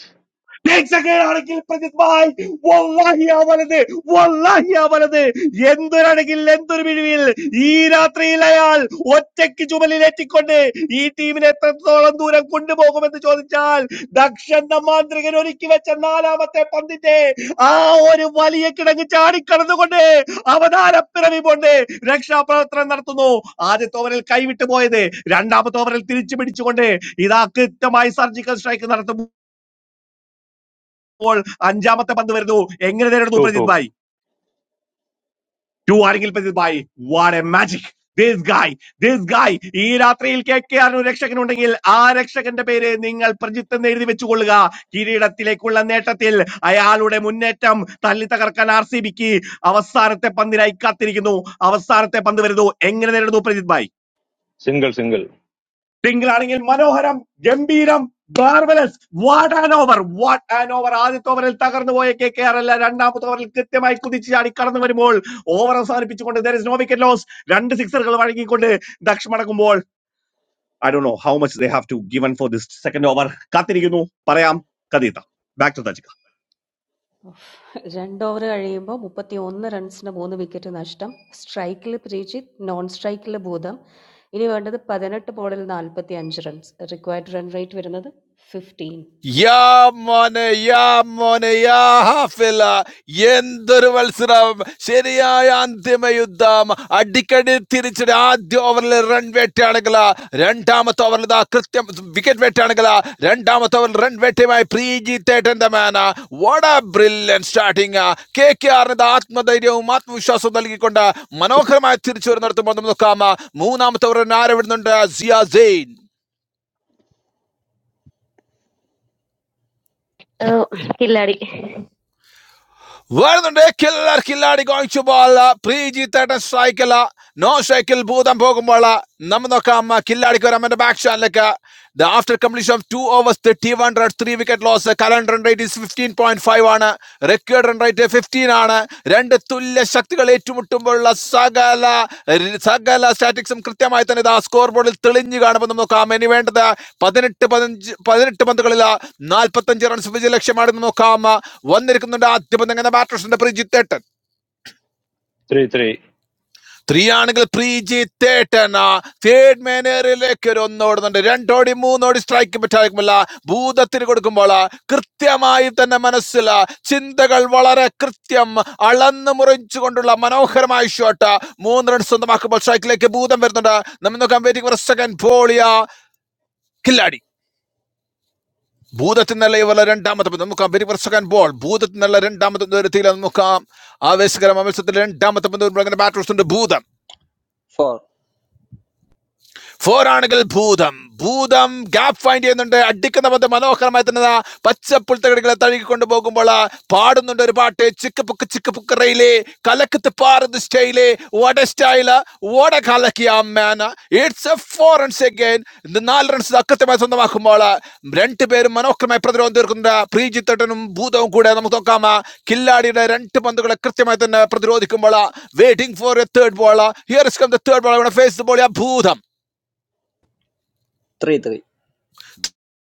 രക്ഷകനാണെങ്കിൽ പ്രജിത്ഭായ് വല്ലാഹി ആ വലത് വല്ലാഹി ആ വലത് എന്തൊരണെങ്കിൽ എന്തൊരു പിഴിവിൽ ഈ രാത്രിയിൽ അയാൾ ഒറ്റയ്ക്ക് ചുമലിലേറ്റിക്കൊണ്ട് ഈ ടീമിനെ എത്രത്തോളം ദൂരം കൊണ്ടുപോകുമെന്ന് ചോദിച്ചാൽ ദക്ഷന്റെ മാന്ത്രികൻ ഒരുക്കി വെച്ച നാലാമത്തെ പന്തിന്റെ ആ ഒരു വലിയ കിടങ്ങ് ചാടിക്കടന്നുകൊണ്ട് അവതാരപ്പിറവി കൊണ്ട് രക്ഷാപ്രവർത്തനം നടത്തുന്നു ആദ്യത്തെ ഓവറിൽ കൈവിട്ടു പോയത് രണ്ടാമത്തെ ഓവറിൽ തിരിച്ചു പിടിച്ചുകൊണ്ട് ഇതാ കൃത്യമായി സർജിക്കൽ സ്ട്രൈക്ക് നടത്തുന്നു അപ്പോൾ അഞ്ചാമത്തെ പന്ത് വരുന്നു എങ്ങനെ നേരിടുന്നു
two two
പ്രജിത് ഭായ് ടു ആരെങ്കിൽ പ്രജിത് ഭായ് what a magic this guy this guy ഈ രാത്രിയിൽ കെ കെ ആർ രക്ഷകൻ ഉണ്ടെങ്കിൽ ആ രക്ഷകന്റെ പേര് നിങ്ങൾ പ്രജിത്ത് എന്ന് എഴുതി വെച്ചുകൊള്ളുക കിരീടത്തിലേക്കുള്ള നേട്ടത്തിൽ അയാളുടെ മുന്നേറ്റം തല്ലി തകർക്കാൻ ആർ സി ബിക്ക് അവസാനത്തെ പന്തിനായി കാത്തിരിക്കുന്നു അവസാനത്തെ പന്ത് വരുന്നു എങ്ങനെ നേരിടുന്നു പ്രജിത് ഭായ്
single single
ടിങ്കിളാണെങ്കിൽ മനോഹരം ഗംഭീരം ബാർബലസ് what an over what an over ആദ്യത്തെ ഓവറിൽ തകർന്നു പോയ കെ കെ ആർ അല്ല രണ്ടാമത്തെ ഓവറിൽ കൃത്യമായി കുതിച്ചു ചാടി കടന്നു വരുമ്പോൾ ഓവർ അവസാനിപ്പിച്ചുകൊണ്ട് there is no wicket loss രണ്ട് സിക്സറുകൾ വഴങ്ങിക്കൊണ്ട് ദക്ഷ് മടക്കുമ്പോൾ I do know how much they have to given for this second over കാത്തിരിക്കുന്നു പറയാം കഥീത ബാക്ക് ടു
രണ്ട് ഓവർ കഴിയുമ്പോൾ മുപ്പത്തി ഒന്ന് റൺസിന് മൂന്ന് വിക്കറ്റ് നഷ്ടം സ്ട്രൈക്കിൽ പ്രീജിത്ത് നോൺ സ്ട്രൈക്കിൽ ഭൂതം ഇനി വേണ്ടത് പതിനെട്ട് ബോളിൽ നാൽപ്പത്തി അഞ്ച് റൺസ് റിക്വയർഡ് റൺ റേറ്റ് വരുന്നത് ഫിഫ്റ്റീൻ
യാ മോനെ യാ മോനെ യാ ഹാഫില എന്തൊരു മത്സരം ശരിയായ അന്തിമ യുദ്ധം അടിക്കടി തിരിച്ചടി ആദ്യ ഓവറിൽ റൺ വേട്ടയാണെങ്കിൽ രണ്ടാമത്തെ ഓവറിൽ ഇതാ കൃത്യം വിക്കറ്റ് വേട്ടയാണെങ്കിൽ രണ്ടാമത്തെ ഓവറിൽ റൺ വേട്ടയുമായി പ്രീജിത്ത് ഏട്ടന്റെ മാന വട ബ്രില്യൻ സ്റ്റാർട്ടിങ് കെ കെ ആറിന് ആത്മധൈര്യവും ആത്മവിശ്വാസവും നൽകിക്കൊണ്ട് മനോഹരമായി തിരിച്ചു വരുന്നിടത്ത് വന്നു നോക്കാം മൂന്നാമത്തെ ഓവറിന് ആരവിടുന്നുണ്ട് സിയ സെയിൻ
ആ, കില്ലാടി
വരുന്നുണ്ട് കില്ലർ കില്ലാടി കാണിച്ചു ബോൾ പ്രീജി തേട്ടൻ സ്ട്രൈക്കല്ല നോ സ്ട്രൈക്കിൽ ഭൂതം പോകുമ്പോൾ നമ്മ നോക്കാം കില്ലാടിക്ക് വരാം എന്റെ ബാക്ക് ഷാനിലേക്ക് after completion of two overs thirty one runs three wicket loss കലൻ run rate is fifteen point five ആണ് റെക്കേർഡ് റൺ റേറ്റ് ഫിഫ്റ്റീൻ സിക്സ്റ്റീനാണ് രണ്ട് തുല്യ ശക്തികൾ ഏറ്റുമുട്ടുമ്പോഴുള്ള സകല സകല സ്റ്റാറ്റിക്സും കൃത്യമായി തന്നെ ഇതാ സ്കോർ ബോർഡിൽ തെളിഞ്ഞു കാണുമ്പോൾ നമുക്ക് നോക്കാം ഇനി വേണ്ടത് പതിനെട്ട് പതിനഞ്ച് പതിനെട്ട് പന്തുകളിൽ നാൽപ്പത്തഞ്ച് റൺസ് വിജയ ലക്ഷ്യമാണെന്ന് നോക്കാം വന്നിരിക്കുന്നുണ്ട് ആദ്യ പന്ത് എങ്ങനെ ബാറ്റേഴ്സിന്റെ പ്രിജിത്തേട്ടൻ
three three
ത്രീയാണെങ്കിൽ പ്രീജി തേട്ടന തേർഡ് മാനേറിലേക്ക് ഒരു ഒന്നോടുന്നുണ്ട് രണ്ടോടി മൂന്നോടി സ്ട്രൈക്ക് പറ്റാതിരിക്കുമ്പോൾ ഭൂതത്തിന് കൊടുക്കുമ്പോൾ കൃത്യമായി തന്നെ മനസ്സിൽ ചിന്തകൾ വളരെ കൃത്യം അളന്ന് മുറിച്ചുകൊണ്ടുള്ള മനോഹരമായ ഷോട്ട് മൂന്ന് റൺ സ്വന്തമാക്കുമ്പോൾ സ്ട്രൈക്കിലേക്ക് ഭൂതം വരുന്നുണ്ട് നമ്മൾ നോക്കാം വെരി സെക്കൻഡ് ബോളിയ കില്ലാടി ഭൂതത്തിൽ നിന്നുള്ള ഇവരുടെ രണ്ടാമത്തെ പന്ത്. നമുക്ക് വെരി സെക്കൻഡ് ബോൾ ഭൂതത്തിൽ നിന്നുള്ള രണ്ടാമത്തെ പന്ത് വരുത്തിയില്ല നമുക്ക് ആവേശകരം മത്സരത്തിൽ രണ്ടാമത്തെ പന്ത് വരുമ്പോൾ അങ്ങനെ ബാറ്റ് ഉണ്ട് ഭൂതം
four,
ഫോർ ആണെങ്കിൽ ഭൂതം ഭൂതം ഗ്യാപ്പ് ഫൈൻഡ് ചെയ്യുന്നുണ്ട് അടിക്കുന്ന പന്ത് മനോഹരമായി തന്നെ ദാ പച്ചപ്പുൽത്തകടികളെ തഴുകി കൊണ്ടുപോകുമ്പോൾ പാടുന്നുണ്ട് ഒരു പാട്ട് ചിക്ക് പുക്ക് ചിക്ക് പുക്ക് റെയിലേ കലക്കത്ത് പാറുന്ന സ്റ്റൈലേ വട സ്റ്റൈല് വട കലക്കിയ അമ്മേന it's a four runs again നാല് റൺസ് അക്കൃത്യമായി സ്വന്തമാക്കുമ്പോൾ രണ്ടുപേരും മനോഹരമായി പ്രതിരോധം തീർക്കുന്നുണ്ട് പ്രീജിത്തട്ടനും ഭൂതവും കൂടെ നമുക്ക് നോക്കാം കില്ലാടിയുടെ രണ്ട് പന്തുകളെ കൃത്യമായി തന്നെ പ്രതിരോധിക്കുമ്പോൾ waiting for a third ball here is come the third ball face the ball Bhootham
three, three,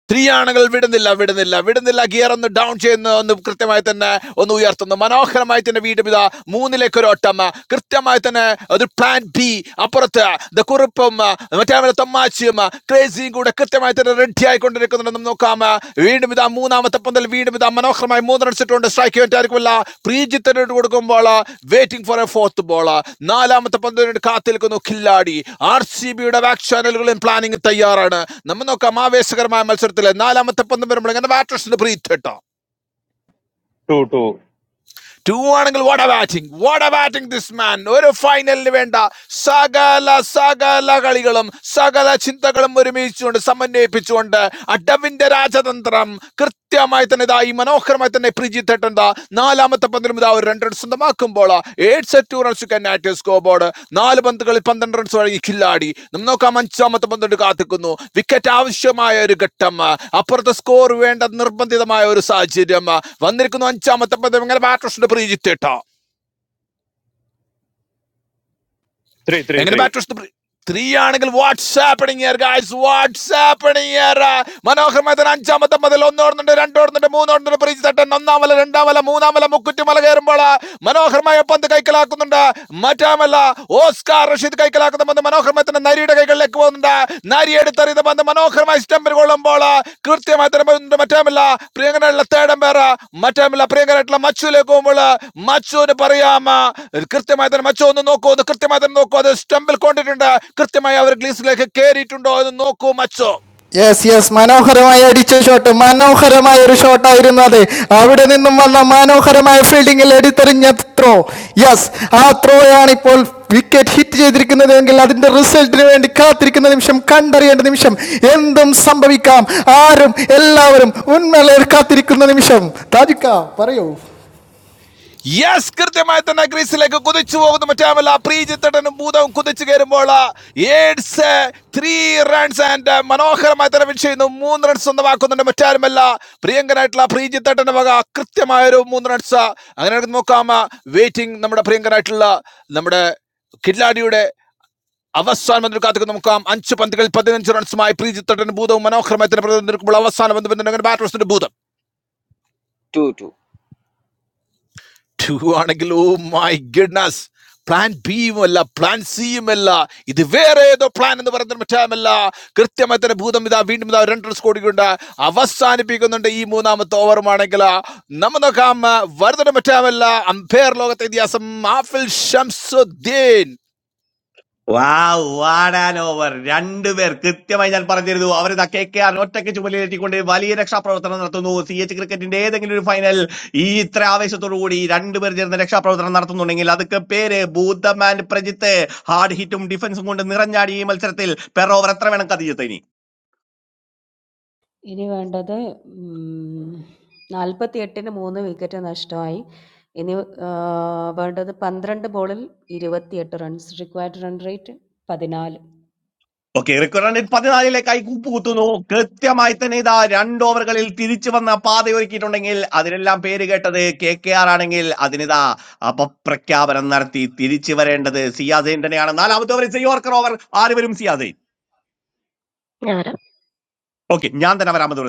സ്ത്രീയാണുകൾ വിടുന്നില്ല വിടുന്നില്ല വിടുന്നില്ല ഗിയർ ഒന്ന് ഡൗൺ ചെയ്യുന്നു ഒന്ന് കൃത്യമായി തന്നെ ഒന്ന് ഉയർത്തുന്നു മനോഹരമായി തന്നെ വീണ്ടും ഇതാ മൂന്നിലേക്ക് ഒരു ഓട്ടം കൃത്യമായി തന്നെ ഒരു പ്ലാൻ ബി അപ്പുറത്ത് ദ കുറിപ്പും മറ്റേ തമ്മാച്ചിയും ക്രേസിയും കൂടെ കൃത്യമായി തന്നെ റെഡി ആയിക്കൊണ്ടിരിക്കുന്നുണ്ടെന്ന് നോക്കാം വീണ്ടും ഇതാ മൂന്നാമത്തെ പന്തൽ വീണ്ടും ഇതാ മനോഹരമായി മൂന്ന് റൺസ് ഇട്ടുകൊണ്ട് സ്ട്രൈക്ക് വേറ്റായിരിക്കുമല്ല പ്രീജിത്തിന് കൊടുക്കുമ്പോൾ waiting for a fourth ball നാലാമത്തെ പന്തലിന് കാത്തിരിക്കുന്നു കില്ലാടി ആർ സി ബിയുടെ ബാക്ക് ചാനലുകളും പ്ലാനിംഗ് തയ്യാറാണ് നമ്മൾ നോക്കാം ആവേശകരമായ മത്സരത്തിൽ നാലാമത്തെ പന്തം വരുമ്പോൾ എങ്ങനെ ബാറ്റേഴ്സിന്റെ ബ്രീത്ത് കേട്ടോ
two two
ടു ആണെങ്കിൽ what a batting what a batting this man ഒരു ഫൈനലിന് വേണ്ട സകല സകല കളികളും സകല ചിന്തകളും ഒരുമിച്ചുകൊണ്ട് സമന്വയിപ്പിച്ചുകൊണ്ട് അഡവിന്റെ രാജതന്ത്രം കൃത്യമായി തന്നെ ഇതാ ഈ മനോഹരമായി തന്നെ പ്രിജിത്തേട്ടൻ നാലാമത്തെ പന്തിലും ഇതാ ഒരു രണ്ട് റൺസ് സ്വന്തമാക്കുമ്പോൾ ഏഴ് ടു റൺസ് കന്നാറ്റ് സ്കോർ ബോർഡ് നാല് പന്തുകളിൽ പന്ത്രണ്ട് റൺസ് വഴങ്ങി കില്ലാടി നമുക്ക് നോക്കാം അഞ്ചാമത്തെ പന്തുണ്ട് കാത്തിക്കുന്നു വിക്കറ്റ് ആവശ്യമായ ഒരു ഘട്ടം അപ്പുറത്തെ സ്കോർ വേണ്ട നിർബന്ധിതമായ ഒരു സാഹചര്യം വന്നിരിക്കുന്നു അഞ്ചാമത്തെ പന്ത് ഇങ്ങനെ ബാറ്റേഴ്സിന്റെ പ്രീജിത്തേട്ടോ
three three
എങ്ങനെ
three
ബാറ്റ് ടു ത്രീ ആണെങ്കിൽ വാട്സ്ആപ്പണിങ് വാട്സ്ആപ്പണിങ് മനോഹരമായ തന്നെ അഞ്ചാമത്തെ മുതൽ ഒന്നോടുന്നുണ്ട് രണ്ടോടുന്നുണ്ട് മൂന്നോടുന്നുണ്ട് പ്രീതി തട്ടൻ ഒന്നാം വല രണ്ടാം വല മൂന്നാം വല മുക്കുറ്റിമല കയറുമ്പോൾ മനോഹരമായ പന്ത് കൈക്കലാക്കുന്നുണ്ട് മറ്റാമല്ല ഓസ്കാർ റഷീദ് കൈക്കലാക്കുന്ന പന്ത് മനോഹരമായ തന്നെ നരിയുടെ കൈകളിലേക്ക് ഗോളിലേക്ക് പോകുന്നുണ്ട് നരിയെടുത്തെറിയുന്ന പന്ത് മനോഹരമായി സ്റ്റംപിൽ കൊള്ളുമ്പോൾ കൃത്യമായി തന്നെ പോകുന്നുണ്ട് മറ്റാമില്ല പ്രിയങ്കരായിട്ടുള്ള തേടം പേര് മറ്റാമില്ല പ്രിയങ്കരായിട്ടുള്ള മച്ചുവിലേക്ക് പോകുമ്പോൾ മച്ചുവിന് പറയാം കൃത്യമായി തന്നെ മച്ചു ഒന്ന് നോക്കൂ ഒന്ന് കൃത്യമായി തന്നെ നോക്കൂ അത് സ്റ്റംപിൽ കൊണ്ടിട്ടുണ്ട് കൃത്യമായി അവർ ഗ്ലീസിലേക്ക് കയറിയിട്ടുണ്ടോ എന്ന് നോക്കൂ മച്ചു
യെസ് യെസ് മനോഹരമായ അടിച്ച ഷോട്ട് മനോഹരമായ ഒരു ഷോട്ടായിരുന്നു അത് അവിടെ നിന്നും വന്ന മനോഹരമായ ഫീൽഡിംഗിൽ എടുത്തെറിഞ്ഞ ത്രോ യെസ് ആ ത്രോയാണ് ഇപ്പോൾ വിക്കറ്റ് ഹിറ്റ് ചെയ്തിരിക്കുന്നത് എങ്കിൽ അതിന്റെ റിസൾട്ടിന് വേണ്ടി കാത്തിരിക്കുന്ന നിമിഷം കണ്ടറിയേണ്ട നിമിഷം എന്തും സംഭവിക്കാം ആരും എല്ലാവരും ഉന്മേളയിൽ കാത്തിരിക്കുന്ന നിമിഷം താജിക്ക പറയൂ
യെസ് കൃത്യമായി തന്നെ ഗ്രീസിലേക്ക് കുതിച്ചു പോകുന്നു മറ്റാമല്ല പ്രീജിത്തടനും ഭൂതവും കുതിച്ചു കയറുമ്പോൾ ഏഡ്സ് ത്രീ റൺസ് ആൻഡ് മനോഹരമായി തന്നെ വിൻ ചെയ്യുന്നു മൂന്ന് റൺസ് സ്വന്തമാക്കുന്നുണ്ട് മറ്റാരുമല്ല പ്രിയങ്കനായിട്ടുള്ള പ്രീജിത്തട്ടന്റെ വക കൃത്യമായൊരു മൂന്ന് റൺസ് അങ്ങനെ നമുക്ക് നോക്കാം വെയിറ്റിംഗ് നമ്മുടെ പ്രിയങ്കനായിട്ടുള്ള നമ്മുടെ കില്ലാടിയുടെ അവസാന പന്തിൽ കാത്തിക്കുന്ന നോക്കാം അഞ്ച് പന്തുകളിൽ പതിനഞ്ച് റൺസുമായി പ്രീജിത്തട്ടൻ ഭൂതവും മനോഹരമായി തന്നെ പ്രതിനിധിക്കുമ്പോൾ അവസാന പന്ത് പിന്തുണ ബാറ്റേഴ്സിന്റെ ഭൂതം
two, two,
ടു ആണെങ്കിൽ ഓ മൈ ഗഡ്നസ് പ്ലാൻ ബിയും അല്ല പ്ലാൻ സിയും അല്ല ഇത് വേറെ ഏതോ പ്ലാൻ എന്ന് പറയുന്നത് മറ്റാമല്ല കൃത്യമായി തന്നെ ഭൂതം ഇതാ വീണ്ടും ഇതാ രണ്ട് റൺസ് കൂടിയുണ്ട് അവസാനിപ്പിക്കുന്നുണ്ട് ഈ മൂന്നാമത്തെ ഓവറുമാണെങ്കിൽ നമ്മ നോക്കാം വരുന്നത് മറ്റാമല്ല അമ്പയർ ലോകത്തെ ഇതിഹാസം Afil Shamsuddin
wow what an over രണ്ടുപേർ കൃത്യമായി ഞാൻ പറഞ്ഞിരുന്നു അവരിതാ കെ കെ ആർ ഒറ്റയ്ക്ക് ചുമലിലേറ്റിക്കൊണ്ട് വലിയ രക്ഷാപ്രവർത്തനം നടത്തുന്നു സി എച്ച് ക്രിക്കറ്റിന്റെ ഏതെങ്കിലും ഒരു ഫൈനൽ ഈ ഇത്ര ആവേശത്തോടു കൂടി രണ്ടുപേർ ചേർന്ന് രക്ഷാപ്രവർത്തനം നടത്തുന്നുണ്ടെങ്കിൽ അതൊക്കെ പേര് ഭൂതം ആൻഡ് പ്രജിത്ത് ഹാർഡ് ഹിറ്റും ഡിഫൻസും കൊണ്ട് നിറഞ്ഞാടി ഈ മത്സരത്തിൽ പെർ ഓവർ എത്ര വേണം കഥ
ഇനി വേണ്ടത് ഉം, 48-ന് 3 വിക്കറ്റ് നഷ്ടമായി. ഇനി ആഹ്, വേണ്ടത് 12 ബോളിൽ 28 runs. Required run rate 14.
Okay റിക്കർ റണ്ണിൽ പതിനാലിലേക്കായി കൂപ്പുകുത്തുന്നു കൃത്യമായി തന്നെ ഇതാ രണ്ട് ഓവറുകളിൽ തിരിച്ചു വന്ന പാതയൊരുക്കിയിട്ടുണ്ടെങ്കിൽ അതിനെല്ലാം പേര് കേട്ടത് കെ കെ ആർ ആണെങ്കിൽ അതിനിതാ അപപ്രഖ്യാപനം നടത്തി തിരിച്ചു വരേണ്ടത് സിയാസൈൻ തന്നെയാണ് നാലാമത്തെ ഓവറിൽ യോർക്കർ ഓവർ ആര് വരും സിയാസൈൻ
ഞാൻ വരാം
ഓക്കെ ഞാൻ തന്നെ വരാമത്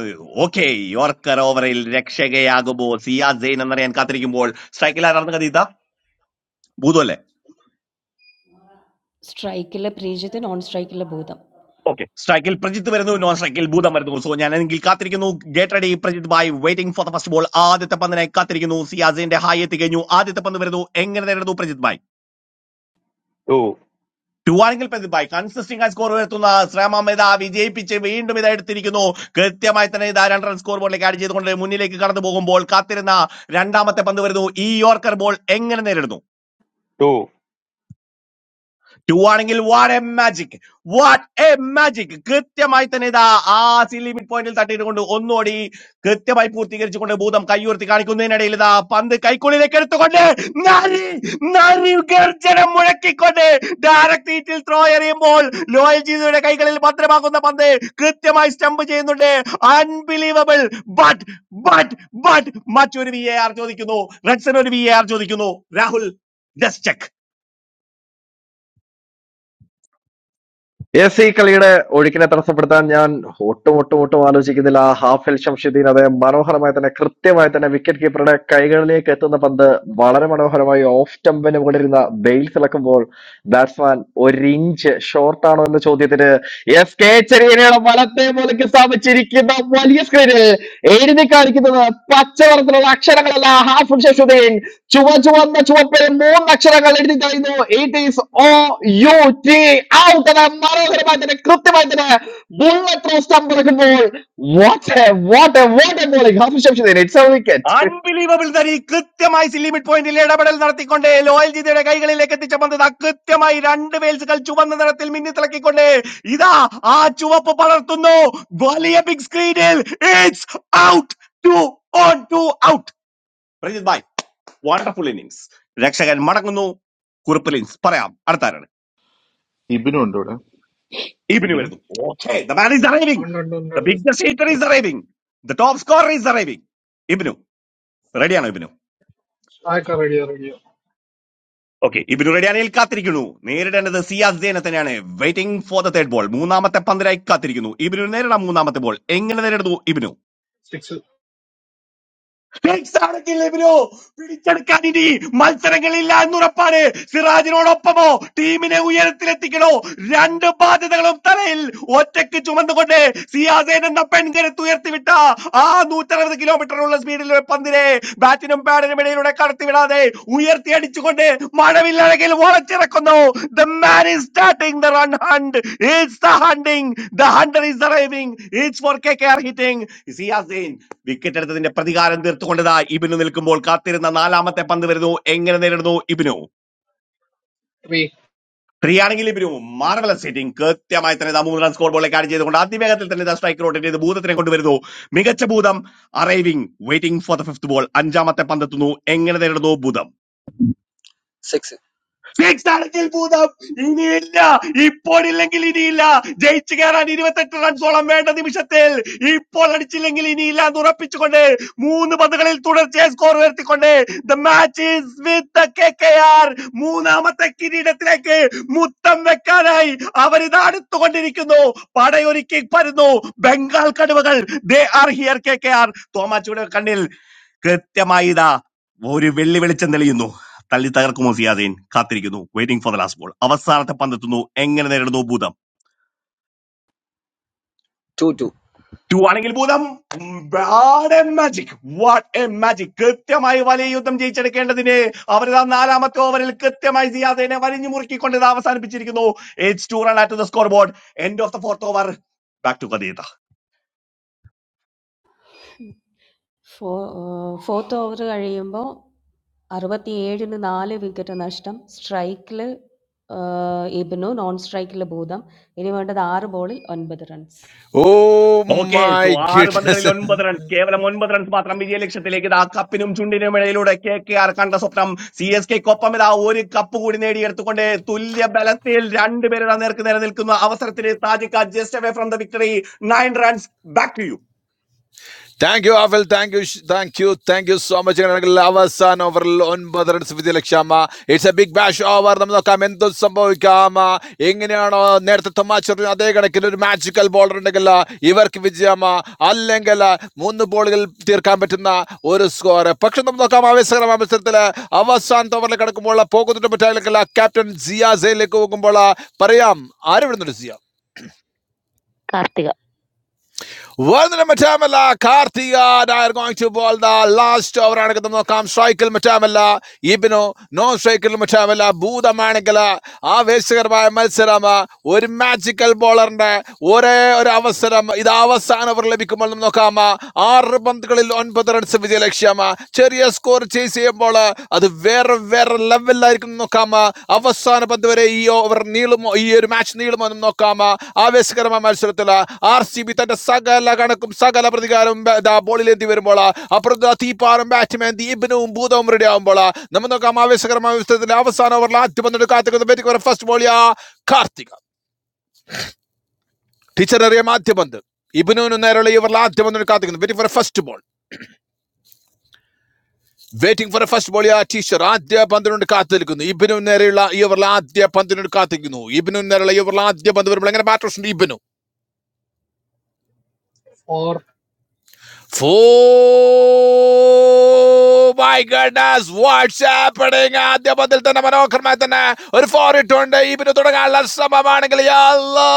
ഓക്കെ യോർക്കർ ഓവറിൽ രക്ഷകയാകുമോ സിയാസൈൻ എന്നറിയാൻ കാത്തിരിക്കുമ്പോൾ സ്ട്രൈക്കിൽ ആരാണെന്ന് കഥ ഇതാ ഭൂതമല്ലേ
സ്ട്രൈക്കിലെ പ്രീജിത്ത്, നോൺ സ്ട്രൈക്കിലെ ഭൂതം.
ഓക്കെ സ്ട്രൈക്കിൽ പ്രജിത്ത് വരുന്നു നോൺ സ്ട്രൈക്കിൽ ഭൂതം വരുന്നു സോ ഞാൻ എങ്കിൽ കാത്തിരിക്കുന്നു ഗേറ്റ് റെഡി പ്രജിത് ബായ് waiting for the first ball ആദ്യത്തെ പന്തിനായി കാത്തിരിക്കുന്നു സിയാസിന്റെ ഹായ് എത്തി കഴിഞ്ഞു ആദ്യത്തെ പന്ത് വരുന്നു എങ്ങനെ നേരിടുന്നു പ്രജിത് ബായ്
two
ടു ആണെങ്കിൽ പ്രജിത് ബായ് കൺസിസ്റ്റിംഗ് ആയി സ്കോർ ഉയർത്തുന്ന ശ്രമമേത വിജയിപ്പിച്ച് വീണ്ടും ഇത് എടുത്തിരിക്കുന്നു കൃത്യമായി തന്നെ ഇതാ രണ്ട് റൺ സ്കോർ ബോളിലേക്ക് ആഡ് ചെയ്തുകൊണ്ട് മുന്നിലേക്ക് കടന്നു പോകുമ്പോൾ കാത്തിരുന്ന രണ്ടാമത്തെ പന്ത് വരുന്നു ഈ യോർക്കർ ബോൾ എങ്ങനെ നേരിടുന്നു
two
ടു ആണെങ്കിൽ what a magic what a magic കൃത്യമായി തന്നെ ഇതാ ആ സി ലിമിറ്റ് പോയിന്റിൽ തട്ടിയിട്ടുകൊണ്ട് ഒന്നോടി കൃത്യമായി പൂർത്തീകരിച്ചുകൊണ്ട് ഭൂതം കൈയുയർത്തി കാണിക്കുന്നതിനിടയിൽ ഇതാ പന്ത് കൈക്കുള്ളിലേക്ക് എടുത്തുകൊണ്ട് നരി നരി ഗർജനം മുഴക്കിക്കൊണ്ട് ഡയറക്ട് ഹീറ്റിൽ ത്രോ എറിയുമ്പോൾ ലോയൽ ജീതയുടെ കൈകളിൽ ഭദ്രമാക്കുന്ന പന്ത് കൃത്യമായി സ്റ്റംപ് ചെയ്യുന്നുണ്ട് അൺബിലീവബിൾ ബട്ട് ബട്ട് ബട്ട് മറ്റൊരു വി എ ആർ ചോദിക്കുന്നു റെഡ്സൺ ഒരു വി എ ആർ ചോദിക്കുന്നു രാഹുൽ ജസ്റ്റ് ചെക്ക്
എസ് ഈ കളിയുടെ ഒഴുക്കിനെ തടസ്സപ്പെടുത്താൻ ഞാൻ ഒട്ടും ഒട്ടും ഒട്ടും ആലോചിക്കുന്നില്ല ഹാഫിൽ ഷംഷുദ്ദീൻ അദ്ദേഹം മനോഹരമായി തന്നെ കൃത്യമായി തന്നെ വിക്കറ്റ് കീപ്പറുടെ കൈകളിലേക്ക് എത്തുന്ന പന്ത് വളരെ മനോഹരമായി ഓഫ് സ്റ്റംപിന് മുകളിരുന്ന ബെയിൽസ് ഇളക്കുമ്പോൾ ബാറ്റ്സ്മാൻ ഒരു ഇഞ്ച് ഷോർട്ടാണോ എന്ന ചോദ്യത്തിന് എസ് കെ ചെറിയനയുടെ വലത്തെ മൂലയ്ക്ക് സ്ഥാപിച്ചിരിക്കുന്ന വലിയ സ്ക്രീനിൽ എഴുതി കാണിക്കുന്നത് പച്ചവർത്തിലുള്ള അക്ഷരങ്ങളല്ല ഹാഫിൽ ഷംഷുദ്ദീൻ ചുവ ചുവന്ന ചുവപ്പ് മൂന്നക്ഷരങ്ങൾ എഴുതി കഴിഞ്ഞു it is O U T out എന്ന മനോഹരമായി തന്നെ കൃത്യമായി തന്നെ ബുള്ളറ്റ് ത്രോ സ്റ്റംപ് എടുക്കുമ്പോൾ what a what a what a bowling Hafiz Shamsuddin it's a wicket
unbelievable തരി കൃത്യമായി ലിമിറ്റ് പോയിന്റിൽ ഇടപെടൽ നടത്തിക്കൊണ്ട് ലോയൽ ജിതയുടെ കൈകളിലേക്ക് എത്തിച്ച പന്ത് കൃത്യമായി രണ്ട് വേൽസുകൾ ചുവന്ന നിറത്തിൽ മിന്നിത്തിളക്കിക്കൊണ്ട് ഇതാ ആ ചുവപ്പ് പടർത്തുന്നു വലിയ ബിഗ് സ്ക്രീനിൽ it's out two on two out Prajith ബായ് വണ്ടർഫുൾ ഇന്നിംഗ്സ് രക്ഷകൻ മടങ്ങുന്നു കുറിപ്പ് ലിൻസ് പറയാം അടുത്താരാണ്
ഇബിനും ഉണ്ടോ ഇവിടെ
ഈബിന്
ഇബിനും
വരുന്നു okay the man is arriving
ഉണ്ട് ഉണ്ട് ഉണ്ട്
ദ
ഉണ്ട്
big the hitter
Okay.
Is arriving the top score is arriving Ebin റെഡിയാണോ ഇബിനു
ആയിക്കോ റെഡിയോ റെഡിയോ
ഓക്കെ ഇബിനു റെഡി അണിയിൽ കാത്തിരിക്കുന്നു നേരിടേണ്ടത് സിയാസ് ജയനെ തന്നെയാണ് waiting for the third ball മൂന്നാമത്തെ പന്തിനായി കാത്തിരിക്കുന്നു ഇബിനു നേരിടാം മൂന്നാമത്തെ ബോൾ എങ്ങനെ നേരിടുന്നു ഇബിനു
സിക്സ്
ാണെങ്കിൽ ലെബിനോ പിടിച്ചെടുക്കാൻ ഇനി മത്സരങ്ങളില്ല എന്നുറപ്പാണ് സിറാജിനോടൊപ്പമോ ടീമിനെ ഉയരത്തിലെത്തിക്കണോ രണ്ട് ബാധ്യതകളും തലയിൽ ഒറ്റയ്ക്ക് ചുമന്നുകൊണ്ട് സിയാസേൻ എന്ന പെൺകരുത്ത് ഉയർത്തിവിട്ട ആ നൂറ്ററുപത് കിലോമീറ്ററുള്ള സ്പീഡിൽ പന്തിനെ ബാറ്റിനും പാഡിനും ഇടയിലൂടെ കടത്തിവിടാതെ ഉയർത്തി അടിച്ചുകൊണ്ട് മഴവില്ലഴകിൽ വളച്ചിറക്കുന്നു the man is starting the run hunt it's the hunting the hunter is arriving it's for KKR hitting സിയാസേൻ വിക്കറ്റ് എടുത്തതിന്റെ പ്രതികാരം തീർത്തുകൊണ്ടതാ ഇബിനു നിൽക്കുമ്പോൾ കാത്തിരുന്ന നാലാമത്തെ പന്ത് വരുന്നു എങ്ങനെ നേരിടുന്നു ഇബിനു
ത്രീ
ഫ്രീയാണെങ്കിൽ ഇബിനു മാർവലസ് സീറ്റിംഗ് കൃത്യമായി തന്നെ ദാ മൂന്ന് റൺ സ്കോർ ബോളിലേക്ക് ആഡ് ചെയ്തുകൊണ്ട് അതിവേഗത്തിൽ തന്നെ സ്ട്രൈക്ക് റോട്ടിന്റെ ഇത് ഭൂതത്തിനെ കൊണ്ടുവരുന്നു മികച്ച Bhootham arriving waiting for the fifth ball അഞ്ചാമത്തെ പന്തെത്തുന്നു എങ്ങനെ നേരിടുന്നു ഭൂതം
six,
ഫിക്സ് ആണെങ്കിൽ ഭൂതം ഇനിയില്ല ഇപ്പോഴില്ലെങ്കിൽ ഇനിയില്ല ജയിച്ചു കയറാൻ ഇരുപത്തെട്ട് റൺസോളം വേണ്ട നിമിഷത്തിൽ ഇപ്പോൾ അടിച്ചില്ലെങ്കിൽ ഇനിയില്ല എന്ന് ഉറപ്പിച്ചുകൊണ്ട് മൂന്ന് പന്തുകളിൽ തുടർച്ചയായി സ്കോർ ഉയർത്തിക്കൊണ്ട് the match is with K K R മൂന്നാമത്തെ കിരീടത്തിലേക്ക് മുത്തം വെക്കാനായി അവരിത് അടുത്തുകൊണ്ടിരിക്കുന്നു പടയൊരുക്കി പരുന്നു ബംഗാൾ കടുവകൾ they are here K K R തോമാച്ചിയുടെ കണ്ണിൽ കൃത്യമായി ഇതാ ഒരു വെള്ളി വെളിച്ചം തെളിയുന്നു തള്ളി തകർക്കും സിയാദീൻ കാത്തിരിക്കുന്നു waiting for the last ball അവസാനത്തെ പന്തെത്തുന്നു എങ്ങനെ നേരിടുന്നു ഭൂതം
two, two.
ടു ആണെങ്കിൽ ഭൂതം മാജിക് വാട്ട് എ മാജിക് കൃത്യമായി വലിയ യുദ്ധം ജയിച്ചെടുക്കേണ്ടതിന് അവരിതാ നാലാമത്തെ ഓവറിൽ കൃത്യമായി സിയാദിനെ വലിഞ്ഞു മുറുക്കിക്കൊണ്ട് ഇത് അവസാനിപ്പിച്ചിരിക്കുന്നു eight two run at the score board end of the fourth over back to കഥീത
ഫോ ഫോർത്ത് ഓവർ കഴിയുമ്പോൾ 67-ന് 4 വിക്കറ്റ് നഷ്ടം. സ്ട്രൈക്കിൽ ഇബ്നു, നോൺ സ്ട്രൈക്കിൽ ഭൂതം. ഇനി വേണ്ടത് 6 ബോളിൽ 9 runs.
Oh
okay
my
so ആറ് പന്തുകളിൽ
ഗഡ്നസ്
ഒൻപത് റൺസ് കേവലം ഒൻപത് റൺസ് മാത്രം വിജയലക്ഷ്യത്തിലേക്ക് ഇതാ കപ്പിനും ചുണ്ടിനും ഇടയിലൂടെ കെ കെ ആർ കണ്ട സ്വപ്നം സി എസ് കെക്കൊപ്പം ഇതാ ഒരു കപ്പ് കൂടി നേടിയെടുത്തുകൊണ്ട് തുല്യ ബലത്തിൽ രണ്ടുപേരുടെ നേർക്ക് നേരെ നിൽക്കുന്ന അവസരത്തിന് താജിക്ക just away from the victory nine runs back to you
thank you Afil thank you thank you thank you so much ആണെങ്കിൽ അവസാന ഓവറിൽ ഒൻപത് റൺസ് വിജയലക്ഷ്യമ it's a big bash over നമുക്ക് നോക്കാം എന്തും സംഭവിക്കാം എങ്ങനെയാണോ നേരത്തെ തമാശ അതേ കണക്കിന് ഒരു മാജിക്കൽ ബോളർ ഉണ്ടെങ്കിൽ ഇവർക്ക് വിജയമ അല്ലെങ്കിൽ മൂന്ന് ബോളുകൾ തീർക്കാൻ പറ്റുന്ന ഒരു സ്കോർ പക്ഷെ നമുക്ക് നോക്കാം ആവേശകരമായ മത്സരത്തില് അവസാന ഓവറിൽ കിടക്കുമ്പോൾ പോകുന്നുണ്ട് മറ്റേ ക്യാപ്റ്റൻ സിയ സെയിലേക്ക് പോകുമ്പോൾ പറയാം ആരും ഇടുന്നുണ്ട് സിയ
കാർത്തിക
വരുന്നില്ല മറ്റാമല്ല കാർത്തിക ഡയർ going to bowl the last over ആണ് ഇത് നോക്കാം സ്ട്രൈക്കിൽ മറ്റാമല്ല ഇബിനോ നോൺ സ്ട്രൈക്കിൽ മറ്റാമല്ല ഭൂതമാണിക്കല ആവേശകരമായ മത്സരം ഒരു മാജിക്കൽ ബോളറിന്റെ ഒരേ ഒരു അവസരം ഇത് അവസാന ഓവർ ലഭിക്കുമ്പോൾ നമുക്ക് നോക്കാം ആറ് പന്തുകളിൽ ഒൻപത് റൺസ് വിജയ ലക്ഷ്യം ചെറിയ സ്കോർ ചെയ്സ് ചെയ്യുമ്പോൾ അത് വേറെ വേറെ ലെവലിലായിരിക്കും എന്ന് നോക്കാം അവസാന പന്ത് വരെ ഈ ഓവർ നീളുമോ ഈ ഒരു മാച്ച് നീളുമോ എന്ന് നോക്കാം ആവേശകരമായ മത്സരത്തിൽ ആർ സി ബി തന്റെ സകല കണക്കും സകല പ്രതികാരവും ബ- ദാ ബോളിലേന്തി വരുമ്പോൾ അപ്പുറത്ത് തീപ്പാറും ബാറ്റ്മാൻ ദീപനവും ഭൂതവും റെഡി ആവുമ്പോൾ നമ്മൾ നോക്കാം ആവേശകരമായ മത്സരത്തിൽ അവസാന ഓവറിൽ ആദ്യ പന്ത് കാർത്തിക് ബാറ്റിംഗ് ഫസ്റ്റ് ബോളിയാ കാർത്തിക ടീച്ചർ അറിയാം ആദ്യ പന്ത് ഇബിനുവിന് നേരെയുള്ള ഈ ഓവറിൽ ആദ്യ പന്ത് കാത്തിക്കുന്നു very for first ball waiting for first ball ആ ടീച്ചർ ആദ്യ പന്തിനോട് കാത്തു നിൽക്കുന്നു ഇബിനു നേരെയുള്ള ഈ ഓവറിൽ ആദ്യ പന്തിനോട് കാത്തിരിക്കുന്നു ഇബിനു നേരെയുള്ള ഈ ഓവറിൽ ആദ്യ പന്ത് വരുമ്പോൾ എങ്ങനെ ബാറ്റ് ഇബിനു
ഫോർ
വാട്സാപ്പിടിങ് ആദ്യമതിൽ തന്നെ മനോഹരമായി തന്നെ ഒരു ഫോർ ഇട്ടുണ്ട് ഇവന് തുടങ്ങാനുള്ള ശ്രമമാണെങ്കിൽ യാ അല്ലാ,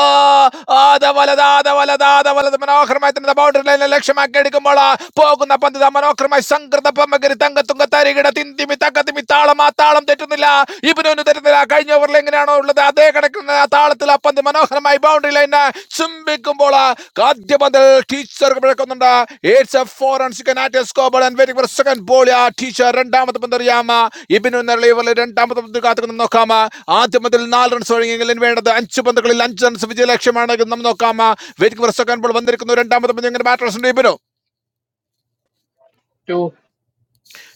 ആദ വലത് ആദ വലത് ആദ വലത് മനോഹരമായി തന്നെ ബൗണ്ടറി ലൈനിൽ ലക്ഷ്യമാക്കി എടുക്കുമ്പോൾ പോകുന്ന പന്തിത മനോഹരമായി സംകൃത പമ്മകരി തങ്കത്തുങ്ക തരികിട തിന്തിമി തങ്കത്തിമി താളം ആ താളം തെറ്റുന്നില്ല ഇവനൊന്നും തെറ്റുന്നില്ല കഴിഞ്ഞ ഓവറിൽ എങ്ങനെയാണോ ഉള്ളത് അതേ കിടക്കുന്ന ആ താളത്തിൽ ആ പന്ത് മനോഹരമായി ബൗണ്ടറി ലൈനെ ചുംബിക്കുമ്പോൾ ആ ആദ്യ പന്തിൽ ടീച്ചർ പിഴക്കുന്നുണ്ട് waits for waiting for second ball ആ ടീച്ചർ രണ്ടാമത്തെ പന്ത് അറിയാം ഇബിനു നെറളിവറിൽ രണ്ടാമത്തെ പന്ത് കാത്തുനിന്ന് നോക്കാം ആദ്യ പന്തിൽ നാല് റൺസ് ഒഴുകിയെങ്കിൽ ഇനി വേണ്ടത് അഞ്ച് പന്തുകളിൽ അഞ്ച് റൺസ് വിജയ ലക്ഷ്യമാണ് എന്ന് നമുക്ക് നോക്കാം വെയിറ്റിംഗ് ഫോർ സെക്കൻഡ് ബോൾ വന്നിരിക്കുന്നു രണ്ടാമത്തെ പന്ത് എങ്ങനെ ബാറ്റേഴ്സ് ഉണ്ട് ഇബിനു
ടു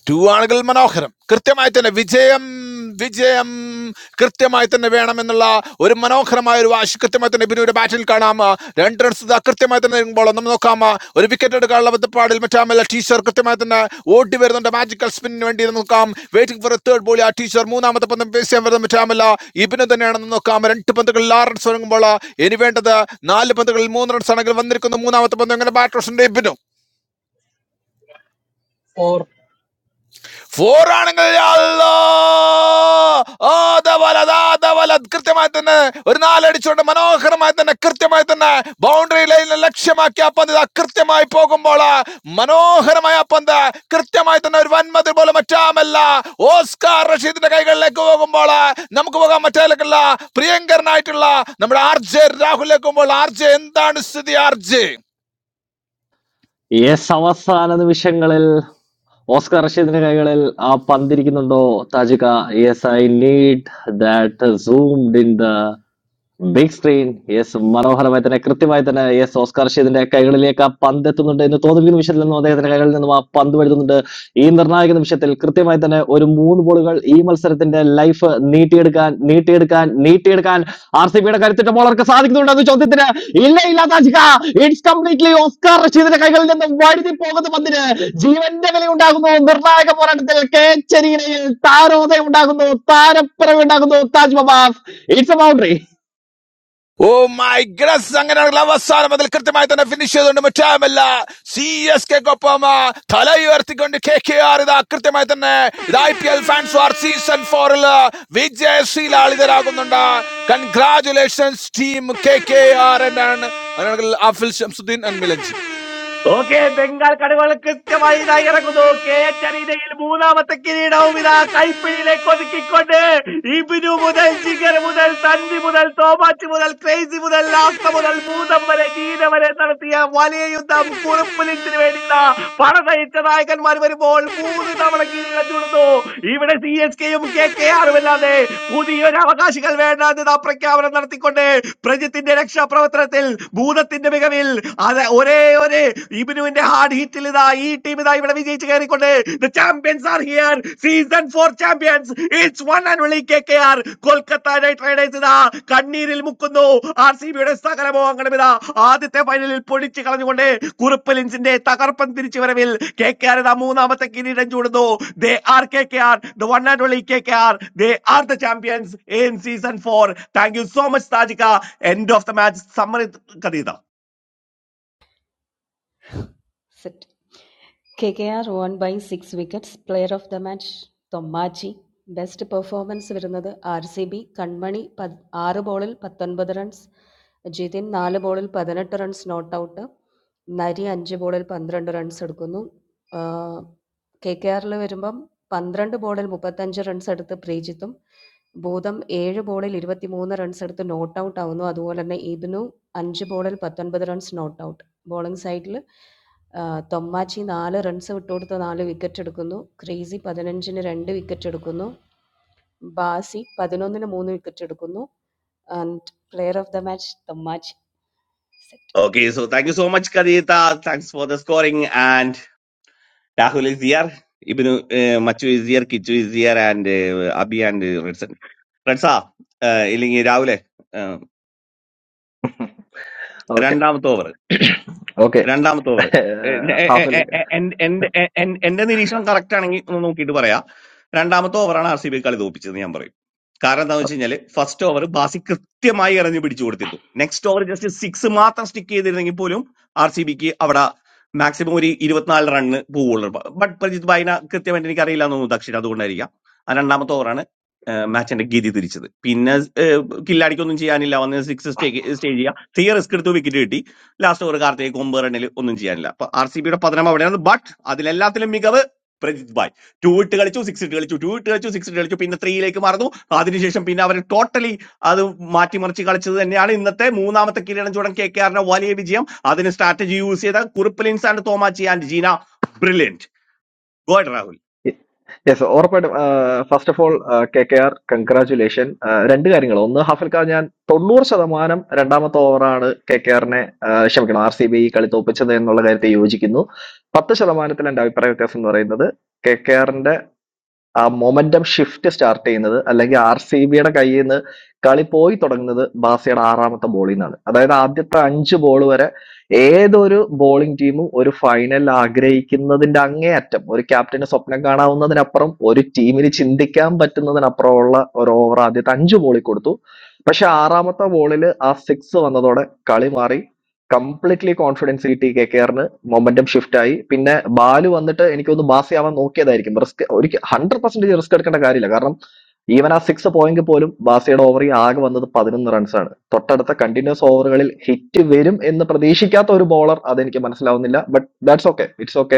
ടൂവാണുകൾ മനോഹരം കൃത്യമായി തന്നെ വിജയം വിജയം കൃത്യമായി തന്നെ വേണമെന്നുള്ള ഒരു മനോഹരമായ ഒരു വാശി കൃത്യമായി തന്നെ ബിനുവിന്റെ ബാറ്റിൽ കാണാം ആ, രണ്ട് റൺസ് ഇതാ കൃത്യമായി തന്നെ ഇറങ്ങുമ്പോൾ നമ്മൾ നോക്കാം ആ, ഒരു വിക്കറ്റ് എടുക്കാനുള്ള ബന്ധപ്പാടിൽ മറ്റാമല്ല ടീച്ചർ കൃത്യമായി തന്നെ ഓടി വരുന്നുണ്ട് മാജിക്കൽ സ്പിന്നിന് വേണ്ടി നമുക്ക് നോക്കാം waiting for a third ball ആ ടീച്ചർ മൂന്നാമത്തെ പന്ത് പേസ് ചെയ്യാൻ വരുന്നത് മറ്റാമല്ല ഇബിനു തന്നെയാണെന്ന് നോക്കാം രണ്ട് പന്തുകളിൽ ആറ് റൺസ് ഇറങ്ങുമ്പോൾ ഇനി വേണ്ടത് നാല് പന്തുകളിൽ മൂന്ന് റൺസ് ആണെങ്കിൽ വന്നിരിക്കുന്നു മൂന്നാമത്തെ പന്ത് അങ്ങനെ ബാറ്റ് റോഷന്റെ ഇബിനു
ഫോർ
ഫോർ ആണെങ്കിൽ അല്ലാഹ്. ആ, ദാ വലത്, ആ, ദാ വലത്. കൃത്യമായി തന്നെ ഒരു നാലടിച്ചുകൊണ്ട് മനോഹരമായി തന്നെ കൃത്യമായി തന്നെ ബൗണ്ടറി ലൈനിനെ ലക്ഷ്യമാക്കി ആ പന്ത് ഇതാ കൃത്യമായി പോകുമ്പോൾ മനോഹരമായ ആ പന്ത് കൃത്യമായി തന്നെ ഒരു വൻമതിൽ പോലെ മറ്റാമല്ല ഓസ്കാർ റഷീദിന്റെ കൈകളിലേക്ക് പോകുമ്പോൾ നമുക്ക് പോകാൻ മറ്റേക്കല്ല പ്രിയങ്കരനായിട്ടുള്ള നമ്മുടെ ആർ ജെ രാഹുൽ എത്തുമ്പോൾ ആർ ജെ എന്താണ് സ്ഥിതി ആർ ജെ
യെസ് അവസാന നിമിഷങ്ങളിൽ ഓസ്കർ റഷീദിന്റെ കൈകളിൽ ആ പന്തിരിക്കുന്നുണ്ടോ താജിക yes I need that zoomed in the big screen yes മനോഹരമായി തന്നെ കൃത്യമായി തന്നെ യെസ് ഓസ്കാർ ഷീദിന്റെ കൈകളിലേക്ക് ആ പന്ത് എത്തുന്നുണ്ട് എന്ന് തോന്നുന്ന നിമിഷത്തിൽ നിന്നും അദ്ദേഹത്തിന്റെ കൈകളിൽ നിന്നും ആ പന്ത് വരുത്തുന്നുണ്ട് ഈ നിർണായക നിമിഷത്തിൽ കൃത്യമായി തന്നെ ഒരു മൂന്ന് ബോളുകൾ ഈ മത്സരത്തിന്റെ ലൈഫ് നീട്ടിയെടുക്കാൻ നീട്ടിയെടുക്കാൻ നീട്ടിയെടുക്കാൻ ആർ സി ബിയുടെ കരുത്തിട്ട ബോളർക്ക് സാധിക്കുന്നുണ്ടോ എന്ന ചോദ്യത്തിന് ഇല്ല ഇല്ലാത്ത ഇറ്റ്സ് കംപ്ലീറ്റ്ലി ഓസ്കാർ റഷീദിന്റെ കൈകളിൽ നിന്നും വഴുതി പോകുന്ന പന്തിന് ജീവന്റെ വില ഉണ്ടാകുന്നു നിർണായക പോരാട്ടത്തിൽ കേച്ചരിയിൽ താരോദയം ഉണ്ടാകുന്നു താരപ്പിറവ് ഉണ്ടാകുന്നു താജ് മബാസ് it's a boundary
oh my grace അങ്ങനെയാണെങ്കിൽ അവസാനം അതിൽ കൃത്യമായി തന്നെ ഫിനിഷ് ചെയ്തുകൊണ്ട് മറ്റാമല്ല സി എസ് കെക്കൊപ്പം തല ഉയർത്തിക്കൊണ്ട് കെ കെ ആർ ഇതാ കൃത്യമായി തന്നെ ഇത് I P L fans are season ഫോറിൽ വിജയശീലാളിതരാകുന്നുണ്ട് congratulations team K K R ആണ് അങ്ങനെയാണെങ്കിൽ അഫിൽ ഷംസുദ്ദീൻ ആൻഡ് മിലഞ്ചി
ഓക്കെ ബംഗാൾ കടകൾ കൃത്യമായി ഇതായി ഇറങ്ങുന്നു കേറ്ററിനയിൽ മൂന്നാമത്തെ കിരീടവും ഇതാ കൈപ്പിടിയിലേക്ക് ഒതുക്കിക്കൊണ്ട് ഇബിനു മുതൽ ജിഗർ മുതൽ തൻവി മുതൽ തോമാച്ച് മുതൽ ക്രേസി മുതൽ ലാസ്ത മുതൽ ഭൂതം വരെ ജീന വരെ നടത്തിയ വലിയ യുദ്ധം കുറുപ്പലിച്ചിന് വേണ്ടി ഇതാ പണതയിച്ച നായകന്മാർ വരുമ്പോൾ മൂന്ന് തവണ കിരീടം ചൂടുന്നു ഇവിടെ സി എസ് കെയും കെ കെ ആറും അല്ലാതെ പുതിയൊരു അവകാശികൾ വേണ്ട എന്ന് ഇതാ പ്രഖ്യാപനം നടത്തിക്കൊണ്ട് പ്രജിത്തിന്റെ രക്ഷാപ്രവർത്തനത്തിൽ ഭൂതത്തിന്റെ മികവിൽ അതെ ഒരേ ഒരു ഇബിനുവിന്റെ ഹാർഡ് ഹിറ്റിൽ ഇതാ ഈ ടീം ഇതാ ഇവിടെ വിജയിച്ച് കയറിക്കൊണ്ട് the champions are here season four champions it's one and only K K R Kolkata Knight Riders ഇതാ കണ്ണീരിൽ മുക്കുന്നു ആർ സി ബിയുടെ സകല മോഹങ്ങളും ഇതാ ആദ്യത്തെ ഫൈനലിൽ പൊടിച്ചു കളഞ്ഞുകൊണ്ട് കുറുപ്പ് ലിൻസിന്റെ തകർപ്പൻ തിരിച്ചു വരവിൽ കെ കെ ആർ ഇതാ മൂന്നാമത്തെ കിരീടം ചൂടുന്നു they are K K R the one and only K K R they are the champions in season four thank you so much താജിക end of the match summary കഥ
KKR won by six wickets. Player of the match Thommachi best performance വരുന്നത് R C B കൺമണി പത്- ആറ് ബോളിൽ പത്തൊൻപത് runs Jithin നാല് ബോളിൽ പതിനെട്ട് റൺസ് നോട്ട് ഔട്ട് നരി അഞ്ച് ബോളിൽ പന്ത്രണ്ട് റൺസ് എടുക്കുന്നു കെ കെ ആറിൽ വരുമ്പം പന്ത്രണ്ട് ബോളിൽ മുപ്പത്തഞ്ച് റൺസ് എടുത്ത് പ്രീജിത്തും ഭൂതം ഏഴ് ബോളിൽ ഇരുപത്തിമൂന്ന് റൺസ് എടുത്ത് നോട്ട് ഔട്ട് ആവുന്നു അതുപോലെ തന്നെ ഇബ്നു അഞ്ച് ബോളിൽ പത്തൊൻപത് റൺസ് നോട്ട് ഔട്ട് ബോളിംഗ് സൈഡിൽ തൊമ്മാച്ചി നാല് റൺസ് വിട്ടുകൊടുത്ത് നാല് വിക്കറ്റ് എടുക്കുന്നു ക്രീസി പതിനഞ്ചിന് രണ്ട് വിക്കറ്റ് എടുക്കുന്നു ബാസി പതിനൊന്നിന് മൂന്ന് വിക്കറ്റ് എടുക്കുന്നു and player of the match Thommachi set
Okay, so thank you so much, Kadita. Thanks for the scoring. And Rahul is here. Ibnu uh, Machu is here. Kichu is here. And uh, Abhi and uh, Redson. റെഡ്സാ ഇല്ലെങ്കിൽ രാവിലെ
okay
രണ്ടാമത്തെ over
okay
രണ്ടാമത്തെ over
ഹാഫിൽ
എന്റെ N- എന്റെ നിരീക്ഷണം correct ആണെങ്കിൽ ഒന്ന് നോക്കിയിട്ട് പറയാം രണ്ടാമത്തെ ഓവറാണ് ആർ സി ബി കളി തോപ്പിച്ചതെന്ന് ഞാൻ പറയും കാരണം എന്താണെന്ന് വെച്ച് കഴിഞ്ഞാൽ ഫസ്റ്റ് ഓവർ ബാസി കൃത്യമായി എറിഞ്ഞ് പിടിച്ചു കൊടുത്തിരുന്നു നെക്സ്റ്റ് ഓവർ ജസ്റ്റ് സിക്സ് മാത്രം സ്റ്റിക്ക് ചെയ്തിരുന്നെങ്കിൽ പോലും ആർ സി ബിക്ക് അവിടെ മാക്സിമം ഒരു ഇരുപത്തിനാല് റണ്ണ് പോവുള്ളൂ ബട്ട് പ്രജിത് ഭായിന കൃത്യമായിട്ട് എനിക്ക് അറിയില്ല എന്ന് തോന്നുന്നു ദക്ഷിണ അതുകൊണ്ടായിരിക്കാം ആ രണ്ടാമത്തെ ഓവറാണ് മാച്ചിന്റെ ഗതി തിരിച്ചത് പിന്നെ ഏഹ്, കില്ലാടിക്കൊന്നും ചെയ്യാനില്ല വന്ന് സിക്സ് സ്റ്റേ സ്റ്റേജ് ചെയ്യുക തീയ റിസ്ക് എടുത്ത് വിക്കറ്റ് കിട്ടി ലാസ്റ്റ് ഒരു കാർത്തിക് ഒമ്പത് റണ്ണിൽ ഒന്നും ചെയ്യാനില്ല അപ്പൊ ആർ സി ബിയുടെ പതനം അവിടെയാണ് ബട്ട് അതിലെല്ലാത്തിലും മികവ് പ്രജിത് ബായ് ടൂ ഇട്ട് കളിച്ചു സിക്സ് ഇട്ട് കളിച്ചു ടൂ ഇട്ട് കളിച്ചു സിക്സ് ഇട്ട് കളിച്ചു പിന്നെ ത്രീയിലേക്ക് മറന്നു അതിനുശേഷം പിന്നെ അവർ ടോട്ടലി അത് മാറ്റിമറിച്ച് കളിച്ചത് തന്നെയാണ് ഇന്നത്തെ മൂന്നാമത്തെ കിരീടം ചൂടൻ കെ കെ ആറിന്റെ വലിയ വിജയം അതിന് സ്ട്രാറ്റജി യൂസ് ചെയ്ത കുറിപ്പലിൻസ് and Thomachi and Jeena brilliant god
yes *laughs* ഉറപ്പായിട്ടും first of all K K R congratulation രണ്ട് കാര്യങ്ങൾ ഒന്ന് ഹാഫിൽക്ക ഞാൻ തൊണ്ണൂറ് ശതമാനം രണ്ടാമത്തെ ഓവറാണ് കെ കെ ആറിനെ ക്ഷമിക്കണം ആർ സി ബി കളി തോപ്പിച്ചത് എന്നുള്ള കാര്യത്തെ യോജിക്കുന്നു പത്ത് ശതമാനത്തിൽ എന്റെ അഭിപ്രായ വ്യത്യാസം എന്ന് പറയുന്നത് കെ കെ ആ മൊമന്റം ഷിഫ്റ്റ് സ്റ്റാർട്ട് ചെയ്യുന്നത് അല്ലെങ്കിൽ ആർ സി ബിയുടെ കയ്യിൽ നിന്ന് കളി പോയി തുടങ്ങുന്നത് ബാസയുടെ ആറാമത്തെ ബോളിൽ നിന്നാണ് അതായത് ആദ്യത്തെ അഞ്ച് ബോൾ വരെ ഏതൊരു ബോളിംഗ് ടീമും ഒരു ഫൈനൽ ആഗ്രഹിക്കുന്നതിന്റെ അങ്ങേയറ്റം ഒരു ക്യാപ്റ്റന് സ്വപ്നം കാണാവുന്നതിനപ്പുറം ഒരു ടീമിന് ചിന്തിക്കാൻ പറ്റുന്നതിനപ്പുറമുള്ള ഒരു ഓവർ ആദ്യത്തെ അഞ്ച് ബോളിൽ കൊടുത്തു പക്ഷെ ആറാമത്തെ ബോളിൽ ആ സിക്സ് വന്നതോടെ കളി മാറി കംപ്ലീറ്റ്ലി കോൺഫിഡൻസ് കിട്ടി കെ കെയറിന് മൊമെന്റം ഷിഫ്റ്റ് ആയി പിന്നെ ബാല് വന്നിട്ട് എനിക്കൊന്ന് ബാസി ആവാൻ നോക്കിയതായിരിക്കും റിസ്ക് ഒരിക്കൽ ഹൺഡ്രഡ് പെർസെന്റേജ് റിസ്ക് എടുക്കേണ്ട കാര്യമില്ല കാരണം ഈവൻ ആ സിക്സ് പോയെങ്കിൽ പോലും ബാസിയുടെ ഓവർ ആകെ വന്നത് പതിനൊന്ന് റൺസ് ആണ് തൊട്ടടുത്ത കണ്ടിന്യൂസ് ഓവറുകളിൽ ഹിറ്റ് വരും എന്ന് പ്രതീക്ഷിക്കാത്ത ഒരു ബോളർ അതെനിക്ക് മനസ്സിലാവുന്നില്ല but that's okay it's okay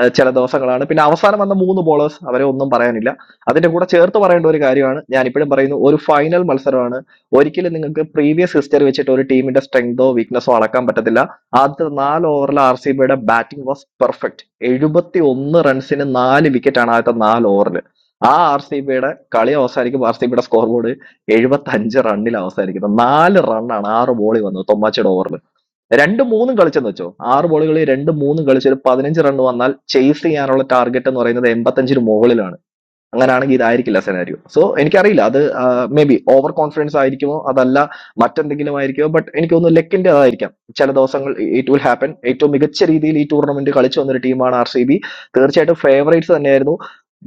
eh ചില ദിവസങ്ങളാണ് പിന്നെ അവസാനം വന്ന മൂന്ന് ബോളേഴ്സ് അവരെ ഒന്നും പറയാനില്ല അതിന്റെ കൂടെ ചേർത്ത് പറയേണ്ട ഒരു കാര്യമാണ് ഞാൻ ഇപ്പോഴും പറയുന്നു ഒരു ഫൈനൽ മത്സരമാണ് ഒരിക്കലും നിങ്ങൾക്ക് പ്രീവിയസ് ഹിസ്റ്ററി വെച്ചിട്ട് ഒരു ടീമിന്റെ സ്ട്രെങ്തോ വീക്ക്നെസ്സോ അളക്കാൻ പറ്റത്തില്ല ആദ്യത്തെ നാല് ഓവറിൽ ആർ സി ബിയുടെ ബാറ്റിംഗ് വാസ് പെർഫെക്റ്റ് എഴുപത്തി ഒന്ന് റൺസിന് നാല് വിക്കറ്റ് ആണ് ആദ്യത്തെ നാല് ഓവറിൽ ആ ആർ സി ബിയുടെ കളി അവസാനിക്കുമ്പോൾ ആർ സി ബിയുടെ സ്കോർ ബോർഡ് എഴുപത്തി അഞ്ച് റണ്ണിൽ അവസാനിക്കുന്നത് നാല് റണ്ണാണ് ആറ് ബോളിൽ വന്നത് തൊമ്മാച്ചയുടെ ഓവറിൽ രണ്ടും മൂന്നും കളിച്ചെന്ന് വെച്ചോ ആറ് ബോളുകളിൽ രണ്ടും മൂന്നും കളിച്ച് ഒരു പതിനഞ്ച് റൺ വന്നാൽ ചേസ് ചെയ്യാനുള്ള ടാർഗറ്റ് എന്ന് പറയുന്നത് എൺപത്തഞ്ചിന് മുകളിലാണ് അങ്ങനാണെങ്കിൽ ഇതായിരിക്കില്ല സെനാരിയോ സോ എനിക്കറിയില്ല അത് മേ ബി ഓവർ കോൺഫിഡൻസ് ആയിരിക്കുമോ അതല്ല മറ്റെന്തെങ്കിലും ആയിരിക്കുമോ ബട്ട് എനിക്ക് തോന്നുന്നു ലെക്കിന്റെ അതായിരിക്കാം ചില ദിവസങ്ങൾ ഇറ്റ് വിൽ ഹാപ്പൻ ഏറ്റവും മികച്ച രീതിയിൽ ഈ ടൂർണമെന്റ് കളിച്ചു വന്നൊരു ടീമാണ് ആർ സി ബി തീർച്ചയായിട്ടും ഫേവറേറ്റ്സ് തന്നെയായിരുന്നു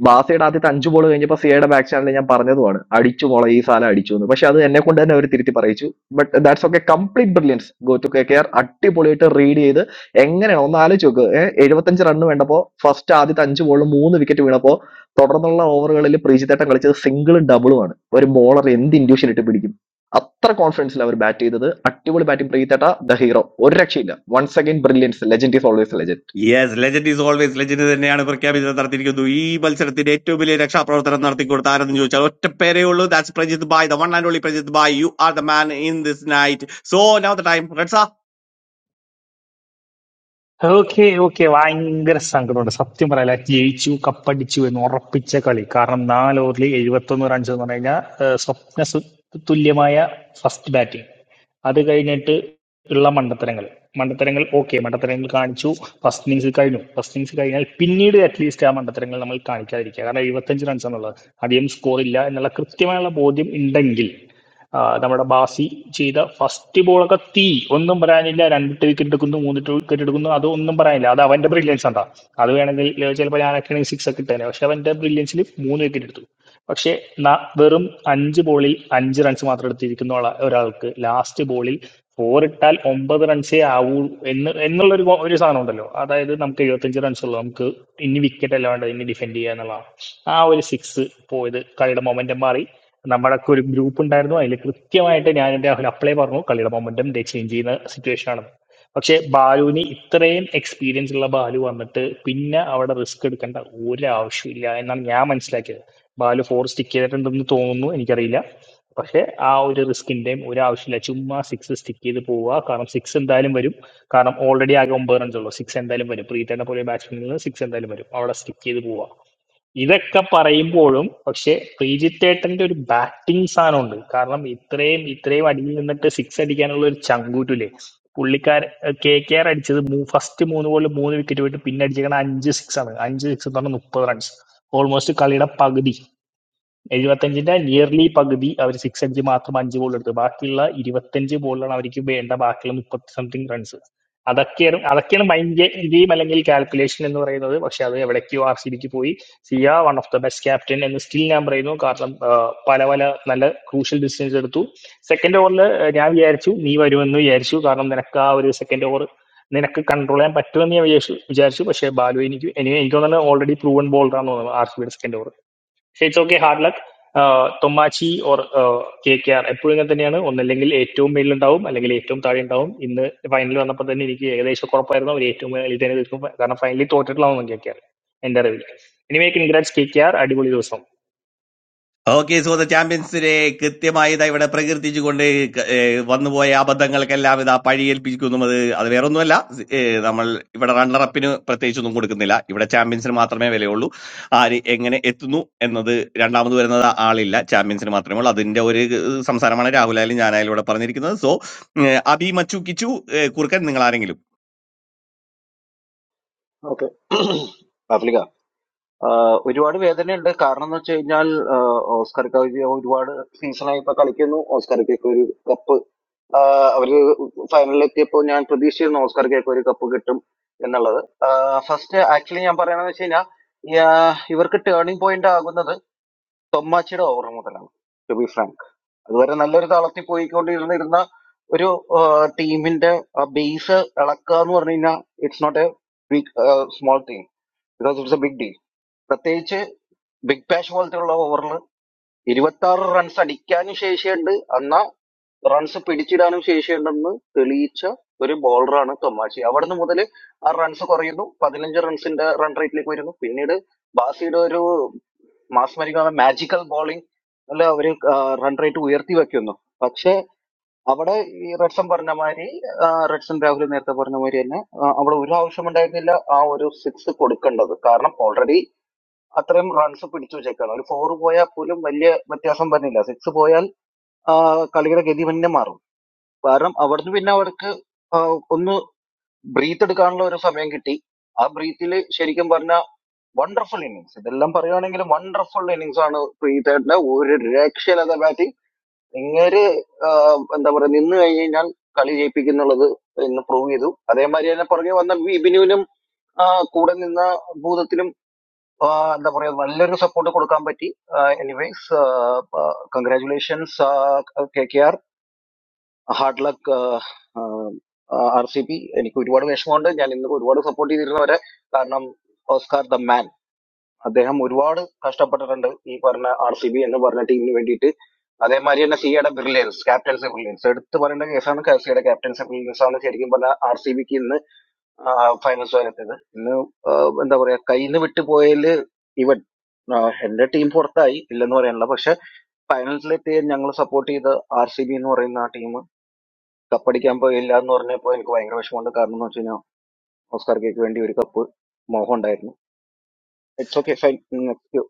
ബാസയുടെ ആദ്യത്തെ അഞ്ച് ബോൾ കഴിഞ്ഞപ്പോൾ സിയയുടെ ബാക്ക് ചാനലിൽ ഞാൻ പറഞ്ഞതുമാണ് അടിച്ചു മോളെ ഈ സാല അടിച്ചു എന്ന് പക്ഷെ അത് എന്നെ കൊണ്ട് തന്നെ അവർ തിരുത്തി പറയിച്ചു but that's okay complete brilliance go to K K R അടിപൊളിയായിട്ട് റീഡ് ചെയ്ത് എങ്ങനെയാണ് ഒന്ന് ആലോചിച്ച് നോക്ക് എഴുപത്തഞ്ച് റൺ വേണ്ടപ്പോൾ ഫസ്റ്റ് ആദ്യത്തെ അഞ്ച് ബോളിൽ മൂന്ന് വിക്കറ്റ് വീണപ്പോൾ തുടർന്നുള്ള ഓവറുകളിൽ പ്രീജിത്തേട്ടൻ കളിച്ചത് സിംഗിളും ഡബിളുമാണ് ഒരു ബോളർ എന്ത് ഇൻഡ്യൂഷൻ ഇട്ട് പിടിക്കും അത്ര കോൺഫിഡൻസിൽ അവർ ബാറ്റ് ചെയ്തത് അടിപൊളി ബാറ്റിംഗ് പ്രീതിട്ട ദ ഹീറോ ഒരു രക്ഷയില്ല once again brilliance legend is always legend
yes legend is always legend തന്നെയാണ് പ്രഖ്യാപിച്ചത് നടത്തിയിരിക്കുന്നു ഈ മത്സരത്തിന്റെ ഏറ്റവും വലിയ രക്ഷാപ്രവർത്തനം നടത്തിക്കൊടുത്ത ആരെന്ന് ചോദിച്ചാൽ ഒറ്റ പേരേ ഉള്ളൂ ദാറ്റ്സ് പ്രജിത് ബായ് the one and only Prajith ബായ് you are the man in this night so now the time റെഡ്സ,
ഓക്കെ ഓക്കെ ഭയങ്കര സങ്കടമുണ്ട് സത്യം പറയാല ജയിച്ചു കപ്പടിച്ചു എന്ന് ഉറപ്പിച്ച കളി കാരണം നാല് ഓവറിൽ എഴുപത്തി ഒന്ന് റൺസ് എന്ന് പറഞ്ഞു കഴിഞ്ഞാൽ ഏഹ്, സ്വപ്ന സു- തുല്യമായ ഫസ്റ്റ് ബാറ്റിംഗ് അത് കഴിഞ്ഞിട്ട് ഉള്ള മണ്ടത്തരങ്ങൾ മണ്ടത്തരങ്ങൾ ഓക്കെ മണ്ടത്തരങ്ങൾ കാണിച്ചു ഫസ്റ്റ് ഇന്നിങ്സ് കഴിഞ്ഞു ഫസ്റ്റ് ഇന്നിങ്സ് കഴിഞ്ഞാൽ പിന്നീട് അറ്റ്ലീസ്റ്റ് ആ മണ്ടത്തരങ്ങൾ നമ്മൾ കാണിക്കാതിരിക്കുക കാരണം എഴുപത്തഞ്ച് റൺസ് എന്നുള്ളത് അധികം സ്കോർ ഇല്ല എന്നുള്ള കൃത്യമായുള്ള ബോധ്യം ഉണ്ടെങ്കിൽ ആ, നമ്മുടെ ബാസി ചെയ്ത ഫസ്റ്റ് ബോളൊക്കെ തീ ഒന്നും പറയാനില്ല രണ്ട് വിക്കറ്റ് എടുക്കുന്നു മൂന്ന് വിക്കറ്റ് എടുക്കുന്നു അത് ഒന്നും പറയാനില്ല അത് അവന്റെ ബ്രില്യൻസ് എന്താ അത് വേണമെങ്കിൽ ചിലപ്പോൾ ഞാനൊക്കെയാണെങ്കിൽ സിക്സ് ഒക്കെ ഇട്ടേനെ പക്ഷെ അവന്റെ ബ്രില്യൻസിൽ മൂന്ന് വിക്കറ്റ് എടുത്തു പക്ഷെ ന- വെറും അഞ്ച് ബോളിൽ അഞ്ച് റൺസ് മാത്രം എടുത്തിരിക്കുന്ന ആള- ഒരാൾക്ക് ലാസ്റ്റ് ബോളിൽ ഫോർ ഇട്ടാൽ ഒമ്പത് റൺസേ ആവൂ എന്ന് എന്നുള്ള ഒരു ഒരു സാധനം ഉണ്ടല്ലോ അതായത് നമുക്ക് എഴുപത്തഞ്ച് റൺസ് ഉള്ളൂ നമുക്ക് ഇനി വിക്കറ്റ് അല്ലാണ്ട് ഇനി ഡിഫെൻഡ് ചെയ്യുക എന്നുള്ളതാണ് ആ ഒരു സിക്സ് പോയത് കളിയുടെ മൊമെന്റം മാറി നമ്മളൊക്കെ ഒരു ഗ്രൂപ്പ് ഉണ്ടായിരുന്നു അതിൽ കൃത്യമായിട്ട് ഞാൻ എൻ്റെ രാഹുൽ അപ്ലൈ പറഞ്ഞു കളിയുടെ മൊമെന്റം ദേ ചേഞ്ച് ചെയ്യുന്ന സിറ്റുവേഷൻ ആണ് പക്ഷെ ബാലുവിന് ഇത്രയും എക്സ്പീരിയൻസ് ഉള്ള ബാലു വന്നിട്ട് പിന്നെ അവിടെ റിസ്ക് എടുക്കേണ്ട ഒരാവശ്യമില്ല എന്നാണ് ഞാൻ മനസ്സിലാക്കിയത് ബാലു ഫോർ സ്റ്റിക്ക് ചെയ്തിട്ടുണ്ടെന്ന് തോന്നുന്നു എനിക്കറിയില്ല പക്ഷെ ആ ഒരു റിസ്കിന്റെയും ഒരു ആവശ്യമില്ല ചുമ്മാ സിക്സ് സ്റ്റിക്ക് ചെയ്ത് പോവുക കാരണം സിക്സ് എന്തായാലും വരും കാരണം ഓൾറെഡി ആകെ ഒമ്പത് റൺസ് ഉള്ളൂ സിക്സ് എന്തായാലും വരും പ്രീതേനെ പോലെ ബാറ്റ്സ്മാനിൽ നിന്ന് സിക്സ് എന്തായാലും വരും അവിടെ സ്റ്റിക്ക് ചെയ്ത് പോവുക ഇതൊക്കെ പറയുമ്പോഴും പക്ഷെ ശ്രീജിത്തേട്ടന്റെ ഒരു ബാറ്റിംഗ് സാധനമുണ്ട് കാരണം ഇത്രയും ഇത്രയും അടിയിൽ നിന്നിട്ട് സിക്സ് അടിക്കാനുള്ള ഒരു ചങ്കൂറ്റില്ലേ പുള്ളിക്കാർ കെ കെ ആർ അടിച്ചത് ഫസ്റ്റ് മൂന്ന് ബോളിൽ മൂന്ന് വിക്കറ്റ് പോയിട്ട് പിന്നെ അടിച്ചേക്കണ അഞ്ച് സിക്സ് ആണ് അഞ്ച് സിക്സ് എന്ന് പറഞ്ഞാൽ മുപ്പത് റൺസ് ഓൾമോസ്റ്റ് കളിയുടെ പകുതി എഴുപത്തഞ്ചിന്റെ നിയർലി പകുതി അവർ സിക്സ് അടിച്ച് മാത്രം അഞ്ച് ബോൾ എടുത്തു ബാക്കിയുള്ള ഇരുപത്തഞ്ച് ബോളിലാണ് അവർക്ക് വേണ്ട ബാക്കിയുള്ള മുപ്പത്തി സംതിങ് റൺസ് അതൊക്കെയാണ് അതൊക്കെയാണ് മൈൻഡ് ഗെയിം അല്ലെങ്കിൽ കാൽക്കുലേഷൻ എന്ന് പറയുന്നത് പക്ഷെ അത് എവിടേക്കോ ആർ സി ബിക്ക് പോയി Siya one of the best captain എന്ന് സ്റ്റിൽ ഞാൻ പറയുന്നു കാരണം ആ, പല പല നല്ല ക്രൂഷ്യൽ ഡിസിഷൻസ് എടുത്തു സെക്കൻഡ് ഓവറിൽ ഞാൻ വിചാരിച്ചു നീ വരുമെന്ന് വിചാരിച്ചു കാരണം നിനക്ക് ആ ഒരു സെക്കൻഡ് ഓവർ നിനക്ക് കൺട്രോൾ ചെയ്യാൻ പറ്റുമെന്ന് ഞാൻ വിചാരിച്ചു വിചാരിച്ചു പക്ഷേ ബാലു എനിക്ക് എനിക്ക് എനിക്ക് തോന്നുന്നത് ഓൾറെഡി പ്രൂവൺ ബോളറാന്ന് തോന്നുന്നു ആർ സി ബിയുടെ second over it's okay hard luck Thomachi or K K R എപ്പോഴും ഇങ്ങനെ തന്നെയാണ് ഒന്നല്ലെങ്കിൽ ഏറ്റവും മേലിൽ ഉണ്ടാവും അല്ലെങ്കിൽ ഏറ്റവും താഴെ ഉണ്ടാവും ഇന്ന് ഫൈനൽ വന്നപ്പോൾ തന്നെ എനിക്ക് ഏകദേശം ഉറപ്പായിരുന്നു അവർ ഏറ്റവും മേളിൽ തന്നെ നിൽക്കും കാരണം ഫൈനലി തോറ്റിട്ടുള്ളതാണ് കെ കെ ആർ എന്റെ അറിവിൽ anyway congrats K K R അടിപൊളി ദിവസം
ഓക്കെ സുഹൃത്ത് ചാമ്പ്യൻസ് ഡേ കൃത്യമായി ഇതാ ഇവിടെ പ്രകീർത്തിച്ചുകൊണ്ട് ക- ഏ, വന്നുപോയ അബദ്ധങ്ങൾക്കെല്ലാം ഇതാ പഴിയേൽപ്പിക്കുന്നത് അത് വേറൊന്നുമല്ല ഏ, നമ്മൾ ഇവിടെ റണ്ണറപ്പിന് പ്രത്യേകിച്ചൊന്നും കൊടുക്കുന്നില്ല ഇവിടെ ചാമ്പ്യൻസിന് മാത്രമേ വിലയുള്ളൂ ആര് എങ്ങനെ എത്തുന്നു എന്നത് രണ്ടാമത് വരുന്നത് ആളില്ല ചാമ്പ്യൻസിന് മാത്രമേ ഉള്ളൂ അതിന്റെ ഒരു സംസാരമാണ് രാഹുലായാലും ഞാനായാലും ഇവിടെ പറഞ്ഞിരിക്കുന്നത് സോ അബി മച്ചു കിച്ചു ഏ, കുറുക്കൻ നിങ്ങൾ ആരെങ്കിലും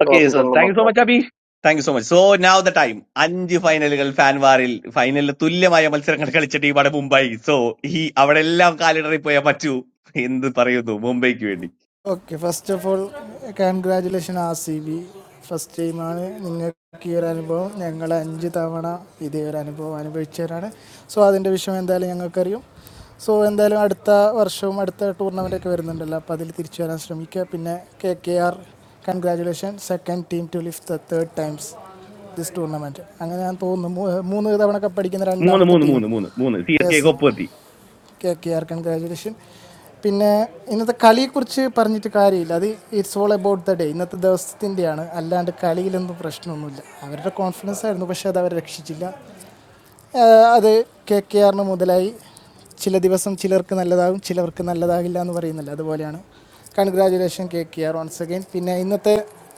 Okay, so thank you so much, Abhi. Thank you so much so now the time അഞ്ച് ഫൈനലുകൾ ഫാൻവാറിൽ ഫൈനലിൽ തുല്യമായ മത്സരങ്ങൾ കളിച്ച ടീമാണ് മുംബൈ സോ ഈ അവിടെ എല്ലാം കാലിടറി പോയാൽ പറ്റൂ എന്ത് പറയുന്നു മുംബൈക്ക് വേണ്ടി
okay first of all congratulation R C B first ടൈമാണ് നിങ്ങൾക്ക് ഈ ഒരു അനുഭവം ഞങ്ങൾ അഞ്ച് തവണ ഇതേ ഒരു അനുഭവം അനുഭവിച്ചവരാണ് സോ അതിൻ്റെ വിഷയം എന്തായാലും ഞങ്ങൾക്കറിയും സോ എന്തായാലും അടുത്ത വർഷവും അടുത്ത ടൂർണമെൻറ്റൊക്കെ വരുന്നുണ്ടല്ലോ അപ്പോൾ അതിൽ തിരിച്ചു വരാൻ ശ്രമിക്കുക പിന്നെ K K R congratulation second team to lift the third times this tournament അങ്ങനെ ഞാൻ തോന്നുന്നു മൂ- മൂന്ന് തവണ കപ്പടിക്കുന്ന
മൂന്ന്
രണ്ടാമത്തെ
മൂന്ന്
ടീം
മൂന്ന് മൂന്ന് മൂന്ന് C S
yes
K
K K R congratulation പിന്നെ ഇന്നത്തെ കളിയെക്കുറിച്ച് പറഞ്ഞിട്ട് കാര്യമില്ല അത് it's all about the day ഇന്നത്തെ ദിവസത്തിൻ്റെയാണ് അല്ലാണ്ട് കളിയിലൊന്നും പ്രശ്നമൊന്നുമില്ല അവരുടെ കോൺഫിഡൻസ് ആയിരുന്നു പക്ഷേ അത് അവർ രക്ഷിച്ചില്ല ആഹ് അത് കെ കെ ആറിന് മുതലായി ചില ദിവസം ചിലർക്ക് നല്ലതാകും ചിലർക്ക് നല്ലതാകില്ല എന്ന് പറയുന്നില്ല അതുപോലെയാണ് congratulation K K R once again പിന്നെ ഇന്നത്തെ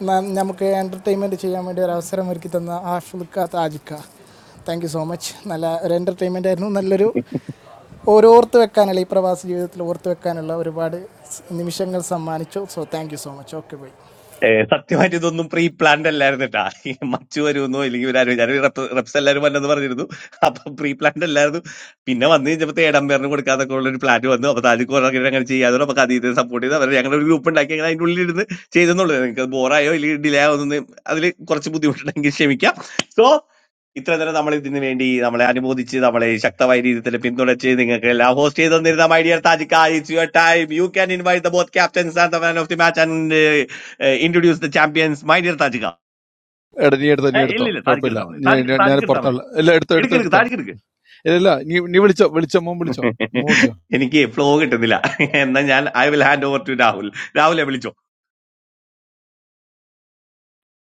ന- നമുക്ക് എൻ്റർടൈൻമെൻറ്റ് ചെയ്യാൻ വേണ്ടി ഒരു അവസരം ഒരുക്കി തന്ന ആഷുൽക്ക താജിക്ക താങ്ക് യു സോ മച്ച് നല്ല ഒരു എൻ്റർടൈൻമെൻ്റ് ആയിരുന്നു നല്ലൊരു ഓരോർത്ത് വെക്കാനുള്ള ഈ പ്രവാസ ജീവിതത്തിൽ ഓർത്ത് വെക്കാനുള്ള ഒരുപാട് സ് നിമിഷങ്ങൾ സമ്മാനിച്ചു so thank you so much okay bye
ഏ, സത്യമായിട്ട് ഇതൊന്നും പ്രീ പ്ലാൻഡ് അല്ലായിരുന്നു കേട്ടാ ഈ മച്ചു വരുമെന്നോ ഇല്ലെങ്കിൽ ഇവരാരും ഞാൻ റെപ്സ് എല്ലാവരും വന്നെന്ന് പറഞ്ഞിരുന്നു അപ്പൊ പ്രീ പ്ലാൻഡ് അല്ലായിരുന്നു പിന്നെ വന്നു കഴിഞ്ഞപ്പോ ഏടംബേറിന് കൊടുക്കാതൊക്കെ ഉള്ള ഒരു പ്ലാൻ വന്നു അപ്പൊ താജിക്ക് അങ്ങനെ അങ്ങനെ ചെയ്യാതെ നമുക്ക് അതീതെ സപ്പോർട്ട് ചെയ്ത് അവരെ ഞങ്ങളുടെ ഒരു ഗ്രൂപ്പ് ഉണ്ടാക്കി അങ്ങനെ അതിന്റെ ഉള്ളിൽ ഇരുന്ന് ചെയ്തെന്നുള്ളത് നിങ്ങൾക്ക് ബോറായോ ഇല്ലെങ്കിൽ ഡിലേ ആവുന്ന അതിൽ കുറച്ച് ബുദ്ധിമുട്ടുണ്ടെങ്കിൽ ക്ഷമിക്കാം സോ ഇത്ര നേരം നമ്മൾ ഇതിനു വേണ്ടി നമ്മളെ അനുമോദിച്ച് നമ്മളെ ശക്തമായ രീതിയിൽ പിന്തുണച്ച് നിങ്ങൾക്ക് എല്ലാം ഹോസ്റ്റ് ചെയ്ത് തന്നിരുന്ന മൈ ഡിയർ താജിക്ക് time you can invite the both captains and the man of the match and introduce the champions my dear താജിക
എടാ നീ എടുത്തോ നീ
ഏ,
എടുത്തോ
ഇല്ല ഇല്ല താജിക്ക്
കുഴപ്പമില്ല
എടുത്താൽ മതി താജിക്ക്
ഞാൻ ഞാൻ
താജിക്ക് എടുത്താൽ മതി
പുറത്താള ഇല്ല എടുത്തോ
എടുക്ക്
എടുത്തോ
എടുക്ക്
എടുത്തോ
താജിക്ക് എടുക്ക്
ഇല്ല നീ നീ വിളിച്ചോ വിളിച്ചോ മോൻ വിളിച്ചോ മോൻ
*laughs*
വിളിച്ചോ
എനിക്ക് ഫ്ലോ കിട്ടുന്നില്ല എന്നാ ഞാൻ I will hand over to Rahul രാഹുലെ വിളിച്ചോ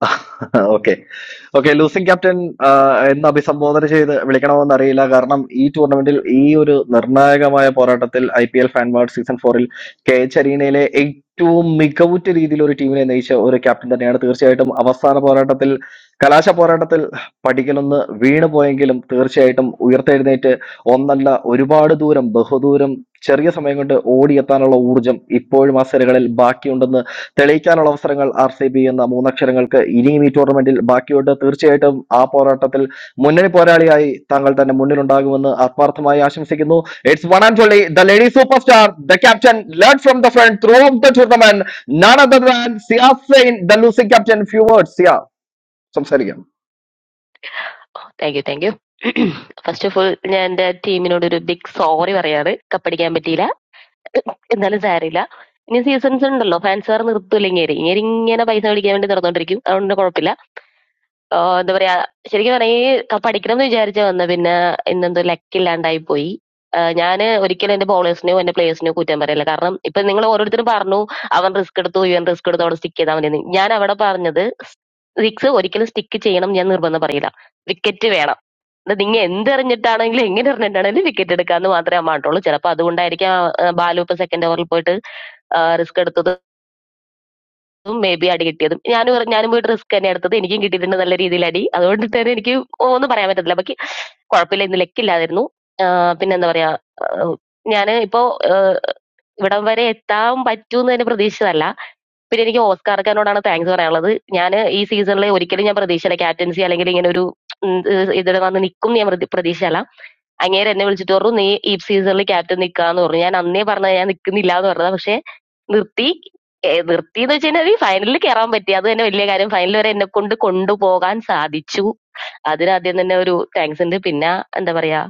*laughs* ഓക്കെ ഓക്കെ ലൂസിംഗ് ക്യാപ്റ്റൻ എന്ന് അഭിസംബോധന ചെയ്ത് വിളിക്കണമെന്ന് അറിയില്ല കാരണം ഈ ടൂർണമെന്റിൽ ഈ ഒരു നിർണായകമായ പോരാട്ടത്തിൽ ഐ പി എൽ ഫാൻവാർഡ് സീസൺ ഫോറിൽ കെ എച്ച് അരീനയിലെ ഏറ്റവും മികവുറ്റ രീതിയിൽ ഒരു ടീമിനെ നയിച്ച ഒരു ക്യാപ്റ്റൻ തന്നെയാണ് തീർച്ചയായിട്ടും അവസാന പോരാട്ടത്തിൽ കലാശ പോരാട്ടത്തിൽ പടിക്കലൊന്ന് വീണു പോയെങ്കിലും തീർച്ചയായിട്ടും ഉയർത്തെഴുന്നേറ്റ് ഒന്നല്ല ഒരുപാട് ദൂരം ബഹുദൂരം ചെറിയ സമയം കൊണ്ട് ഓടിയെത്താനുള്ള ഊർജം ഇപ്പോഴും ആ സിരകളിൽ ബാക്കിയുണ്ടെന്ന് തെളിയിക്കാനുള്ള അവസരങ്ങൾ ആർ സി ബി എന്ന മൂന്നക്ഷരങ്ങൾക്ക് ഇനിയും ഈ ടൂർണമെന്റിൽ ബാക്കിയുണ്ട് തീർച്ചയായിട്ടും ആ പോരാട്ടത്തിൽ മുന്നണി പോരാളിയായി താങ്കൾ തന്നെ മുന്നിലുണ്ടാകുമെന്ന് ആത്മാർത്ഥമായി ആശംസിക്കുന്നു it's one and only the lady super star the captain learn from the front throughout the tournament none other than Siya Sain the losing captain few words Siya സംസാരിക്കാം
thank you thank you first of all ഞാൻ എന്റെ ടീമിനോട് ഒരു big sorry പറയാണ് കപ്പടിക്കാൻ പറ്റിയില്ല എന്നാലും സാരില്ല ഇനി seasons ഉണ്ടല്ലോ ഫാൻസുകാർ നിർത്തൂല ഇങ്ങേരി ഇങ്ങേരി ഇങ്ങനെ പൈസ മേടിക്കാൻ വേണ്ടി നടന്നോണ്ടിരിക്കും അതുകൊണ്ട് കുഴപ്പമില്ല ആഹ് എന്താ പറയാ ശരിക്കും പറഞ്ഞാ ഈ പഠിക്കണം എന്ന് വിചാരിച്ച വന്ന പിന്നെ ഇന്നെന്തോ ലക്കില്ലാണ്ടായി പോയി ഞാൻ ഒരിക്കലും എന്റെ ബോളേഴ്സിനെയോ എന്റെ പ്ലേയേഴ്സിനെയോ കുറ്റം പറയില്ല കാരണം ഇപ്പൊ നിങ്ങൾ ഓരോരുത്തരും പറഞ്ഞു അവൻ റിസ്ക് എടുത്തു ഇവൻ റിസ്ക് എടുത്തു അവിടെ സ്റ്റിക്ക് ചെയ്താൽ മതി ഞാൻ അവിടെ പറഞ്ഞത് സിക്സ് ഒരിക്കലും സ്റ്റിക്ക് ചെയ്യണം ഞാൻ നിർബന്ധം പറയില്ല വിക്കറ്റ് വേണം ഇത് നിങ്ങൾ എന്തെറിഞ്ഞിട്ടാണെങ്കിലും എങ്ങനെ എറിഞ്ഞിട്ടാണെങ്കിലും വിക്കറ്റ് എടുക്കാന്ന് മാത്രമേ അമ്മാട്ടുള്ളൂ ചിലപ്പോൾ അതുകൊണ്ടായിരിക്കാം ആ, ബാലു ഇപ്പൊ സെക്കൻഡ് ഓവറിൽ പോയിട്ട് റിസ്ക് എടുത്തത് മേ ബി അടി കിട്ടിയതും ഞാൻ ഞാനും പോയിട്ട് റിസ്ക് തന്നെ എടുത്തത് എനിക്കും കിട്ടിയിട്ടുണ്ട് നല്ല രീതിയിൽ അടി അതുകൊണ്ട് തന്നെ എനിക്ക് ഒന്നും പറയാൻ പറ്റത്തില്ല ബാക്കി കുഴപ്പമില്ല ഇന്ന് ലെക്കില്ലായിരുന്നു പിന്നെ എന്താ പറയാ ഞാൻ ഇപ്പോ ആഹ് ഇവിടം വരെ എത്താൻ പറ്റൂന്ന് തന്നെ പ്രതീക്ഷിച്ചതല്ല പിന്നെ എനിക്ക് ഓസ്കാർക്കാനോടാണ് താങ്ക്സ് പറയാനുള്ളത് ഞാൻ ഈ സീസണിൽ ഒരിക്കലും ഞാൻ പ്രതീക്ഷയില്ല ക്യാപ്റ്റൻസി അല്ലെങ്കിൽ ഇങ്ങനെ ഒരു ഉം, ഇത് ഇതിൽ വന്ന് നിൽക്കും ഞാൻ പ്രതി- പ്രതീക്ഷയല്ല അങ്ങേര് എന്നെ വിളിച്ചിട്ട് പറഞ്ഞു നീ ഈ സീസണിൽ ക്യാപ്റ്റൻ നിൽക്കാന്ന് പറഞ്ഞു ഞാൻ അന്നേ പറഞ്ഞത് ഞാൻ നിൽക്കുന്നില്ല എന്ന് പറഞ്ഞത് പക്ഷെ നിർത്തി ഏ, നിർത്തി എന്ന് വെച്ചാൽ ഫൈനലിൽ കയറാൻ പറ്റി അത് തന്നെ വലിയ കാര്യം ഫൈനൽ വരെ എന്നെ കൊണ്ട് കൊണ്ടുപോകാൻ സാധിച്ചു അതിനാദ്യം തന്നെ ഒരു താങ്ക്സ് ഉണ്ട് പിന്നെ എന്താ പറയാ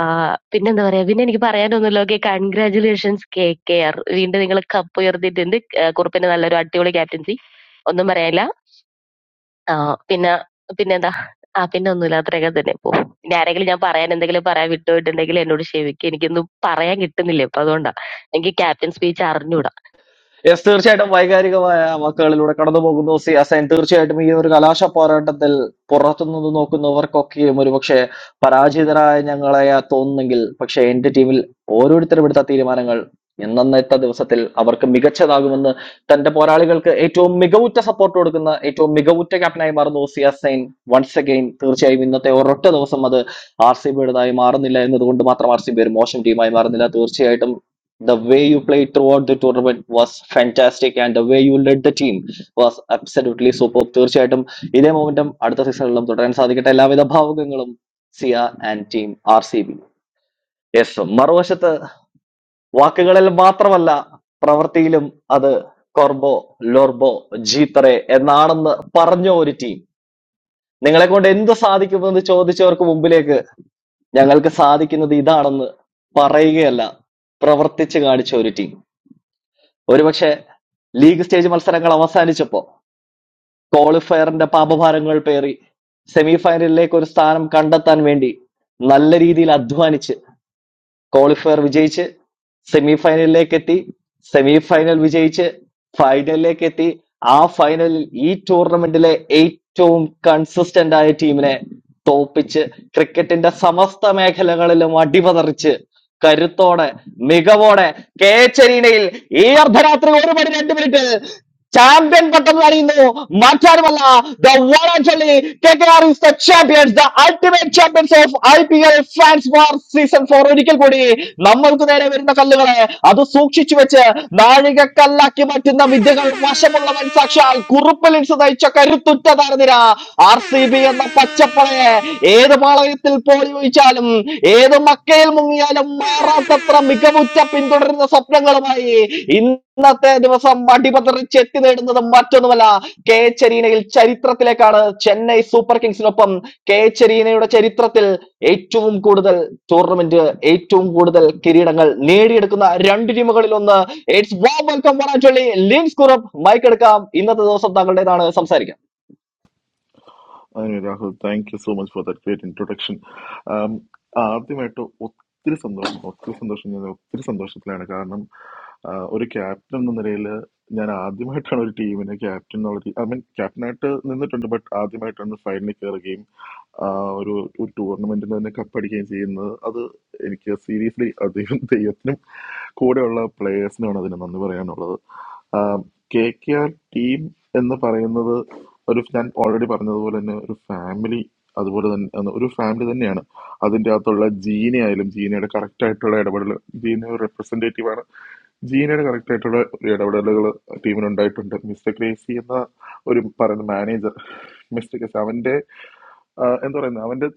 ആ, പിന്നെന്താ പറയാ പിന്നെ എനിക്ക് പറയാനൊന്നുമില്ല okay congratulations K K R വീണ്ടും നിങ്ങൾ കപ്പ് ഉയർത്തിയിട്ടുണ്ട് ഏ, കുറുപ്പിന്റെ നല്ലൊരു അടിപൊളി ക്യാപ്റ്റൻസി ഒന്നും പറയാനില്ല ആ പിന്നെ പിന്നെന്താ ആ പിന്നെ ഒന്നുമില്ല അത്രയൊക്കെ തന്നെ ഇപ്പോ ഇനി ആരെങ്കിലും ഞാൻ പറയാൻ എന്തെങ്കിലും പറയാൻ വിട്ടുപോയിട്ടുണ്ടെങ്കിൽ എന്നോട് ക്ഷമിക്കുക എനിക്കൊന്നും പറയാൻ കിട്ടുന്നില്ല ഇപ്പൊ അതുകൊണ്ടാ എനിക്ക് ക്യാപ്റ്റൻ സ്പീച്ച് അറിഞ്ഞൂടാ
യെസ് തീർച്ചയായിട്ടും വൈകാരികമായ വാക്കുകളിലൂടെ കടന്നു പോകുന്നു സിയാസൈൻ തീർച്ചയായിട്ടും ഈ ഒരു കലാശ പോരാട്ടത്തിൽ പുറത്തുനിന്ന് നോക്കുന്നവർക്കൊക്കെയും ഒരുപക്ഷെ പരാജിതരായ ഞങ്ങളെ തോന്നുന്നെങ്കിൽ പക്ഷെ എന്റെ ടീമിൽ ഓരോരുത്തരും എടുത്ത തീരുമാനങ്ങൾ ഇന്നത്തെ ദിവസത്തിൽ അവർക്ക് മികച്ചതാകുമെന്ന് തന്റെ പോരാളികൾക്ക് ഏറ്റവും മികവുറ്റ സപ്പോർട്ട് കൊടുക്കുന്ന ഏറ്റവും മികവുറ്റ ക്യാപ്റ്റനായി മാറുന്നു സിയാസൈൻ വൺസ് അഗൈൻ തീർച്ചയായും ഇന്നത്തെ ഒരൊറ്റ ദിവസം അത് ആർ സി ബിയുടേതായി മാറുന്നില്ല എന്നതുകൊണ്ട് മാത്രം ആർ സി ബി ഒരു മോശം ടീമായി മാറുന്നില്ല തീർച്ചയായിട്ടും The way you played throughout the tournament was fantastic, and the way you led the team was absolutely superb. തീർച്ചയായിട്ടും ഇതേ മൊമെന്റം അടുത്ത സീസണിലും തുടരാൻ സാധിക്കട്ടെ എല്ലാവിധ ഭാവുകങ്ങളും Siya and team R C B yes മറുവശത്ത് വാക്കുകളിൽ മാത്രമല്ല പ്രവൃത്തിയിലും അത് കോർബോ ലോർബോ ജീത്തറെ എന്നാണെന്ന് പറഞ്ഞ ഒരു ടീം നിങ്ങളെ കൊണ്ട് എന്ത് സാധിക്കുമെന്ന് ചോദിച്ചവർക്ക് മുമ്പിലേക്ക് ഞങ്ങൾക്ക് സാധിക്കുന്നത് ഇതാണെന്ന് പറയുകയല്ല പ്രവർത്തിച്ച് കാണിച്ച ഒരു ടീം ഒരുപക്ഷെ ലീഗ് സ്റ്റേജ് മത്സരങ്ങൾ അവസാനിച്ചപ്പോൾ ക്വാളിഫയറിന്റെ പാപഭാരങ്ങൾ പേറി സെമി ഫൈനലിലേക്ക് ഒരു സ്ഥാനം കണ്ടെത്താൻ വേണ്ടി നല്ല രീതിയിൽ അധ്വാനിച്ച് ക്വാളിഫയർ വിജയിച്ച് സെമിഫൈനലിലേക്കെത്തി സെമിഫൈനൽ വിജയിച്ച് ഫൈനലിലേക്കെത്തി ആ ഫൈനലിൽ ഈ ടൂർണമെന്റിലെ ഏറ്റവും കൺസിസ്റ്റന്റ് ആയ ടീമിനെ തോപ്പിച്ച് ക്രിക്കറ്റിന്റെ സമസ്ത മേഖലകളിലും അടിപതറിച്ച് കരുത്തോടെ മികവോടെ കെ എച്ച് അരീനയിൽ ഈ അർദ്ധരാത്രി ഒരു മണി രണ്ട് മിനിറ്റ് ചാമ്പ്യൻ പട്ടം അറിയുന്നു മറ്റാരുമല്ല the one actually K K R is the champions the ultimate champions of I P L fans four season four ഒരിക്കൽ കൂടി നമ്മൾക്ക് നേരെ വരുന്ന കല്ലുകളെ അത് സൂക്ഷിച്ചു വെച്ച് നാഴികക്കല്ലാക്കി മാറ്റുന്ന വിദ്യകൾ വശമുള്ളവൻ സാക്ഷാൽ കുറുപ്പലിൻസ് തയ്ച്ച കരുത്തുറ്റ തുറ്റതാർന്നിര ആർ സി ബി എന്ന പച്ചപ്പടയെ ഏത് പാളയത്തിൽ പോയി ഒഴിച്ചാലും ഏത് മക്കയിൽ മുങ്ങിയാലും മാറാത്തത്ര മികവുറ്റ പിന്തുടരുന്ന സ്വപ്നങ്ങളുമായി ഇന്നത്തെ ദിവസം അടിപതറിച്ച് എത്തി നേടുന്നത് മറ്റൊന്നുമല്ല കെ ചെരീനയിൽ ചരിത്രത്തിലേക്കാണ് ചെന്നൈ സൂപ്പർ കിങ്സിനൊപ്പം കെ ചെരീനയുടെ ചരിത്രത്തിൽ ഏറ്റവും കൂടുതൽ ടൂർണമെന്റ് ഏറ്റവും കൂടുതൽ കിരീടങ്ങൾ നേടിയെടുക്കുന്ന രണ്ട് ടീമുകളിൽ ഒന്ന് it's warm welcome Lins Kurup mic എടുക്കാം ഇന്നത്തെ ദിവസം താങ്കളുടേതാണ് സംസാരിക്കാം
അതിന് Rahul thank you so much for that great introduction ആദ്യമായിട്ട് ഒത്തിരി സന്തോഷം ഒത്തിരി സന്തോഷം ഞാൻ ഒത്തിരി സന്തോഷത്തിലാണ് കാരണം ആഹ്, ഒരു ക്യാപ്റ്റൻ എന്ന നിലയിൽ ഞാൻ ആദ്യമായിട്ടാണ് ഒരു ടീമിനെ ക്യാപ്റ്റൻ എന്നുള്ള ഐ മീൻ ക്യാപ്റ്റനായിട്ട് നിന്നിട്ടുണ്ട് ബട്ട് ആദ്യമായിട്ടാണ് ഫൈനലിൽ കയറുകയും ആഹ്, ഒരു ഒരു ടൂർണമെന്റിൽ തന്നെ കപ്പടിക്കുകയും ചെയ്യുന്നത് അത് എനിക്ക് സീരിയസ്ലി അദ്ദേഹം ദൈവത്തിനും കൂടെയുള്ള പ്ലേയേഴ്സിനാണ് അതിന് നന്ദി പറയാനുള്ളത് കെ കെ ആർ ടീം എന്ന് പറയുന്നത് ഒരു ഞാൻ ഓൾറെഡി പറഞ്ഞതുപോലെ തന്നെ ഒരു ഫാമിലി അതുപോലെ തന്നെ അന്ന് ഒരു ഫാമിലി തന്നെയാണ് അതിൻ്റെ അകത്തുള്ള ജീന ആയാലും ജീനയുടെ കറക്റ്റ് ആയിട്ടുള്ള ഇടപെടൽ ജീന ഒരു റെപ്രസെൻറ്റേറ്റീവ് ആണ് ജീനയുടെ കറക്റ്റ് ആയിട്ടുള്ള ഇടപെടലുകൾ ടീമിനുണ്ടായിട്ടുണ്ട് മിസ്റ്റർ ക്രേസി എന്ന ഒരു പറയുന്ന മാനേജർ മിസ്റ്റർ ക്രേസി അവൻ്റെ ആഹ് എന്താ പറയുന്നത് അവന്റെ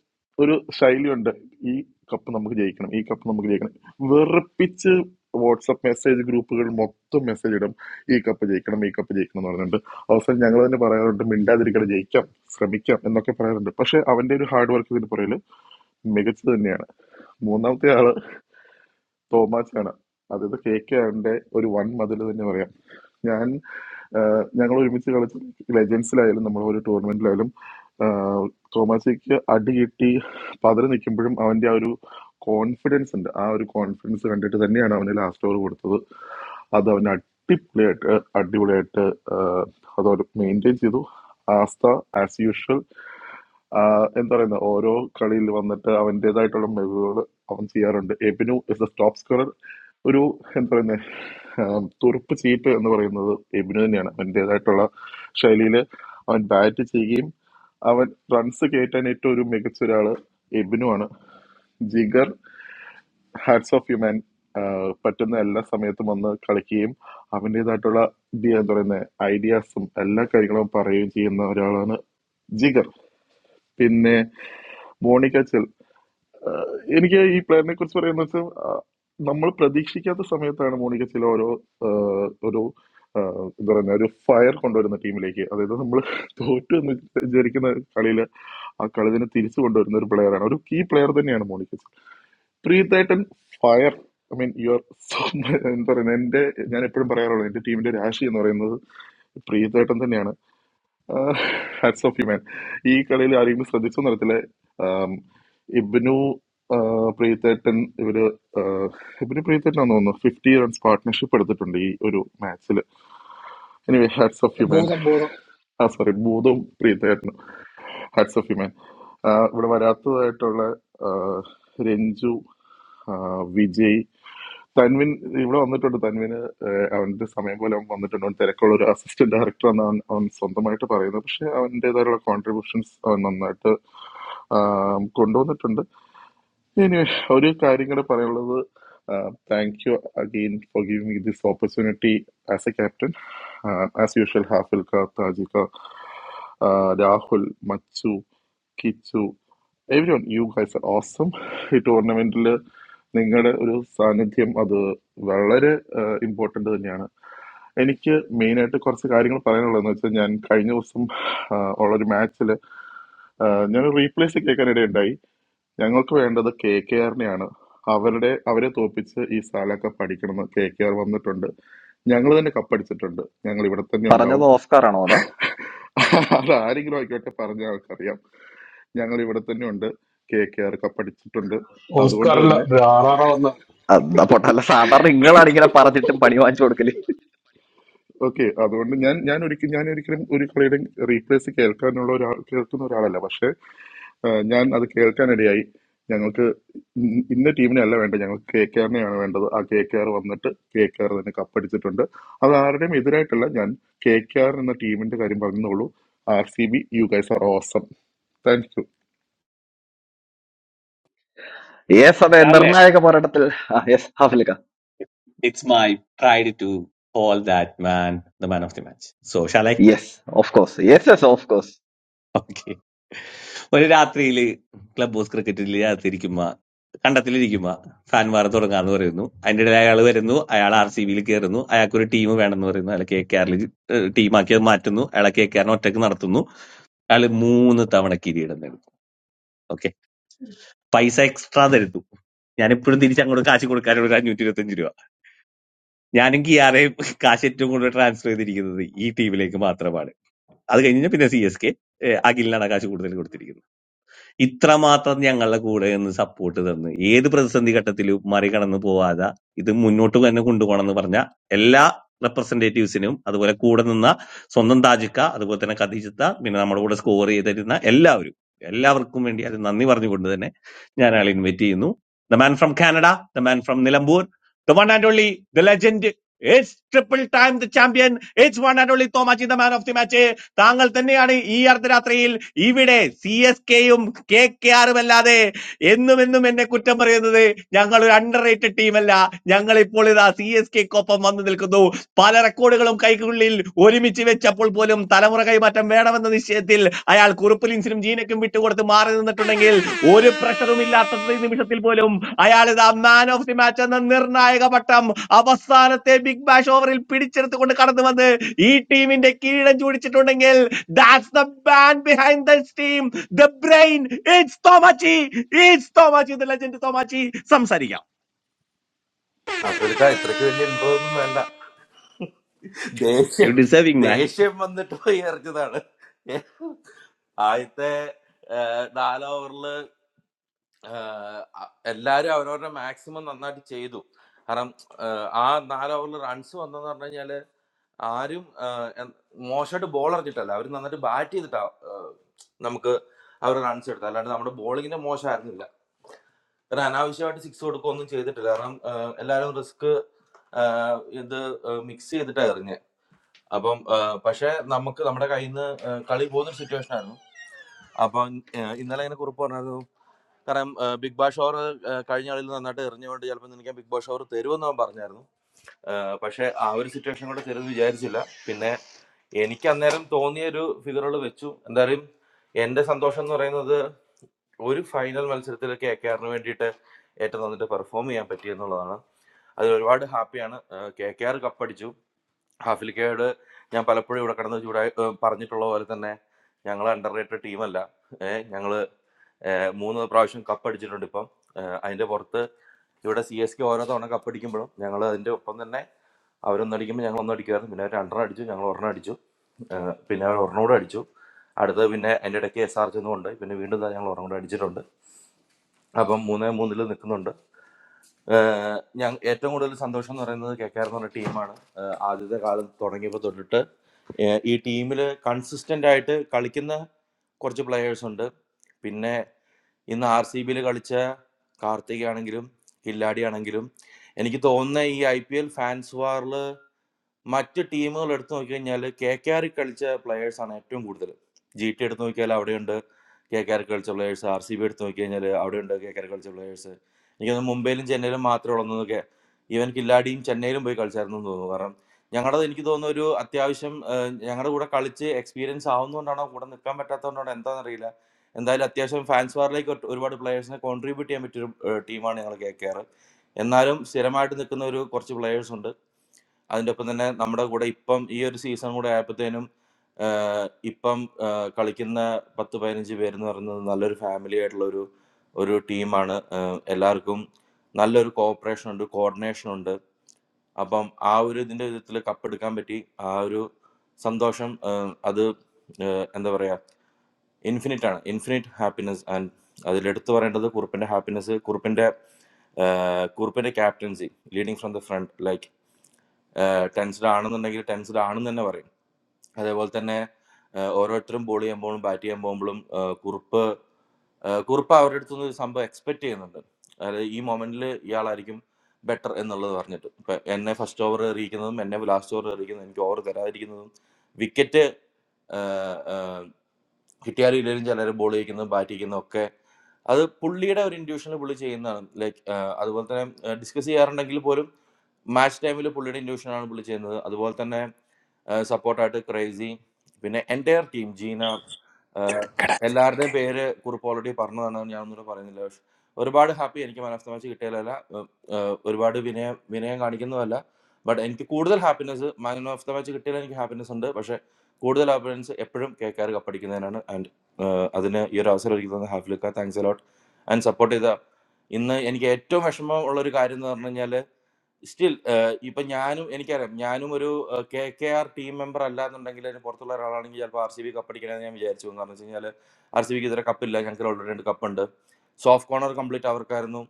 ഒരു ശൈലിയുണ്ട് ഈ കപ്പ് നമുക്ക് ജയിക്കണം ഈ കപ്പ് നമുക്ക് ജയിക്കണം വെറുപ്പിച്ച് വാട്സപ്പ് മെസ്സേജ് ഗ്രൂപ്പുകൾ മൊത്തം മെസ്സേജ് ഇടും ഈ കപ്പ് ജയിക്കണം ഈ കപ്പ് ജയിക്കണം എന്ന് പറഞ്ഞിട്ടുണ്ട് അവസാനം ഞങ്ങൾ തന്നെ പറയാറുണ്ട് മിണ്ടാതിരിക്കണം ജയിക്കാം ശ്രമിക്കാം എന്നൊക്കെ പറയാറുണ്ട് പക്ഷെ അവന്റെ ഒരു ഹാർഡ് വർക്ക് ഇതിന് പുറകിൽ മികച്ചത് തന്നെയാണ് മൂന്നാമത്തെ ആള് തോമാച്ചാണ് അതായത് കെ കെ ആറിന്റെ ഒരു വൺ മതിൽ തന്നെ പറയാം ഞാൻ ഞങ്ങൾ ഒരുമിച്ച് കളിച്ച ലെജൻസിലായാലും നമ്മൾ ഒരു ടൂർണമെന്റിലായാലും ആഹ് തോമാസിക്ക് അടി കിട്ടി പതറി നിൽക്കുമ്പോഴും അവന്റെ ആ ഒരു കോൺഫിഡൻസ് ഉണ്ട് ആ ഒരു കോൺഫിഡൻസ് കണ്ടിട്ട് തന്നെയാണ് അവന് ലാസ്റ്റ് ഓവർ കൊടുത്തത് അത് അവൻ അടിപൊളിയായിട്ട് അടിപൊളിയായിട്ട് ആഹ് അത് അവൻ മെയിൻറ്റെയിൻ ചെയ്തു ആസ്ത ആസ് യൂഷ്വൽ എന്താ പറയുന്ന ഓരോ കളിയിൽ വന്നിട്ട് അവൻ്റെതായിട്ടുള്ള മികവുകൾ അവൻ ചെയ്യാറുണ്ട് എബിനു ഇസ് ദ ടോപ്പ് സ്കോറർ ഒരു എന്താ പറയുന്ന തുറുപ്പ് ചീട്ട് എന്ന് പറയുന്നത് എബിനു തന്നെയാണ് അവൻ്റെതായിട്ടുള്ള ശൈലിയിൽ അവൻ ബാറ്റ് ചെയ്യുകയും അവൻ റൺസ് കയറ്റാൻ ഏറ്റവും ഒരു മികച്ച ഒരാള് എബിനു ആണ് ജിഗർ ഹാറ്റ്സ് ഓഫ് യുമാൻ പറ്റുന്ന എല്ലാ സമയത്തും വന്ന് കളിക്കുകയും അവൻ്റെതായിട്ടുള്ള ഇത് എന്താ പറയുന്നത് ഐഡിയാസും എല്ലാ കാര്യങ്ങളും പറയുകയും ചെയ്യുന്ന ഒരാളാണ് ജിഗർ പിന്നെ മോണിക്കച്ചൽ എനിക്ക് ഈ പ്ലെയറിനെ കുറിച്ച് പറയുന്നത് വെച്ചാൽ നമ്മൾ പ്രതീക്ഷിക്കാത്ത സമയത്താണ് മോണിക്കച്ചൽ ഓരോ ആഹ്, ഒരു ആഹ്, എന്താ പറയുക ഒരു ഫയർ കൊണ്ടുവരുന്ന ടീമിലേക്ക് അതായത് നമ്മൾ തോറ്റു എന്ന് വിചാരിക്കുന്ന കളിയിൽ ആ കളി തന്നെ തിരിച്ചു കൊണ്ടുവരുന്ന ഒരു പ്ലെയറാണ് ഒരു കീ പ്ലെയർ തന്നെയാണ് മോണിക്കച്ചൽ പ്രീതേട്ടൻ ഫയർ ഐ മീൻ യുവർ *laughs* എന്താ പറയുന്നത് എൻ്റെ ഞാൻ എപ്പോഴും പറയാറുള്ളത് എൻ്റെ ടീമിൻ്റെ രാശി എന്ന് പറയുന്നത് പ്രീതേട്ടൻ തന്നെയാണ് ഹാറ്റ്സ് ഓഫ് യു മാൻ ഈ കളിയിൽ ആരെങ്കിലും ശ്രദ്ധിച്ചു നടത്തില്ല ഇബ്നു ആ, പ്രീതേട്ടൻ ഇവര് ആ, ഇബ്നു പ്രീതേട്ടൻ ആണെന്ന് തോന്നുന്നു ഫിഫ്റ്റി റൺസ് പാർട്ട്ണർഷിപ്പ് എടുത്തിട്ടുണ്ട് ഈ ഒരു മാച്ചിൽ anyway hats off you man
ഭൂതം ഭൂതം
ആ സോറി ഭൂതവും പ്രീതയായിരുന്നു ഹാറ്റ്സ് ഓഫ് യു മാൻ ഇവിടെ വരാത്തതായിട്ടുള്ള ആ, രഞ്ജു ആ, വിജയ് തൻവിൻ ഇവിടെ വന്നിട്ടുണ്ട് തൻവിന് ആ, അവന്റെ സമയം പോലെ അവൻ വന്നിട്ടുണ്ട് അവൻ തിരക്കുള്ള ഒരു അസിസ്റ്റന്റ് ഡയറക്ടർ എന്നാണ് അവൻ അവൻ സ്വന്തമായിട്ട് പറയുന്നത് പക്ഷെ അവൻ്റെതായുള്ള കോൺട്രിബ്യൂഷൻസ് അവൻ നന്നായിട്ട് ആ, കൊണ്ടുവന്നിട്ടുണ്ട് ഇനി ഒരു കാര്യം കൂടെ പറയാനുള്ളത് thank you again for giving me this opportunity as a captain as usual Hafil ക താജിക്ക രാഹുൽ മച്ചു Kichu everyone you guys are awesome ഈ ടൂർണമെന്റിൽ നിങ്ങളുടെ ഒരു സാന്നിധ്യം അത് വളരെ ഇമ്പോർട്ടൻ്റ് തന്നെയാണ് എനിക്ക് മെയിനായിട്ട് കുറച്ച് കാര്യങ്ങൾ പറയാനുള്ളതെന്ന് വെച്ചാൽ ഞാൻ കഴിഞ്ഞ ദിവസം ആ, ഉള്ളൊരു മാച്ചിൽ ഞാൻ റീപ്ലേസ് കേൾക്കാനിടയുണ്ടായി ഞങ്ങൾക്ക് വേണ്ടത് കെ കെ ആറിനെയാണ് അവരുടെ അവരെ തോപ്പിച്ച് ഈ സാലൊക്കെ പഠിക്കണമെന്ന് കെ കെ ആർ വന്നിട്ടുണ്ട് ഞങ്ങൾ തന്നെ കപ്പടിച്ചിട്ടുണ്ട് ഞങ്ങൾ ഇവിടെ തന്നെ
പറഞ്ഞത്
ഉണ്ടാവും
ഓസ്കാറാണോടാ
അത് ആരെങ്കിലും ആയിക്കോട്ടെ പറഞ്ഞ ആൾക്കറിയാം ഞങ്ങൾ ഇവിടെ തന്നെ ഉണ്ട് കെ കെ ആർ കപ്പടിച്ചിട്ടുണ്ട് അതുകൊണ്ട്
ഓസ്കാറല്ല
തന്നെ
ആറാറാ വന്ന
അതാ പൊട്ടല്ല സാധാരണ നിങ്ങളാണ് ഇങ്ങനെ പറഞ്ഞിട്ട് പണി വാങ്ങിച്ചു കൊടുക്കല്
ഓക്കെ അതുകൊണ്ട് ഞാൻ ഞാൻ ഒരിക്കലും ഞാൻ ഒരിക്കലും ഒരു കളിയുടെ റീപ്ലേസ് കേൾക്കാനുള്ള ഒരാൾ കേൾക്കുന്ന ഒരാളല്ല പക്ഷെ ആ, ഞാൻ അത് കേൾക്കാനിടയായി ഞങ്ങൾക്ക് ഇന്ന ഇന്ന ടീമിനെ അല്ല വേണ്ടത് ഞങ്ങൾക്ക് കെ കെ ആറിനെയാണ് വേണ്ടത് ആ കെ കെ ആർ വന്നിട്ട് കെ കെ ആർ തന്നെ കപ്പടിച്ചിട്ടുണ്ട് അത് ആരുടെയും എതിരായിട്ടല്ല ഞാൻ കെ കെ ആർ എന്ന ടീമിന്റെ കാര്യം പറഞ്ഞോളൂ R C B you guys are awesome thank you
yes അതെ
രാഹുലെ
നിർണായക പോരാട്ടത്തിൽ യെസ് ഹാഫിലിക്ക
it's my pride to call that man the man of the match so ഷാലൈ
yes of course yes yes of course
okay ഒരു രാത്രിയില് club house ക്രിക്കറ്റിൽ രാത്രി ഇരിക്കുമ്പോ കണ്ടത്തിലിരിക്കുമ്പോ ഫാൻവാർ തുടങ്ങാന്ന് പറയുന്നു അതിന്റെ ഇടയിൽ അയാൾ വരുന്നു അയാൾ ആർ സി ബിയിൽ കയറുന്നു അയാൾക്ക് ഒരു ടീം വേണമെന്ന് പറയുന്നു അയാൾ കെ കെ ആറിൽ ടീമാക്കി അത് മാറ്റുന്നു അയാളെ കെ കെ ആറിനെ ഒറ്റക്ക് നടത്തുന്നു അയാൾ മൂന്ന് തവണ കിരീടം നേടുന്നു ഓക്കെ പൈസ എക്സ്ട്രാ തരുന്നു ഞാൻ ഇപ്പോഴും തിരിച്ച് അങ്ങോട്ട് കാശ് കൊടുക്കാനുള്ള ഒരു അഞ്ഞൂറ്റി ഇരുപത്തഞ്ച് രൂപ ഞാനും കിയാറേയും കാശ് ഏറ്റവും കൂടുതൽ ട്രാൻസ്ഫർ ചെയ്തിരിക്കുന്നത് ഈ ടീമിലേക്ക് മാത്രമാണ് അത് കഴിഞ്ഞ് പിന്നെ സി എസ് കെ അഖിലിനാണ് കാശ് കൂടുതൽ കൊടുത്തിരിക്കുന്നത് ഇത്രമാത്രം ഞങ്ങളുടെ കൂടെ നിന്ന് സപ്പോർട്ട് തന്ന് ഏത് പ്രതിസന്ധി ഘട്ടത്തിലും മറികടന്ന് പോവാതെ ഇത് മുന്നോട്ട് തന്നെ കൊണ്ടുപോകണമെന്ന് പറഞ്ഞ എല്ലാ റെപ്രസെന്റേറ്റീവ്സിനും അതുപോലെ കൂടെ നിന്ന സ്വന്തം താജിക്ക അതുപോലെ തന്നെ കഥീജിത്ത പിന്നെ നമ്മുടെ കൂടെ സ്കോർ ചെയ്തിരുന്ന എല്ലാവരും എല്ലാവർക്കും വേണ്ടി അത് നന്ദി പറഞ്ഞുകൊണ്ട് തന്നെ ഞാൻ അയാളെ ഇൻവൈറ്റ് ചെയ്യുന്നു the man from Canada the man from Nilambur the one and only the legend it's triple time the champion it's one and only Thomachi the man of the match താങ്കൾ തന്നെയാണ് ഈ അർദ്ധരാത്രിയിൽ ഇവിടെ സി എസ് കെയും കെ കെ ആറും അല്ലാതെ എന്നും എന്നും എന്നെ കുറ്റം പറയുന്നത് ഞങ്ങൾ ഒരു അണ്ടർ റേറ്റഡ് ടീമല്ല ഞങ്ങൾ ഇപ്പോൾ ഇതാ സി എസ് കെക്കൊപ്പം വന്നു നിൽക്കുന്നു പല റെക്കോർഡുകളും കൈക്കുള്ളിൽ ഒരുമിച്ച് വെച്ചപ്പോൾ പോലും തലമുറ കൈമാറ്റം വേണമെന്ന നിശ്ചയത്തിൽ അയാൾ കുറുപ്പ് ലിൻസിനും ജീനക്കും വിട്ടുകൊടുത്ത് മാറി നിന്നിട്ടുണ്ടെങ്കിൽ ഒരു പ്രഷറും ഇല്ലാത്ത ഈ നിമിഷത്തിൽ പോലും അയാൾ ഇതാ മാൻ ഓഫ് ദി മാച്ച് എന്ന നിർണായക പട്ടം അവസാനത്തെ ബിഗ് ബാഷ് ഓവറിൽ പിടിച്ചെടുത്തുകൊണ്ട് കടന്നു വന്ന് ഈ ടീമിന്റെ കീഴം ചൂടിച്ചിട്ടുണ്ടെങ്കിൽ that's the man behind this team the brain it's Thomachi it's Thomachi the legend Thomachi സംസാരിക്കാം
ഹാഫിൽക്ക ഇത്രക്ക് വലിയ ഇൻട്രോ ഒന്നും വേണ്ട
യു
ദേഷ്യം
ഡിസേർവിംഗ്
ദേഷ്യം വന്നിട്ട് ഇറച്ചതാണ് ആദ്യത്തെ ഏഹ് നാല് ഓവറില് ആഹ് അ- എല്ലാവരും അവരവരുടെ മാക്സിമം നന്നായിട്ട് ചെയ്തു കാരണം ആഹ് ആ നാല് ഓവറിൽ റൺസ് വന്നെന്ന് പറഞ്ഞു കഴിഞ്ഞാല് ആരും ആഹ് എൻ- മോശമായിട്ട് ബോൾ എറിഞ്ഞിട്ടല്ല അവർ നന്നായിട്ട് ബാറ്റ് ചെയ്തിട്ടാ ആഹ് നമുക്ക് അവർ റൺസ് എടുത്തത് അല്ലാണ്ട് നമ്മുടെ ബോളിങ്ങിന്റെ മോശമായിരുന്നില്ല കാരണം അനാവശ്യമായിട്ട് സിക്സ് കൊടുക്കുകയൊന്നും ചെയ്തിട്ടില്ല കാരണം ആഹ് എല്ലാവരും റിസ്ക് ഇത് മിക്സ് ചെയ്തിട്ടാ എറിഞ്ഞ് അപ്പം ആഹ് പക്ഷെ നമുക്ക് നമ്മുടെ കയ്യിൽ നിന്ന് കളി പോകുന്ന സിറ്റുവേഷൻ ആയിരുന്നു അപ്പൊ ഇന്നലെ ഇങ്ങനെ കുറിപ്പ് പറഞ്ഞു കാരണം ആ, ബിഗ് ബാഷ് ഓവർ കഴിഞ്ഞ കളിയിൽ നന്നായിട്ട് എറിഞ്ഞുകൊണ്ട് ചിലപ്പോൾ നിനക്ക് ബിഗ് ബാഷ് ഓവർ തരുമെന്ന് അവൻ പറഞ്ഞായിരുന്നു ആ, പക്ഷേ ആ ഒരു സിറ്റുവേഷൻ കൂടെ തരുമെന്ന് വിചാരിച്ചില്ല പിന്നെ എനിക്ക് അന്നേരം തോന്നിയ ഒരു ഫിഗറുകൾ വെച്ചു എന്തായാലും എന്റെ സന്തോഷം എന്ന് പറയുന്നത് ഒരു ഫൈനൽ മത്സരത്തിൽ കെ കെ ആറിന് വേണ്ടിയിട്ട് ഏറ്റവും നന്നായിട്ട് പെർഫോം ചെയ്യാൻ പറ്റി എന്നുള്ളതാണ് അതിൽ ഒരുപാട് ഹാപ്പിയാണ് കെ കെ ആർ കപ്പടിച്ചു ഹാഫിലിക്കയോട് ഞാൻ പലപ്പോഴും ഇവിടെ കിടന്ന് ചൂടായി ആ, പറഞ്ഞിട്ടുള്ള പോലെ തന്നെ ഞങ്ങൾ അണ്ടർ റേറ്റഡ് ടീമല്ല ഏഹ് ഞങ്ങള് ഏഹ് മൂന്ന് പ്രാവശ്യം കപ്പ് അടിച്ചിട്ടുണ്ട് ഇപ്പം ഏഹ് അതിന്റെ പുറത്ത് ഇവിടെ സി എസ് കെ ഓരോ തവണ കപ്പടിക്കുമ്പോഴും ഞങ്ങൾ അതിന്റെ ഒപ്പം തന്നെ അവരൊന്നടിക്കുമ്പോൾ ഞങ്ങൾ ഒന്നടിക്കുമായിരുന്നു പിന്നെ അവർ രണ്ടെണ്ണം അടിച്ചു ഞങ്ങൾ ഒരെണ്ണം അടിച്ചു ഏഹ് പിന്നെ അവർ ഒരെണ്ണം കൂടെ അടിച്ചു അടുത്തത് പിന്നെ അതിൻ്റെ ഇടയ്ക്ക് എസ് ആർ ചെന്നുകൊണ്ട് പിന്നെ വീണ്ടും ദാ ഞങ്ങൾ ഒരെണ്ണം കൂടെ അടിച്ചിട്ടുണ്ട് അപ്പം മൂന്നേ മൂന്നിൽ നിൽക്കുന്നുണ്ട് ഏഹ് ഞങ്ങ ഏറ്റവും കൂടുതൽ സന്തോഷം എന്ന് പറയുന്നത് കെ കെ ആർ എന്ന് പറഞ്ഞ ടീമാണ് ഏഹ് ആദ്യത്തെ കാലം തുടങ്ങിയപ്പോൾ തൊട്ടിട്ട് ഏഹ് ഈ ടീമിൽ കൺസിസ്റ്റന്റ് ആയിട്ട് കളിക്കുന്ന കുറച്ച് പ്ലെയേഴ്സ് ഉണ്ട് പിന്നെ ഇന്ന് ആർ സി ബിയിൽ കളിച്ച കാർത്തികയാണെങ്കിലും കില്ലാടിയാണെങ്കിലും എനിക്ക് തോന്നുന്ന ഈ ഐ പി എൽ ഫാൻസ് വാറിൽ മറ്റ് ടീമുകൾ എടുത്തു നോക്കിക്കഴിഞ്ഞാൽ കെ കെ ആർ കളിച്ച players ആണ് ഏറ്റവും കൂടുതൽ ജി ടി എടുത്തു നോക്കിയാൽ അവിടെയുണ്ട് കെ കെ ആർ കളിച്ച പ്ലേയേഴ്സ് ആർ സി ബി എടുത്തു നോക്കിക്കഴിഞ്ഞാൽ അവിടെയുണ്ട് കെ കെ ആർ കളിച്ച പ്ലേയേഴ്സ് എനിക്ക് തോന്നുന്നു മുംബൈയിലും ചെന്നൈയിലും മാത്രമേ ഉള്ളതെന്നൊക്കെ ഈവൻ കില്ലാടിയും ചെന്നൈയിലും പോയി കളിച്ചായിരുന്നു എന്ന് തോന്നുന്നു കാരണം ഞങ്ങളുടെ എനിക്ക് തോന്നുന്നു ഒരു അത്യാവശ്യം ഞങ്ങളുടെ കൂടെ കളിച്ച് എക്സ്പീരിയൻസ് ആവുന്നതുകൊണ്ടാണോ കൂടെ നിൽക്കാൻ പറ്റാത്തതുകൊണ്ടാണോ എന്താണെന്നറിയില്ല എന്തായാലും അത്യാവശ്യം ഫാൻസ് വാറിലേക്ക് ഒട്ട് ഒരുപാട് പ്ലേയേഴ്സിനെ കോൺട്രിബ്യൂട്ട് ചെയ്യാൻ പറ്റിയൊരു ടീമാണ് ഞങ്ങൾ കെ കെ ആർ എന്നാലും സ്ഥിരമായിട്ട് നിൽക്കുന്ന ഒരു കുറച്ച് പ്ലേയേഴ്സ് ഉണ്ട് അതിൻ്റെ ഒപ്പം തന്നെ നമ്മുടെ കൂടെ ഇപ്പം ഈ ഒരു സീസൺ കൂടെ ആയപ്പോഴത്തേനും ആഹ് ഇപ്പം ആഹ് കളിക്കുന്ന പത്ത് പതിനഞ്ച് പേരെന്ന് പറയുന്നത് നല്ലൊരു ഫാമിലി ആയിട്ടുള്ള ഒരു ഒരു ടീമാണ് എല്ലാവർക്കും നല്ലൊരു കോപ്പറേഷൻ ഉണ്ട് കോർഡിനേഷൻ ഉണ്ട് അപ്പം ആ ഒരു ഇതിൻ്റെ വിധത്തിൽ കപ്പെടുക്കാൻ പറ്റി ആ ഒരു സന്തോഷം ആഹ് അത് ആഹ് എന്താ പറയുക ഇൻഫിനിറ്റ് ആണ് ഇൻഫിനിറ്റ് ഹാപ്പിനെസ് ആൻഡ് അതിലെടുത്തു പറയേണ്ടത് കുറുപ്പിൻ്റെ ഹാപ്പിനെസ് കുറുപ്പിൻ്റെ ആഹ് കുറുപ്പിൻ്റെ captaincy leading from the front like tensed ആണെന്നുണ്ടെങ്കിൽ ടെൻസ്ഡ് ആണെന്ന് തന്നെ പറയും അതേപോലെ തന്നെ ആ, ഓരോരുത്തരും ബോൾ ചെയ്യുമ്പോഴും ബാറ്റ് ചെയ്യാൻ പോകുമ്പോഴും ആ, കുറുപ്പ് ആ, കുറുപ്പ് അവരുടെ അടുത്ത് നിന്ന് ഒരു സംഭവം എക്സ്പെക്ട് ചെയ്യുന്നുണ്ട് അതായത് ഈ മൊമെന്റിൽ ഇയാളായിരിക്കും ബെറ്റർ എന്നുള്ളത് പറഞ്ഞിട്ട് ഇപ്പൊ എന്നെ ഫസ്റ്റ് ഓവർ എറിയിക്കുന്നതും എന്നെ ലാസ്റ്റ് ഓവർ എറിയിക്കുന്നതും എനിക്ക് ഓവർ തരാതിരിക്കുന്നതും വിക്കറ്റ് കിട്ടിയാലും ഇല്ലെങ്കിലും ചിലർ ബോൾ ചെയ്യിക്കുന്നതും ബാറ്റ് ചെയ്യുന്നതും ഒക്കെ അത് പുള്ളിയുടെ ഒരു ഇൻഡ്യൂഷനിൽ പുള്ളി ചെയ്യുന്നതാണ് ലൈക്ക് അതുപോലെ തന്നെ ഡിസ്കസ് ചെയ്യാറുണ്ടെങ്കിൽ പോലും മാച്ച് ടൈമിൽ പുള്ളിയുടെ ഇൻഡ്യൂഷനാണ് പുള്ളി ചെയ്യുന്നത് അതുപോലെ തന്നെ സപ്പോർട്ടായിട്ട് ക്രേസി പിന്നെ എൻ്റെ ടീം ജീന ഏഹ് എല്ലാവരുടെയും പേര് കുറിപ്പ് ഓൾറെഡി പറഞ്ഞതാണ് ഞാൻ ഒന്നുകൂടെ പറയുന്നില്ല പക്ഷെ ഒരുപാട് ഹാപ്പി എനിക്ക് മാൻ ഓഫ് ദ മാച്ച് കിട്ടിയതല്ല ഒരുപാട് വിനയം വിനയം കാണിക്കുന്നതല്ല ബട്ട് എനിക്ക് കൂടുതൽ happiness man of the match കിട്ടിയാൽ എനിക്ക് ഹാപ്പിനെസ് ഉണ്ട് പക്ഷെ കൂടുതൽ ഹാപ്പിനെസ് എപ്പോഴും കേൾക്കാർ കപ്പടിക്കുന്നതിനാണ് ആൻഡ് അതിന് ഈ ഒരു അവസരം ഒരുക്കി തന്ന ഹാഫിലിക്ക താങ്ക്സ് അലോട്ട് ആൻഡ് സപ്പോർട്ട് ചെയ്ത ഇന്ന് എനിക്ക് ഏറ്റവും വിഷമം ഉള്ള ഒരു കാര്യം എന്ന് പറഞ്ഞു കഴിഞ്ഞാൽ സ്റ്റിൽ ഇപ്പൊ ഞാനും എനിക്കറിയാം ഞാനും ഒരു K K R team member അല്ല എന്നുണ്ടെങ്കിൽ അതിന് പുറത്തുള്ള ഒരാളാണെങ്കിൽ ചിലപ്പോൾ ആർ സി ബി കപ്പടിക്കണമെന്ന് ഞാൻ വിചാരിച്ചു പോകും. കാരണം വെച്ച് കഴിഞ്ഞാൽ ആർ സി ബിക്ക് ഇതുവരെ കപ്പില്ല ഞങ്ങൾക്ക് ഓൾറെഡി രണ്ട് കപ്പുണ്ട് സോഫ്റ്റ് കോർണർ കംപ്ലീറ്റ് അവർക്കായിരുന്നു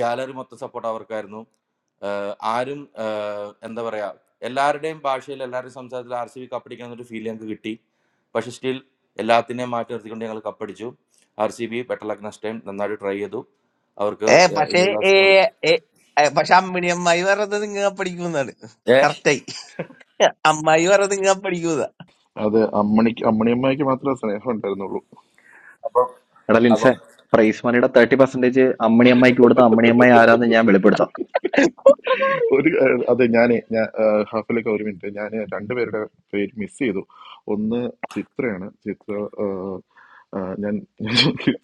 ഗാലറി മൊത്തം സപ്പോർട്ട് അവർക്കായിരുന്നു ആഹ് ആരും ആഹ് എന്താ പറയാ എല്ലാവരുടെയും ഭാഷയിൽ എല്ലാവരുടെയും സംസാരത്തിൽ ആർ സി ബി കപ്പടിക്കണം എന്നൊരു ഫീൽ ഞങ്ങൾക്ക് കിട്ടി പക്ഷെ സ്റ്റിൽ എല്ലാത്തിനെയും മാറ്റി നിർത്തിക്കൊണ്ട് ഞങ്ങൾ കപ്പടിച്ചു R C B better luck next time നന്നായിട്ട് ട്രൈ ചെയ്തു അവർക്ക്
ഏ പക്ഷേ
ഇനിയുള്ള
ഏ
അവസരങ്ങൾ
ഏ, ഏ, പക്ഷെ അമ്മിണി അമ്മായി പറഞ്ഞത് നിങ്ങ പഠിക്കുന്നാണ് കറക്റ്റായി അമ്മായി പറഞ്ഞത് നിങ്ങ പഠിക്കുന്ന
അതെ അമ്മണിക്ക് അമ്മണിയമ്മയ്ക്ക് മാത്രമേ സ്നേഹം ഉണ്ടായിരുന്നുള്ളൂ
അപ്പൊ
എടാ
അപ്പൊ
ലിൻസെ പ്രൈസ് മണിയുടെ തേർട്ടി പെർസെന്റേജ് അമ്മണിയമ്മയ്ക്ക് കൊടുത്ത അമ്മണിയമ്മ ആരാന്ന് ഞാൻ വെളിപ്പെടുത്താം
ഒരു ഏഹ്, അതെ ഞാനേ ഞാൻ ഏഹ്, ഹാഫിലൊക്കെ ഒരു മിനിറ്റ് ഞാൻ രണ്ടുപേരുടെ പേര് മിസ് ചെയ്തു ഒന്ന് ചിത്രയാണ് ചിത്ര ഏഹ്, ഏഹ്, ഞാൻ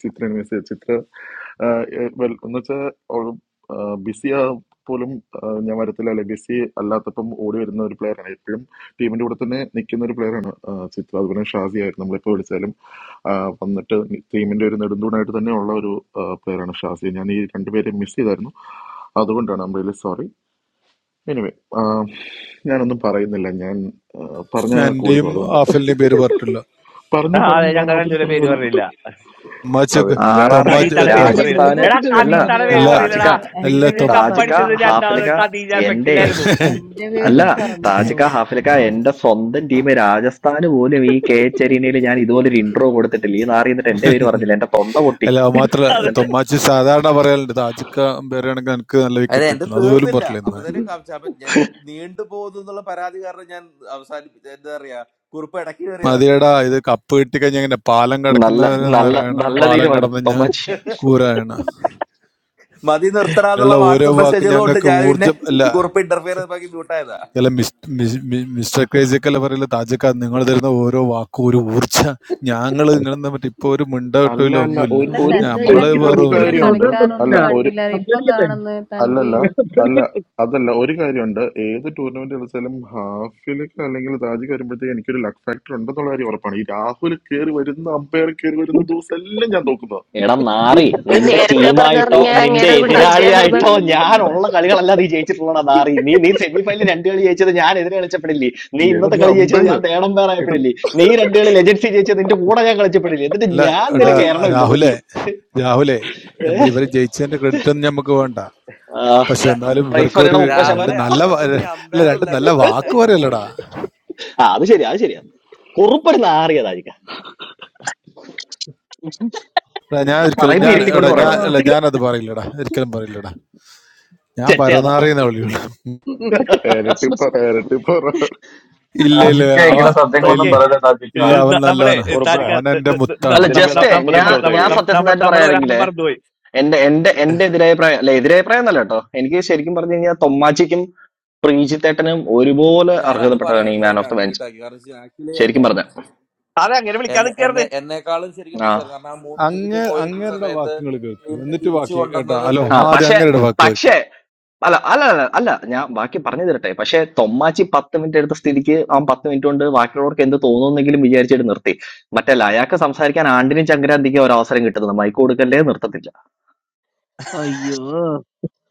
ചിത്രയാണ് മിസ് ചെയ്തു ചിത്ര ഏഹ്, ഏഹ്, well, എന്ന് വെച്ചാൽ ബിസി ആ പോലും ഏഹ്, ഞാൻ വരത്തില്ല അല്ലെ ബിസി അല്ലാത്തപ്പം ഓടി വരുന്ന ഒരു പ്ലെയറാണ് എപ്പോഴും ടീമിന്റെ കൂടെ തന്നെ നിൽക്കുന്ന ഒരു പ്ലെയറാണ് ചിത്ര അതുപോലെ ഷാസി ആയിരുന്നു നമ്മളിപ്പോൾ വിളിച്ചാലും ഏഹ്, വന്നിട്ട് ടീമിന്റെ ഒരു നെടുന്തൂണായിട്ട് തന്നെ ഉള്ള ഒരു പ്ലെയറാണ് ഷാസി ഞാൻ ഈ രണ്ടുപേരെ മിസ് ചെയ്തായിരുന്നു അതുകൊണ്ടാണ് ഐ റിയലി സോറി എനിവേ ഞാനൊന്നും പറയുന്നില്ല ഞാൻ പറഞ്ഞ കൂടി
എന്റെയും
പോകും അതുകൊണ്ട്
ആഫലിന്റെയും പേര് പറഞ്ഞിട്ടില്ല
ആ,
പറഞ്ഞു പറഞ്ഞു
അതെ
ഞാൻ
ഞങ്ങൾ
ആദ്യം
രണ്ടുപേരും
പറഞ്ഞു
പേര്
വരുന്നു
പറയില്ല
അതെ
അമ്മാച്ചക്ക്
ആർ
ഞാൻ
ആറിനെ
എടാ
തൊമ്മാച്ച്
കതീത്തട
തൊ
പേരും
കുറുപ്പജി
പറയില്ല
രാജസ്ഥാന്
എടാ
ഭൂതത്തിന്റെ പേര്
അല്ല
കതീത്തട
പറഞ്ഞില്ലടാ
പേര്
എല്ലാ
താജിക്ക
പറയില്ലടാ നിങ്ങ
എന്റെ
എല്ലാ
നിങ്ങൾ
തൊമ്മ
പേരും
താജിക്ക
കപ്പടിച്ചത്
പറഞ്ഞില്ല കുറുപ്പേ
രണ്ടാമത്
ഹാഫിലിക്ക
കതീജ
എന്റെ
എഫക്റ്റിലായിരുന്നു
എന്റെ
അല്ല
പേരും
*laughs*
പറഞ്ഞില്ല
താജിക്ക
കുറുപ്പേ
ഹാഫിലിക്ക എന്റെ സ്വന്തം ടീം രാജസ്ഥാന് പോലും ഈ കെ എച്ച് അരീനയിൽ ഞാൻ ഇതുപോലെ ഒരു ഇന്റർവ്യൂ കൊടുത്തിട്ടില്ല ഈ നാറി എന്നിട്ട് എന്റെ പേര് പറഞ്ഞില്ല എന്റെ തൊണ്ട പൊട്ടി
അല്ല അത് മാത്രല്ല
അതെ
എന്നിട്ട്
തൊമ്മാച്ചി സാധാരണ പറയാറുണ്ട് താജിക്ക പേരാണെങ്കിൽ എനിക്ക് നല്ല
അതെ
വിക്കറ്റ്
എന്റെ
കിട്ടുന്നു അതുപോലും
തീർന്നില്ല അപ്പൊ
പറഞ്ഞില്ല
തന്നെ കാപ്ചാപ്പൻ എന്റെ നീണ്ടു പോകുന്നു എന്നുള്ള പരാതി കാരണം ഞാൻ അവസാനിപ്പിച്ച എന്താ പറയാ കുറിപ്പ് ഇടയ്ക്ക് കയറിയതാണ്
മതിയെടാ ഇത് കപ്പ് കിട്ടിക്കഴിഞ്ഞാൽ ഇങ്ങനെ പാലം
നല്ല
കടക്കുന്നവര്
നല്ല
നാരായണ
നല്ല
പാലം
തീരുമാനം
കടന്ന് ഞാൻ
തൊമ്മച്ചി
*laughs*
കൂരായണ
മതി നിർത്തണന്നുള്ള
നിങ്ങളുടെ ഓരോ
വാട്സപ്പ്
വാക്കും
മെസ്സേജുകൾ കൊണ്ട്
ഞങ്ങൾക്ക്
ഞാൻ പിന്നെ
ഊർജം അല്ല
കുറിപ്പ് ഇന്റർഫിയർ ബാക്കി മ്യൂട്ടായതാ
അല്ല മിസ്- മിസ്- മി- മിസ്റ്റർ ക്രേസിയൊക്കെ പറയില്ല താജക്ക നിങ്ങൾ തരുന്ന ഓരോ വാക്കും ഒരു ഊർജ ഞങ്ങൾ നിങ്ങളെന്താ പറ്റും ഇപ്പൊ ഒരു മിണ്ട
അല്ല
കിട്ടൂല
അല്ല
ഒന്നുമില്ല
ഒരു
അല്ല
ഒരു
ആദ്യത്തെ
അല്ല
തൻവിനെ
നമ്മള്
എനിക്ക്
ഒരു
വേറെ ഒരു-
ഗ്രൂപ്പിലും
സംസാരിക്കാൻ
കാര്യമുണ്ട്
അവസരം തന്നില്ല
അല്ല
കളിക്കാനൊന്നും
ഒരു
കണ്ടില്ല ഇപ്പം
സംസാരിക്കട്ടെ
കാണുന്നത് തൻവി
അല്ലല്ല
*laughs* ഞാൻ
അല്ല
സംസാരിക്കട്ടെ
അതല്ല ഒരു കാര്യമുണ്ട് ഏത് ടൂർണമെന്റ് കളിച്ചാലും ഹാഫിലേക്ക് അല്ലെങ്കിൽ താജിക്ക് വരുമ്പോഴത്തേക്ക് എനിക്കൊരു ലക്ക് ഫാക്ടർ ഉണ്ടെന്നുള്ള കാര്യം ഉറപ്പാണ് ഈ രാഹുൽ കയറി വരുന്ന അമ്പയർ കയറി വരുന്ന ദിവസം എല്ലാം ഞാൻ തോക്കുന്നത്
എടാ നാറി
ഇത്
നിന്റെ
നേരത്തെ
ടീമായിട്ടോ
പറഞ്ഞാർന്നെങ്കിൽ ഞാൻ
നിന്റെ
അങ്ങേരത് പിടിച്ച് നിർത്തിയായിരുന്നു
എതിരാളിയായിട്ടോ
തീർന്നതാ
ഞാനുള്ള കളികളല്ല നീ ജയിച്ചിട്ടുള്ളടാ നാറി നീ നീ സെമി ഫൈനലിൽ രണ്ട് കളി ജയിച്ചത് ഞാൻ എതിരെ കളിച്ചപ്പെടില്ലേ നീ ഇന്നത്തെ
ഏത്
കളി ജയിച്ചത്
അമ്പയർ
ഞാൻ തേടം പേറായപ്പെടില്ലേ നീ രണ്ട് കളി ലെജൻസി ജയിച്ചത് നിന്റെ കൂടെ ഞാൻ കളിച്ചപ്പെടില്ലേ എന്നിട്ട്
അല്ല
ഞാൻ
എടാ
നിനക്ക്
രാഹുലേ
ഏറണമില്ലതല്ലേ
രാഹുലേ നമ്മൾ ഇവര് ജയിച്ചതിന്റെ ക്രെഡിറ്റ് ഒന്നും നമുക്ക് വേണ്ട പക്ഷെ
രാ-
എന്നാലും
പ്രൈസ്
ഇവർക്ക്
പറയണ
ഒരു
മുപ്പത്
രണ്ട്
രാഹുലെ
ശതമാനം
നല്ല
അവിടെ
വാ-
ഒന്നും നീ
അല്ല
അമ്പയർ
രണ്ട് നല്ല
അല്ലായിരുന്നു അതാണ്
വാക്ക്
അതിന്റെ
പറയല്ലടാ
പോയിന്റ്
ആ അത് ശരി അത് ശരിയാ കുറുപ്പൊരു നാറിയതായിരിക്കാം
എടാ, ഞാൻ ഒരിക്കലും
പറയുമ്പോ
ഞാൻ എടാ
ഇരുത്തിക്കൊണ്ട്
അയ്യോ
ഞാൻ
പറയണമല്ലോ
അല്ല ഞാനത് പറയില്ലടാ ഒരിക്കലും പറയില്ലടാ ഞാൻ
ചെറ്റയാണോ
പരന്നാറിയെന്ന വിളിയുള്ളൂ
ഇരട്ടിപ്പറ ഇരട്ടിപ്പറ
ഇല്ല ഇല്ല
റാജിക്ക
അവ
ഇങ്ങനെ സത്യങ്ങളൊന്നും
ഓക്കെ
ഇല്ല
പറയല റാജിക്ക.
ഇല്ല അവൻ
ന- നമ്മളെ
നല്ലവനാ
ഉറപ്പ്
താരിക
അവൻ എന്റെ മുത്താണ്
അല്ല
നമ്മള്
ഇതിലും ഏതാ
ജസ്റ്റ്
കപ്പ് തിരിച്ചു
ഞാൻ
നമ്മള്
ഞാൻ
കൊടുത്തേക്ക്
നമ്മള്
സത്യസന്ധമായിട്ട്
നമ്മള്
പറയാനെങ്കിൽ
ഒരാളെ മറന്നുപോയി
എന്റെ എന്റെ എന്റെ എതിരഭിപ്രായം അല്ല എതിരഭിപ്രായം എന്നല്ല കേട്ടോ എനിക്ക് ശരിക്കും പറഞ്ഞു കഴിഞ്ഞാൽ തൊമ്മാച്ചിക്കും പ്രീജിത്തേട്ടനും ഒരുപോലെ
ഞാൻ അത് പറയാൻ
അർഹതപ്പെട്ടതാണ് ഈ മാൻ
വേണ്ടി
ഓഫ് ദ ബെഞ്ച്
അൺമ്യൂട്ട് ആക്കി കാരണം ആക്ച്വലി
ശരിക്കും
എന്നെ
പറഞ്ഞ
അതെ അങ്ങനെ വിളിക്കാൻ
എന്നെ
നിൽക്കരുത്
എന്നെ എന്നെക്കാളും ശരിക്കും
ആ
ഡിസേർവ് കാരണം ആ മൂന്ന്
അങ്ങ
വിക്കറ്റ് പോയിരിക്കുന്ന
അങ്ങരുടെ
സമയത്ത്
വാക്കുകൾ കേൾക്ക്
ടീമിനെ
എന്നിട്ട്
തിരിച്ചു
ബാക്കി കേട്ടോ
കൊണ്ടുവന്നത്
ഹലോ
ആ
പ്രീതാണ്
ആദ്യം
പക്ഷെ
അങ്ങരുടെ വാക്ക്
പക്ഷേ അല്ല അല്ല അല്ല അല്ല ഞാൻ ബാക്കി പറഞ്ഞു തരട്ടെ പക്ഷെ തൊമ്മാച്ചി പത്ത് മിനിറ്റ് എടുത്ത സ്ഥിതിക്ക് ആ പത്ത് മിനിറ്റ് കൊണ്ട് ബാക്കിയുള്ളവർക്ക് എന്ത് തോന്നുന്നെങ്കിലും വിചാരിച്ചിട്ട് നിർത്തി മറ്റല്ല അയാൾക്ക് സംസാരിക്കാൻ ആണ്ടിനും ചങ്കരാന്തിക്കും ഒരു അവസരം കിട്ടുന്നത് മൈക്ക് കൊടുക്കല്ലേ നിർത്തത്തില്ല
അയ്യോ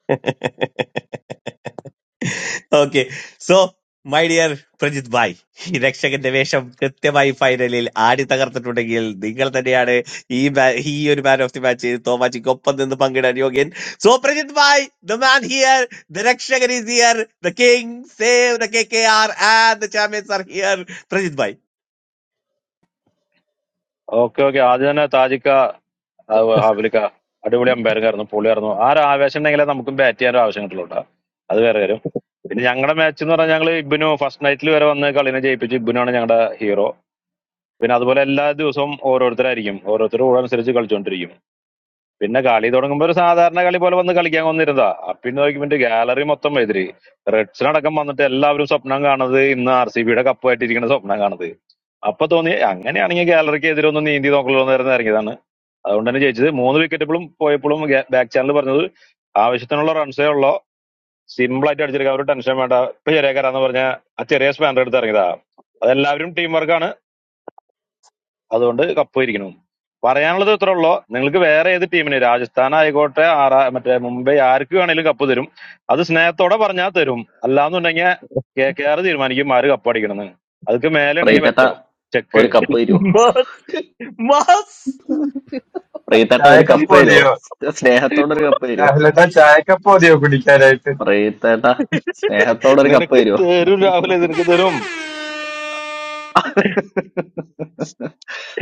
*laughs* okay so my dear Prajith bhai ഈ രക്ഷകന്റെ വേഷം കൃത്യമായി ഫൈനലിൽ ആടി തകർത്തിട്ടുണ്ടെങ്കിൽ നിങ്ങൾ തന്നെയാണ് ഈ ma- ഈ ഒരു മാൻ ഓഫ് ദി മാച്ച് തോമാച്ചിക്ക് ഒപ്പം നിന്ന് പങ്കിടാൻ യോഗ്യൻ so Prajith bhai the man here the രക്ഷകൻ is here the king save the K K R and the champions are here Prajith bhai
okay okay ആദ്യം തന്നെ താജിക്ക ആ, ഹാഫിലിക്ക അടിപൊളി അമ്പയർക്കായിരുന്നു പൊളിയായിരുന്നു ആ ഒരു ആവേശം ഉണ്ടെങ്കിലേ നമുക്കും ബാറ്റ് ചെയ്യാൻ ഒരു ആവശ്യം കിട്ടുള്ളൂ ട്ടോ. അത് വേറെ കാര്യം പിന്നെ ഞങ്ങളുടെ മാച്ച് എന്ന് പറഞ്ഞാൽ ഞങ്ങൾ ഇബിനു ഫസ്റ്റ് നൈറ്റിൽ വരെ വന്ന് കളിനെ ജയിപ്പിച്ച് ഇബിനുവാണ് ഞങ്ങളുടെ ഹീറോ പിന്നെ അതുപോലെ എല്ലാ ദിവസവും ഓരോരുത്തരായിരിക്കും ഓരോരുത്തരുടെ കൂടെ അനുസരിച്ച് കളിച്ചുകൊണ്ടിരിക്കും പിന്നെ കളി തുടങ്ങുമ്പോ ഒരു സാധാരണ കളി പോലെ വന്ന് കളിക്കാൻ വന്നിരുന്നതാ അപ്പൊ പിന്നെ നോക്കിയപ്പോ ഗാലറി മൊത്തം എതിരി റെഡ്സിനടക്കം വന്നിട്ട് എല്ലാവരും സ്വപ്നം കാണുന്നത് ഇന്ന് ആർ സി ബിയുടെ കപ്പായിട്ടിരിക്കുന്ന സ്വപ്നം കാണുന്നത് അപ്പൊ തോന്നി അങ്ങനെയാണെങ്കിൽ ഗാലറിക്ക് എതിരൊന്നും നീന്തി നോക്കലോ നേരം ഇറങ്ങിയതാണ് അതുകൊണ്ട് തന്നെ ജയിച്ചത് മൂന്ന് വിക്കറ്റ് ഇപ്പോഴും പോയപ്പോഴും ബാക്ക് ചാനൽ പറഞ്ഞത് ആവശ്യത്തിനുള്ള റൺസേ ഉള്ളോ സിമ്പിൾ ആയിട്ട് അടിച്ചെടുക്കാം ഒരു ടെൻഷൻ വേണ്ട ഇപ്പൊ ചെറിയ കരാന്ന് പറഞ്ഞ ആ ചെറിയ സ്പാനർ എടുത്ത് ഇറങ്ങിയതാ അതെല്ലാവരും ടീം വർക്കാണ് അതുകൊണ്ട് കപ്പ് ഇരിക്കണു പറയാനുള്ളത് ഇത്രേ ഉള്ളൂ നിങ്ങൾക്ക് വേറെ ഏത് ടീമിന് രാജസ്ഥാൻ ആയിക്കോട്ടെ ആറാ മറ്റേ മുംബൈ ആർക്ക് വേണേലും കപ്പ് തരും അത് സ്നേഹത്തോടെ പറഞ്ഞാൽ തരും അല്ലാന്നുണ്ടെങ്കിൽ കെ കെ ആർ തീരുമാനിക്കും ആര് കപ്പ് അടിക്കണമെന്ന് അതൊക്കെ മേലെ ഉണ്ടെങ്കിൽ
പ്രീതേട്ട
വെച്ചോ ചെക്ക്
ഒരു കപ്പ് തരുമോ
മാസ് മാസ്.
പ്രീതേട്ട ഒരു
ചായക്കപ്പ്
കപ്പ് തരുമോ
മതിയോ
സ്നേഹത്തോടെ ഒരു കപ്പ് തരുമോ
രാഹുലേട്ടാ? ചായക്കപ്പ് മതിയോ കുടിക്കാനായിട്ട്?
റീത്തേട്ടാ സ്നേഹത്തോടെ ഒരു കപ്പ്
നിനക്ക്
തരുവോ
തരും രാഹുലെ നിനക്ക് തരും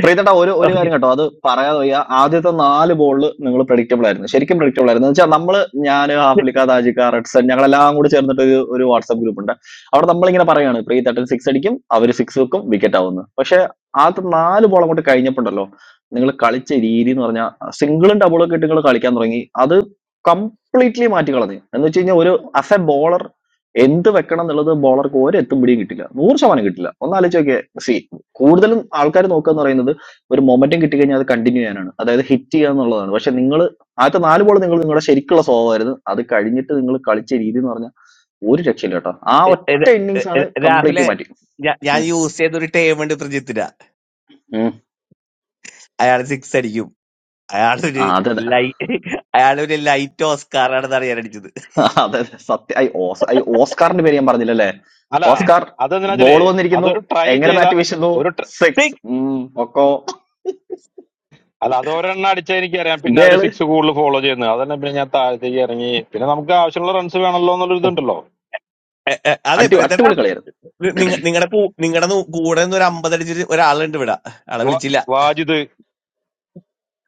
പ്രീതട്ട ഒരു ഒരു
ഓക്കെ,
കാര്യം കേട്ടോ അത് പറയാതെ വയ്യ ആദ്യത്തെ നാല് ബോളിൽ നിങ്ങൾ പ്രഡിക്റ്റബിൾ ആയിരുന്നു ശരിക്കും പ്രഡിക്റ്റബിൾ ആയിരുന്നു എന്ന് വെച്ചാൽ നമ്മള് ഞാൻ ഹാഫ്ലിക്ക താജിക്ക റെഡ്സൺ ഞങ്ങളെല്ലാം കൂടി ചേർന്നിട്ട് ഒരു ഒരു വാട്സ്ആപ്പ് ഗ്രൂപ്പ് ഉണ്ട് അവിടെ നമ്മളിങ്ങനെ പറയാണ് പ്രീതട്ടൻ സിക്സ് അടിക്കും അവർ സിക്സ് വെക്കും വിക്കറ്റ് ആവുന്നു പക്ഷെ ആദ്യത്തെ നാല് ബോൾ അങ്ങോട്ട് കഴിഞ്ഞപ്പോണ്ടല്ലോ നിങ്ങൾ കളിച്ച രീതി എന്ന് പറഞ്ഞാൽ സിംഗിളും ഡബിളും ഒക്കെ ഇട്ട് നിങ്ങൾ കളിക്കാൻ തുടങ്ങി അത് കംപ്ലീറ്റ്ലി മാറ്റി കളഞ്ഞു എന്ന് വെച്ച് കഴിഞ്ഞാൽ ഒരു അസ് എ ബോളർ എന്ത് വെക്കണം എന്നുള്ളത് ബോളർക്ക് ഒരു എത്തും പിടിയും കിട്ടില്ല നൂറ് ശതമാനം കിട്ടില്ല ഒന്നാലോചിച്ച് നോക്കിയേ സി കൂടുതലും ആൾക്കാർ നോക്കുക എന്ന് പറയുന്നത് ഒരു മൊമെന്റം കിട്ടിക്കഴിഞ്ഞാൽ അത് കണ്ടിന്യൂ ചെയ്യാനാണ് അതായത് ഹിറ്റ് ചെയ്യുക എന്നുള്ളതാണ് പക്ഷെ നിങ്ങൾ ആദ്യത്തെ നാല് ബോൾ നിങ്ങൾ നിങ്ങളുടെ ശരിക്കുള്ള സ്വഭാവമായിരുന്നു അത് കഴിഞ്ഞിട്ട് നിങ്ങൾ കളിച്ച രീതി എന്ന് പറഞ്ഞാൽ ഒരു രക്ഷയില്ല കേട്ടോ ആ ഒറ്റ ഇന്നിങ്സ് ആണ് കംപ്ലീറ്റ്
രാഹുലെ
മാറ്റി
ഞാ- ഞാൻ
ഉം,
യൂസ് ചെയ്തൊരു ടേം ഉണ്ട് പ്രജിത്തിന്
ഉം.
അയാൾ സിക്സ് അടിക്കും
ആ,
അയാളൊരു
അതെ അതെ
ലൈ അയാളൊരു ലൈറ്റ് ഓസ്കാറാണെന്നാണ് ഞാൻ അടിച്ചത്
*laughs* അതെ അതെ. സത്യം ഐ ഓസ് ഐ ഓസ്കാറിന്റെ പേര് ഞാൻ പറഞ്ഞില്ലല്ലേ
അല്ല
ഓസ്കാർ
അതെന്തിനാച്ചാലേ
ബോൾ വന്നിരിക്കുന്നു
അതൊരു ട്രൈ
എങ്ങനെ
ചെയ്ത
ബാറ്റ് വീശുന്നു
ഒരു tr-
സിക്സ്
സിക്സ്
ഒക്കോ
അല്ല അതൊരെണ്ണം അടിച്ചാൽ എനിക്കറിയാം പിന്നെ അവര്
ഇതേള്
സിക്സ് കൂടുതൽ ഫോളോ ചെയ്യുന്നത് അതന്നെ പിന്നെ ഞാൻ താഴത്തേക്ക് ഇറങ്ങി പിന്നെ നമുക്ക് ആവശ്യമുള്ള റൺസ് വേണമല്ലോ എന്നുള്ളൊരു ഇതുണ്ടല്ലോ
അതെ
അടി
പ്രതേട്ടാ
അടിപൊളി കളിയായിരുന്നു
നിങ്ങളുടെ നിങ്ങളുടെ കൂടെ നിന്ന് ഒരു അമ്പത് അടിച്ചൊരു ഒരാളുണ്ട് ഇവിടെ ആളെ
വാ-
വിളിച്ചില്ല
Wajid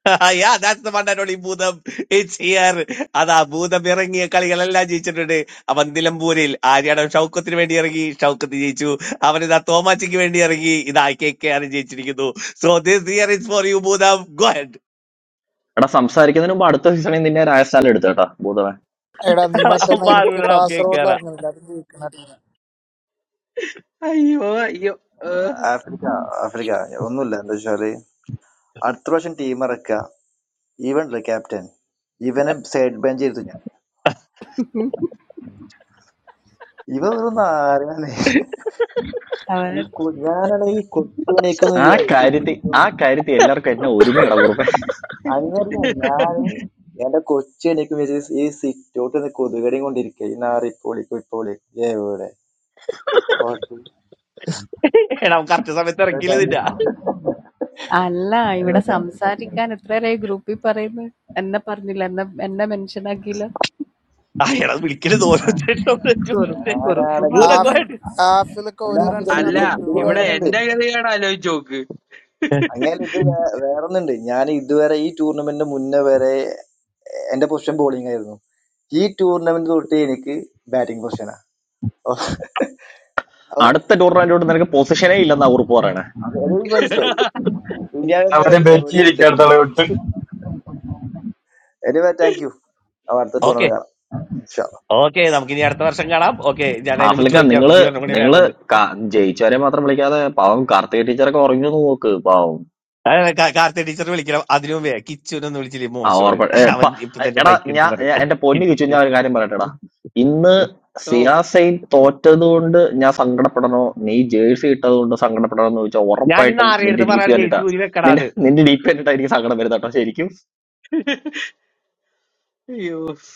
*laughs* Yeah, that's the one and only ഭൂതം. It's here. അതാ ഭൂതം ഇറങ്ങിയ കളികളെല്ലാം ജയിച്ചിട്ടുണ്ട് അവൻ നിലമ്പൂരിൽ ആര്യാടം ഷൗക്കത്തിന് വേണ്ടി ഇറങ്ങി ഷൗക്കത്ത് ജയിച്ചു അവനിതാ തോമാച്ചിക്ക് വേണ്ടി ഇറങ്ങി ഇതാ കെ കെ ആർ ജയിച്ചിരിക്കുന്നു so this year is for you ഭൂതം ഗോഡ്
എടാ സംസാരിക്കുന്നതിന് മുമ്പ് അടുത്ത സീസണിൽ നിന്നെ രാജസ്ഥാനിൽ എടുത്തു കേട്ടോ ഭൂതവൻ
എടാ നീ മറ്റന്നാ എനിക്ക്
മാറൂലടാ കെ കെ
കാസർഗോഡിൽ
ആർ *laughs*
ഇറങ്ങുന്നില്ല അത് ജയിക്കണ
അയ്യോ അയ്യോ ഏ,
Africa, Africa. And also, Arturo Schon teamerakka. Even the captain. Even a sad bencher too, man. Even a naari, man.
അവനെ
You go. I am not going to go to any
ആ
country. I am going
കാര്യത്തിൽ
to go.
ആ കാര്യത്തിൽ എല്ലാവർക്കും എന്നെ ഒരുമയടാ കുറുപ്പേ
I am going to go. I am going to go to any country. I am going to go. I am going to
എടാ correct സമയത്ത് ഇറക്കിയില്ല
അല്ല ഇവിടെ
go to any country.
സംസാരിക്കാൻ എത്രേരായി ഗ്രൂപ്പിൽ പറയുന്നു എന്നെ പറഞ്ഞില്ല എന്നെ എന്നെ മെൻഷനാക്കിയില്ല
ആ എടാ വിളിക്കരുത്
Yeah,
കുറി
yeah,
ഓരോരുത്തരുടെ
na na
കുറിപ്പ്
na.
മറന്ന്
ഭൂതക്കോട്ട്
ആഫിലൊക്കെ
And
ഒരു
that's it. Do
റൺസിനാ
അല്ല
do do
തൊപ്പി പോയി
ഇവിടെ
എന്റെ
എന്റെ
do.
ഗതികേട് ആലോചിച്ച് നോക്ക്
I don't understand. I don't understand. Where where are we? I'm doing a tour. I'm going to play in the first position. I'm going to play in
അടുത്ത ടൂർണമെന്റിലോട്ട് നിനക്ക് പൊസിഷനേ ഇല്ലെന്നാ ഉറപ്പ് പറയണേ
അവരെ
the second position.
ബെറ്റിയിരിക്കാത്തോളം വിട്ട്
Anyway, thank you. I'm going to play in the first
okay
position. Shalom.
Okay നമുക്ക് ഇനി അടുത്ത വർഷം കാണാം ഓക്കെ ഞാൻ അതിന് മുമ്പ്
ഹാഫിലൊക്കെ
ചോദിക്കാം
നിങ്ങള്
ഇനി ഒരെണ്ണം കൂടി
നിങ്ങള്
വേണമെന്ന്
ക- ജയിച്ചവരെ മാത്രം വിളിക്കാതെ പാവം കാർത്തിക ടീച്ചറൊക്കെ ഉറങ്ങി എന്ന് നോക്ക് പാവം
അതെ, കാ- കാർത്തി ടീച്ചർ വിളിക്കണം അതിനു മുമ്പേ കിച്ചുനൊന്ന് വിളിച്ചില്ലേ
ആ
മോശമാണ്
ഓർപ്പ ഏ,
അവൻ
പ-
ഇപ്പൊ തന്നെ
എടാ
ബൈക്ക് എടുത്ത്
ഞാൻ
പറയും
ഞാൻ- എന്റെ പൊന്നു ചോദിച്ചു ഞാൻ ഒരു കാര്യം പറയട്ടെടാ ഇന്ന്
ഓ
സിയാസൈൻ തോറ്റത് കൊണ്ട് ഞാൻ സങ്കടപ്പെടണോ നീ ജേഴ്സി ഇട്ടത് കൊണ്ട് സങ്കടപ്പെടണോ എന്ന് ചോദിച്ചാൽ
ഞാൻ ഇന്ന്
ഉറപ്പായിട്ടും നിന്റെ
ആരെടുത്ത്
ഡി പി
പറയാണ്
കണ്ടിട്ടാ
ജയിച്ചു ഊരി
നിന്റെ
വെക്കടാന്ന്
നിന്റെ ഡി പി കണ്ടിട്ടാ എനിക്ക് സങ്കടം വരുന്ന കേട്ടോ ശരിക്കും
അയ്യോ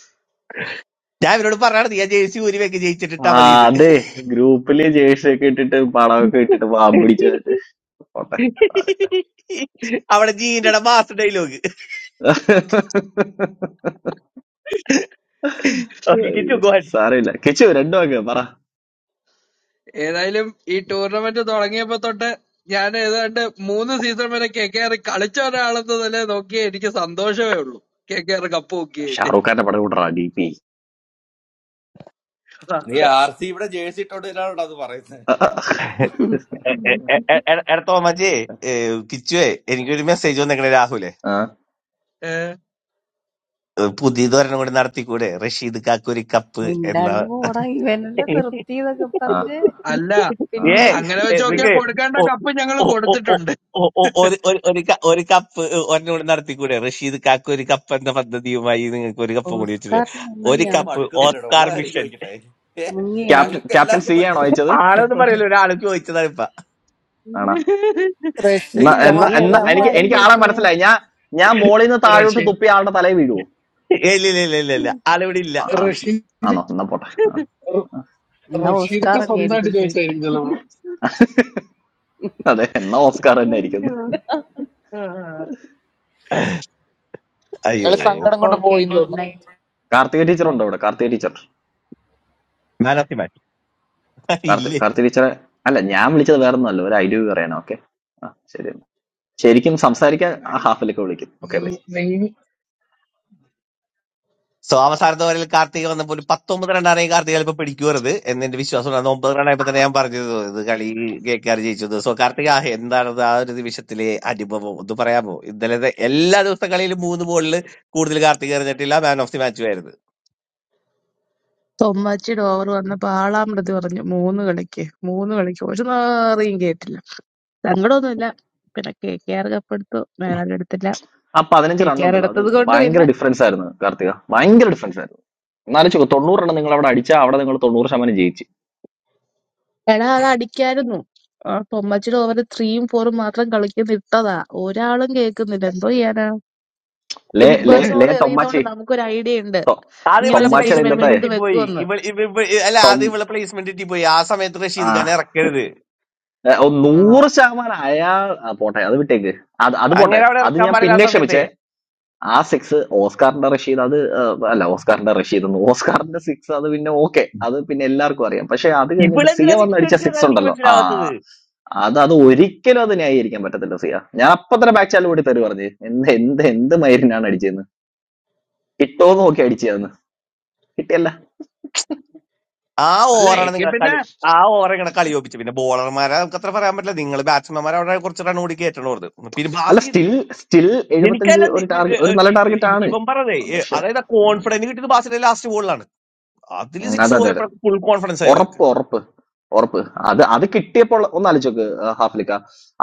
ഞാൻ ഇവരോട് പറയാണ് നീ ആ ജയിച്ചു ഊരി വെക്ക് ജയിച്ചിട്ടിട്ടാ
ആ
മതി ഇത്
അതെ ഗ്രൂപ്പില് ജേഴ്സി ഒക്കെ ഇട്ടിട്ട് പടമൊക്കെ ഇട്ടിട്ട് പാമ്പിടിച്ച് പോട്ടെ
അവിടെ ജീൻ്റെ മാസ് ഡയലോഗ് ഓക്കെ കിച്ചു
ഏയ്
ഗോഹൻ
സാരമില്ല കിച്ചു രണ്ടു വാക്ക് പറ
ഏതായാലും ഈ ടൂർണമെന്റ് തുടങ്ങിയപ്പോ തൊട്ട് ഞാൻ ഏതാണ്ട് മൂന്ന് സീസൺ വരെ കെ കെ ആർ കളിച്ച ഒരാളെന്ന നില നോക്കിയേ എനിക്ക് സന്തോഷമേ ഉള്ളൂ കെ കെ ആർ കപ്പ് നോക്കിയതില്
ഷാറൂഖ് ഖാന്റെ പടം കൂട്ടറാ ഡി പി
നീ ആർ സി ഇവിടെ ജേഴ്സി ഇട്ടോണ്ട് ഇല്ലാണോ അത് പറയുന്നത്
ആ,
എ- എ- എ- എ- എ- എടാ തോമാജി കിച്ചുവേ എനിക്കൊരു മെസ്സേജ് വന്നേക്കണേ രാഹുലെ
ആ, ആ
ഏ,
ഏ, പുതിയതൊരെണ്ണം കൂടി നടത്തിക്കൂടെ റഷീദ് കാക്കൂരി കപ്പ് എന്ന
മിണ്ടാണ്ട് പോടാ ഇവനല്ലേ നിർത്തിയതൊക്കെ
ആ
പറഞ്ഞ്
അല്ല
ആ
ഏ
പിന്നെ
അങ്ങനെ വെച്ച്
ശരി.
നോക്കിയാൽ
നിക്ക്
കൊടുക്കേണ്ട കപ്പ് ഞങ്ങൾ കൊടുത്തിട്ടുണ്ട്
ഒരു ഒരു ഒരു ക- ഒരു കപ്പ് ഒരെണ്ണം കൂടി നടത്തിക്കൂടെ റഷീദ് കാക്കൂരി കപ്പ് എന്ന പദ്ധതിയുമായി നിങ്ങൾക്ക് ഒരു കപ്പ് കൂടി വെച്ചിട്ട്
ഓസ്കാർ
ഒരു
മുങ്ങിയാ
തനിക്കിത്
കപ്പ്
മടുക്കുന്നില്ലടോ ഉള്ള
ഓസ്കാർ
കാര്യം
മിഷൻ
ചോദിക്കട്ടെ ഏ
മുങ്ങിയാ
ക്യാപ്റ്റൻ
ഞങ്ങൾക്ക്
ക്യാപ്റ്റൻ
എല്ലാവർക്കും
സി ആണോ
പെടുത്തല്ലോ
അയച്ചത്
ആളൊന്നും പറയല്ലോ ഒരാള് ചോദിച്ചതാണ് ഇപ്പൊ
ആണാ എന്നാ
അയ്യോ
റഷീദ്ക്ക്
എന്നാ
അയ്യേ
മാത്രല്ല
എന്നാ
അങ്ങനെ
നമ്മളെ
എനിക്ക്
ആര്
എനിക്ക് ആളെ
കപ്പടിച്ചിട്ട്
ചോദിച്ചേ
മനസ്സിലായി
അയാള്
ഞാൻ ഞാൻ മോളിൽ നിന്ന് താഴോട്ട്
റഷീ
തുപ്പി ആളുടെ തലയിൽ വീഴുവോ
ഏ, ഇല്ല ഇല്ല ഇല്ല ഇല്ല ഇല്ല.
അയ്യോ.
ആളിവിടെ ഇല്ല
ആ, ആ.
റഷീ
ആണോ എന്നാ പോട്ടെ ആ.
റ-
എന്നാ ഓസ്കാർ
റഷീദൊക്കെ സ്വന്തമായിട്ട്
തന്നെയായിരിക്കും ചോദിച്ചേ
ചോദിച്ചായിരിക്കും ചിലപ്പോ
അതെ എന്നാ ഓസ്കാർ തന്നെ ആയിരിക്കുന്നു
ആ,
അയ്യോ
സങ്കടം
അപ്പൊ
കൊണ്ട്
ഓക്കെ
പോയി
ഗുഡ്
തോന്നുന്നു
നൈറ്റ്
കാർത്തിക ടീച്ചർ
ബൈ
ഉണ്ടോ ഇവിടെ Karthika teacher
man of the match
Karthi
ഇല്ലേ
കാർത്തിക ടീച്ചറെ അല്ല ഞാൻ വിളിച്ചത് വേറെ ഒന്നല്ല ഒരു ഐഡിയ പറയണം ഓക്കെ ആ ശരി ശരിക്കും
ആ,
സംസാരിക്കാൻ ആ
അടിപൊളി
ഹാഫിലൊക്കെ വിളിക്കും ഓക്കെ
നിങ്ങ നിങ്ങ-
സോ അവസാനത്തെ ഓവറിൽ കാർത്തിക വന്നപ്പോൾ ഒരു പത്തൊമ്പത് റണ്ണാണെങ്കിൽ കാർത്തിക ചിലപ്പോൾ പിടിക്കുവരുത് എന്നെന്റെ വിശ്വാസം അത് ഒമ്പത് റണ്ണായപ്പോൾ തന്നെ ഞാൻ പറഞ്ഞത് ഇത് കളി കേക്കാർ ജയിച്ചത് സോ കാർത്തിക ആ എന്താണത് ആ ഒരു നിമിഷത്തിലെ അനുഭവം ഒന്ന് പറയാമോ ഇന്നലത്തെ എല്ലാ ദിവസത്തെ കളിയിലും മൂന്ന് ബോളിൽ കൂടുതൽ കാർത്തിക എറിഞ്ഞിട്ടില്ല മാൻ ഓഫ് ദി മാച്ചും ആയിരുന്നു
തൊമ്മാച്ചിയുടെ ഓവർ വന്നപ്പോ ആളാമൃത് പറഞ്ഞു മൂന്ന് കളിക്ക് മൂന്ന് കളിക്ക് ഒരു നാറിയും കേട്ടില്ല സങ്കടമൊന്നുമില്ല പിന്നെ കെ കെ ആർ കപ്പെടുത്തു മേലാൽ എടുത്തില്ല
ആ പതിനഞ്ച്
കെ
റൺ
കെ ആർ
ഉണ്ടല്ലോ അത്
എടുത്തത് കൊണ്ട് പിന്നെ
ഭയങ്കര ഡിഫറൻസ് ആയിരുന്നു കാർത്തിക ഭയങ്കര ഡിഫറൻസ് ആയിരുന്നു എന്നാലും ചോ തൊണ്ണൂറ് റൺ നിങ്ങൾ അവിടെ അടിച്ചാൽ അവിടെ നിങ്ങൾ തൊണ്ണൂറ് ശതമാനം ജയിച്ചു
എടാ അത് അടിക്കായിരുന്നു ആ പൊമ്മച്ചിയുടെ ഓവർ ത്രീയും ഫോറും മാത്രം കളിക്കുന്ന ഇട്ടതാ ഒരാളും കേൾക്കുന്നില്ല എന്തോ ചെയ്യാനാ ഈ
ലേ
ബിഗ്
ലേ
ബോസ്
ലേ
ഓവർ എറിയുന്നോണ്ട്
തൊമ്മാച്ചി
നമുക്കൊരു ഐഡിയ ഉണ്ട്
തൊ-
ആദ്യം
ഇങ്ങനെ ഒരു
ഇവളുടെ
സിറ്റുവേഷൻ
തൊമ്മാച്ചിയുടെ
വരുമ്പോ
പ്ലേസ്മെന്റ്
ഇന്നത്തെ
എന്ത്
തെറ്റിപ്പോയി
വെക്കുമെന്ന്
ഇവൾ ഇവ ഇവ- അല്ല
തൊം
ആദ്യം ഇവളുടെ പ്ലേസ്മെന്റ് തെറ്റിപ്പോയി ആ സമയത്ത്
ആ
റഷീദ് ഖാനെ ഇറക്കരുത്
ഏ, ഓ,
ആ
നൂറ് ശതമാനം അയാൾ ആ, പോട്ടെ അത് വിട്ടേക്ക് അത് അത് പോട്ടെ
അങ്ങനെ അവിടെ
അത്
ഇറക്കാൻ
ഞാൻ
പാടില്ല ആ
പിന്നെ
സമയത്ത്
ക്ഷമിച്ചേ ആ സിക്സ് ഓസ്കാറിന്റെ റഷീദ് അത് ഏ, അല്ല ഓസ്കാറിന്റെ റഷീദ് എന്ന് ഓസ്കാറിന്റെ സിക്സ് അത് പിന്നെ ഓക്കെ അത് പിന്നെ എല്ലാവർക്കും അറിയാം പക്ഷെ അത് കഴിഞ്ഞിട്ട് സിയ
ഇവളെന്തിനാ
വന്ന്
സിക്സ്
അടിച്ച സിക്സ്
അടിച്ചതെന്നാണ് എനിക്ക്
ഉണ്ടല്ലോ ആ
മനസ്സിലാവാത്തത്
അത് അത് ഒരിക്കലും അത് ന്യായീകരിക്കാൻ പറ്റത്തില്ല സിയ ഞാൻ അപ്പൊ തന്നെ ബാക്ക് ചാനൽ കൂടി തരു പറഞ്ഞു എന്ത് എന്ത് എന്ത് മൈരിനാണ് അടിച്ചതെന്ന് കിട്ടോ നോക്കി അടിച്ചതെന്ന് കിട്ടിയല്ല
ആ
അല്ല
ഓവറാണ്
എങ്കിൽ
നിങ്ങളെ
പിന്നെ
കളി ആ ഓവർ ഇങ്ങനെ കളി ഒപ്പിച്ചു പിന്നെ ബോളർമാരെ നമുക്ക് അത്ര പറയാൻ പറ്റില്ല നിങ്ങൾ ബാറ്റ്സ്മാൻമാരെ അവിടെ കുറച്ച് റൺ കൂടി കയറ്റണം ഓർത്ത് പിന്നെ
അല്ല
ബാസി
സ്റ്റിൽ സ്റ്റിൽ എഴുപത്തഞ്ച്
എനിക്കല്ല
ഒരു
നി-
ടാർഗറ്റ്
ഇ-
ഒരു നല്ല
ഇ-
ടാർഗറ്റ്
ഇ-
ആണ്
ഇവൻ പറഞ്ഞേ ഏ,
പക്ഷെ
അതായത് ആ കോൺഫിഡന്റ് കിട്ടിയത് ബാസിന്റെ ലാസ്റ്റ് ബോളിലാണ് അതിൽ
ഉം, അതെ
സിക്സ്
അതെ അതെ
പോയപ്പോഴും ഫുൾ കോൺഫിഡൻസ് ആയി അവർക്ക്
ഉറപ്പ് ഉറപ്പ് ഉറപ്പ് അത് അത് കിട്ടിയപ്പോൾ ഒന്ന് ആലോചിച്ചോക്ക് ഹാഫ്ലിക്ക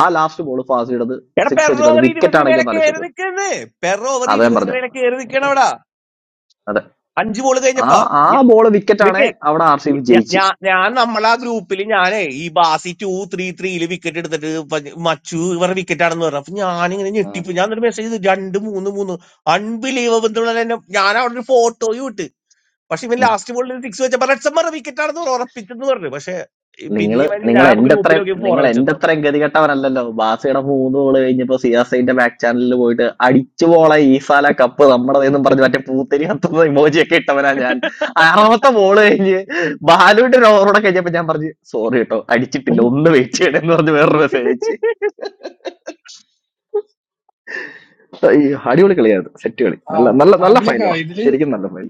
ആ ലാസ്റ്റ് ബോൾ ഫാസിയുടെ
എടാ
സിക്സ്
പെർ
വെച്ചിട്ട് അത്
ഓവർ
വിക്കറ്റ്
ഇരുപതിന്
ആണെങ്കിൽ
മേലെ
ഒന്ന്
കയറി
ആലോചിച്ചോക്ക്
നിൽക്കുന്നേ പെർ ഓവർ
അതാ ഞാൻ
ഇരുപതിന്
പറഞ്ഞത്
മേലെ കയറി നിൽക്കണം
അതെ
അവിടെ
അതെ.
അഞ്ച് ബോൾ
ആ
കഴിഞ്ഞപ്പാ
ആ ബോൾ വിക്കറ്റ് ആണേ
നിക്കേ
അവിടെ ആർ സി ബി
ഞ-
ജയിച്ച്
ഞാ ഞാൻ നമ്മളെ ആ ഗ്രൂപ്പിൽ ഞാനേ ഈ ബാസി ടു ത്രീ ത്രീയില് വിക്കറ്റ് എടുത്തിട്ട് പ- മച്ചു ഇവരുടെ വിക്കറ്റ് ആണെന്ന് പറഞ്ഞു അപ്പൊ ഞാനിങ്ങനെ
ഉം.
ഞെട്ടിപ്പ് ഞാൻ ഒരു മെസ്സേജ് ചെയ്തു രണ്ട് മൂന്ന് മൂന്ന് അൺബിലീവബിൾ എന്നുള്ള എന്നെ ഞാൻ അവിടെ ഒരു ഫോട്ടോയും ഇട്ട് പക്ഷെ ഇവൻ ലാസ്റ്റ് ബോളിൽ സിക്സ് വെച്ചപ്പോ റെഡ്സൺ പറഞ്ഞ വിക്കറ്റ് ആണെന്ന് പറഞ്ഞു, ഉറപ്പിച്ചെന്ന് പറഞ്ഞു പക്ഷെ
നിങ്ങൾ
പിന്നെ ഇവൻ
നിങ്ങൾ
ഞാൻ അപ്പൊ
എന്റെ
ഗ്രൂപ്പിൽ
അത്രയും
നോക്കി ഫോറ
നിങ്ങൾ എന്റെ
വെച്ചെന്ന്
അത്രയും ഗതികെട്ടവരല്ലല്ലോ ബാസയുടെ മൂന്ന് ഗോള് കഴിഞ്ഞപ്പോ സിയാസൈന്റെ ബാക്ക് ചാനലിൽ പോയിട്ട് അടിച്ചു പോള ഈസാല കപ്പ് നമ്മുടേതെന്നും പറഞ്ഞ് മറ്റേ പൂത്തിരി കത്തുന്ന ഇമോജിയൊക്കെ ഇട്ടവനാ ഞാൻ അറുപത്തെ ബോള് കഴിഞ്ഞ് ബാലുവിന്റെ ഒരു ഓവറോടെ കഴിഞ്ഞപ്പോ ഞാൻ പറഞ്ഞു സോറി കേട്ടോ അടിച്ചിട്ടില്ല
പറഞ്ഞു
ഒന്ന് വെയിറ്റ് ചെയ്യണമെന്ന് പറഞ്ഞ് വേറൊരു മെസ്സേജ് അയച്ച്. അയ്യോ അടിപൊളി കളിയായിരുന്നു സെറ്റ് കളി നല്ല
ആ,
നല്ല നല്ല
അവലൊക്കെ
ഫൈനലടാ
ഇതില്
ശരിക്കും നല്ല ഫൈനൽ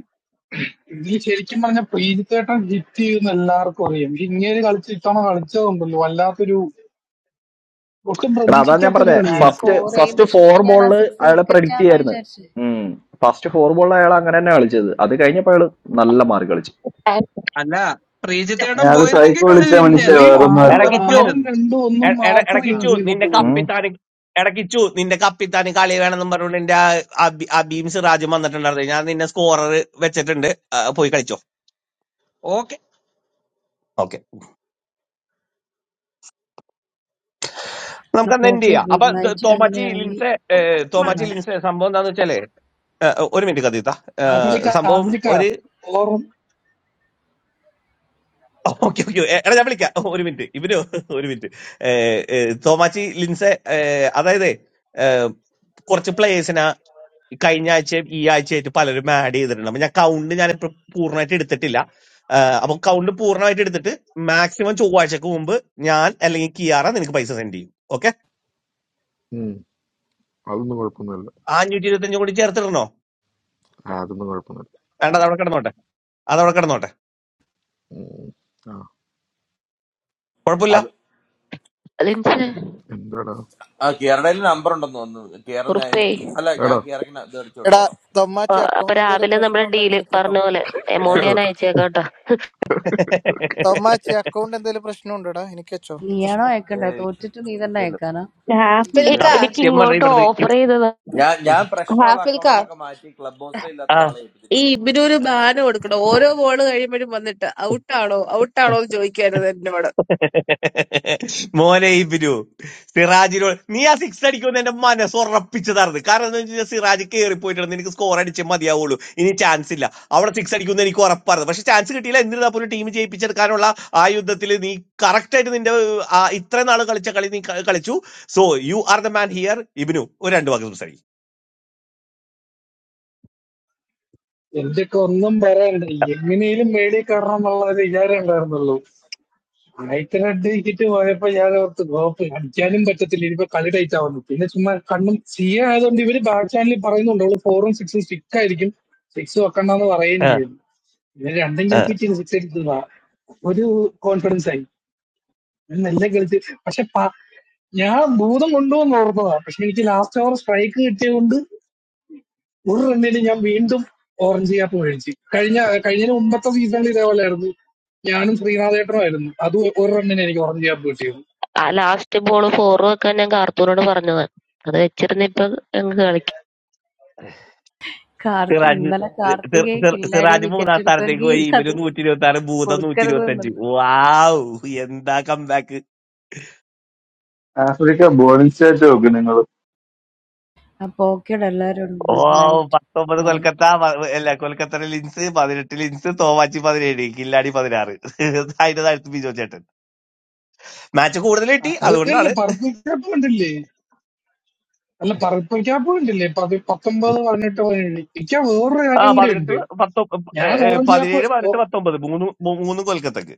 ഇതിൽ ശരിക്കും പറഞ്ഞ പ്രീതിത്തേട്ടൻ ഹിറ്റ് ചെയ്യുന്ന എല്ലാവർക്കും അറിയാം പക്ഷെ ഇങ്ങനെ കളിച്ച് ഇത്തവണ കളിച്ചതുണ്ടല്ലോ വല്ലാത്തൊരു ഒട്ടും
എടാ അതാ ഞാൻ
പ്രതീക്ഷിക്കാത്ത ഒരു
പറഞ്ഞേ
ഞാൻ
കളിയായിരിക്കും
ഫസ്റ്റ്
സ്കോർ
ഫസ്റ്റ്
ചെയ്യുമ്പോ
ഫോർ
ശരിക്കും ഞാൻ ആ
ബോളില്
സിക്സ്
അയാളെ പ്രഡിക്ട്
വിക്കറ്റാന്നാ
ചെയ്യായിരുന്നു
വിചാരിച്ചത്
ഉം ഫസ്റ്റ് ഫോർ ബോളിൽ അയാൾ അങ്ങനെ തന്നെ കളിച്ചത് അത് കഴിഞ്ഞപ്പോ അയാള് നല്ല മാറി കളിച്ചു
അല്ല ശ്രീജിത്തേടം
അയാള്
പോയിരുന്നെങ്കിൽ
സൈക്കോ
കളി
വിളിച്ച മനുഷ്യ,
തിരിഞ്ഞേനെ
പുള്ളി
വേറൊന്നും
ആറും
അത്
അല്ല.
ഇടക്കിച്ചു
ആറും
ഉറപ്പായിരുന്നു
രണ്ടും ഒന്നും മാത്രം
ആ
യൂസ്
ഇടക്കിച്ചു നിന്റെ
ചെയ്തിട്ടുള്ളൂ
ഉം.
കപ്പിത്താന് ഇടക്കിച്ചു നിന്റെ കപ്പിത്താന് കളി വേണമെന്നും പറഞ്ഞുകൊണ്ട് എന്റെ ആ അബി- അബീം സിറാജും വന്നിട്ടുണ്ടായിരുന്നു ഞാൻ നിന്നെ സ്കോറർ വെച്ചിട്ടുണ്ട് ആ, പോയി കളിച്ചോ
ഓക്കെ.
ഓക്കെ നമുക്ക്
അപ്പൊ
അന്ന് എൻഡ്
ഓക്കെ
ചെയ്യാം അപ്പൊ
ഗുഡ്
ഇത്
നൈറ്റ്
തോമാച്ചി
അങ്ങനെയാണെങ്കിൽ
ലിൻസെ ഏഹ്, തോമാച്ചി
നന്നായി.
ലിൻസെ സംഭവം എന്താന്ന് വെച്ചാലേ ഏഹ്, ഒരു മിനിറ്റ് കഥീത്ത ഏഹ്,
ആഫ്രിക്ക
സംഭവം
ആഫ്രിക്ക
ഒരു
ഓറും
ഓക്കെ ഓക്കെ എടാ ഞാൻ വിളിക്കാം ഒരു മിനിറ്റ് ഇവര് ഒരു മിനിറ്റ് ഏഹ്, ഏഹ്, തോമാച്ചി ലിൻസെ ഏഹ്, അതായത് ഏഹ്, കുറച്ച് പ്ലേയേഴ്സിനെ കഴിഞ്ഞ ആഴ്ചയും ഈ ആഴ്ചയായിട്ട് പലരും ആഡ് ചെയ്തിട്ടുണ്ട് അപ്പൊ ഞാൻ കൗണ്ട് ഞാൻ ഇപ്പൊ പൂർണ്ണമായിട്ട് എടുത്തിട്ടില്ല ഏഹ്, അപ്പൊ കൗണ്ട് പൂർണ്ണമായിട്ട് എടുത്തിട്ട് മാക്സിമം ചൊവ്വാഴ്ചക്ക് മുമ്പ് ഞാൻ അല്ലെങ്കിൽ കിയാറ നിനക്ക് പൈസ സെൻഡ് ചെയ്യും ഓക്കെ
ഉം, അതൊന്നും കുഴപ്പമൊന്നുമില്ല
ആ അഞ്ഞൂറ്റി ഇരുപത്തി അഞ്ചും കൂടി ചേർത്തിടണോ
ആ, അതൊന്നും കുഴപ്പമൊന്നുമില്ല
വേണ്ട അത് അവിടെ കിടന്നോട്ടെ അതവിടെ കിടന്നോട്ടെ
ഉം. ആ
കുഴപ്പമില്ല
അത്
അലിൻസ്
എന്താടാ
ആ കേരളയിൽ നമ്പർ ഉണ്ടെന്ന് തോന്നുന്നു കേരള ഞാൻ-
ഉറപ്പേ
അല്ല ഞാൻ
എടാ
കേരക്കിന് ഇത് അടിച്ചു
എടാ
കൊടുത്തോളാം
തൊമ്മാച്ചി
അപ്പൊ
അക്കൗണ്ട് എന്തെങ്കിലും
രാവിലെ
പ്രശ്നം
നമ്മുടെ
ഉണ്ടെങ്കിൽ
ഡീല്
എനിക്ക് കേട്ടോ
പറഞ്ഞ പോലെ
ഏ
എമൗണ്ട് ഞാൻ അയച്ചേക്കാം കേട്ടോ
തൊമ്മാച്ചി അക്കൗണ്ട് എന്തെങ്കിലും പ്രശ്നം ഉണ്ടോടാ എനിക്ക് വെച്ചോ പ്രശ്നം
നീയാണോ അയക്കണ്ടേ
ഏയ്,
തോറ്റിട്ട് നീ തന്നെ
വിഷയമില്ല
അയക്കാനാ
ഏ
ഹാഫിൽക്ക
വിഷയമില്ല
എനിക്ക്
സത്യം പറഞ്ഞ
ഇങ്ങോട്ട്
ഇവിടെ
ഓഫർ ചെയ്തത്
ഞാൻ ഞാൻ പ്രശ്നമുള്ള
ഹാഫിൽക്ക
അക്കൗണ്ടുകളൊക്കെ മാറ്റി ക്ലബ് ഹൗസിലെ ഇല്ലാത്ത
ആ
ഒരാളെ ഏൽപ്പിച്ചിട്ടുണ്ട്.
ഈ ഇബിനൊരു ബാനം കൊടുക്കണം ഓരോ ബോൾ കഴിയുമ്പോഴും വന്നിട്ട് ഔട്ടാണോ ഔട്ടാണോ എന്ന് ചോദിക്കരുത് എന്നോട്
മോനെ ഈ ബിനു സിറാജിനോട് നീ ആ സിക്സ് അടിക്കുമെന്ന് എന്റെ മനസ്സ് ഉറപ്പിച്ചതായിരുന്നു കാരണം എന്താ വെച്ചാൽ സിറാജ് കയറി പോയിട്ടുണ്ട് നിനക്ക് സ്കോർ അടിച്ചേ മതിയാവുള്ളൂ ഇനി ചാൻസ് ഇല്ല അവിടെ സിക്സ് അടിക്കുമെന്ന് എനിക്ക് ഉറപ്പായിരുന്നു പക്ഷെ ചാൻസ് കിട്ടിയില്ല എന്നിരുന്നാ പോലും ടീം ജയിപ്പിച്ചെടുക്കാനുള്ള ആ യുദ്ധത്തിൽ നീ കറക്റ്റ് ആയിട്ട് നിന്റെ ആ ഇത്രയും നാൾ കളിച്ച കളി നീ ക- കളിച്ചു so you are the man here ഇബിനു ഒരു രണ്ട് വാക്ക്
എന്തൊക്കെ ഒന്നും പറയണ്ട എങ്ങനെയും മേടി കയറണം എന്നുള്ള ഒരു വിചാരം ഉണ്ടായിരുന്നുള്ളൂ നൈറ്റ് റെഡ് ടിക്കറ്റ് പോയപ്പോ ഞാൻ ഓർത്ത് ഗോപ്പ് അടിക്കാനും പറ്റത്തില്ല ഇനിയിപ്പോ കളി ടൈറ്റ് ആവുന്നു പിന്നെ ചുമ്മാ കണ്ണും സി എ ആയതുകൊണ്ട് ഇവര് ബാക്ക് ചാനലിൽ പറയുന്നുണ്ട് അവള് ഫോറും സിക്സും സ്റ്റിക്ക് ആയിരിക്കും സിക്സ് വെക്കണ്ടെന്ന് പറയുകയും
സംസാരിക്കും
ചെയ്യുന്നു ഇവര് രണ്ടും കളിപ്പിച്ച് സിക്സ് എടുത്തതാ ഒരു കോൺഫിഡൻസ് ആയി നല്ല കളിച്ച് പക്ഷെ പ- ഞാൻ ഭൂതം കൊണ്ടുവന്ന് ഓർത്തതാ പക്ഷെ എനിക്ക് ലാസ്റ്റ് ഓവർ സ്ട്രൈക്ക് കിട്ടിയത് കൊണ്ട് ഒരു റണ്ണിന് ഞാൻ വീണ്ടും ഓറഞ്ച് ക്യാപ്പ് മേടിച്ച് കഴിഞ്ഞ കഴിഞ്ഞതിന് മുമ്പത്തെ സീസണിൽ ഇതേപോലെ ആയിരുന്നു ഞാനും ശ്രീനാഥേട്ടനുമായിരുന്നു അത് ഒരു റണ്ണിന് എനിക്ക് ഓറഞ്ച് ക്യാപ്പ് കിട്ടിയത്
ആ ലാസ്റ്റ് ബോൾ ഫോർ വെക്കാൻ ഞാൻ കാർത്തൂനോട് പറഞ്ഞത് അത് വെച്ചിരുന്നിപ്പൊ ഞങ്ങക്ക് കളിക്കും
കാർത്തി
സിറാജ്
ഇന്നലെ
സിർ-
കാർത്തികേയക്ക്
സിർ-
ഇല്ലാടി
സിറാജ് മൂന്നാം
വിക്കറ്റ്
സ്ഥാനത്തേക്ക്
എടുത്തെങ്കിൽ
പോയി ഇവര്
ഇന്നത്
നൂറ്റി ഇരുപത്തി ആറ് ഭൂതം നൂറ്റി
കൊടുക്കരുത്
ഇരുപത്തി അഞ്ച്
എന്നുള്ളത്
വാവ് എന്താ കംബാക്ക്
ആഫ്രിക്ക ബോളിംഗ് സ്റ്റേറ്റ് നോക്ക് നിങ്ങൾ.
അപ്പൊ ഓക്കേടെ എല്ലാരോടും
ഓ
ഗുഡ് നൈറ്റ്
പത്തൊമ്പത്
ബൈ
കൊൽക്കത്ത പ- അല്ല കൊൽക്കത്ത ലിൻസ് പതിനെട്ട് ലിൻസ് തോമാച്ചി പതിനേഴ് കില്ലാടി പതിനാറ് *laughs* അതിന്റെ താഴത്ത് ബിജോ ചേട്ടൻ മാച്ച് കൂടുതൽ കിട്ടി
അ- അത് കണ്ടില്ല
അതുകൊണ്ടാണ്
പർപ്പിൾ ക്യാപ്പ് കണ്ടില്ലേ അല്ല പർപ്പിൾ ക്യാപ്പ് കണ്ടില്ലേ പതി- പത്തൊമ്പത് പതിനെട്ട് പതിനേഴ് എനിക്ക് വേറൊരു
ആ
കാര്യം കൂടി
പതിനെട്ട്
ഉണ്ട്
പത്തൊ ഏ,
ഞാൻ
ഏ,
ഓറഞ്ച് ക്യാപ്പ്
പതിനേഴ് പതിനെട്ട്
ഓ-
പത്തൊമ്പത് മൂന്ന് മൂ- മൂന്നും കൊൽക്കത്തക്ക്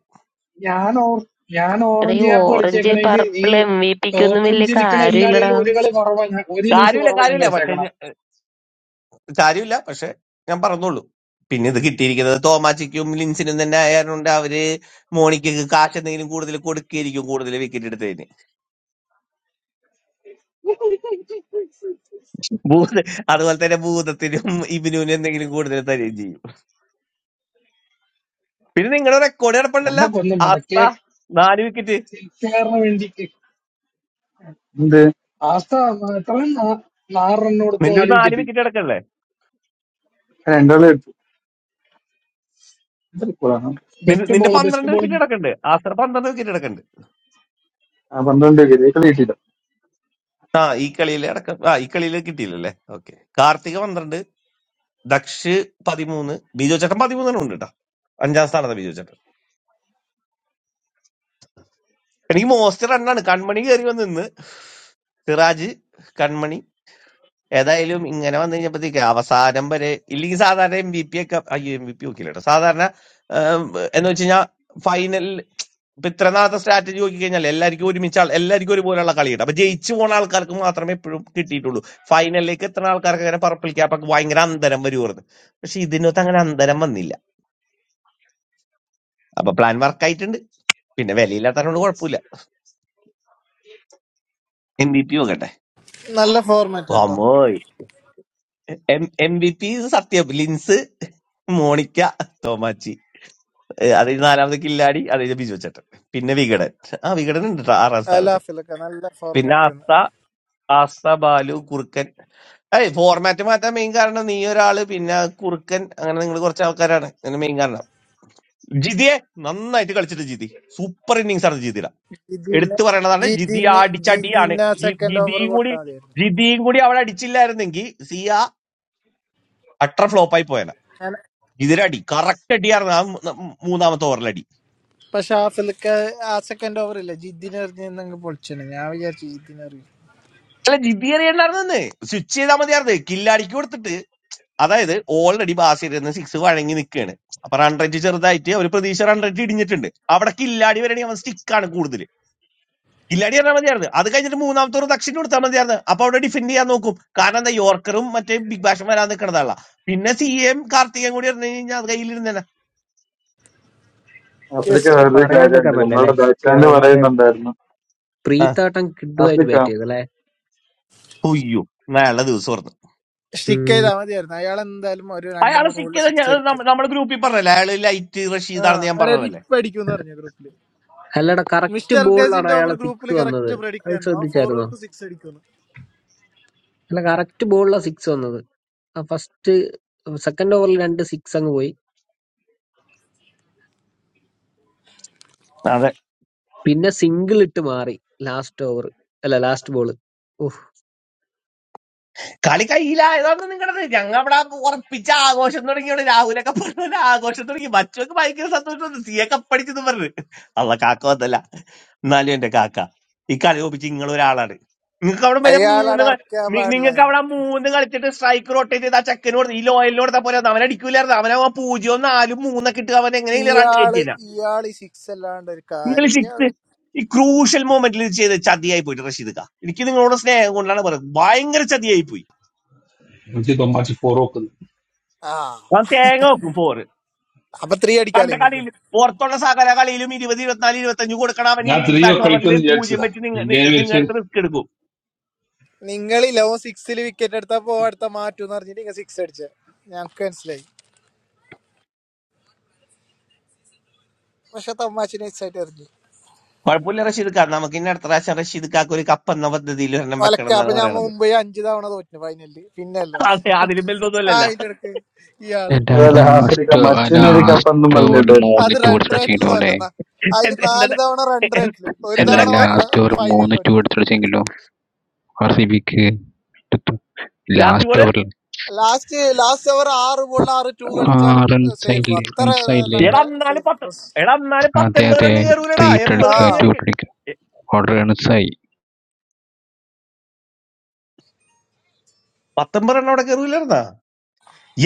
ഞാൻ ഓർ- ഞാൻ
എടാ ഈ
ഓറഞ്ച് ക്യാപ്പ്
ഓറഞ്ച്
കളിച്ചേക്കണേൽ ഈ
പർപ്പിൾ എം വി പിക്ക് ഒന്നും
ടോപ്പ്
വലിയ
അഞ്ച് നിൽക്കണ
കാര്യമില്ലടാ
എല്ലാവരെയും ഒരു കളി കുറവാ ഞാൻ ഒരു ഇന്നിങ്സ്
കാര്യമില്ല
കുറവാ ഞാൻ
കാര്യമില്ല
കളിച്ചേക്കണം
പക്ഷെ കാര്യമില്ല പക്ഷെ ഞാൻ പറഞ്ഞോളൂ പിന്നെ ഇത് കിട്ടിയിരിക്കുന്നത് തോമാച്ചിക്കും ലിൻസിനും തന്നെ ആയതുകൊണ്ട് അവര് മോണിക്കക്ക് കാശ് എന്തെങ്കിലും കൂടുതൽ കൊടുക്കുകയായിരിക്കും കൂടുതൽ വിക്കറ്റ് എടുത്തതിന് ഭൂത അതുപോലെ തന്നെ ഭൂതത്തിനും ഇബിനുവിനും എന്തെങ്കിലും കൂടുതൽ തരുകയും ചെയ്യും പിന്നെ നിങ്ങളുടെ റെക്കോർഡ് കിടപ്പുണ്ടല്ല
നമ്മക്കൊന്നും വേണ്ട
ആസ്ത
കേക്ക്
നാല് വിക്കറ്റ്
കേക്കാറിന് വേണ്ടി
എന്ത്
ആസ്ത എത്രയും നാല് റൺ കൊടുത്ത്
നിന്റെ ഒരു
നാല്
നാല്
വിക്കറ്റ്
വിക്കറ്റ് അടക്കണ്ടേ
രണ്ടാളെ ഇട്ടു ഇത്രയാണ്
നിന്റെ
ബെസ്റ്റ്
നിന്റെ
ബോൾ ബെസ്റ്റ്
പന്ത്രണ്ട് വിക്കറ്റ്
ബോളിങ്
അടക്കണ്ട് ആസ്ത്ര പന്ത്രണ്ട് വിക്കറ്റ് അടക്കണ്ട്
ആ പന്ത്രണ്ട് കളി ഇട്ടില്ല.
ആ ഈ കളിയിൽ അടക്കം ആ ഈ കളിയിൽ കിട്ടിയില്ലല്ലേ ഓക്കെ കാർത്തിക പന്ത്രണ്ട് ദക്ഷ് പതിമൂന്ന് ബിജോ ചേട്ടൻ പതിമൂന്നെണ്ണം ഉണ്ട് കേട്ടോ അഞ്ചാം സ്ഥാനത്താണ് ബിജോ ചേട്ടൻ എനിക്ക് മോസ്റ്റർ റണ്ണാണ് കൺമണി കയറി വന്ന് നിന്ന് സിറാജ് കൺമണി ഏതായാലും ഇങ്ങനെ വന്നു കഴിഞ്ഞപ്പോഴത്തേക്ക് അവസാനം വരെ ഇല്ലെങ്കിൽ സാധാരണ എം ബി പി ഒക്കെ അയ്യോ എം ബി പി നോക്കില്ല കേട്ടോ സാധാരണ ഏം, എന്ന് വെച്ച് കഴിഞ്ഞാൽ ഫൈനൽ ഇപ്പൊ ഇത്ര നാളത്തെ സ്ട്രാറ്റജി നോക്കി കഴിഞ്ഞാൽ എല്ലാവർക്കും ഒരുമിച്ച് ആൾ- എല്ലാവർക്കും ഒരുപോലെയുള്ള കളിയുണ്ട് അപ്പൊ ജയിച്ചു പോണ ആൾക്കാർക്ക് മാത്രമേ എപ്പോഴും കിട്ടിയിട്ടുള്ളൂ ഫൈനലിലേക്ക് എത്തുന്ന ആൾക്കാർക്ക് അങ്ങനെ പർപ്പിൾ ക്യാപ്പൊക്കെ ഭയങ്കര അന്തരം വരുമായിരുന്നു പക്ഷെ ഇതിനകത്ത് അങ്ങനെ അന്തരം വന്നില്ല അപ്പൊ പ്ലാൻ വർക്കായിട്ടുണ്ട് പിന്നെ വിലയില്ലാത്തതുകൊണ്ട് കുഴപ്പമില്ല എം ബി പി നോക്കട്ടെ
നല്ല ഫോർമാറ്റ് കേട്ടോ
അമ്മോ എം വി പി സത്യം ലിൻസ് മോണിക്ക തോമാച്ചി ഏഹ് അത് കഴിഞ്ഞ് നാലാമത് കില്ലാടി അത് കഴിഞ്ഞ് ബിജു ചേട്ടൻ പിന്നെ വികടൻ ആ വികടൻ ഉണ്ട് ട്ടോ ആറാം
അല്ല
സ്ഥാനത്ത്
ആഫിലൊക്കെ നല്ല
പിന്നെ
ഫോർമാറ്റ് ആണ്
ആസ്ത ആസ്ത ബാലു കുറുക്കൻ ഏയ് ഫോർമാറ്റ് മാറ്റാൻ മെയിൻ കാരണം നീ ഒരാള് പിന്നെ കുറുക്കൻ അങ്ങനെ നിങ്ങൾ കുറച്ച് ആൾക്കാരാണ് അങ്ങനെ മെയിൻ കാരണം ജിതിയെ നന്നായിട്ട് കളിച്ചിട്ട് ജിതി സൂപ്പർ ഇന്നിങ്സ് ആണ് ജിതിയുടെ
ജിതിന്
എടുത്തു പറയണതാണ് ജിതി
ജിതിന്
അടിച്ചടിയാണ്
ജിതിന് ആ
ജി-
സെക്കൻഡ് ഓവർ
ജിതിയും കൂടി
കൊടുത്താൽ മതിയായിരുന്നു
ജിതിയും കൂടി അവൾ അടിച്ചില്ലായിരുന്നെങ്കിൽ സിയ അട്ടർ ഫ്ലോപ്പായി പോയേനെ
ഞാൻ
ഇതിലടി കറക്റ്റ് അടിയായിരുന്നു ആ മൂ- ന- മൂന്നാമത്തെ ഓവറിലടി
പക്ഷെ ആഫിലക്ക് ആ സെക്കൻഡ് ഓവർ ഇല്ല ജിതിന് എറിഞ്ഞെങ്കിൽ പൊളിച്ചാണ് ഞാൻ വിചാരിച്ചു ജിതിന് എറിയും
അല്ല ജിദ്ദിയറിയുണ്ടായിരുന്നെ സ്വിച്ച് ചെയ്താൽ മതിയായിരുന്നേ കില്ലടിക്ക് കൊടുത്തിട്ട് അതായത് ഓൾറെഡി ബാസിരുന്ന് സിക്സ് വഴങ്ങി നിൽക്കുകയാണ് അപ്പൊ റൺ റേറ്റ് ചെറുതായിട്ട് ഒരു പ്രതീക്ഷ റൺ റേറ്റ് ഇടിഞ്ഞിട്ടുണ്ട് അവിടെ കില്ലാടി വരണെങ്കിൽ അവൻ സ്റ്റിക്കാണ് കൂടുതൽ കില്ലാടി പറഞ്ഞാൽ മതിയായിരുന്നു അത് കഴിഞ്ഞിട്ട് മൂന്നാമത്തെ ഓവർ ദക്ഷിണ കൊടുത്താൽ മതിയായിരുന്നു അപ്പൊ അവിടെ ഡിഫെൻഡ് ചെയ്യാൻ നോക്കും കാരണം എന്താ യോർക്കറും മറ്റേ ബിഗ് ബാഷും വരാൻ നിൽക്കണതാണല്ല പിന്നെ സി എം കാർത്തികൻ കൂടി പറഞ്ഞു കഴിഞ്ഞാൽ അത് കയ്യിലിരുന്നേനെ
ആഫ്രിക്ക
യെസ്
പക്ഷെ
വേറൊരു
പറയാണ്ടിരിക്കാൻ
കാര്യമുണ്ട്,
പറ്റില്ല
നമ്മളുടെ
ലൈക്ക്
ബാച്ചാണ്ട്
മറ്റേ
പറയുന്നുണ്ടായിരുന്നു
ആ,
പ്രീത്താട്ടം കിഡുമായിട്ട്
ആഫ്രിക്ക
ബാറ്റ് ചെയ്തു അല്ലെ
ഉയ്യോ നല്ല ദിവസം ഓർന്നു
സ്റ്റിക്ക്
ഉം.
ചെയ്താൽ മതിയായിരുന്നു അയാൾ എന്തായാലും ഒരു രണ്ട്
അയാളെ
മൂന്ന് ഗോളിൽ
സിക്കിയത്
സിക്സ് അടിക്കും
നമ്മുടെ ഗ്രൂപ്പിൽ പറഞ്ഞല്ലേ അയാള് ലൈറ്റ്
ആ
റഷീദാണെന്ന് ഞാൻ
അതായത്
പറഞ്ഞതല്ലേ
ഇപ്പൊ അടിക്കും എന്ന് പറഞ്ഞു ഗ്രൂപ്പില്
അല്ലടാ കറക്റ്റ്
മിസ്റ്റർ
ബോളിലാണ്
ഗേസിന്റെ ഓവർ
അയാളെ
ഗ്രൂപ്പിൽ
സിക്സ് വന്നത്
കറക്റ്റ് പ്രഡിക്റ്റ്
അത്
ആയിരുന്നു ആ ഫോർ
ശ്രദ്ധിച്ചായിരുന്നോ
വെക്ക് സിക്സ് അടിക്കുന്നു
അല്ല കറക്റ്റ് ബോളിലാണ് സിക്സ് വന്നത് ഫസ്റ്റ് സെക്കൻഡ് ഓവറിൽ രണ്ട് സിക്സ് അങ്ങ് പോയി
അതെ
പിന്നെ സിംഗിൾ ഇട്ട് മാറി ലാസ്റ്റ് ഓവർ അല്ല ലാസ്റ്റ് ബോൾ ഓഹ്
കളി കയ്യിലായതാണ് നിങ്ങളുടെ ഞങ്ങൾ അവിടെ ഉറപ്പിച്ച ആഘോഷം തുടങ്ങിയാണ് രാഹുലൊക്കെ പറഞ്ഞത് ആഘോഷം തുടങ്ങി മച്ചൊക്കെ ഭയങ്കര സന്തോഷം സിയെ കപ്പടിച്ചെന്ന് പറഞ്ഞു അല്ല കാക്ക വന്നല്ല എന്നാലും എന്റെ കാക്ക ഈ കളി ഒപ്പിച്ച് നിങ്ങൾ ഒരാളാണ് നിങ്ങൾക്ക് അവിടെ വരെ
അയാൾ
മൂന്ന്
അടർക്കാൻ
നിങ്ങൾക്ക്
പാടില്ലായിരുന്നു
അവിടെ മൂന്ന് കളിച്ചിട്ട് സ്ട്രൈക്ക് റൊട്ടേറ്റ് ചെയ്ത് ആ ചെക്കന് കൊടുത്ത് ഈ ലോയലിന് കൊടുത്താൽ പോലെ അവൻ അടിക്കൂലായിരുന്നു അവനെ പൂജ്യവും നാലും മൂന്നൊക്കെ ഇട്ട് അവൻ എങ്ങനെയെങ്കിലും റൺ
ഇയാള്
കയറ്റിയില്ല
ഇയാള് ഈ സിക്സ് അല്ലാണ്ട് ഒരു
നിങ്ങൾ
കാര്യം ഇയാൾ
ശിക്സ് ഈ ക്രൂഷ്യൽ മൊമെന്റിൽ ചെയ്ത ചതിയായി പോയിട്ട് റഷീദ് ക എനിക്ക് നിങ്ങളോട് സ്നേഹം കൊണ്ടാണ് പറയുന്നത് ഭയങ്കര ചതിയായി പോയി
എനിക്ക് തൊമ്മാച്ചി ഫോർ വെക്കുന്നു
ആ
ഞാൻ തേങ്ങ വെക്കും ഫോറ്
അപ്പൊ ത്രീ അടിക്കാലോ
കണ്ട
നിങ്ങൾക്ക്
കളിയിൽ പുറത്തുള്ള സകല കളിയിലും ഇരുപത് ഇരുപത്തിനാല് ഇരുപത്തഞ്ച് കൊടുക്കണം അവൻ
ഞാൻ
ഇനി ബിഗ്
ത്രീ ഒക്കെ
ബാഷ് ഓവറിൽ
കളിക്കുന്നു
പൂജ്യം
വിചാരിച്ചതാ
വെച്ച് നിങ്ങ- നി-
പിന്നെ
നിങ്ങളുടെ
വെച്ച്
അടുത്ത് റിസ്ക് എടുക്കും
നിങ്ങളില്ല ഓ സിക്സിൽ വിക്കറ്റ് എടുത്താ പോ അടുത്ത മാറ്റൂന്ന് പറഞ്ഞിട്ട് നിങ്ങൾ സിക്സ് അടിച്ച ഞങ്ങക്ക് മനസ്സിലായി പക്ഷെ തമാശ നൈസ് ആയിട്ട് എറിഞ്ഞു
കുഴപ്പമില്ല റഷീദ് ഖാൻ നമുക്ക് ഇനി അടുത്ത പ്രാവശ്യം റഷീദ് ഖാക്ക് ഒരു കപ്പ് എന്ന പദ്ധതിയിൽ ഒരെണ്ണം വെക്കണം
ഒലക്ക അപ്പൊ
എന്നാണ്
ഞാൻ
പറയണത്
മുംബൈ അഞ്ചു തവണ തോറ്റു ഫൈനലില് പിന്നെ അല്ല
അതെ അതിലും
ആ
വലുതൊന്നുമല്ലല്ല
അതിന്റെ ഇടക്ക്
The
ഇയാളെന്ത്
അതല്ല
data
ബേജാറ്
ആഫ്രിക്ക
store, or
മച്ചിനൊരു
the
കപ്പെന്നും
store, or the
പറഞ്ഞിട്ട്
moon
അത്
that you are
run
talking
റേറ്റിൽ
about,
തോറ്റെന്നാ അതില്
എന്താ
നാല് തവണ റൺ റേറ്റിൽ ഒരു
all,
എന്താ
തവണ
all,
മാത്രം
store, or moon
ഫൈനലിൽ
that you are
തോറ്റത്
talking about, or specific, that the
last
last
ball
level,
last last അവർ ആറ് ബോളിൽ ആറ് ടു
ah,
കളിച്ചാലും
run
സേഫ്
cycle,
അത്ര
run cycle,
നല്ല
എടാ എന്നാലും പത്ത്
സേഫ്
എടാ എന്നാലും
that
പത്ത്
day,
എൺപത് രണ്ട്
that
കയറൂലടാ
three, three,
എൺപത്
ആ
three,
രണ്ട് കയറി
three, order, run cycle.
പത്തൊമ്പതെണ്ണം അവിടെ കയറൂലായിരുന്നാ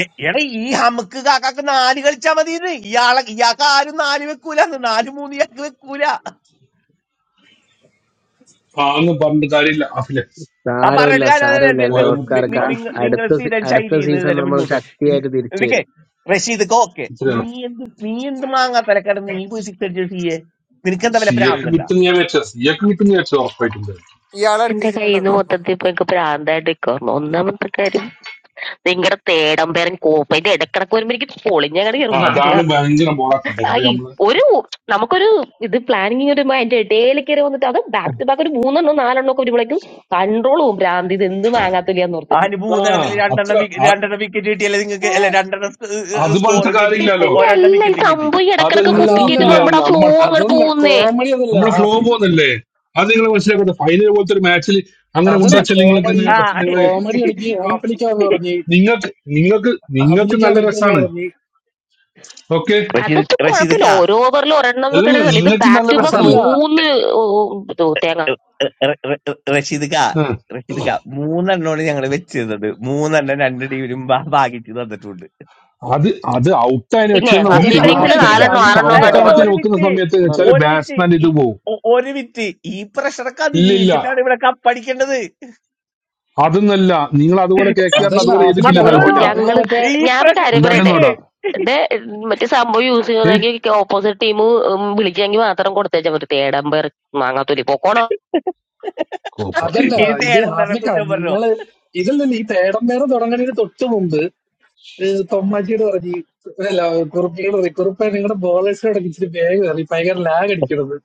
എ- എടാ ഈ ഹമുക്ക് കാക്കാക്ക് നാല് കളിച്ചാ മതി ഇത് ഇയാളെ ഇയാൾക്ക് ആരും നാല് വെക്കൂല നാല് മൂന്ന് ഇയാൾക്ക് വെക്കൂല
ആന്ന് പറഞ്ഞിട്ട് കാര്യമില്ല അഫിലെ
ആ
സാരമില്ല
പറഞ്ഞിട്ട് കാര്യം അല്ല.
സാരമില്ല
നി-
അല്ലേ
പോയ ബുദ്ധി
നി- നി-
ഓസ്കാർക്ക്
നി-
നാല്
നിങ്ങ- നിങ്ങൾ
അടുത്ത സീ-
സ്ഥിരം
അടുത്ത
ശൈലിയിൽ നിന്ന്
സീസൺ
തന്നെ
നമ്മൾ
മുന്നോട്ട് പോയി. ഇൻ-
ശക്തിയായിട്ട് തിരിച്ചു വരും
ഇതൊക്കെ റഷീദ് ഓക്കെ നീ
ഇത്രയാണ്
എന്ത് നീ എന്ത് മാങ്ങാ തലക്കാട് നീ പോയി സിക്സ് അടിച്ചത് സീയെ നിനക്ക് എന്താ വല്ല
സിയൊക്കെ
പ്രാന്തണ്ട
കിട്ടുന്ന ഞാൻ വെച്ച സിയൊക്കെ കിട്ടുന്ന വെച്ച ഉറപ്പായിട്ടുണ്ട്
ഇയാളെ
എന്റെ
അടുപ്പിച്ചിട്ടുണ്ടാവും
കയ്യിന്ന്
ചിലപ്പോ
മൊത്തത്തിൽ ഇപ്പൊ എനിക്ക് പ്രാന്തായിട്ട് നിൽക്കുന്നു ഒന്നാമത്തെ കാര്യം നിങ്ങളുടെ തേടമ്പേരൻ കോപ്പ ഇത് ഇടക്കിടക്ക് വരുമ്പോ എനിക്ക് പൊളിഞ്ഞങ്ങടെ
ആ,
കയറും മാങ്ങ
അതാണ് ഭയങ്കര ബോറാക്കട്ടെ
ആ
കുറെ
ഈ
നമ്മള്
ഒരു നമുക്കൊരു ഇത് പ്ലാനിങ് ഒരു അതിന്റെ ഇടയിൽ കയറി വന്നിട്ട് അത് ബാക്ക് ടു ബാക്ക് ഒരു മൂന്നെണ്ണോ നാലെണ്ണോ ഒക്കെ വരുമ്പോഴേക്കും കൺട്രോൾ പോകും ഭ്രാന്തി ഇത് എന്ത് മാങ്ങാത്തൊലിയാന്ന് ഓർത്തിട്ട്
ആ
അനുഭൂതനത്തിൽ
അത്ര
രണ്ടെണ്ണം wick-
ആ-
രണ്ടെണ്ണം വിക്കറ്റ് കിട്ടി അല്ലെ നിങ്ങൾക്ക്
ആ,
അല്ലെ രണ്ടെണ്ണം
അത് പറഞ്ഞിട്ട്
സ്കോറും കിട്ടി
കാര്യമില്ലല്ലോ
ഒ-
വിക്കറ്റിന്റെ
ഒരെണ്ണം
അല്ല ഈ
വിക്കറ്റും കിട്ടി
സംഭവം ഈ ഇടക്കിടക്ക്
അതെല്ലാം
അതല്ല
കുത്തിക്കേറ്റ്
പിന്നെ
നമ്മുടെ ആ ഫ്ലോ
നമ്മൾ
അങ്ങോട്ട്
അതല്ല
പോകുന്നേ
കോമഡി അതല്ല
നമ്മളെ ഫ്ലോ
ഹാഫിലിക്ക്
പോകുന്നില്ലേ അത് നിങ്ങൾ മനസ്സിലാക്കട്ടെ ഫൈനൽ പോലത്തെ ഒരു മാച്ചിൽ അങ്ങനെ
അതല്ല
കൊണ്ടുവച്ചാൽ നിങ്ങൾക്ക്
കോമഡി
ആ
നടക്കും
ഇ-
നിങ്ങൾ
കോമഡി ഇടയ്ക്ക് ഹാഫിലിക്കാന്ന് പറഞ്ഞ്
നിങ്ങൾക്ക് നിങ്ങൾക്ക് നിങ്ങൾക്ക്
ഹാഫിലിക്ക
നല്ല
അടയ്ക്കുമെന്ന്
രസാണ്
പറഞ്ഞ്
ഓക്കെ
റഷീദ്
അതിപ്പോ
റഷീദ്
കുഴപ്പമില്ല
കാ
ഓരോ ഓവറിൽ ഒരെണ്ണം
അല്ലല്ല
വെക്കണതല്ല ഇത്
നിങ്ങൾക്ക്
ബാക്ക്
നല്ല
ടു ബാക്ക്
രസാണ്
അതല്ല
മൂന്ന് ഓ, ഓ, തേങ്ങ
റഷീദ്ക്ക
ആ,
റഷീദ്ക്ക മൂന്നെണ്ണമാണ് ഞങ്ങൾ വെച്ചിരുന്നത് മൂന്നെണ്ണം രണ്ട് ടീമിലും ഭാഗിച്ച് തന്നിട്ടുണ്ട്
അത് അത് ഔട്ടായി
പിന്നെ
വെച്ചിരുന്ന ഓക്കെ
ഫസ്റ്റ്
അതല്ല
നിങ്ങൾ
ഇതൊക്കെ
ഇന്നിങ്സിൽ
ഹാഫിലിക്ക
പ്രശ്നമില്ല
നിങ്ങൾ
നാലെണ്ണോ
പക്ഷെ
ആറെണ്ണോ
ഹാഫിലിക്ക
കണ്ട്
അല്ല
വന്ന്
ഔട്ടാകത്തിന്
ഒരു
വെക്കുന്ന
വിറ്റ്
സമയത്ത് വെച്ചാൽ
ഒരു വിറ്റ്
ബാറ്റ്സ്മാൻ ഇത്
ഈ-
പോകും
ഒ- ഒരു വിറ്റ് ഈ പ്രഷറൊക്കെ
ഇല്ലില്ല
അതിജീവിച്ചിട്ടാണ് ഇവിടെ കപ്പടിക്കേണ്ടത്
അതൊന്നല്ല നിങ്ങൾ അതുപോലെ കെ കെ ആറിന്
അതല്ല
അതുപോലെ
ഹാഫിലിക്ക
ചെയ്തിട്ടില്ല
ഒരു
അത്രേ
എന്നാലും
ഒ-
ഉള്ളൂ
പിന്നെ
നിങ്ങളെ
ഞങ്ങള്
മറ്റേ
ഈ
ഞാനൊരു
പ്രഷർ
കാര്യം പറയട്ടെ
നിക്ക്
ഉണ്ടാട്ടെന്നോടാ
ഇതേ ഉം, മറ്റേ സംഭവം യൂസ്
ഏ
ചെയ്യണമെങ്കിൽ ഓപ്പോസിറ്റ് ടീം വിളിച്ചെങ്കിൽ മാത്രം കൊടുത്തേച്ചാൽ മതി തേടമ്പയർ മാങ്ങാത്തൊലി പോക്കോണോ
കോപ്പ
അതല്ല
ഈ
ഇത്
തേടം പേരെ
ഹാഫിലിക്ക
കുറ്റം പറഞ്ഞു
നിങ്ങള് ഇതല്ല ഈ തേടം പേരം തുടങ്ങുന്നതിന് തൊട്ട് മുമ്പ് ഏഹ് തൊമ്മാച്ചിയോട് പറഞ്ഞു ഈ- അല്ല കുറുപ്പിയോട് പറഞ്ഞു കുറുപ്പ നിങ്ങളുടെ ബോളേഴ്സിനോടൊക്കെ ഇച്ചിരി വേഗം അറിയും ഭയങ്കര ലാഗ് അടിക്കണത്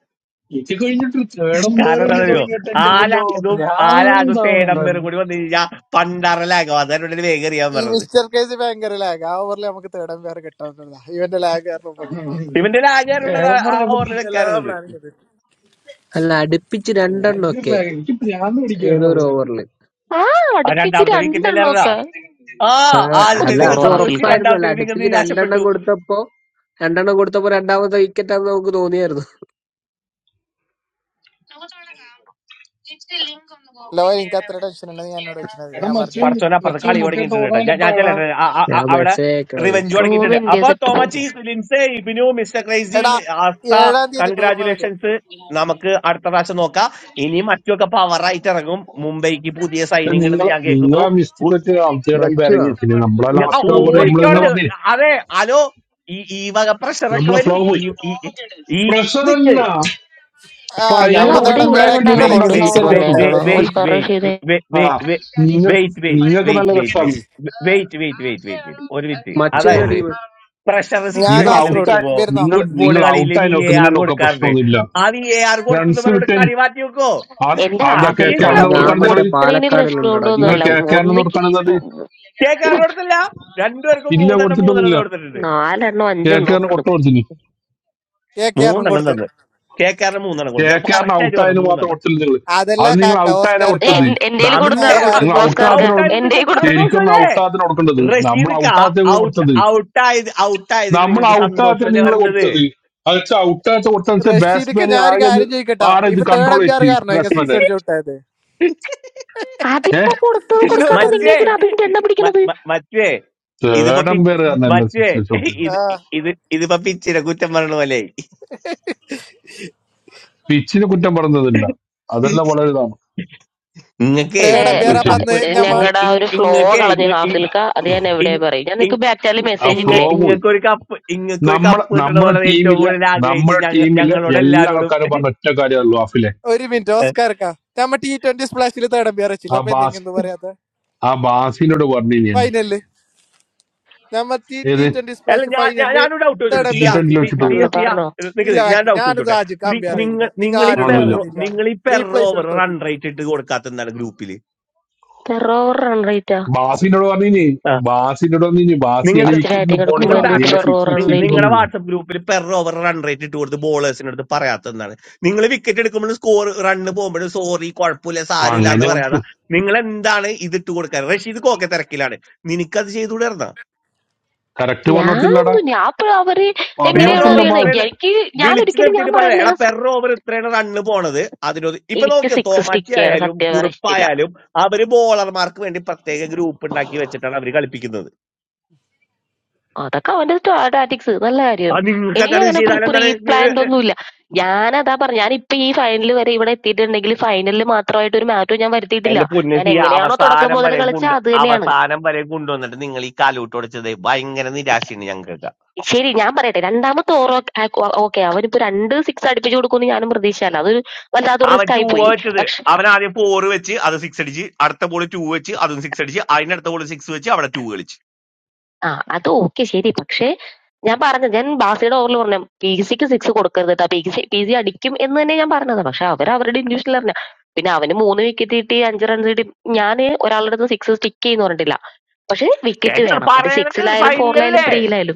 ഇത് കഴിഞ്ഞിട്ട് തേടം പേർ
കാരണം എന്താ
വിളി
അറിയോ
തുടങ്ങിയിട്ട് എന്റെ മുന്നോ
ആലാകും ആലാകും
ഭ്രാന്താണ്
തേടം പേരും
ഉണ്ടായിരുന്നു
കൂടി വന്നു കഴിഞ്ഞാൽ പണ്ടറലാകും അതാണ് ഇവിടെ വേഗം അറിയാൻ
ഈ
പറഞ്ഞത്
മിസ്റ്റർ കേസ് ഭയങ്കര ലാഗ് ആ ഓവറിൽ നമുക്ക് തേർഡ് എംപയർ കിട്ടാന്നുള്ളതാ ഇവന്റെ ലാഗ് കാരണം പോയി
ഇവന്റെ ഒരു ആചാരമുള്ളത്
തേടം
ആ
പറഞ്ഞപ്പോ
ഓവറിൽ
എല്ലാ
വെക്കാറുള്ളത്
പ്ലാനും
അല്ല അടുപ്പിച്ച്
ഭയങ്കര
രണ്ടെണ്ണമൊക്കെ
lag. എനിക്ക് ഭ്രാന്ത്
ഏതോ
പിടിക്കുമായിരുന്നു
ഒരു
അത്.
ഓവറിൽ
ആ
ആ
അടുപ്പിച്ച്
രണ്ടാമത്തെ വിക്കറ്റ് അല്ലായിരുന്നാ
രണ്ടെണ്ണമൊക്കെ
ആ
ഒന്ന്
ആദ്യത്തെ
അല്ല
നിങ്ങൾ
പോടോ
അത്
സന്തോഷിച്ച്
ഹാഫിൽക്ക
ഉറപ്പായിരുന്നു അല്ല
രണ്ടാമത്തെ നിങ്ങൾ
അടുപ്പിച്ച് രണ്ടെണ്ണം
നിരാശപ്പെട്ടു
കൊടുത്തപ്പോ രണ്ടെണ്ണം കൊടുത്തപ്പോ രണ്ടാമത്തെ വിക്കറ്റ് ആണെന്ന് നമുക്ക് തോന്നിയായിരുന്നു
ലോ എനിക്ക് അത്ര ടെൻഷൻ ഉണ്ടെന്ന് ഞാൻ എന്നോട് വെക്കുന്നത്
എടാ
ഞാൻ
മച്ചു
പറഞ്ഞിട്ട്
പറച്ചോന അപ്പുറത്ത്
മച്ചു
കളി
മറ്റേ
തുടങ്ങിയിട്ടുണ്ട് കേട്ടോ
ടൂർണമെന്റ്
ഞാൻ ഞാൻ
എപ്പോഴാടാ
ചെല്ലട്ടെ ആ- ആ-
ഞാൻ
ആ- അവിടെ
മെസ്സേജ് അയക്കണത്
റിവെഞ്ച്
റൂം
തുടങ്ങിയിട്ടുണ്ട്
എന്റെ
അപ്പൊ
ചെയ്തിട്ട് പോകും
തോമച്ചി ലിൻസെ ഇബിനു മിസ്റ്റർ ക്രൈസി
എടാ
ആസ്ത
ഏഴാം തീയതി ടൂർണമെന്റ്
കൺഗ്രാചുലേഷൻസ് നമുക്ക് അടുത്ത പ്രാവശ്യം നോക്കാം ഇനി മറ്റൊക്കെ പവറായിട്ട് ഇറങ്ങും മുംബൈക്ക് പുതിയ സൈനിങ് ഉണ്ടെന്ന്
നിങ്ങളെ
ഞാൻ കേൾക്കുന്നു
നിങ്ങളെ മിസ്റ്റേക്ക്
ഉ-
വെച്ച് അബ്ജയുടെ
മച്ചുവാ
ഇറങ്ങി പിന്നെ നമ്മളെ
ആ
മച്ചു
ലാസ്റ്റ് ഓവർ
മുംബൈ
നമ്മൾ തന്നെ
പോവാ
ഓടിക്കോടത്
പറഞ്ഞേ
അതെ ഹലോ ഈ ഈ വക പ്രഷറൊക്കെ
നമ്മളെ
വരും
ഫ്ലോ പോയി
ഈ ഈ ഈ
പ്രഷർ
നിക്ക്
അല്ല
ആ
അപ്പൊ
ഇയാൾ
അതിനൊരു
നമ്മ
അവിടെ
പോലത്തെ
തേർഡ്
Wait,
ഇവിടെ
എംപയർ
മാച്ച്
കൊണ്ട്
നിങ്ങൾ
ആക്കിയോണ്ടല്ലേ
അക്കൗണ്ട്
എനിക്ക് സിക്സ്
wait,
ഉണ്ടാക്കുന്നതാണോ
വെച്ചിട്ട്
അടിച്ച്
wait,
നോക്കണോ
wait,
ഔട്ടായത്
വന്നേക്കണോ
wait, wait,
Oscar
wait,
Rashid
wait,
ആ
wait,
നിങ്ങൾ
wait,
നിങ്ങൾക്ക്
wait, wait,
നല്ല
wait, wait.
രസമാണ്
Wait, wait, wait, wait, wait. ഒരു മിനിറ്റ്
മച്ചു ഏതാ
അതായത്
ടീം
പ്രഷർ
ഞാൻ
നിങ്ങൾ
സിറ്റുവേഷനിൽ
കാസർഗോഡ്
ഔട്ടായി
നിൽക്കുമ്പോ
വരുന്നോ
നിങ്ങൾ
ഫുട്ബോൾ
നിങ്ങൾ
കളിയിൽ
ഔട്ടായി
വി എ ആർ
നോക്കുന്നതിനൊക്കെ
കൊടുക്കാറുണ്ട്
പ്രശ്നമൊന്നുമില്ല
ആ വി എ ആർ കൊടുത്തത്
റൺസ്
പറഞ്ഞോട്
കിട്ടാൻ
കളി മാറ്റി വെക്കോ
ആ
എന്റെ
ആ എന്താ കെ
കളിച്ച്
കെ
ഹാഫിൽക്ക
ഇവിടെ
ആറിന്
ജയിക്കണം
ഞാൻ
കൊടുക്കാണ് നിങ്ങൾ
മറ്റേ
കൊടുക്കണേന് പ്രശ്നം
പാലക്കാടിലുണ്ടടാ ജെ
നിങ്ങൾ
കൊണ്ടൊന്നുമല്ല
പി.
കെ കെ ആറിന്
ഒന്നിക്ക്
കൊടുക്കാണ് എന്നത്
കെ കാറിന് കൊടുത്തില്ല രണ്ടുപേർക്കും
ഇല്ല
മൂന്നെണ്ണം മൂന്നെണ്ണം
കൊടുത്തിട്ടൊന്നുമില്ല
കൊടുത്തിട്ടുണ്ട്
നാലെണ്ണോ
കെ കെ
അഞ്ചെണ്ണോ
ആറിന് കൊട്ട കൊടുത്തില്ല
കെ കെ ആറിനും
മൂന്നെണ്ണം
കൊടുത്ത്
തന്ന് കെ കാറിന് മൂന്നെണ്ണം
കെ
കൊടുത്തു അപ്പൊ
കെ ആറിന്
കറക്റ്റ് ആയിട്ട് പറഞ്ഞു
ഔട്ടായതിന് മാത്രം
മൂന്നെണ്ണം
കൊടുത്തില്ല നിങ്ങൾ
അതല്ല
അത് നിങ്ങൾ
കാക്ക
ഔട്ടായതിനാ
ഓസ്കാർക്ക
കൊടുത്തത്
എന്റെ
ഇപ്പൊ ഞാൻ ഒരു
ബമ്പേ
കൊടുത്താർന്ന്
കാര്യം
നിങ്ങൾ
ചോദിക്കട്ടാ
ഓസ്കാർക്ക്
ഔട്ടാകത്തിന്
ഔട്ടായത്
എന്റെ
നിങ്ങൾക്ക്
കൊടുത്ത
ശരിക്കും
സന്തോഷമല്ലേ
ഔട്ടാകത്തിന് കൊടുക്കേണ്ടത് നമ്മൾ
റഷീദ്
ഔട്ടാകത്തെ നിങ്ങൾ
ഔട്ട്
കൊടുത്തത്
ഔട്ടായത് ഔട്ടായതിൽ
നമ്മൾ
നിങ്ങൾക്ക്
ഔട്ടാകത്തെ
സന്തോഷമല്ലേ
നിങ്ങൾ
വരേണ്ടത്
കൊടുത്തത് അത് വെച്ചാൽ ഔട്ടാകത്തെ കൊടുത്തത് വെച്ചാൽ
റഷീദിക്ക്
ബാറ്റ്സ്മാൻ
ഞാൻ ഒരു
ആകെ ഇത്
കാര്യം ചോദിക്കട്ടാ
ആടെ ഇത്
ഇപ്പൊ തേർഡ്
കൺട്രോൾ
എംപയർ
ചെയ്തി
കാരണം ഇങ്ങനെ സിക്സ്
ബാറ്റ്സ്മാന്റെ
അടിച്ച് ഔട്ടായത്
അതിപ്പോ
ഏഹ്
കൊടുത്തത്
നിങ്ങളോട്
കൊടുക്കാത്ത
ഒരു
നിങ്ങ
മറ്റേ
സിക്സ്
എന്തിനാ
അടി
അതിന്റെ എണ്ണ
മ-
പിടിക്കണത്
മ- മറ്റേ ഇതിപ്പോ
തേടം
പിച്ച്
പേര് കാരണല്ല
മറ്റേ
സിക്സ് അടിച്ചോട്ടെ
ഇത്
ആ
ഇത് ഇതിപ്പോ പിച്ചിനെ കുറ്റം പറഞ്ഞ പോലെ
പിച്ചിന് കുറ്റം പറഞ്ഞതല്ല അതെല്ലാം വളരെ ഇതാണ്
ഇങ്ങക്കേ
പക്ഷേ
തേർഡ്
നിങ്ങൾ
എംപയർ
ഇങ്ങക്കൊരു
അപ്പൊ
ചെയ്തത്
കപ്പ്
അന്ന് ഞമ്മ
ഇങ്ങ-
ഞങ്ങളുടെ ആ ഒരു
ഇങ്ങ-
ഫ്ലോ
ഇങ്ങക്കേ
കളഞ്ഞ്
ഇങ്ങ- ഇ-
ഹാഫിൽക്ക അത് ഞാൻ എവിടെ
ഇ-
പറയും ഞാൻ നിനക്ക്
ഇ-
ബാറ്റാലി
ആ
മെസ്സേജ്
ഫ്ലോ
ഇങ്ങ-
ഇട്ടില്ലേ
പോയി
ഇങ്ങക്കൊരു കപ്പ് ഇങ്ങക്കൊരു
നമ്മളെ
കപ്പ് കിട്ടണ
നമ്മുടെ
പോലെ ഏറ്റവും
ടീമിലെ
കൂടുതൽ ആഗ്രഹിച്ച
നമ്മുടെ
ഞങ്ങ
ടീമിലെ
ഞങ്ങളോട്
എല്ലാ ആൾക്കാരും
എല്ലാരോടും
പറഞ്ഞ ഒറ്റ കാര്യമല്ലോ ആഫിലെ
ഒരു മിനിറ്റ് ഓസ്കാർക്ക നമ്മ ടി ട്വന്റി സ്പ്ലാഷിൽ തേർഡ് എംപിയർ വെച്ചില്ല
ആ
അപ്പൊ
ബാസ്
എന്തെങ്കിലും പറയാത്ത
ആ ബാസിനോട് പറഞ്ഞു ഞാൻ
ഫൈനലില് നമ്മ ടി ടി
ഏത്
ട്വന്റി
അല്ല
സ്പ്ലാഷ്
ഞാൻ ഞാൻ-
ഫൈനലില്
ഞാനൊരു ഡൗട്ട് ചോദിച്ചോട്ടെ
തേർഡ്
ടി
സിയ
എംപിയർ
ട്വന്റിയിൽ
വെച്ചില്ല
സി- സിയ
വെച്ചിട്ടൊന്നുമില്ല
പറഞ്ഞോ
സിയ
പറഞ്ഞോ
ഇല്ല
നിൽക്കുന്നത് ഞാൻ
ബാക്കി
ഡൗട്ട്
ഞാനിത്
ചോദിച്ചോട്ടെ
ആജിക്ക്
നി-
അമ്പയർ ചെയ്തില്ല
നിങ്ങ
നിങ്ങൾ
നിങ്ങൾ ഈ
ആരോട്
പെർ
ഒന്നുമില്ല
പറയുന്നില്ലാന്ന്
നിങ്ങൾ ഈ പെർ
റീപ്ലേസ്
ഓവർ
എടുത്ത് നോക്കി
റൺ
ഇപ്പോഴും
റേറ്റ് ഇട്ട് കൊടുക്കാത്ത എന്താണ് ഗ്രൂപ്പിൽ
പെർ ഓവർ റൺ റേറ്റാ
ബാസിനോട് പറഞ്ഞു ബാസിനോട് പറഞ്ഞു ബാസിയാണ്
നിങ്ങൾക്ക്
ഫസ്റ്റ്
വിക്കറ്റിന്
ബാറ്റിംഗ്
പോണ്ട
എടുക്കുമ്പോ
നിങ്ങൾ
എന്തുകൊണ്ട്
നീടെ
ബാക്കാണ്
പെർ ഓവർ
സിക്സ്
റൺ
വെച്ചേക്കുന്നു
റേറ്റ്
നിങ്ങളുടെ
പറഞ്ഞു
വാട്സപ്പ് ഗ്രൂപ്പിൽ പെർ ഓവർ റൺ റേറ്റ് ഇട്ട് കൊടുത്ത് ബോളേഴ്സിന്റെ അടുത്ത് പറയാത്ത എന്താണ് നിങ്ങൾ വിക്കറ്റ് എടുക്കുമ്പോൾ സ്കോർ റണ്ണ് പോകുമ്പോഴും സോറി കുഴപ്പമില്ല സാരമില്ല
അങ്ങനെ
എന്ന്
കൊടുത്തു
പറയാതെ നിങ്ങൾ എന്താണ് ഇത് ഇട്ട് കൊടുക്കാൻ റഷീദ് കോക്കെ തിരക്കിലാണ് നിനക്കത് ചെയ്തുകൂടെ
കറക്റ്റ്
ഞാൻ
പറഞ്ഞോടത്തില്ലടാ
എന്തു ഞാൻ ഇപ്പൊ അവര്
പെർ
എങ്ങനെയാണ്
പറഞ്ഞോടത്തില്ല
ഓവർ
ബാ
അറിയണത്
എത്ര
എനിക്ക് എനിക്ക് ഞാൻ
വിളിച്ചു
ഒരിക്കലും ഞാൻ
നിർത്തിയിട്ട് പറയാം
പറയണ
എടാ
ഞാൻ സ-
പെർ ഓവർ ഇത്രയാണ് റണ്ണ് പോണത് അതിനൊരു ഇപ്പൊ
എനിക്ക്
നോക്കിയോ
സിക്സ് സ്റ്റിക്ക്
തോമാച്ചി
ചെയ്യണം
ആയാലും
സത്യം പറയാൻ ഇഷ്ടമില്ല
കുറുപ്പായാലും അവര് ബോളർമാർക്ക് വേണ്ടി പ്രത്യേക ഗ്രൂപ്പ് ഉണ്ടാക്കി വെച്ചിട്ടാണ് അവര് കളിപ്പിക്കുന്നത്
അതൊക്കെ അവന്റെ ടാറ്റിക്സ് നല്ല കാര്യം
അത് നിങ്ങൾക്ക്
എനിക്ക്
എന്താണ് ഇത്
അങ്ങനെ
ചെയ്താൽ
പ്രീ
എന്താണ് നി-
പ്ലാൻഡ് ഒന്നുമില്ല ഞാൻ അതാ പറഞ്ഞു ഞാൻ ഇപ്പൊ ഈ ഫൈനൽ വരെ ഇവിടെ എത്തിയിട്ടുണ്ടെങ്കിൽ ഫൈനലിൽ മാത്രമായിട്ട് ഒരു മാറ്റവും ഞാൻ വരുത്തിയിട്ടില്ല
എന്റെ
ഞാൻ
പൊന്നസി
എങ്ങനെയാണോ തുടക്കം
അവസാനം
മുതൽ
വരെ
കളിച്ച
കൊണ്ട്
അത് തന്നെയാണ്
അവസാനം വരെ കൊണ്ടുവന്നിട്ട് നിങ്ങൾ ഈ കാലൂട്ടൊടിച്ചത് ഭയങ്കര നിരാശയാണ് ഞങ്ങൾക്ക്
ശരി ഞാൻ പറയട്ടെ രണ്ടാമത്തെ ഓവർ ഓക്കെ അവനിപ്പോ രണ്ട് സിക്സ് അടിപ്പിച്ചു കൊടുക്കുമെന്ന് ഞാനും പ്രതീക്ഷയല്ല അതൊരു വല്ലാത്തൊരു
അവൻ
റിസ്ക്
ടൂ
ആയി
വെച്ചത്
പോയി
അവൻ ആദ്യം ഫോർ വെച്ച് അത് സിക്സ് അടിച്ച് അടുത്ത ബോൾ ടൂ വെച്ച് അതും സിക്സ് അടിച്ച് അതിനടുത്ത ബോൾ സിക്സ് വെച്ച് അവിടെ ടൂ കളിച്ച്
ആ അത് ഓക്കെ ശരി പക്ഷേ ഞാൻ പറഞ്ഞത് ഞാൻ ബാസിയുടെ ഓവറിൽ പറഞ്ഞ പി സിക്ക് സിക്സ് കൊടുക്കരുത് കേട്ടോ പി സി പി സി അടിക്കും എന്ന് തന്നെ ഞാൻ പറഞ്ഞത് പക്ഷെ അവർ അവരുടെ ഇൻഡിവിജ്വൽ അറിഞ്ഞ പിന്നെ അവന് മൂന്ന് വിക്കറ്റ് കിട്ടി അഞ്ച് റൺസ് കിട്ടി ഞാൻ ഒരാളുടെ അടുത്ത് സിക്സ് സ്റ്റിക്ക് ചെയ്യുന്ന പറഞ്ഞിട്ടില്ല പക്ഷെ വിക്കറ്റ്
എന്താണ്
വേണം അത്
പറയണത് ഒരു
സിക്സിലായാലും ഫോറിലായാലും
ഫൈനലല്ലേ
ത്രീയിലായാലും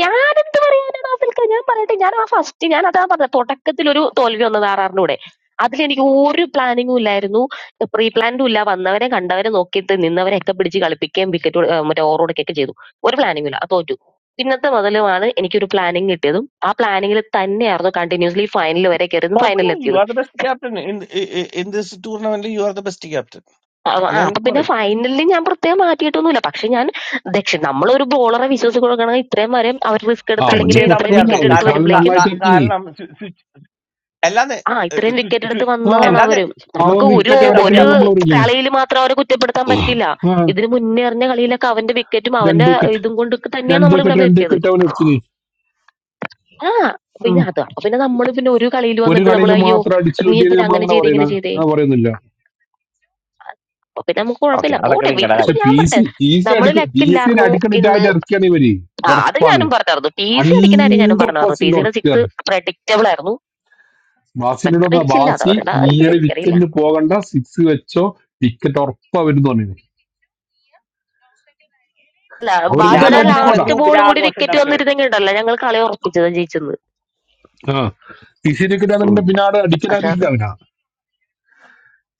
ഞാനെന്ത് പറയാനാ റാഫിൽക്ക ഞാൻ പറയട്ടെ ഞാൻ ആ ഫസ്റ്റ് ഞാൻ അതാ പറഞ്ഞ തുടക്കത്തിൽ ഒരു തോൽവി വന്നത് ആറാറിനൂടെ അതിൽ എനിക്ക് ഒരു പ്ലാനിങ്ങും ഇല്ലായിരുന്നു പ്രീ പ്ലാനും ഇല്ല വന്നവരെ കണ്ടവരെ നോക്കിയിട്ട് നിന്നവരെ ഒക്കെ പിടിച്ച് കളിപ്പിക്കുകയും വിക്കറ്റ് മറ്റേ ഓവർ കൊടുക്കുകയൊക്കെ ചെയ്തു ഒരു പ്ലാനിങ്ങും ഇല്ല അത് തോറ്റു പിന്നത്തെ മുതലുമാണ് എനിക്കൊരു പ്ലാനിങ് കിട്ടിയതും ആ പ്ലാനിങ്ങിൽ തന്നെയായിരുന്നു കണ്ടിന്യൂസ്ലി ഫൈനൽ വരെ കയറിയതും
കുഴപ്പമില്ല
ഫൈനലിൽ
യു
എത്തിയതും
are the best captain in in this ടൂർണമെന്റിൽ you are the best captain
ആ ആ,
അങ്ങനെ
അപ്പൊ പിന്നെ
പറയും
ഫൈനലിൽ ഞാൻ പ്രത്യേകം മാറ്റിയിട്ടൊന്നുമില്ല പക്ഷെ ഞാൻ ദക്ഷിണ നമ്മളൊരു ബോളറെ വിശ്വസിച്ച് കൊടുക്കണമെങ്കിൽ ഇത്രയും വരെ അവർ റിസ്ക് എടുത്ത്
സ്വിച്ച്
അല്ലെങ്കിൽ
അവന്
ചെയ്താൽ മതി
ഇത്രയും
പ്രശ്നമില്ല
ആർവേ
വിക്കറ്റ്
അവന്
എടുത്ത്
കാരണം
ഇച്ചിരി
വരുമ്പോഴേക്കും
കാ-
നന്നായിട്ട്
കാ-
ഇറക്കി
കാരണം സ്വി- switch- അല്ലാതെ
ആ
ഏഹ്,
ഇത്രയും
സ്വി-
വിക്കറ്റ് എടുത്ത്
സ്വി-
ആ
വന്നതാണ്
അല്ലാതെ
അവര്.
അവൻ
സ്വി-
നമുക്ക്
സ്വിച്ച്
ഒരു
വിക്കറ്റ്
ചെയ്താൽ മതി
ഒരു
എവിടേക്കുണ്ടെങ്കിൽ
ആർവേ
നമ്മൾ അറിയില്ലേ
കളിയിൽ മാത്രം അവരെ കുറ്റപ്പെടുത്താൻ പറ്റില്ല.
ആ
ഇതിന് മുന്നേ എറിഞ്ഞ കളിയിലൊക്കെ അവന്റെ വിക്കറ്റും
രണ്ട്
അവന്റെ
വിക്കറ്റ്
ഇതും കൊണ്ടൊക്കെ തന്നെയാണ്
രണ്ട്
നമ്മൾ ഇവിടെ
വിക്കറ്റ് രണ്ട്
എത്തിയത്.
വിക്കറ്റ് അവൻ എടുത്തില്ലേ
ആ പിന്നെ
ആ
അത് അപ്പൊ പിന്നെ നമ്മൾ പിന്നെ ഒരു കളിയിൽ
ഒരു
വന്നിട്ട് നമ്മൾ
കളിയിൽ
അയ്യോ
മാത്രം അടിച്ചു
നീ
കിട്ടിയത്
എന്തിനാ
നമ്മൾ
അങ്ങനെ
അങ്ങനെ
ചെയ്തേ
പറയണ
ഇങ്ങനെ ചെയ്തേ
അങ്ങനെ പറയുന്നില്ല
അപ്പൊ പിന്നെ നമുക്ക്
ഓക്കെ
കുഴപ്പമില്ല
അതൊക്കെ
പോട്ടെ വി-
നിങ്ങളുടെ
ഇതിപ്പോ
പക്ഷെ
കാര്യം
ഞാൻ
പി
പറഞ്ഞെ
സി പി സി
നമ്മൾ
അടിക്കും പി സിനെ
ലക്കില്ലായിരുന്നു ഇന്ന്
അടിക്കണിട്ടായിട്ട് ഇറക്കിയാണ് ഇവര്
ആ അത്
ഉറപ്പാണ്
ഞാനും പറഞ്ഞായിരുന്നു ടി സി അടിക്കുന്ന കാര്യം ഞാനും
ഹൺഡ്രഡ്
പറഞ്ഞായിരുന്നു ടി
പെർസെന്റ്
സിയുടെ സിക്സ്
ഉറക്കുകയാണ്
പ്രഡിക്റ്റബിൾ ആയിരുന്നു
ബാസിനോട്
പെട്ടെന്ന്
പറഞ്ഞ
അടിച്ചില്ല അത്
ബാസി
അവരുടെ ഇത്
നീയാണ്
എനിക്കറിയില്ല
വിക്കറ്റിന് പോകണ്ട സിക്സ് വെച്ചോ വിക്കറ്റ് ഉറപ്പാ വരും തോന്നിയത്
അല്ല
ഞാൻ
ബാഷയുടെ
അവരെന്തായാലും
നോക്കുമ്പോ നിങ്ങളുടെ
അടിക്കുവാടാ
ലാസ്റ്റ്
ഗ്രൂപ്പിലെ
ബോളും കൂടി
ആഘോഷം
വിക്കറ്റ്
നടക്കരുത്
വന്നിരുന്നെങ്കിൽ ഉണ്ടല്ലോ ഞങ്ങൾ കളി ഉറപ്പിച്ചത് ജയിച്ചെന്ന്
ആ പി സി വിക്കറ്റ് ആണെങ്കിൽ പിന്നെ ആടെ അടിക്കാൻ
പക്ഷെ
ആരും
അത്
ഇല്ല അവനാ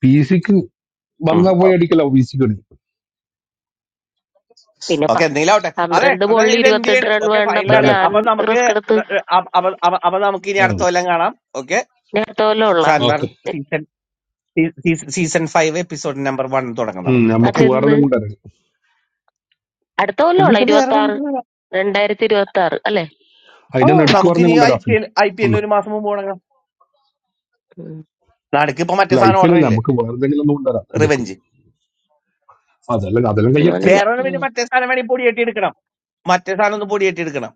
പി സിക്ക് വന്നാ പോയി അടിക്കലോ പി സിക്ക് അടിക്കും
പിന്നെ
ഓക്കെ
പ-
എന്തെങ്കിലാവട്ടെ അതെ
പന്ത്രണ്ട്
അതെ
ബോളിൽ
ഇത്
ഇരുപത്തെട്ട്
ഇന്ത്യയാണ്
റൺ
ഓക്കെ
വേണ്ടപ്പോ
ബാഡ്
ഫൈനലാണ്
ഞാൻ
ലക്ക്
അപ്പൊ നമുക്ക്
റിസ്ക് എടുത്ത്
ഏഹ്, അപ്പൊ അപ്പൊ- അപ്പൊ- അപ്പൊ നമുക്ക് ഇനി അടുത്ത കൊല്ലം കാണാം ഓക്കെ
ഞാൻ അടുത്ത കൊല്ലം ഉള്ള
സാൻവാർ
okay
season season five episode number one തുടങ്ങാം നമുക്ക് ഓക്കെ
നമുക്ക് വേറെ
അതിന്ന്
എന്തെങ്കിലും കൊണ്ടുവരാം
അടുത്ത കൊല്ലം
ഇനി
ഉള്ള
ഇത് വേറെ
ഇരുപത്തി ആറ്
ഒന്നും-
രണ്ടായിരത്തി ഇരുപത്തി ആറ് അല്ലേ
ആ
അതിന്റെ നടുക്ക് പറഞ്ഞ
നമുക്കിനി ഐ
കൊണ്ടുവരാം
പി
അഫില്
എൽ ഐ പി
ഒന്ന്
എല്ലിന് ഒരു മാസം മുമ്പ് തുടങ്ങാം
ഉം.
നടുക്ക് ഇപ്പൊ മറ്റേ
അല്ല ഐ
സാധനം
പി എൽ അല്ല
ഓടണില്ലേ
നമുക്ക് വേറെ എന്തെങ്കിലും ഒന്ന് കൊണ്ടുവരാം എടുക്കും
റിവെഞ്ച്
അതെല്ലാം അതെല്ലാം കഴിയട്ടെ
ഞാനില്ല
വേറെ ഒരു പിന്നെ
ഉം.
മറ്റേ സാധനം വേണമെങ്കിൽ പൊടിയേറ്റി എടുക്കണം മറ്റേ സാധനം ഒന്ന് പൊടിയേറ്റി എടുക്കണം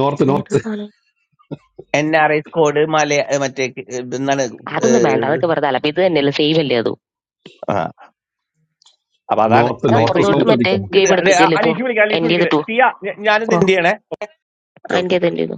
നോർത്ത്
ഏത്
നോർത്ത്
സാധനം
എൻ ആർ ഐ സ്കോഡ് മല ഏ, മറ്റേ ക- ഏ, എന്താണ് ഏ,
അതൊന്നും വേണ്ട അതൊക്കെ വെറുതെ അല്ല അപ്പൊ ഇത് തന്നെയല്ലേ സേവ് അല്ലേ അതും
ആ അപ്പൊ അതാണ്
നോർത്ത്
ഞാൻ
അപ്പൊ ഇപ്പൊ
നോർത്ത്
ഇത്
അപ്പുറത്തോട്ട്
സൗത്ത്
കൊണ്ട്-
മറ്റേ
അടിക്കാം നമുക്ക്
ഇത്
ഗെയിം എടുക്കച്ചില്ല ഇപ്പൊ
അലീഷ് വിളിക്കാം അലീഷ്
എന്റെ
വിളിക്കട്ടെ
ചെയ്തിട്ട് പോ
സിയ ഞാ- ഞാനിത്
ഓ
എന്ത് ചെയ്യണേ ഓക്കെ ഓക്കെ
എന്റെ